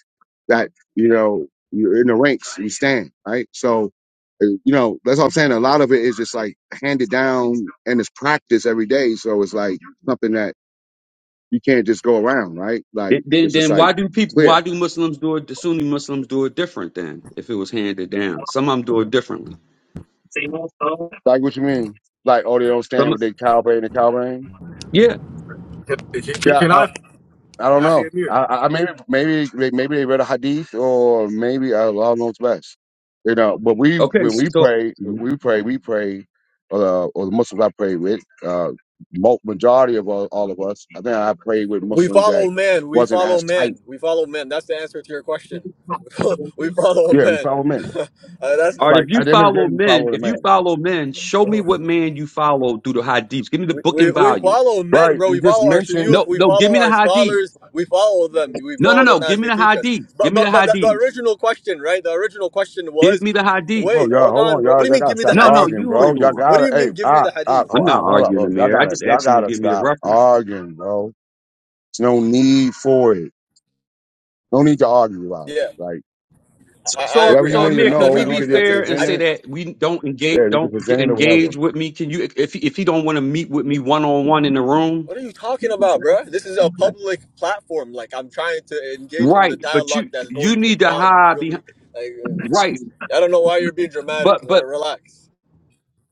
Speaker 1: That you know you're in the ranks, you stand, right? So, uh, you know that's what I'm saying. A lot of it is just like handed down and it's practice every day. So it's like something that you can't just go around, right? Like
Speaker 8: Then, then,
Speaker 1: it's just
Speaker 8: then
Speaker 1: like
Speaker 8: why do people?
Speaker 1: clear.
Speaker 8: Why do Muslims do it? The Sunni Muslims do it different than if it was handed down. Some of them do it differently.
Speaker 1: Like what you mean? Like oh they don't stand
Speaker 8: Some,
Speaker 1: with their cow brain and cow brain?
Speaker 8: yeah.
Speaker 12: Can
Speaker 1: Yeah,
Speaker 12: can
Speaker 1: uh,
Speaker 12: I,
Speaker 1: I don't know. I,
Speaker 12: Amir?
Speaker 1: I I- maybe maybe they- maybe they read a hadith or maybe Allah knows best. You know, but we
Speaker 8: Okay.
Speaker 1: when
Speaker 8: So,
Speaker 1: we
Speaker 8: so-
Speaker 1: pray,
Speaker 8: Mhm.
Speaker 1: we pray, we pray, uh, or the Muslims I pray with, uh, mo- majority of all, all of us. I think I pray with
Speaker 12: We
Speaker 1: Muslims that
Speaker 12: follow men. We
Speaker 1: wasn't
Speaker 12: follow
Speaker 1: as tight.
Speaker 12: men. We follow men. That's the answer to your question. we follow
Speaker 1: Yeah, we
Speaker 12: men.
Speaker 1: follow men.
Speaker 12: Uh, that's
Speaker 8: all right.
Speaker 1: Like
Speaker 8: If you
Speaker 1: at the end of the day,
Speaker 8: follow
Speaker 1: we
Speaker 8: men,
Speaker 1: follow the
Speaker 8: if you
Speaker 1: man.
Speaker 8: follow men, show me what man you follow through the hadiths. Give me the
Speaker 12: we,
Speaker 8: book
Speaker 12: we,
Speaker 8: and
Speaker 12: we
Speaker 8: volume.
Speaker 12: follow men,
Speaker 1: Right?
Speaker 12: bro.
Speaker 1: You
Speaker 12: We
Speaker 1: just
Speaker 12: follow our
Speaker 1: mentioned.
Speaker 12: shuyukh.
Speaker 8: No,
Speaker 12: We
Speaker 8: no. Give
Speaker 12: follow
Speaker 8: me the
Speaker 12: our
Speaker 8: hadith.
Speaker 12: scholars. We follow them. We
Speaker 8: No, no,
Speaker 12: follow
Speaker 8: no.
Speaker 12: them as
Speaker 8: Give me
Speaker 12: they
Speaker 8: the
Speaker 12: teach us.
Speaker 8: hadith.
Speaker 12: But
Speaker 8: Give me
Speaker 12: but
Speaker 8: the
Speaker 12: but the, the
Speaker 8: hadith.
Speaker 12: original question, right? The original question
Speaker 8: Give
Speaker 12: was,
Speaker 8: me the hadith.
Speaker 1: Oh,
Speaker 12: wait,
Speaker 1: y'all,
Speaker 12: hold
Speaker 1: hold
Speaker 12: on,
Speaker 1: on,
Speaker 12: bro. What
Speaker 1: y'all,
Speaker 12: do you
Speaker 1: y'all
Speaker 12: mean?
Speaker 1: gotta
Speaker 12: Give me the
Speaker 1: stop
Speaker 8: No, no.
Speaker 12: hadith.
Speaker 1: arguing,
Speaker 8: You
Speaker 12: What do
Speaker 1: bro.
Speaker 8: hold
Speaker 1: Y'all
Speaker 8: on.
Speaker 12: what do
Speaker 1: gotta,
Speaker 12: you
Speaker 1: hey,
Speaker 12: mean? Give me
Speaker 1: ah,
Speaker 12: the
Speaker 1: ah,
Speaker 12: hadith.
Speaker 8: I'm
Speaker 1: hold, ah,
Speaker 8: not
Speaker 1: hold up,
Speaker 8: arguing the
Speaker 1: hold, y'all
Speaker 8: mayor. I
Speaker 1: gotta,
Speaker 8: just
Speaker 1: y'all
Speaker 8: asked him to
Speaker 1: gotta
Speaker 8: give me the
Speaker 1: stop
Speaker 8: reference.
Speaker 1: arguing, bro. There's no need for it. No need to argue about it.
Speaker 12: Yeah.
Speaker 1: Like
Speaker 8: So,
Speaker 12: I, I
Speaker 8: so,
Speaker 1: whatever
Speaker 12: agree.
Speaker 1: you
Speaker 8: so,
Speaker 12: I
Speaker 1: need to
Speaker 12: agree.
Speaker 8: Amir,
Speaker 12: I'm
Speaker 8: can
Speaker 12: not
Speaker 1: know,
Speaker 8: we
Speaker 12: trying to
Speaker 1: we
Speaker 8: be
Speaker 1: could
Speaker 12: argue. I'm
Speaker 1: just
Speaker 12: just.
Speaker 8: fair and
Speaker 1: present
Speaker 12: I.
Speaker 8: say
Speaker 1: it.
Speaker 8: that we don't engage,
Speaker 1: Yeah, we could
Speaker 8: don't get,
Speaker 1: present it or
Speaker 8: engage
Speaker 1: whatever.
Speaker 8: with me? Can you, if if he don't want to meet with me one on one in the room,
Speaker 12: What are you talking about, bruh? This is a public platform. Like I'm trying to engage in
Speaker 8: right?
Speaker 12: the
Speaker 8: But
Speaker 12: dialogue
Speaker 8: you,
Speaker 12: that's
Speaker 8: you
Speaker 12: going
Speaker 8: need to
Speaker 12: on. You
Speaker 8: hide
Speaker 12: feel me?
Speaker 8: behind,
Speaker 12: Like
Speaker 8: right?
Speaker 12: uh, I don't know why you're being dramatic.
Speaker 8: But, but
Speaker 12: Or relax.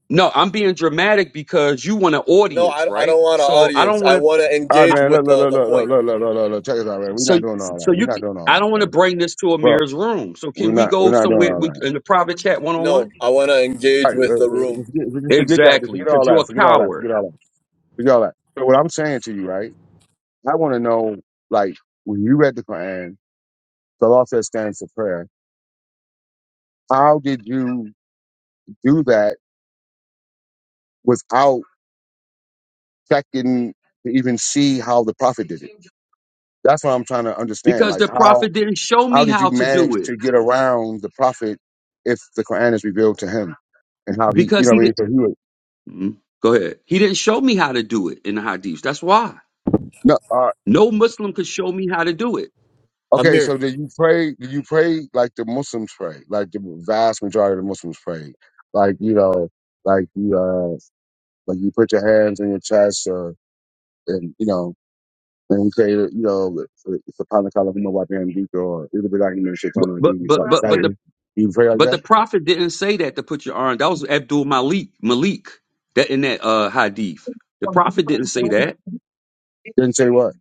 Speaker 8: no, I'm being dramatic because you want an
Speaker 12: No,
Speaker 8: audience,
Speaker 12: I, I
Speaker 8: right?
Speaker 12: don't want an
Speaker 8: So I
Speaker 12: audience.
Speaker 8: don't
Speaker 12: I
Speaker 8: want
Speaker 12: want to
Speaker 1: All right,
Speaker 8: to.
Speaker 12: engage
Speaker 1: man. Look,
Speaker 12: with
Speaker 1: look,
Speaker 12: the,
Speaker 1: look,
Speaker 12: the
Speaker 1: look, look,
Speaker 12: point.
Speaker 1: look, look, look, look, look. Check us out, man. We're
Speaker 8: So,
Speaker 1: not doing all
Speaker 8: so
Speaker 1: that. We're
Speaker 8: you,
Speaker 1: not
Speaker 8: can-
Speaker 1: doing all
Speaker 8: I
Speaker 1: that.
Speaker 8: don't want to
Speaker 1: Man.
Speaker 8: bring this to
Speaker 1: Well,
Speaker 8: Amir's room. So
Speaker 1: we're
Speaker 8: can we
Speaker 1: not. We're
Speaker 8: go
Speaker 1: not doing
Speaker 8: somewhere
Speaker 1: all
Speaker 8: we-
Speaker 1: that.
Speaker 8: in the private chat one on
Speaker 12: No,
Speaker 8: one?
Speaker 12: I want to
Speaker 1: All
Speaker 12: engage
Speaker 1: right,
Speaker 12: with the
Speaker 1: uh, uh,
Speaker 12: room.
Speaker 1: just, forget, just forget that. Just
Speaker 8: Exactly,
Speaker 1: forget all
Speaker 8: because you're
Speaker 1: that.
Speaker 8: a
Speaker 1: Forget all that.
Speaker 8: coward.
Speaker 1: Forget all that. Forget all that. So what I'm saying to you, right? I want to know, like, when you read the Quran, the law says stands for prayer. How did you do that without checking to even see how the prophet did it? That's what I'm trying to understand.
Speaker 8: Because
Speaker 1: Like
Speaker 8: the
Speaker 1: how
Speaker 8: prophet didn't show
Speaker 1: how
Speaker 8: me
Speaker 1: did you
Speaker 8: how to
Speaker 1: manage
Speaker 8: do it.
Speaker 1: to get around the prophet if the Quran is revealed to him and how he you
Speaker 8: Because
Speaker 1: know
Speaker 8: he
Speaker 1: what
Speaker 8: did.
Speaker 1: I mean? So he would
Speaker 8: Mhm. Go ahead. He didn't show me how to do it in the hadiths. That's why
Speaker 1: no uh,
Speaker 8: no Muslim could show me how to do it.
Speaker 1: okay,
Speaker 12: Amir.
Speaker 1: so did you pray did you pray like the Muslims pray, like the vast majority of the Muslims pray. Like, you know, like you uh like you put your hands on your chest or and you know and you say, you know, it's a kind of color, you know, what damn deep or it'll be like you know, shit
Speaker 8: But
Speaker 1: on the
Speaker 8: but
Speaker 1: TV,
Speaker 8: but
Speaker 1: so
Speaker 8: but, but the
Speaker 1: you pray like
Speaker 8: but the
Speaker 1: that?
Speaker 8: prophet didn't say that to put your arm. That was Abdul Malik Malik that in that uh hadith. The prophet didn't say that
Speaker 1: Didn't say what?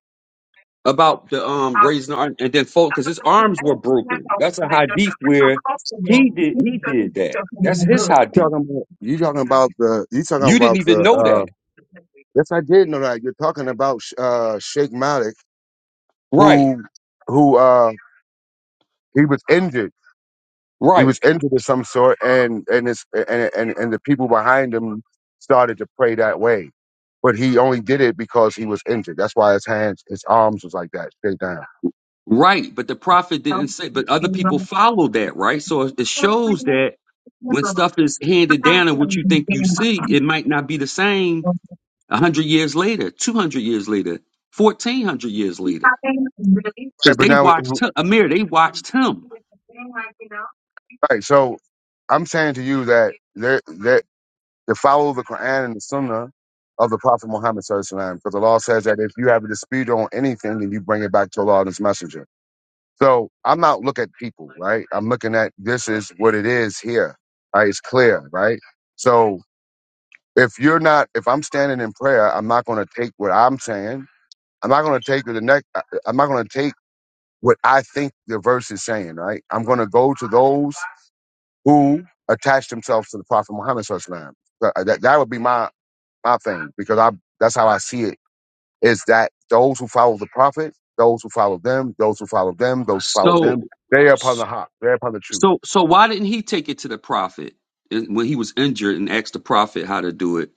Speaker 8: about the um raising the arm and then fold because his arms were broken. That's a hadith where he did he did that. That's his hadith.
Speaker 1: talking about you talking about the you talking
Speaker 8: You
Speaker 1: about
Speaker 8: didn't even
Speaker 1: the
Speaker 8: know
Speaker 1: uh
Speaker 8: that.
Speaker 1: yes I did know that you're talking about Sh- uh Sheikh Malik
Speaker 8: Right.
Speaker 1: who who uh he was injured he
Speaker 8: Right.
Speaker 1: was injured of some sort and and it's and and, and the people behind him started to pray that way but he only did it because he was injured that's why his hands his arms was like that straight down
Speaker 8: Right, but the prophet didn't say, but other people followed that, right? So it it shows that when stuff is handed down and what you think you see, it might not be the same 100 years later, 200 years later, 1400 years later.
Speaker 1: right
Speaker 8: Because
Speaker 1: but
Speaker 8: they
Speaker 1: now we,
Speaker 8: watched him, Amir, they watched him.
Speaker 1: right so I'm saying to you that there, there. to follow the Quran and the Sunnah of the Prophet Muhammad Sallallahu Alaihi Wasallam, because the law says that if you have a dispute on anything, then you bring it back to Allah and His Messenger. So I'm not looking at people, right? I'm looking at this is what it is here, right? It's clear, right? So if you're not, if I'm standing in prayer, I'm not going to take what I'm saying. I'm not going to take the next. uh, uh, I'm not going to take what I think the verse is saying, right? I'm going to go to those who attach themselves to the Prophet Muhammad. Sallallahu Alaihi Wasallam. That, that would be my my thing because I that's how I see it is that those who follow the prophet, those who follow them, those who follow them, those who follow
Speaker 8: So,
Speaker 1: them, they are upon the hop, they're upon the truth.
Speaker 8: so, so why didn't he take it to the prophet in- when he was injured and asked the prophet how to do it,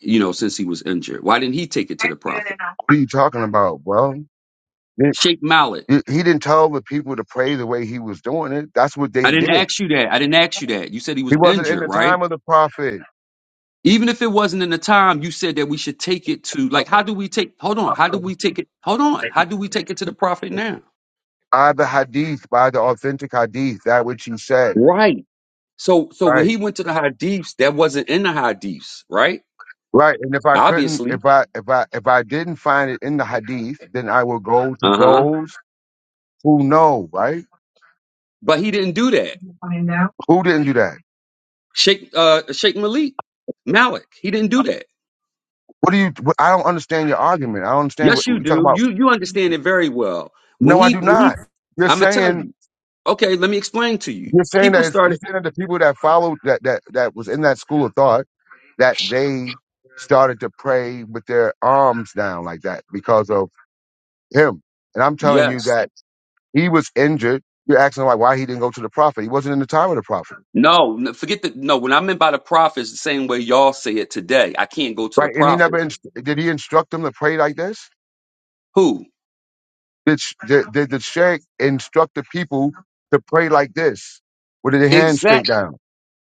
Speaker 8: you know, since he was injured? Why didn't he take it to the prophet?
Speaker 1: What are you talking about? Well, he,
Speaker 8: Sheikh Mallet.
Speaker 1: he he didn't tell the people to pray the way he was doing it. That's what they
Speaker 8: I didn't
Speaker 1: did.
Speaker 8: ask you that. I didn't ask you that. You said he
Speaker 1: He
Speaker 8: was
Speaker 1: wasn't in
Speaker 8: injured,
Speaker 1: the time
Speaker 8: right?
Speaker 1: of the prophet
Speaker 8: Even if it wasn't in the time, you said that we should take it to like how do we take hold on, how do we take it hold on, how do we take it to the prophet now?
Speaker 1: by the hadith, by the authentic hadith, that which he said.
Speaker 8: Right. So so when
Speaker 1: Right.
Speaker 8: he went to the hadiths, that wasn't in the hadiths, right?
Speaker 1: Right. And if I couldn't, if
Speaker 8: Obviously.
Speaker 1: I, if I, if I didn't find it in the hadith, then I will go to
Speaker 8: Uh-huh.
Speaker 1: those who know, right?
Speaker 8: But he didn't do that.
Speaker 1: Who didn't do that?
Speaker 8: Sheikh uh Sheikh Malik, Malik, he didn't do that.
Speaker 1: What do you? What, I don't understand your argument. I don't understand
Speaker 8: Yes,
Speaker 1: what, what
Speaker 8: you
Speaker 1: you talk
Speaker 8: do.
Speaker 1: about.
Speaker 8: You you understand it very well. When
Speaker 1: No, I
Speaker 8: he
Speaker 1: do
Speaker 8: when he
Speaker 1: not. You're
Speaker 8: I'ma tell
Speaker 1: saying
Speaker 8: you, okay, let me explain to you.
Speaker 1: you're saying
Speaker 8: People
Speaker 1: that it's, you're
Speaker 8: started
Speaker 1: saying that the people that followed that that that was in that school of thought that they started to pray with their arms down like that because of him. And I'm telling you
Speaker 8: yes.
Speaker 1: that he was injured. You're asking like why he didn't go to the prophet. He wasn't in the time of the prophet.
Speaker 8: No, n- forget that. No, when I meant by the prophets, the same way y'all say it today. I can't go to the prophet. Who? Exact.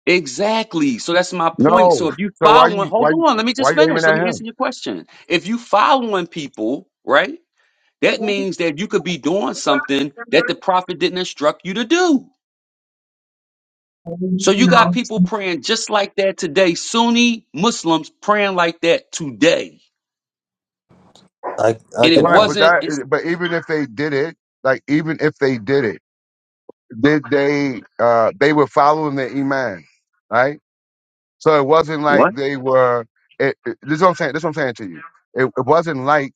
Speaker 8: Exactly. So that's my point. So if you following, hold on. Let me just finish. Let me answer your question. If you following people, right? That means that you could be doing something that the prophet didn't instruct you to do. So you got people praying just like that today. Sunni Muslims praying like that today,
Speaker 9: I I
Speaker 8: and it
Speaker 9: can
Speaker 1: Right, but
Speaker 8: wasn't.
Speaker 9: answer.
Speaker 8: It's,
Speaker 1: that but even if they did it, like even if they did it, did they uh they were following the iman, right? So it wasn't like
Speaker 8: what?
Speaker 1: they were. It, it- this is what I'm saying. This is what I'm saying to you. It, it wasn't like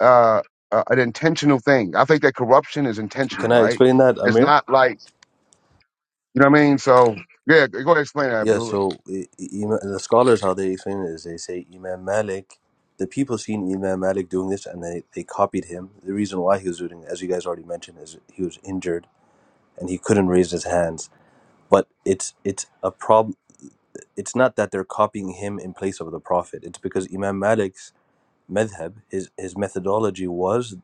Speaker 1: uh, uh, an intentional thing. I think that corruption is
Speaker 9: C-
Speaker 1: intentional,
Speaker 9: Can I
Speaker 1: right?
Speaker 9: explain that,
Speaker 1: It's
Speaker 9: Amir?
Speaker 1: not like you know what I mean. So yeah, go ahead and explain that,
Speaker 9: Yeah,
Speaker 1: Abdullah.
Speaker 9: so i- i- Ima- the scholars, how they explain it is they say Imam Malik, the people seen Imam Malik doing this and they, they copied him. The reason why he was doing it, as you guys already mentioned, is he was injured and he couldn't raise his hands. But it's it's a problem. It's not that they're copying him in place of the Prophet. It's because Imam Malik madhab, his, his methodology was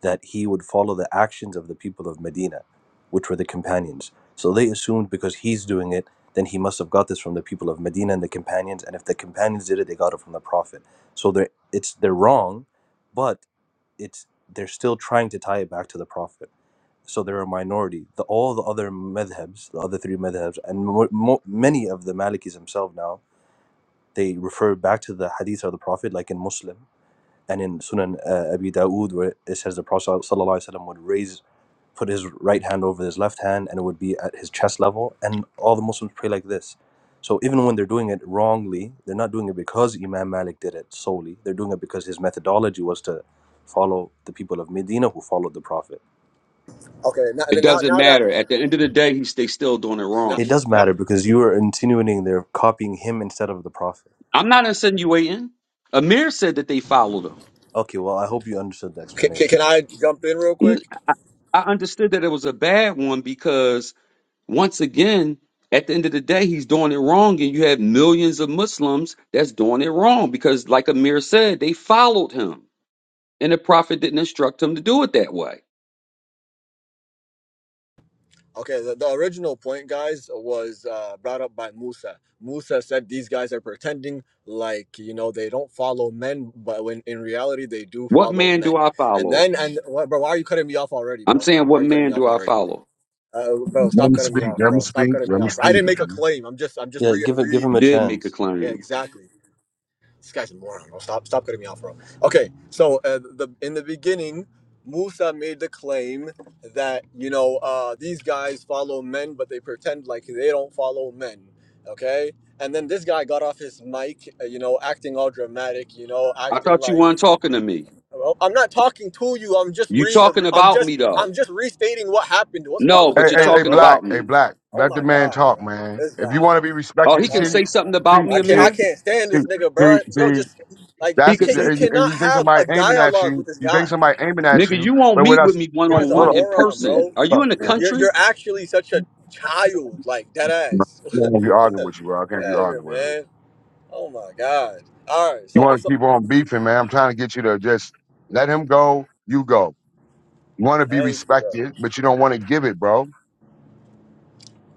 Speaker 9: that he would follow the actions of the people of Medina, which were the companions. So they assumed because he's doing it, then he must have got this from the people of Medina and the companions. And if the companions did it, they got it from the Prophet. So they're, it's, they're wrong, but it's, they're still trying to tie it back to the Prophet. So they're a minority. The, all the other madhabs, the other three madhabs, and mo- mo- many of the Malikis themselves now, they refer back to the hadith of the Prophet, like in Muslim and in Sunan uh, Abi Dawood, where it says the Prophet sallallahu alaihi wasallam would raise, put his right hand over his left hand, and it would be at his chest level. And all the Muslims pray like this. So even when they're doing it wrongly, they're not doing it because Imam Malik did it solely. They're doing it because his methodology was to follow the people of Medina who followed the Prophet.
Speaker 12: Okay. Now
Speaker 8: It
Speaker 12: now
Speaker 8: doesn't
Speaker 12: now that
Speaker 8: matter. At the end of the day, he's they still doing it
Speaker 12: now,
Speaker 8: wrong.
Speaker 9: It does
Speaker 12: now
Speaker 9: matter because you are insinuating they're copying him instead of the Prophet.
Speaker 8: I'm not insinuating. Amir said that they followed him.
Speaker 9: Okay, well I hope you understood the
Speaker 12: can, can
Speaker 9: explanation.
Speaker 12: can I jump in real
Speaker 8: N-
Speaker 12: quick?
Speaker 8: I understood that it was a bad one because once again, at the end of the day, he's doing it wrong, and you have millions of Muslims that's doing it wrong because, like Amir said, they followed him, and the Prophet didn't instruct him to do it that way.
Speaker 12: Okay, the, the original point, guys, was uh, brought up by Musa. Musa said these guys are pretending like you know they don't follow men, but when in reality they do
Speaker 8: What
Speaker 12: follow
Speaker 8: man do
Speaker 12: men.
Speaker 8: I
Speaker 12: And
Speaker 8: follow?
Speaker 12: then and what, bro, why are you cutting me off already,
Speaker 8: I'm
Speaker 12: bro?
Speaker 8: saying,
Speaker 12: Why
Speaker 8: what
Speaker 12: are you cutting me
Speaker 8: man
Speaker 12: off
Speaker 8: do I
Speaker 12: already,
Speaker 8: follow?
Speaker 12: uh, bro?
Speaker 1: Let
Speaker 12: Stop
Speaker 1: me
Speaker 12: cutting me
Speaker 1: speak.
Speaker 12: off,
Speaker 1: Let me
Speaker 12: bro. Stop
Speaker 1: speak.
Speaker 12: cutting
Speaker 1: Let
Speaker 12: me
Speaker 1: me
Speaker 12: off. I
Speaker 1: speak.
Speaker 12: didn't make a
Speaker 1: man.
Speaker 12: claim. I'm just I'm just
Speaker 9: Yeah,
Speaker 12: re
Speaker 9: give it, give
Speaker 12: re.
Speaker 9: him
Speaker 8: You
Speaker 9: a
Speaker 8: did make a
Speaker 9: chance.
Speaker 12: Yeah,
Speaker 8: claim.
Speaker 12: exactly. This guy's a moron. Bro. Stop, stop cutting me off, bro. Okay, so uh, the in the beginning, Musa made the claim that you know uh, these guys follow men, but they pretend like they don't follow men. Okay, and then this guy got off his mic, uh, you know, acting all dramatic, you know,
Speaker 8: I
Speaker 12: acting
Speaker 8: thought you
Speaker 12: like
Speaker 8: weren't talking to me.
Speaker 12: "Oh, I'm not talking to you. I'm just
Speaker 8: You
Speaker 12: re,
Speaker 8: talking
Speaker 12: I'm
Speaker 8: about
Speaker 12: just,
Speaker 8: me though?
Speaker 12: I'm just restating what happened. What's wrong
Speaker 8: No,
Speaker 12: with
Speaker 1: Hey,
Speaker 8: but
Speaker 12: this
Speaker 8: you're
Speaker 1: hey,
Speaker 12: guy,
Speaker 1: hey,
Speaker 8: talking
Speaker 12: bro?
Speaker 8: about
Speaker 1: black, hey,
Speaker 8: me.
Speaker 1: black.
Speaker 12: Oh
Speaker 1: Let the
Speaker 12: my
Speaker 1: man
Speaker 12: god,
Speaker 1: talk,
Speaker 12: bro,
Speaker 1: man.
Speaker 12: this
Speaker 1: If you
Speaker 12: guy.
Speaker 1: want to be
Speaker 8: Oh,
Speaker 1: respected,
Speaker 8: he
Speaker 12: Come
Speaker 8: can
Speaker 1: see,
Speaker 12: on,
Speaker 8: say something
Speaker 12: bro.
Speaker 1: see,
Speaker 8: about me,
Speaker 12: I can't
Speaker 1: see,
Speaker 12: I
Speaker 8: Amir.
Speaker 12: can't stand
Speaker 1: see,
Speaker 12: this nigga,
Speaker 1: see,
Speaker 12: bro. Yo,
Speaker 1: see.
Speaker 12: just like
Speaker 8: He
Speaker 12: you
Speaker 1: That's
Speaker 8: could
Speaker 12: can't you
Speaker 8: say,
Speaker 1: and, and
Speaker 12: cannot
Speaker 1: you think
Speaker 12: have
Speaker 1: somebody
Speaker 12: a
Speaker 1: aiming at
Speaker 12: dialogue
Speaker 1: you.
Speaker 12: with this
Speaker 1: You think
Speaker 12: guy.
Speaker 1: somebody aiming at
Speaker 8: nigga,
Speaker 1: you,
Speaker 8: you won't
Speaker 1: but with
Speaker 8: meet with
Speaker 1: us,
Speaker 8: me
Speaker 12: This
Speaker 8: one
Speaker 1: with,
Speaker 12: guy's
Speaker 8: on
Speaker 12: a
Speaker 1: hold
Speaker 8: one
Speaker 1: up,
Speaker 8: in
Speaker 12: moron,
Speaker 8: person.
Speaker 12: bro.
Speaker 8: Are you
Speaker 1: hold
Speaker 8: in the
Speaker 1: up.
Speaker 12: You're you're,
Speaker 8: country?
Speaker 12: you're actually such a child, like dead
Speaker 1: I can't
Speaker 12: ass.
Speaker 1: keep arguing with you, bro. I
Speaker 12: Get
Speaker 1: can't
Speaker 12: out
Speaker 1: keep
Speaker 12: of here,
Speaker 1: arguing with him.
Speaker 12: man. Oh my god. All right,
Speaker 1: You
Speaker 12: so
Speaker 1: want to
Speaker 12: so
Speaker 1: keep on beefing, man. I'm trying to get you to just let him go. You go. You want to be
Speaker 12: thank you, bro.
Speaker 1: respected? Give it, bro.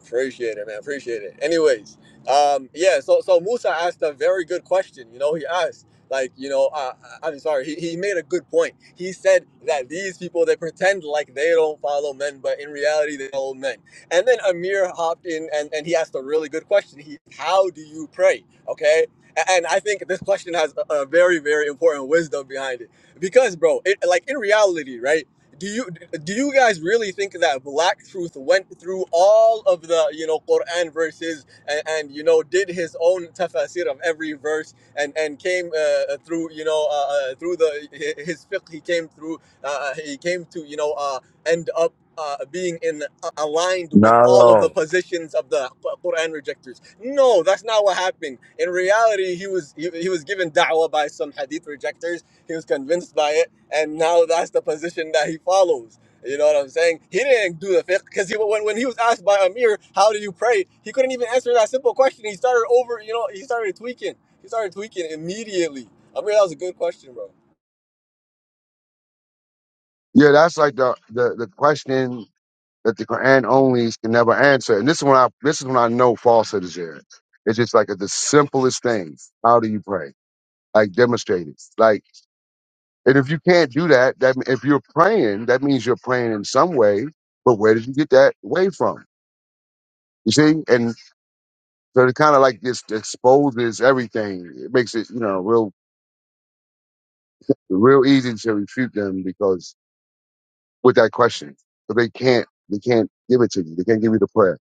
Speaker 12: Appreciate it, man. Appreciate it. Anyways, um, yeah. So, so Musa asked a very good question. You know, he asked, like, you know, uh, I- am sorry. He, he made a good point. He said that these people they pretend like they don't follow men, but in reality they follow men. And then Amir hopped in and and he asked a really good question. He, how do you pray? Okay. A- And I think this question has a a very, very important wisdom behind it, because, bro, it, like in reality, right? do you do you guys really think that Black Truth went through all of the you know Quran verses and, and you know did his own tafsir of every verse and and came uh, uh, through you know uh, uh, through the hi- his fiqh he came through uh, uh, he came to you know uh, end up uh, being in uh, aligned
Speaker 1: No,
Speaker 12: with all of the
Speaker 1: no.
Speaker 12: positions of the Qu- Quran rejectors. No, that's not what happened. In reality, he was he, he was given da'wah by some hadith rejectors he was convinced by it, and now that's the position that he follows. You know what I'm saying? He didn't do the fiqh because he, when, when he was asked by Amir, how do you pray? He couldn't even answer that simple question. He started over, you know, he started tweaking. He started tweaking immediately. Amir, that was a good question, bro.
Speaker 1: Yeah, that's like the, the the question that the Quran only can never answer. And this is when I this is when I know falsehood is there. It's just like the simplest things. How do you pray? Like demonstrate it. Like, and if you can't do that, that m- if you're praying, that means you're praying in some way. But where did you get that way from? You see? And So it kind of like just exposes everything. It makes it, you know, real, real easy to refute them because with that question, but they can't, they can't give it to you. They can't give you the prayer.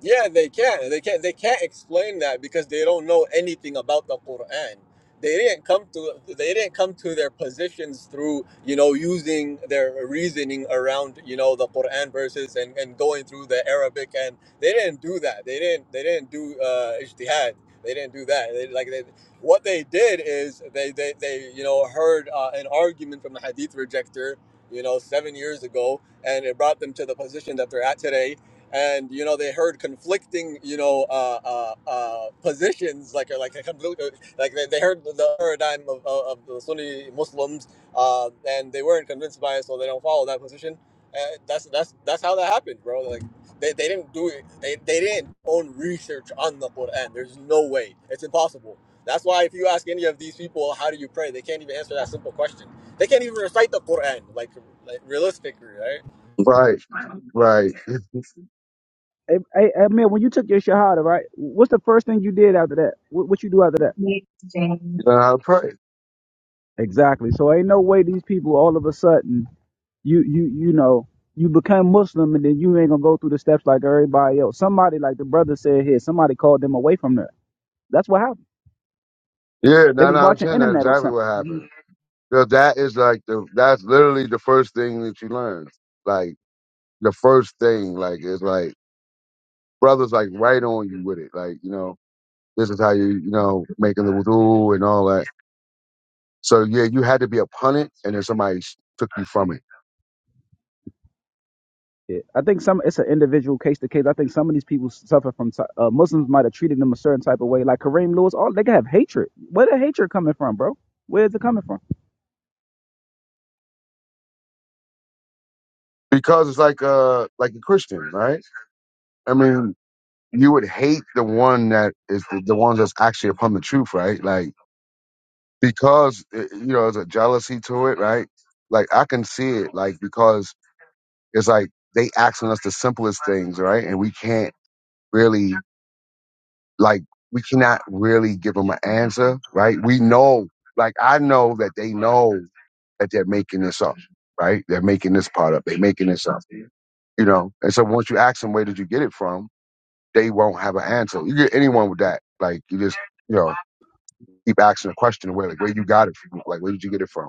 Speaker 12: Yeah, they can't. They can't. They can't explain that because they don't know anything about the Quran. They didn't come to. They didn't come to their positions through you know using their reasoning around you know the Quran verses and, and going through the Arabic and they didn't do that. They didn't. They didn't do uh, ijtihad. They didn't do that. They, like they, what they did is they they, they you know heard uh, an argument from the Hadith rejector you know seven years ago and it brought them to the position that they're at today and you know they heard conflicting you know uh, uh, uh, positions like like like they, they heard the paradigm of, of, of the Sunni Muslims uh, and they weren't convinced by it so they don't follow that position and that's that's that's how that happened bro like they, they didn't do it they, they didn't own research on the Quran there's no way it's impossible that's why if you ask any of these people how do you pray they can't even answer that simple question they can't even recite the Quran like, like realistically right
Speaker 1: Right, right.
Speaker 11: Hey, hey, hey man, when you took your shahada, right? What's the first thing you did after that? What, what you do after that?
Speaker 1: You know how to pray.
Speaker 11: Exactly. So ain't no way these people all of a sudden you you you know you become Muslim and then you ain't gonna go through the steps like everybody else. Somebody like the brother said here, somebody called them away from that. That's what happened.
Speaker 1: Yeah,
Speaker 11: They
Speaker 1: nine
Speaker 11: was
Speaker 1: out of
Speaker 11: watching
Speaker 1: ten. That's
Speaker 11: internet or
Speaker 1: exactly
Speaker 11: something.
Speaker 1: what happened.
Speaker 11: Yeah.
Speaker 1: So that is like the, that's literally the first thing that you learn. Like the first thing, like is like brothers like right on you with it. Like you know, this is how you, you know, making the wudu and all that. So yeah, you had to be upon it, and then somebody sh- took you from it
Speaker 11: I think some it's an individual case to case. I think some of these people suffer from ti- uh, Muslims might have treated them a certain type of way, like Kareem Lewis. All they can have hatred. Where the hatred coming from, bro? Where's it coming from?
Speaker 1: because it's like uh like a Christian, right? I mean, you would hate the one that is the, the ones that's actually upon the truth, right? Like because eh, you know there's a jealousy to it, right? Like I can see it, like because it's like they asking us the simplest things, right? And we can't really like we cannot really give them an answer, right? We know, like I know that they know that they're making this up, right? They're making this part up. They're making this up, you know? And so once you ask them, where did you get it from? They won't have an answer. You get anyone with that. Like, you just, you know, keep asking a question where, like, where you got it from? Like, where did you get it from?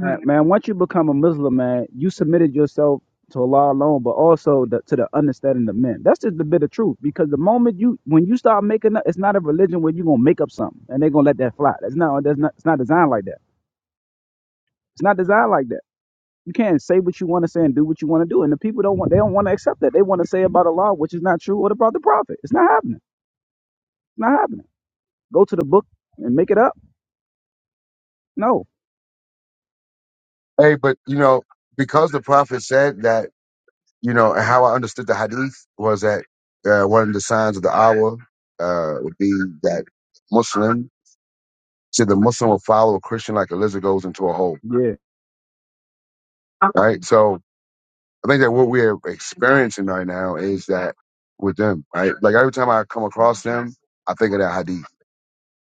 Speaker 11: Man, man, once you become a Muslim, man, you submitted yourself to Allah alone, but also the, to the understanding of men. That's just the bit of truth. Because the moment you, when you start making up, it's not a religion where you're gonna make up something and they're gonna let that fly. That's not. That's not. It's not designed like that. It's not designed like that. You can't say what you want to say and do what you want to do, and the people don't want. They don't want to accept that. They want to say about Allah, which is not true, or about the Prophet. It's not happening. It's not happening. Go to the book and make it up. No.
Speaker 1: Hey, but, you know, because the prophet said that, you know, and how I understood the hadith was that uh, one of the signs of the hour uh, would be that Muslim, see, the Muslim will follow a Christian like a lizard goes into a hole,
Speaker 11: Yeah.
Speaker 1: right? So. I think that what we're experiencing right now is that with them, right? Like every time I come across them, I think of that hadith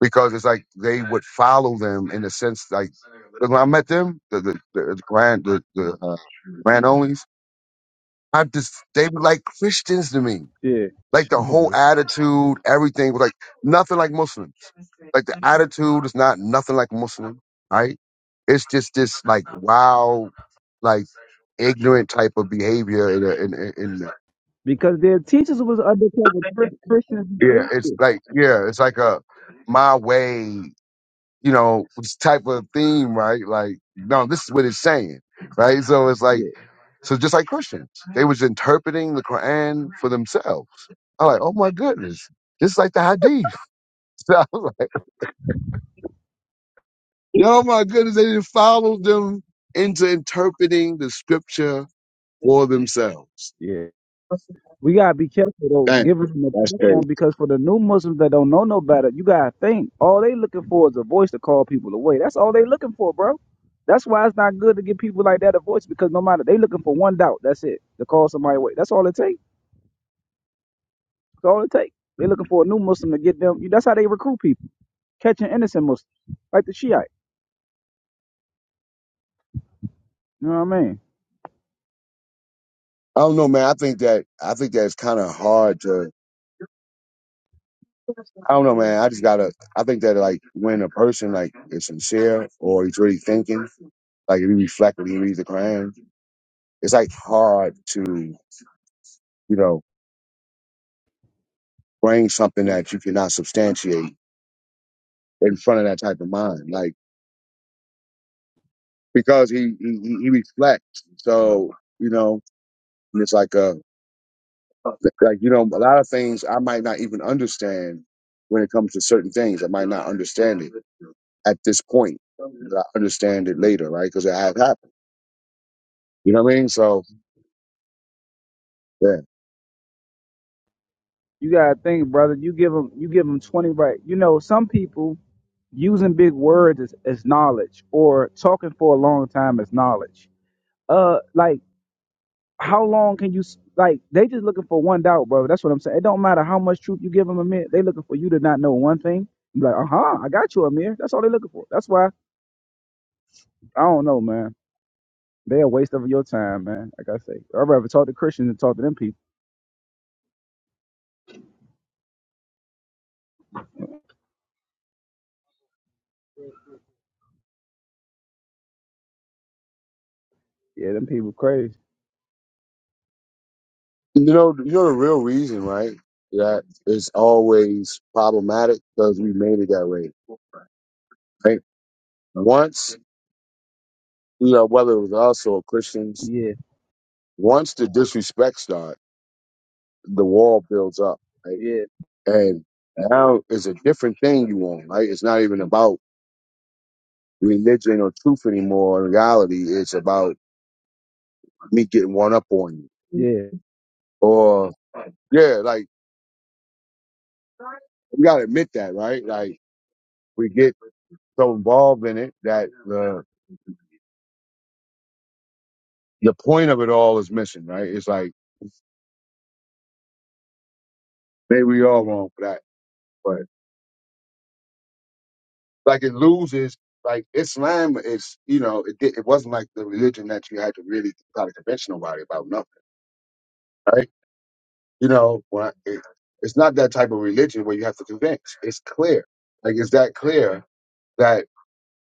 Speaker 1: because it's like they would follow them in the sense like look, when I met them, the the, the, grand the, the uh, grand onlys, I just they were like Christians to me.
Speaker 11: Yeah.
Speaker 1: Like the whole attitude, everything was like nothing like Muslims. Like the attitude is not nothing like Muslim, right? It's just this like wow, like ignorant type of behavior in a, in, in, in
Speaker 11: Because their teachers was undercover Chris- Christians and
Speaker 1: Yeah,
Speaker 11: atheists.
Speaker 1: it's like yeah, it's like a my way, you know, this type of theme, right? Like, no, this is what it's saying, right? So it's like
Speaker 11: Yeah,
Speaker 1: so just like Christians, they was interpreting the Quran for themselves. I'm like, oh my goodness, this is like the Hadith. So I was like, oh my goodness, they didn't follow them into interpreting the scripture for themselves.
Speaker 11: yeah. We gotta be careful though,
Speaker 1: Dang,
Speaker 11: giving them a
Speaker 1: that's crazy.
Speaker 11: platform because for the new Muslims that don't know no better, you gotta think all they looking for is a voice to call people away. That's all they looking for, bro. That's why it's not good to give people like that a voice because no matter they looking for one doubt, that's it to call somebody away. That's all it takes. That's all it takes. They looking for a new Muslim to get them. That's how they recruit people, catching innocent Muslims like the Shiite. You know what I mean?
Speaker 1: I don't know, man. I think that I think that's kind of hard to. I don't know, man. I just gotta. I think that like when a person like is sincere or he's really thinking, like if he reflects, when he reads the Quran, it's like hard to you know bring something that you cannot substantiate in front of that type of mind, like because he he, he he reflects. So you know, and it's like a like you know a lot of things I might not even understand when it comes to certain things. I might not understand it at this point. I understand it later, right? Because it had happened. You know what I mean? So Yeah.
Speaker 11: You gotta think, brother. You give them, you give them twenty right. You know, some people using big words is, is knowledge or talking for a long time is knowledge uh like how long can you s- like they just looking for one doubt bro that's what i'm saying it don't matter how much truth you give them Amir. they looking for you to not know one thing you like uh-huh i got you amir that's all they looking for that's why i don't know man they a waste of your time man like i say i'd rather talk to christians than talk to them people yeah them people crazy
Speaker 1: You know, you know the real reason, right? That it's always problematic because we made it that way, right? Once, you know, whether it was us or Christians,
Speaker 11: yeah
Speaker 1: once the disrespect starts, the wall builds up, right?
Speaker 11: yeah
Speaker 1: And now it's a different thing you want, right? It's not even about religion or truth anymore. In reality, it's about me getting one up on you.
Speaker 11: yeah
Speaker 1: Or, yeah, like, we gotta admit that, right? Like, we get so involved in it that, uh the point of it all is missing, right? It's like maybe we all wrong for that, but like it loses. Like Islam is, you know, it did, it wasn't like the religion that you had to really try to convince nobody about nothing, right? You know, when I, it, it's not that type of religion where you have to convince. It's clear, like it's that clear that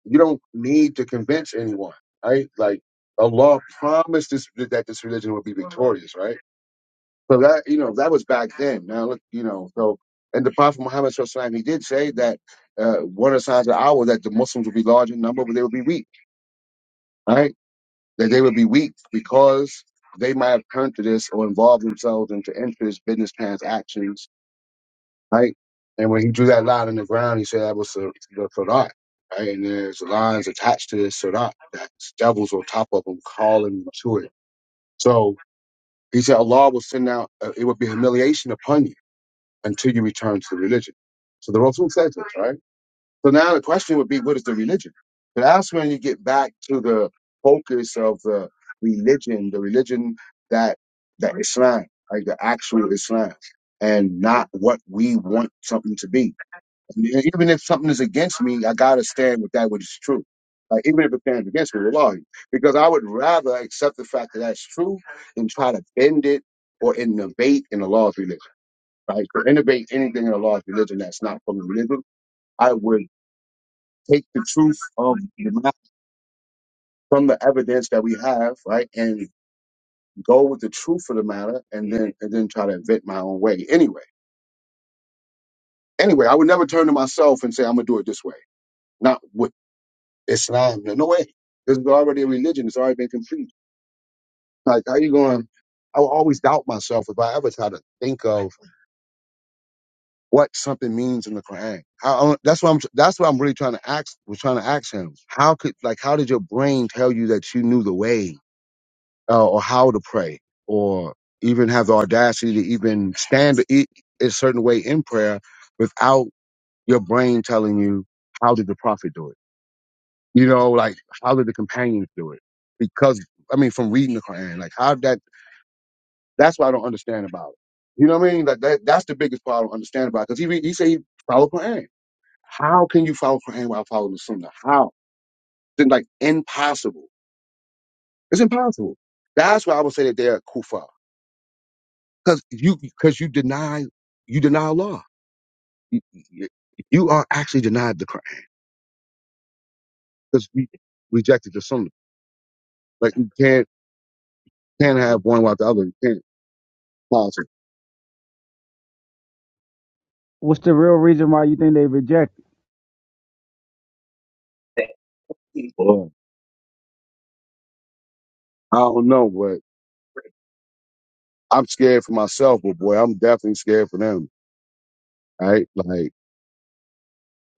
Speaker 1: you don't need to convince anyone, right? Like Allah promised this that this religion would be victorious, right? So that you know that was back then. Now look, you know, so and the Prophet Muhammad sallallahu alaihi wasallam, he did say that uh, one of the signs of the hour that the Muslims would be large in number, but they would be weak, right? That they would be weak because they might have turned to this or involved themselves into interest, business transactions, right? And when he drew that line in the ground, he said that was the the Sadat, right? And there's lines attached to this Sadat that devils will top up and call him to it. So he said Allah will send out, uh, it would be humiliation upon you until you return to the religion. So the are two this, right? So now the question would be, what is the religion? But that's when you get back to the focus of the religion, the religion that that Islam, like the actual Islam, and not what we want something to be. And even if something is against me, I gotta stand with that which is true. Like even if it stands against me, well, because I would rather accept the fact that that's true than try to bend it or innovate in the laws religion right? To innovate anything in the law of religion that's not from religion, I would take the truth of the matter from the evidence that we have, right, and go with the truth of the matter, and then and then try to invent my own way. Anyway, anyway, I would never turn to myself and say I'm gonna do it this way, not with Islam. No no way. This is already a religion. It's already been complete. Like how you going? I will always doubt myself if I ever try to think of what something means in the Quran. How, that's what I'm. That's what I'm really trying to ask. Was trying to ask him. How could like how did your brain tell you that you knew the way uh, or how to pray or even have the audacity to even stand a, a certain way in prayer without your brain telling you how did the prophet do it? You know, like how did the companions do it? Because I mean, from reading the Quran, like how that. That's what I don't understand about it. You know what I mean? Like that. That's the biggest part I don't understand about it. because he re- he say he follow Quran. How can you follow Quran without following the Sunnah? How? It's like impossible. It's impossible. That's why I would say that they're kuffar, because you because you deny you deny Allah. You, you you are actually denied the Quran because you rejected the Sunnah. Like you can't can't have one without the other. You can't possible.
Speaker 11: what's the real reason why you think they reject it?
Speaker 1: Boy, I don't know, but I'm scared for myself. But boy, I'm definitely scared for them. Right? Like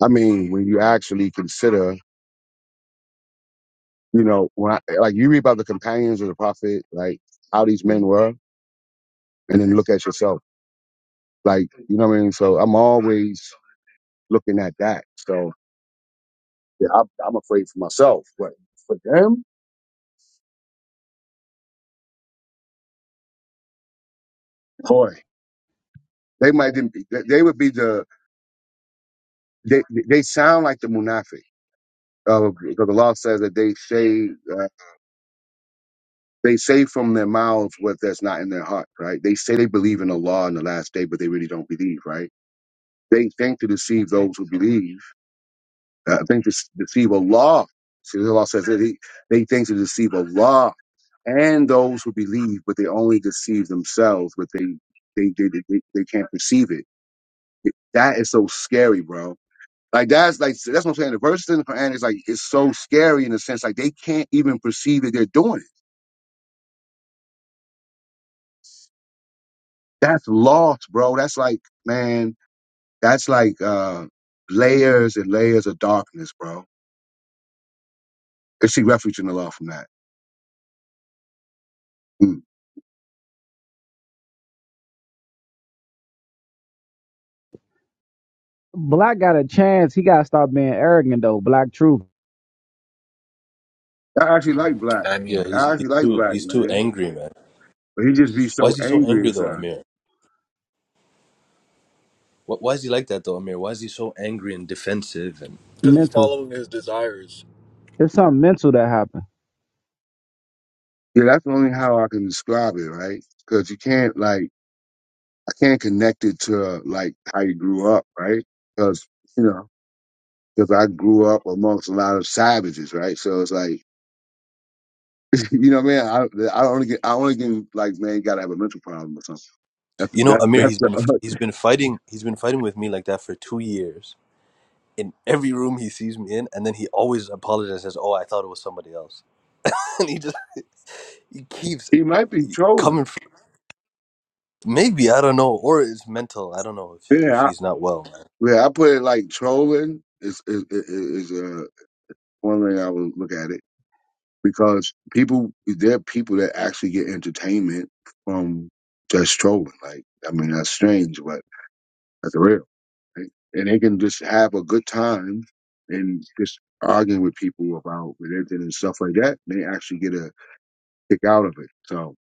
Speaker 1: I mean, when you actually consider You know, when I, like you read about the companions of the prophet, like how these men were, and then look at yourself. Like, you know what I mean? So I'm always looking at that. So yeah, I'm, I'm afraid for myself, but for them, boy, they might didn't be, they they would be the, they, they sound like the munafiq. Uh, because the law says that they say uh, they say from their mouths what that's not in their heart, right? They say they believe in the law in the last day, but they really don't believe, right? They think to deceive those who believe, I think to deceive Allah. See, Allah says that he, they think to deceive Allah and those who believe, but they only deceive themselves, but they they they they, they can't perceive it. It- That is so scary, bro. Like that's like that's what I'm saying. The verses in the Quran is like it's so scary in a sense, like they can't even perceive that they're doing it. That's lost, bro. That's like, man, that's like uh layers and layers of darkness, bro. Let's see refuge in Allah from that. Mm.
Speaker 11: black got a chance he gotta stop being arrogant though black truth
Speaker 1: I actually like black.
Speaker 12: I
Speaker 9: Yeah,
Speaker 12: mean,
Speaker 1: I
Speaker 9: he's, he's
Speaker 1: actually like
Speaker 9: too
Speaker 1: black,
Speaker 9: he's too
Speaker 1: man.
Speaker 9: angry, man.
Speaker 1: But he just be
Speaker 9: Why
Speaker 1: so
Speaker 9: is he so
Speaker 1: angry
Speaker 9: angry though,
Speaker 1: inside.
Speaker 9: Amir? Wh- Why is he like that though, Amir? Why is he so angry and defensive? And
Speaker 12: because he's
Speaker 11: mental.
Speaker 12: following his desires
Speaker 11: It's something mental that happened.
Speaker 1: Yeah, that's only how I can describe it, right? Because you can't like I can't connect it to like how you grew up, right? Because you know, because I grew up amongst a lot of savages, right? So it's like, you know, man, I I only get I only get like man, you gotta have a mental problem or something. That's
Speaker 9: you know,
Speaker 1: that's
Speaker 9: Amir,
Speaker 1: that's
Speaker 9: he's been
Speaker 1: the,
Speaker 9: he's been fighting he's been fighting with me like that for two years. In every room he sees me in, and then he always apologizes. Says, "Oh, I thought it was somebody else," and he just he keeps
Speaker 1: he might be trolling.
Speaker 9: coming. For, maybe I don't know, or it's mental. I don't know if if
Speaker 1: Yeah, I,
Speaker 9: he's not well. Man.
Speaker 1: yeah, I put it like trolling is is is, is uh, one way I would look at it because people there are people that actually get entertainment from just trolling. Like I mean, that's strange, but that's real. right? And they can just have a good time and just arguing with people about religion and stuff like that. They actually get a kick out of it. So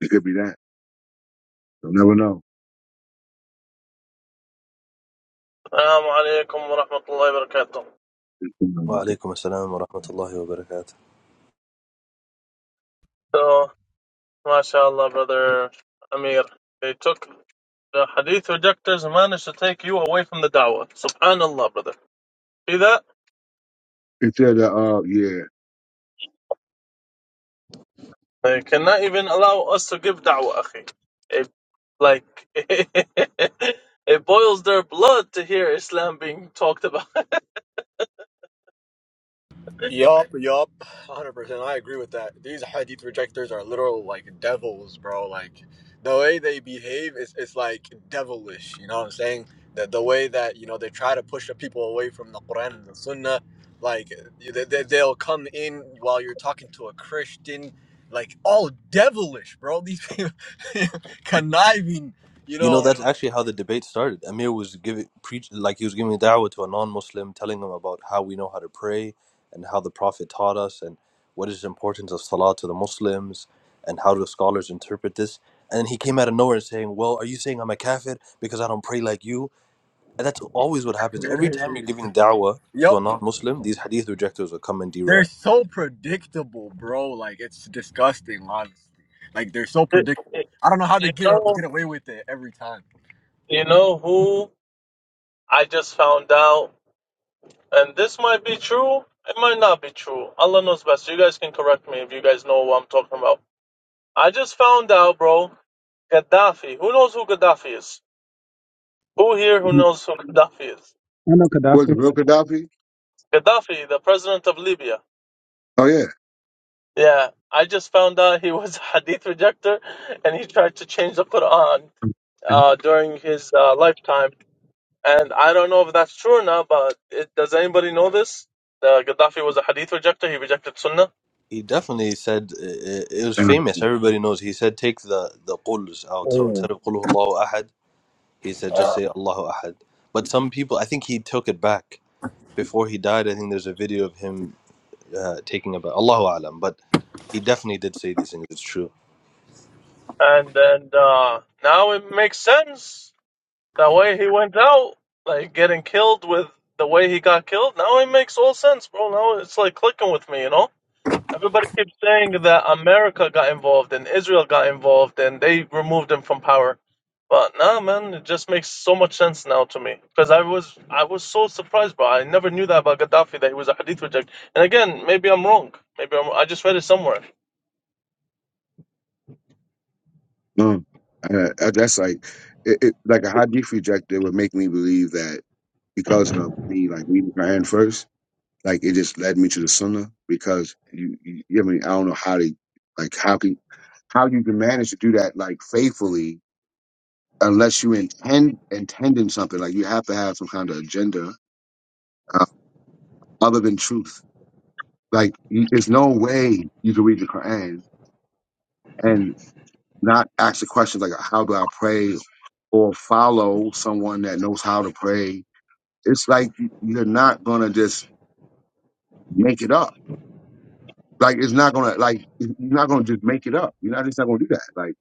Speaker 1: it could be that. You'll never know.
Speaker 5: السلام عليكم ورحمة الله وبركاته.
Speaker 9: Wa alaikum assalam wa rahmatullahi wa barakatuh.
Speaker 5: So, mashallah, brother Amir, they took the hadith rejectors and managed to take you away from the da'wah. Subhanallah, brother.
Speaker 1: It said, uh, uh, yeah,
Speaker 5: They cannot even allow us to give da'wah, akhi. It, like, it boils their blood to hear Islam being talked about.
Speaker 12: Yup, yup, 100%. I agree with that. These hadith rejectors are literal like devils, bro. Like the way they behave is it's like devilish, you know what I'm saying? That the way that, you know, they try to push the people away from the Quran and the Sunnah, like they, they, they'll come in while you're talking to a Christian, like all devilish, bro. These people conniving, you
Speaker 9: You know,
Speaker 12: know. Like,
Speaker 9: that's actually how the debate started. Amir was giving preach like he was giving da'wah to a non-Muslim, telling him about how we know how to pray and how the Prophet taught us and what is the importance of salah to the Muslims and how do scholars interpret this. And then he came out of nowhere saying, "Well, are you saying I'm a kafir because I don't pray like you?" And that's always what happens. Every time you're giving da'wah to
Speaker 12: yup.
Speaker 9: a non-Muslim, these hadith rejectors will come and
Speaker 12: They're
Speaker 9: derail.
Speaker 12: so predictable, bro. Like it's disgusting, honestly. Like they're so predictable. I don't know how they
Speaker 5: you
Speaker 12: get get
Speaker 5: know,
Speaker 12: away with it every time.
Speaker 5: you know who I just found out, and this might be true, it might not be true. Allah knows best. You guys can correct me if you guys know what I'm talking about. I just found out, bro, Gaddafi. Who knows who Gaddafi is? Who here who knows who Gaddafi is?
Speaker 11: I know
Speaker 1: was
Speaker 11: Gaddafi
Speaker 1: it real Gaddafi?
Speaker 5: Gaddafi, the president of Libya.
Speaker 1: Oh yeah.
Speaker 5: Yeah, I just found out he was a hadith rejector, and he tried to change the Quran
Speaker 1: Uh,
Speaker 5: uh, during his uh, lifetime. And I don't know if that's true or not, but it, does anybody know this? Uh, Gaddafi was a hadith rejector. He rejected Sunnah,
Speaker 9: He definitely said uh, uh, it was famous. Everybody knows. He said, "Take the the quls out." So instead of "Qul huwallahu ahad." He said, just say Allahu Ahad. But some people, I think he took it back. Before he died, I think there's a video of him uh, taking it back. Allahu Alam. But he definitely did say these things. It's true.
Speaker 5: and then uh, now it makes sense the way he went out, like getting killed with the way he got killed. Now it makes all sense, bro. Now it's like clicking with me, you know. Everybody keeps saying that America got involved and Israel got involved and they removed them from power. But nah, man, it just makes so much sense now to me because I was I was so surprised, bro. I never knew that about Gaddafi that he was a Hadith reject. And again, maybe I'm wrong. Maybe I'm, I just read it somewhere.
Speaker 1: no, uh, uh, that's like it, it, like a hadith rejector would make me believe that. because of me like reading Quran first, like it just led me to the Sunnah because you, you, I mean, I don't know how to, like, how can, how you can manage to do that like faithfully unless you intend intending something. Like you have to have some kind of agenda uh, other than truth. Like you, there's no way you can read the Quran and not ask the questions like, how do I pray, or follow someone that knows how to pray. It's like you- you're not gonna just make it up Like it's not gonna like you're not gonna just make it up. You're not just not gonna do that. Like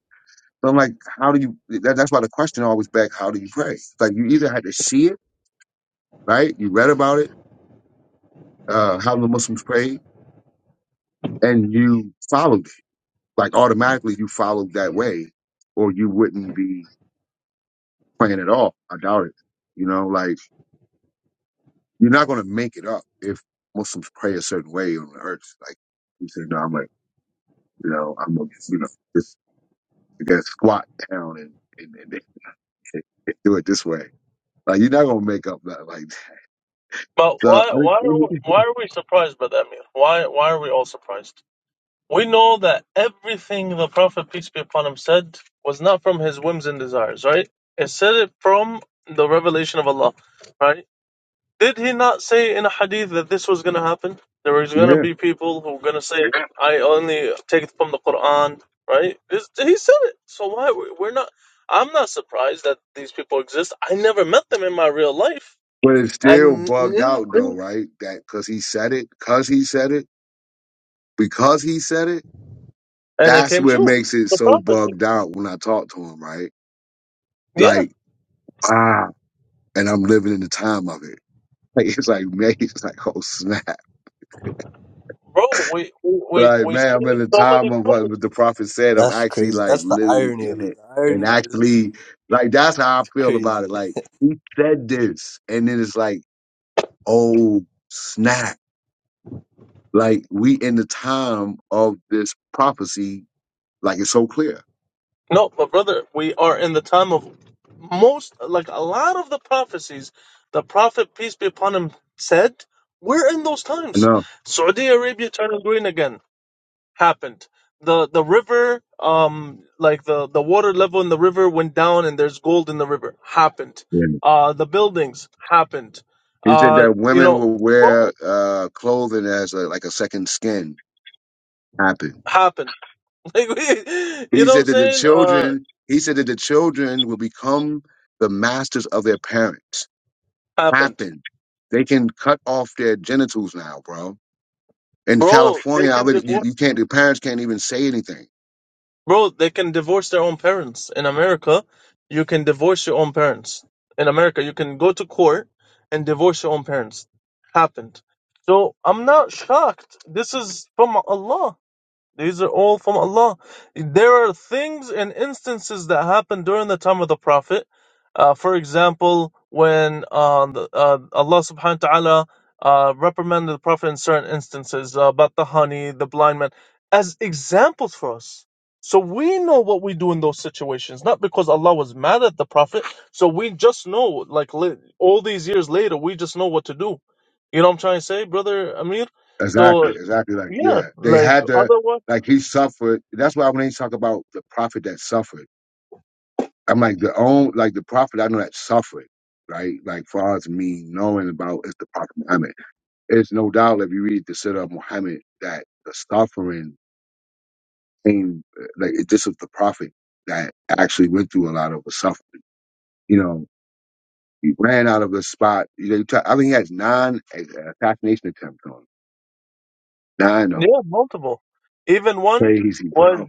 Speaker 1: so I'm like, how do you? That, that's why the question always back, how do you pray? It's Like you either had to see it, right? You read about it, uh, how the Muslims prayed, and you followed it. Like automatically, you followed that way, or you wouldn't be praying at all. I doubt it. You know, like you're not gonna make it up if Muslims pray a certain way on the earth. Like you said, no, I'm like, you know, I'm gonna, you know, just I guess squat down and. and, and do it this way. Like you're not gonna make up that like that.
Speaker 5: But
Speaker 1: so.
Speaker 5: why
Speaker 1: I,
Speaker 5: why are
Speaker 1: think-
Speaker 5: why are we surprised by that, Amir? Why why are we all surprised? We know that everything the Prophet peace be upon him said was not from his whims and desires, right? It said it from the revelation of Allah, right? Did he not say in a hadith that this was going to happen? There was going to
Speaker 1: yeah,
Speaker 5: be people who were going to say, "I only take it from the Quran," right? This- He said it. So why we're not? I'm not surprised that these people exist. I never met them in my real life,
Speaker 1: but it's still
Speaker 5: and
Speaker 1: bugged out though, right? That because he said it, because he said it, because he said it.
Speaker 5: and it
Speaker 1: That's
Speaker 5: came
Speaker 1: what
Speaker 5: true.
Speaker 1: makes it
Speaker 5: The
Speaker 1: so
Speaker 5: prophecy,
Speaker 1: bugged out when I talk to him, right?
Speaker 5: yeah,
Speaker 1: Like ah, and I'm living in the time of it. Like it's like man, it's like oh snap.
Speaker 5: bro. We we we
Speaker 1: Like
Speaker 5: we
Speaker 1: man, I'm in
Speaker 5: see
Speaker 1: the
Speaker 5: so
Speaker 1: time
Speaker 5: many
Speaker 1: of
Speaker 5: prophecies.
Speaker 1: what the prophet said. I'm
Speaker 9: That's
Speaker 1: actually
Speaker 9: crazy.
Speaker 1: like
Speaker 9: That's the
Speaker 1: living
Speaker 9: irony
Speaker 1: in
Speaker 9: of it.
Speaker 1: it,
Speaker 9: The
Speaker 1: and
Speaker 9: irony is
Speaker 1: actually like that's how I
Speaker 9: it's
Speaker 1: feel about it.
Speaker 9: crazy.
Speaker 1: Like he said this, and then it's like oh snap like we in the time of this prophecy like it's so clear
Speaker 5: No, but brother, we are in the time of most, like a lot of the prophecies the Prophet, peace be upon him, said, we're in those
Speaker 1: i
Speaker 5: times.
Speaker 1: know
Speaker 5: Saudi Arabia turning green again happened. The the river, um, like the, the water level in the river went down and there's gold in the river happened.
Speaker 1: Yeah.
Speaker 5: Uh, the buildings happened.
Speaker 1: he said
Speaker 5: Uh,
Speaker 1: that
Speaker 5: you
Speaker 1: women
Speaker 5: know,
Speaker 1: will wear
Speaker 5: bro,
Speaker 1: uh clothing as a, like a second skin happened
Speaker 5: happened. Like, we, you
Speaker 1: he
Speaker 5: know what I'm
Speaker 1: said that the
Speaker 5: saying? Uh,
Speaker 1: children he said that the children will become the masters of their parents
Speaker 5: happened.
Speaker 1: happen they can cut off their genitals now bro in
Speaker 5: Bro, they
Speaker 1: california i
Speaker 5: can
Speaker 1: bet you,
Speaker 5: divorce.
Speaker 1: you can't the parents can't even say anything
Speaker 5: Bro, they can divorce their own parents. In America, you can divorce your own parents. In America, you can go to court and divorce your own parents. Happened. So I'm not shocked. This is from Allah. These are all from Allah. There are things and instances that happened during the time of the Prophet. Uh, for example, when uh, the, uh, Allah subhanahu wa ta'ala uh, reprimanded the Prophet in certain instances uh, about the honey, the blind man, as examples for us. So we know what we do in those situations, not because Allah was mad at the Prophet. So we just know, like li- all these years later, we just know what to do. You know what I'm trying to say, brother Amir? So,
Speaker 1: Exactly, exactly. Like,
Speaker 5: yeah,
Speaker 1: yeah, they
Speaker 5: like
Speaker 1: had to,
Speaker 5: otherwise.
Speaker 1: like, he suffered. That's why when they talk about the prophet that suffered, I'm like, the own, like, the prophet I know that suffered, right? Like, far as me knowing about is the prophet Muhammad. It's no doubt if you read the Sirah of Muhammad that the suffering came, uh, like, it- this was the prophet that actually went through a lot of the suffering. You know, he ran out of his spot. You know, you ta- I think he has nine uh, assassination attempts on him. nine of them.
Speaker 5: Yeah, multiple. Even one
Speaker 1: Crazy,
Speaker 5: was
Speaker 1: bro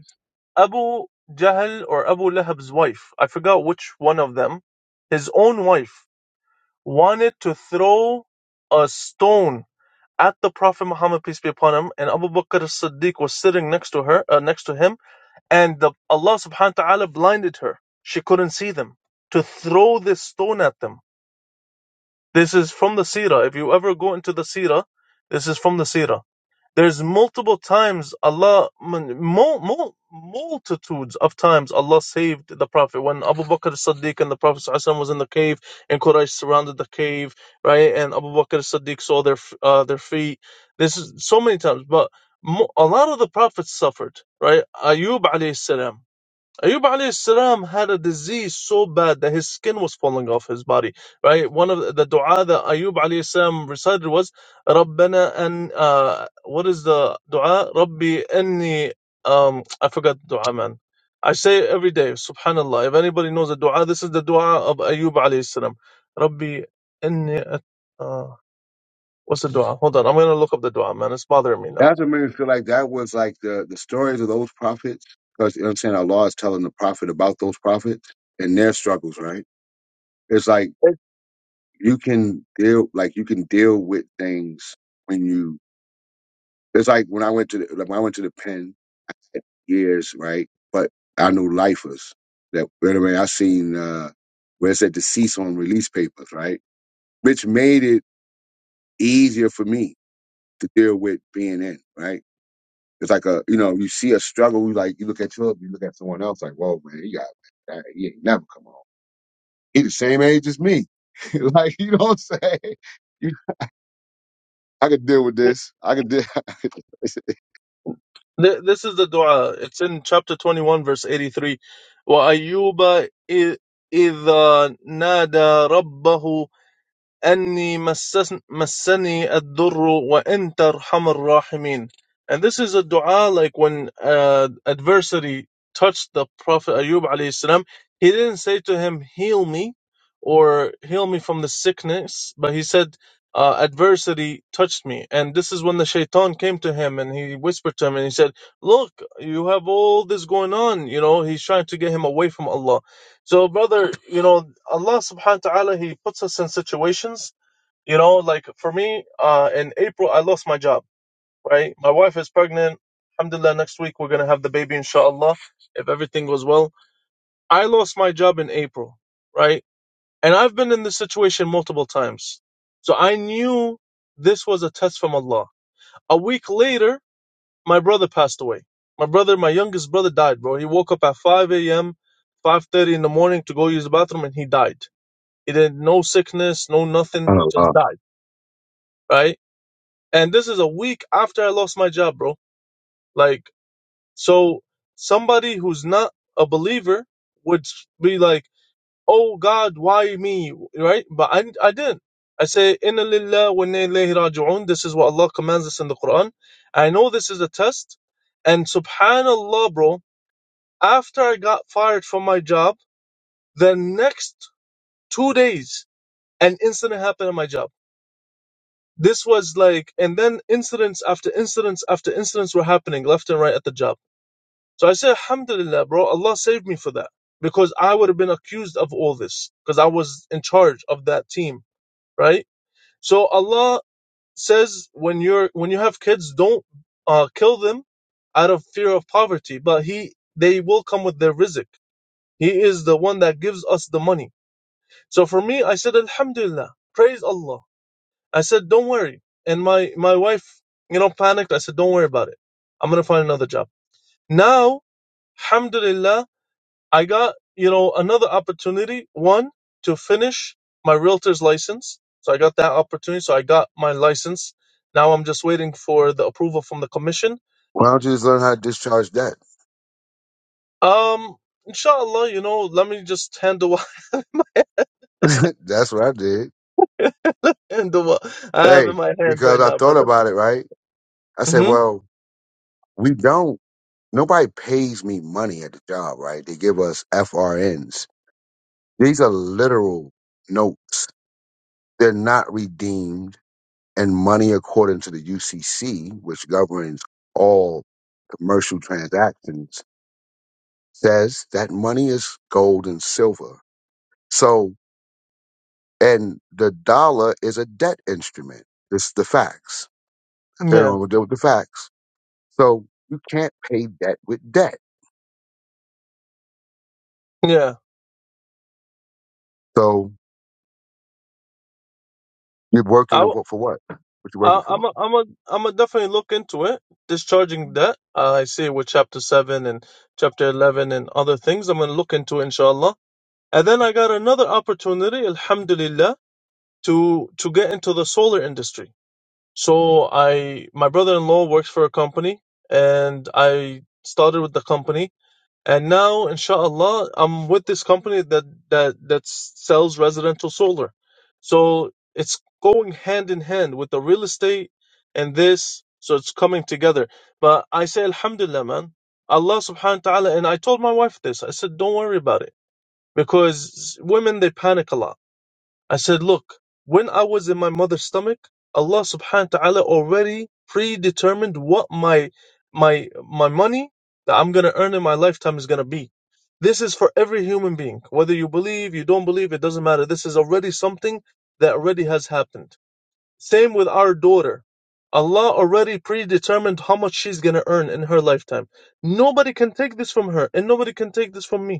Speaker 5: Abu Jahl or Abu Lahab's wife. I forgot which one of them. His own wife wanted to throw a stone at the Prophet Muhammad peace be upon him, and Abu Bakr as-Siddiq was sitting next to her, uh, next to him, and the, Allah Subhanahu wa Taala blinded her. She couldn't see them to throw this stone at them. This is from the Sira. If you ever go into the Sira, this is from the Sira there's multiple times Allah, mul, mul, multitudes of times Allah saved the Prophet. When Abu Bakr as-Siddiq and the Prophet ﷺ was in the cave and Quraysh surrounded the cave, right? And Abu Bakr as-Siddiq saw their uh, their feet. This is so many times, but mo- a lot of the prophets suffered, right? Ayub alayhi salam. Ayub alayhi salam had a disease so bad that his skin was falling off his body. Right? One of the, the dua that Ayub alayhi salam recited was Rabbana an uh, what is the dua? Rabbi anni um I forgot the dua man. I say it every day, subhanallah. If anybody knows the dua, this is the dua of Ayub alayhi salam. Rabbi anni at- uh, what's the dua? Hold on, I'm gonna look up the dua, man. It's bothering me now.
Speaker 1: That's what made me feel like that was like the the stories of those prophets, because you know what I'm saying our law is telling the prophet about those prophets and their struggles, right? It's like you can deal like you can deal with things when you it's like when I went to the like when I went to the pen I had years, right? But I knew lifers that right away I seen uh where it said deceased on release papers, right? Which made it easier for me to deal with being in, right? It's like a, you know, you see a struggle, you like, you look at your, you look at someone else, like, whoa, man, he got, that, he ain't never come home. He the same age as me. like, you know what I'm saying? You, I could deal with this. I could deal.
Speaker 5: Th- this is the dua. It's in chapter 21, verse 83. وَأَيُّوبَ إِذْ إِذَا نَادَى رَبَّهُ أني مسسن- مسني الضر وأنت أرحم الراحمين. And this is a dua like when uh, adversity touched the Prophet Ayub alayhi salam, he didn't say to him, heal me or heal me from the sickness, but he said, uh, adversity touched me. And this is when the shaitan came to him and he whispered to him and he said, look, you have all this going on. You know, he's trying to get him away from Allah. So, brother, you know, Allah subhanahu wa ta'ala, He puts us in situations, you know, like for me, uh, in April, I lost my job, right? My wife is pregnant. Alhamdulillah, next week we're going to have the baby, inshallah, if everything goes well. I lost my job in April, right? And I've been in this situation multiple times. So I knew this was a test from Allah. A week later, my brother passed away. My brother, my youngest brother died, bro. He woke up at 5 a.m., 5.30 in the morning to go use the bathroom and he died it had no sickness, no nothing,
Speaker 1: oh,
Speaker 5: just
Speaker 1: wow.
Speaker 5: died, right? And this is a week after I lost my job, bro. Like, so somebody who's not a believer would be like, "Oh God, why me?" Right? But I, I didn't. I say, "Inna lillah wa inna ilayhi raji'un." This is what Allah commands us in the Quran. I know this is a test, and Subhanallah, bro. After I got fired from my job, the next two days, an incident happened at my job This was like, and then incidents after incidents after incidents were happening left and right at the job. So I said, Alhamdulillah, bro, Allah saved me for that because I would have been accused of all this because I was in charge of that team, right? So Allah says when you're when you have kids, don't uh, kill them out of fear of poverty, but He they will come with their rizq. He is the one that gives us the money. So for me, I said, Alhamdulillah, praise Allah I said, don't worry. And my, my wife, you know, panicked. I said, don't worry about it. I'm going to find another job. Now, alhamdulillah, I got, you know, another opportunity. One, to finish my realtor's license. So I got that opportunity. So I got my license. Now I'm just waiting for the approval from the commission.
Speaker 1: Why don't you just learn how to discharge that?
Speaker 5: Um, inshallah, you know, let me just handle what,
Speaker 1: That's what I did.
Speaker 5: handle what I have in
Speaker 1: Hey,
Speaker 5: my hand
Speaker 1: because
Speaker 5: right
Speaker 1: I
Speaker 5: now,
Speaker 1: thought
Speaker 5: brother.
Speaker 1: about it, right? I said,
Speaker 5: hmm
Speaker 1: well, we don't, nobody pays me money at the job, right? They give us FRNs. These are literal notes. They're not redeemed and money according to the UCC, which governs all commercial transactions, says that money is gold and silver. So, and the dollar is a debt instrument. It's the facts. They
Speaker 5: Yeah.
Speaker 1: don't wanna deal with the facts. So you can't pay debt with debt.
Speaker 5: Yeah.
Speaker 1: So you're working
Speaker 5: I,
Speaker 1: for, for what? What you working
Speaker 5: Uh, I'm
Speaker 1: for?
Speaker 5: a, I'm a, I'm a definitely look into it. Discharging debt. Uh, I see it with chapter seven and chapter eleven and other things. I'm gonna look into it, inshallah. And then I got another opportunity, alhamdulillah, to to get into the solar industry. So I, my brother-in-law works for a company, and I started with the company. And now, inshallah, I'm with this company that that that sells residential solar. So it's going hand in hand with the real estate and this. So it's coming together. But I say, Alhamdulillah, man. Allah subhanahu wa ta'ala. And I told my wife this. I said, don't worry about it. Because women, they panic a lot I said, Look, when I was in my mother's stomach, Allah subhanahu wa ta'ala already predetermined what my my my money that I'm gonna earn in my lifetime is gonna be. This is for every human being. Whether you believe, you don't believe, it doesn't matter. This is already something that already has happened. Same with our daughter. Allah already predetermined how much she's gonna earn in her lifetime. Nobody can take this from her, and nobody can take this from me.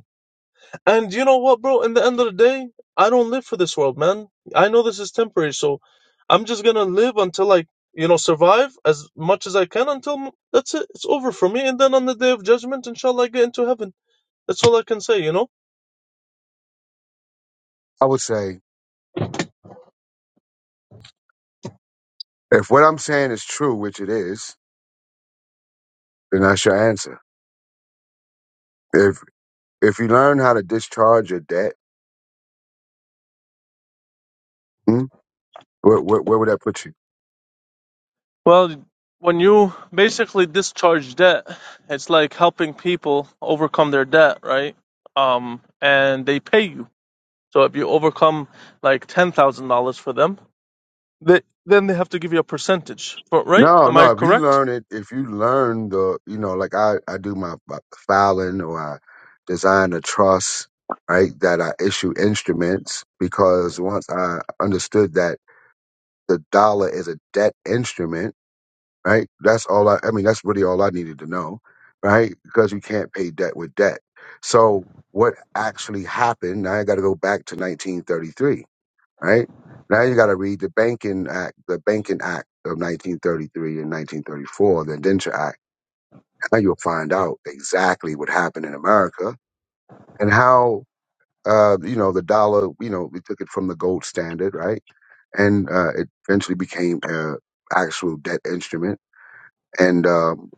Speaker 5: And you know what, bro? In the end of the day, I don't live for this world, man. I know this is temporary, so I'm just gonna live until I, you know, survive as much as I can until that's it. It's over for me. And then on the day of judgment, inshallah, I get into heaven. That's all I can say, you know?
Speaker 1: I would say if what I'm saying is true, which it is, then that's your answer. If if you learn how to discharge your debt, hmm, where, where, where would that put you?
Speaker 5: Well, when you basically discharge debt, it's like helping people overcome their debt, right? Um, and they pay you. So if you overcome like $10,000 for them, They, then they have to give you a percentage. But right?
Speaker 1: No,
Speaker 5: Am
Speaker 1: no.
Speaker 5: I
Speaker 1: If you
Speaker 5: correct?
Speaker 1: learn it, if you learn the, you know, like I, I do my, my filing or I design a trust, right? That I issue instruments because once I understood that the dollar is a debt instrument, right? That's all I, I mean, that's really all I needed to know, right? Because you can't pay debt with debt. So what actually happened? Now I got to go back to 1933 right? Now you got to read the Banking Act, the Banking Act of 1933 and 1934, the Indenture Act. Now you'll find out exactly what happened in America and how, uh, you know, the dollar, you know, we took it from the gold standard, right? And uh, it eventually became an actual debt instrument. And um,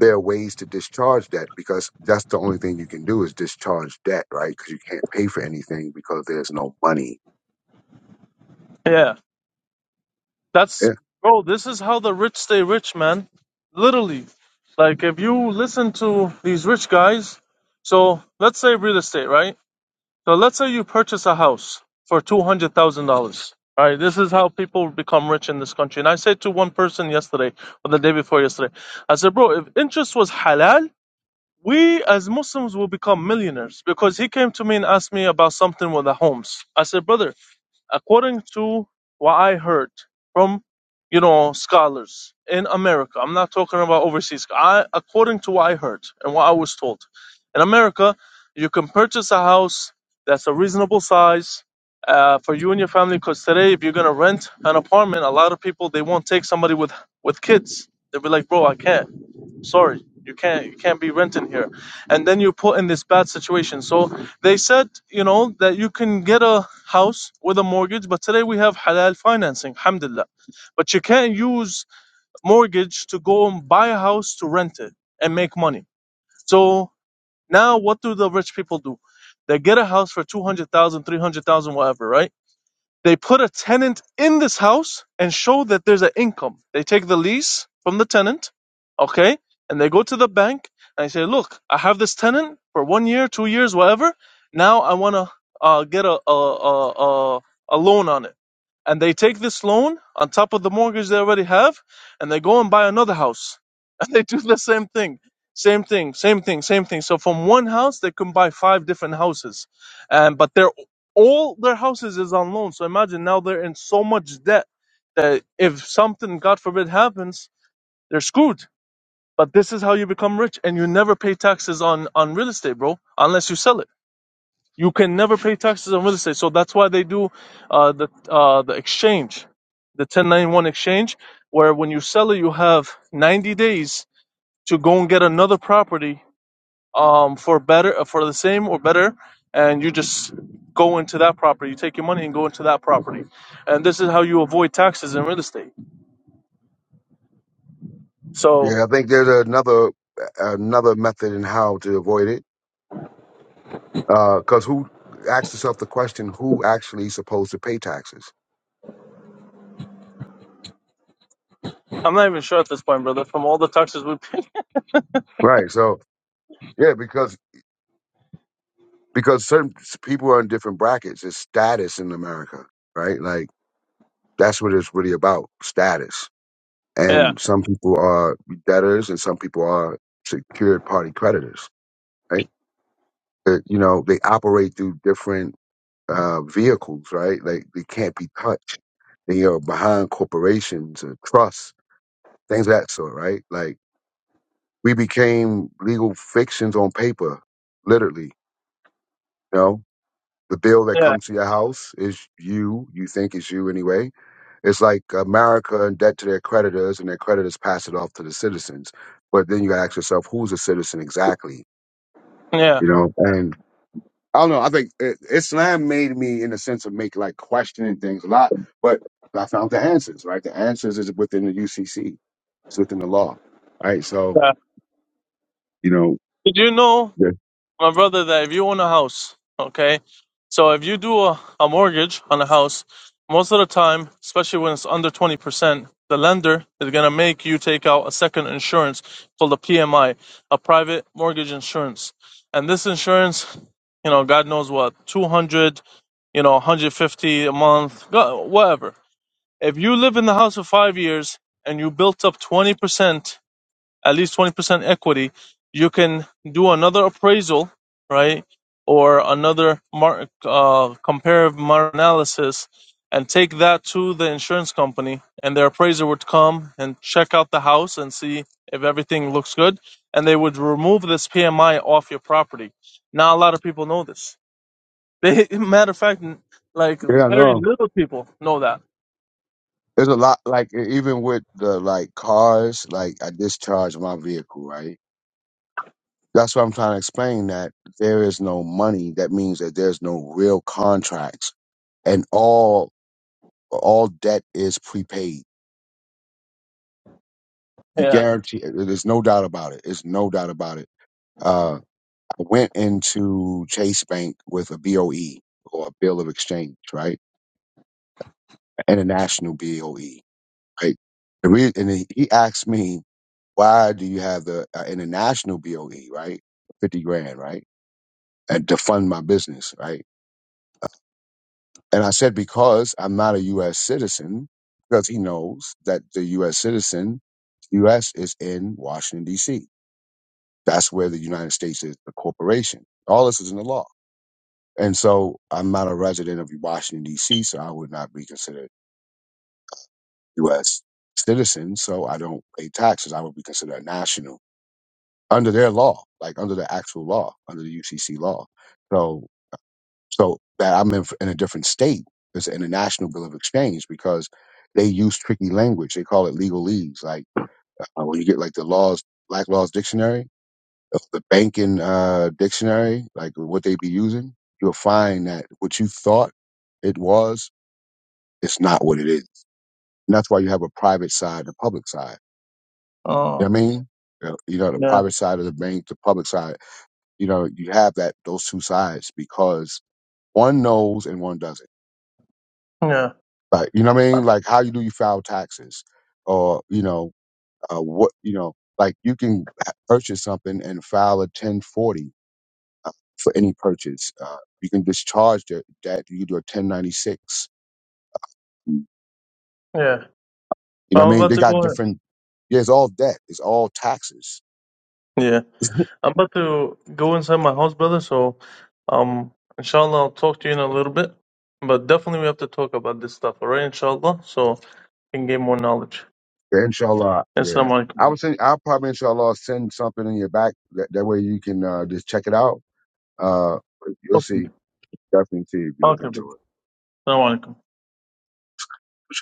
Speaker 1: there are ways to discharge debt because that's the only thing you can do is discharge debt, right? Because you can't pay for anything because there's no money.
Speaker 5: Yeah.
Speaker 1: Yeah.
Speaker 5: That's bro, this is how the rich stay rich, man. Literally. Like if you listen to these rich guys, so let's say real estate, right? So let's say you purchase a house for two hundred thousand dollars. All right, this is how people become rich in this country. And I said to one person yesterday or the day before yesterday, I said, bro, if interest was halal, we as Muslims will become millionaires because he came to me and asked me about something with the homes. I said, brother, according to what I heard from you know scholars in America. I'm not talking about overseas. I according to what I heard and what I was told. In America, you can purchase a house that's a reasonable size uh, for you and your family. Because today, if you're gonna rent an apartment, a lot of people they won't take somebody with with kids. They'll be like, "Bro, I can't." sorry you can't you can't be renting here and then you're put in this bad situation so they said, you know, that you can get a house with a mortgage, but today we have halal financing, alhamdulillah. But you can't use mortgage to go and buy a house to rent it and make money. So now what do the rich people do? They get a house for 200,000, 300,000, whatever, right? They put a tenant in this house and show that there's an income. They take the lease from the tenant, okay, and they go to the bank and they say, "Look, I have this tenant for one year, two years, whatever. Now I want to uh, get a a, a a a loan on it." And they take this loan on top of the mortgage they already have, and they go and buy another house, and they do the same thing. Same thing, same thing, same thing. So from one house they can buy five different houses, and but they're all their houses is on loan. So imagine now they're in so much debt that if something, God forbid, happens, they're screwed. But this is how you become rich, and you never pay taxes on on real estate, bro, unless you sell it. You can never pay taxes on real estate, so that's why they do uh, the uh, the exchange, the 1091 exchange, where when you sell it, you have 90 days to go and get another property um, for better uh, for the same or better and you just go into that property you take your money and go into that property and this is how you avoid taxes in real estate so
Speaker 1: Yeah, I think there's another another method in how to avoid it. Because who ask yourself the question, who actually is supposed to pay taxes?
Speaker 5: i'm not even sure at this point brother from all the taxes we pay
Speaker 1: Right. So yeah, because because certain s- people are in different brackets. It's status in America, right? Like that's what it's really about, status.
Speaker 5: yeah
Speaker 1: And some people are debtors, and some people are secured party creditors, right? Uh, you know, they operate through different uh, vehicles, right? Like they can't be touched. And you're behind corporations and trusts, things of that sort, right? Like we became legal fictions on paper, literally. You know, the bill that
Speaker 5: yeah
Speaker 1: comes to your house is you. You think it's you anyway. It's like America in debt to their creditors, and their creditors pass it off to the citizens. But then you gotta ask yourself, who's a citizen exactly?
Speaker 5: yeah
Speaker 1: You know, and I don't know. I think uh, Islam made me, in a sense, of make like questioning things a lot, but I found the answers. Right, the answers is within the UCC. It's within the law. Right, so
Speaker 5: yeah
Speaker 1: you know,
Speaker 5: did you know
Speaker 1: yeah,
Speaker 5: my brother that if you own a house, okay, so if you do a, a mortgage on a house, most of the time, especially when it's under 20%, the lender is going to make you take out a second insurance called a PMI, a private mortgage insurance. And this insurance, you know, God knows what, 200, you know, 150 a month, go- whatever. If you live in the house for five years and you built up 20%, at least 20% equity, you can do another appraisal, right? Or another mar- uh, comparative market analysis and take that to the insurance company. And their appraiser would come and check out the house and see if everything looks good. And they would remove this PMI off your property. Not a lot of people know this. They, matter of fact, like
Speaker 1: yeah,
Speaker 5: very
Speaker 1: no.
Speaker 5: little people know that.
Speaker 1: There's a lot like e- even with the like cars. Like I discharged my vehicle. Right, that's what I'm trying to explain. That there is no money. That means that there's no real contracts, and all all debt is prepaid. He
Speaker 5: Yeah.
Speaker 1: guarantee. There's no doubt about it. There's no doubt about it Uh, I went into Chase Bank with a BOE or a bill of exchange, right? An International BOE, right? The re- and he he asked me, why do you have the uh, international BOE, right? 50 grand, right? And to fund my business, right? And I said, because I'm not a U.S. citizen, because he knows that the U.S. citizen, U.S. is in Washington, D.C. That's where the United States is, the corporation. All this is in the law. And so I'm not a resident of Washington, D.C., so I would not be considered U.S. citizen. So I don't pay taxes. I would be considered a national under their law, like under the actual law, under the UCC law. So, so that I'm in, in a different state is an international bill of exchange because they use tricky language. They call it legalese. Like uh, when you get like the laws, Black Laws Dictionary, uh, the banking uh, dictionary, like what they be using, you'll find that what you thought it was It's not what it is. And that's why you have a private side, and a public side. You
Speaker 5: Oh,
Speaker 1: know what I mean? You know, you know, the
Speaker 5: yeah.
Speaker 1: private side of the bank, the public side, you know, you have that, those two sides because one knows and one doesn't.
Speaker 5: Yeah.
Speaker 1: Like, you know what I mean? Like how you do you file taxes or, you know, uh, what, you know, like you can ha- purchase something and file a 1040 uh, for any purchase. Uh, you can discharge that, that you can do a 1096. You
Speaker 5: Yeah.
Speaker 1: know what
Speaker 5: But
Speaker 1: I
Speaker 5: I'm
Speaker 1: mean?
Speaker 5: about
Speaker 1: They
Speaker 5: to
Speaker 1: got
Speaker 5: go in.
Speaker 1: different, yeah, it's all debt. It's all taxes
Speaker 5: Yeah. I'm about to go inside my house, brother. So, um, inshallah, I'll talk to you in a little bit. But definitely, we have to talk about this stuff, all right? Inshallah, so I can gain more knowledge.
Speaker 1: Yeah, inshallah. Yeah.
Speaker 5: Assalamu
Speaker 1: I
Speaker 5: alaikum.
Speaker 1: would send, I'll probably inshallah send something in your back. That, that way you can uh, just check it out. Uh, you'll see.
Speaker 5: Okay,
Speaker 1: Definitely see if you look
Speaker 5: okay,
Speaker 1: into
Speaker 5: brother. Assalamu alaikum.
Speaker 1: it.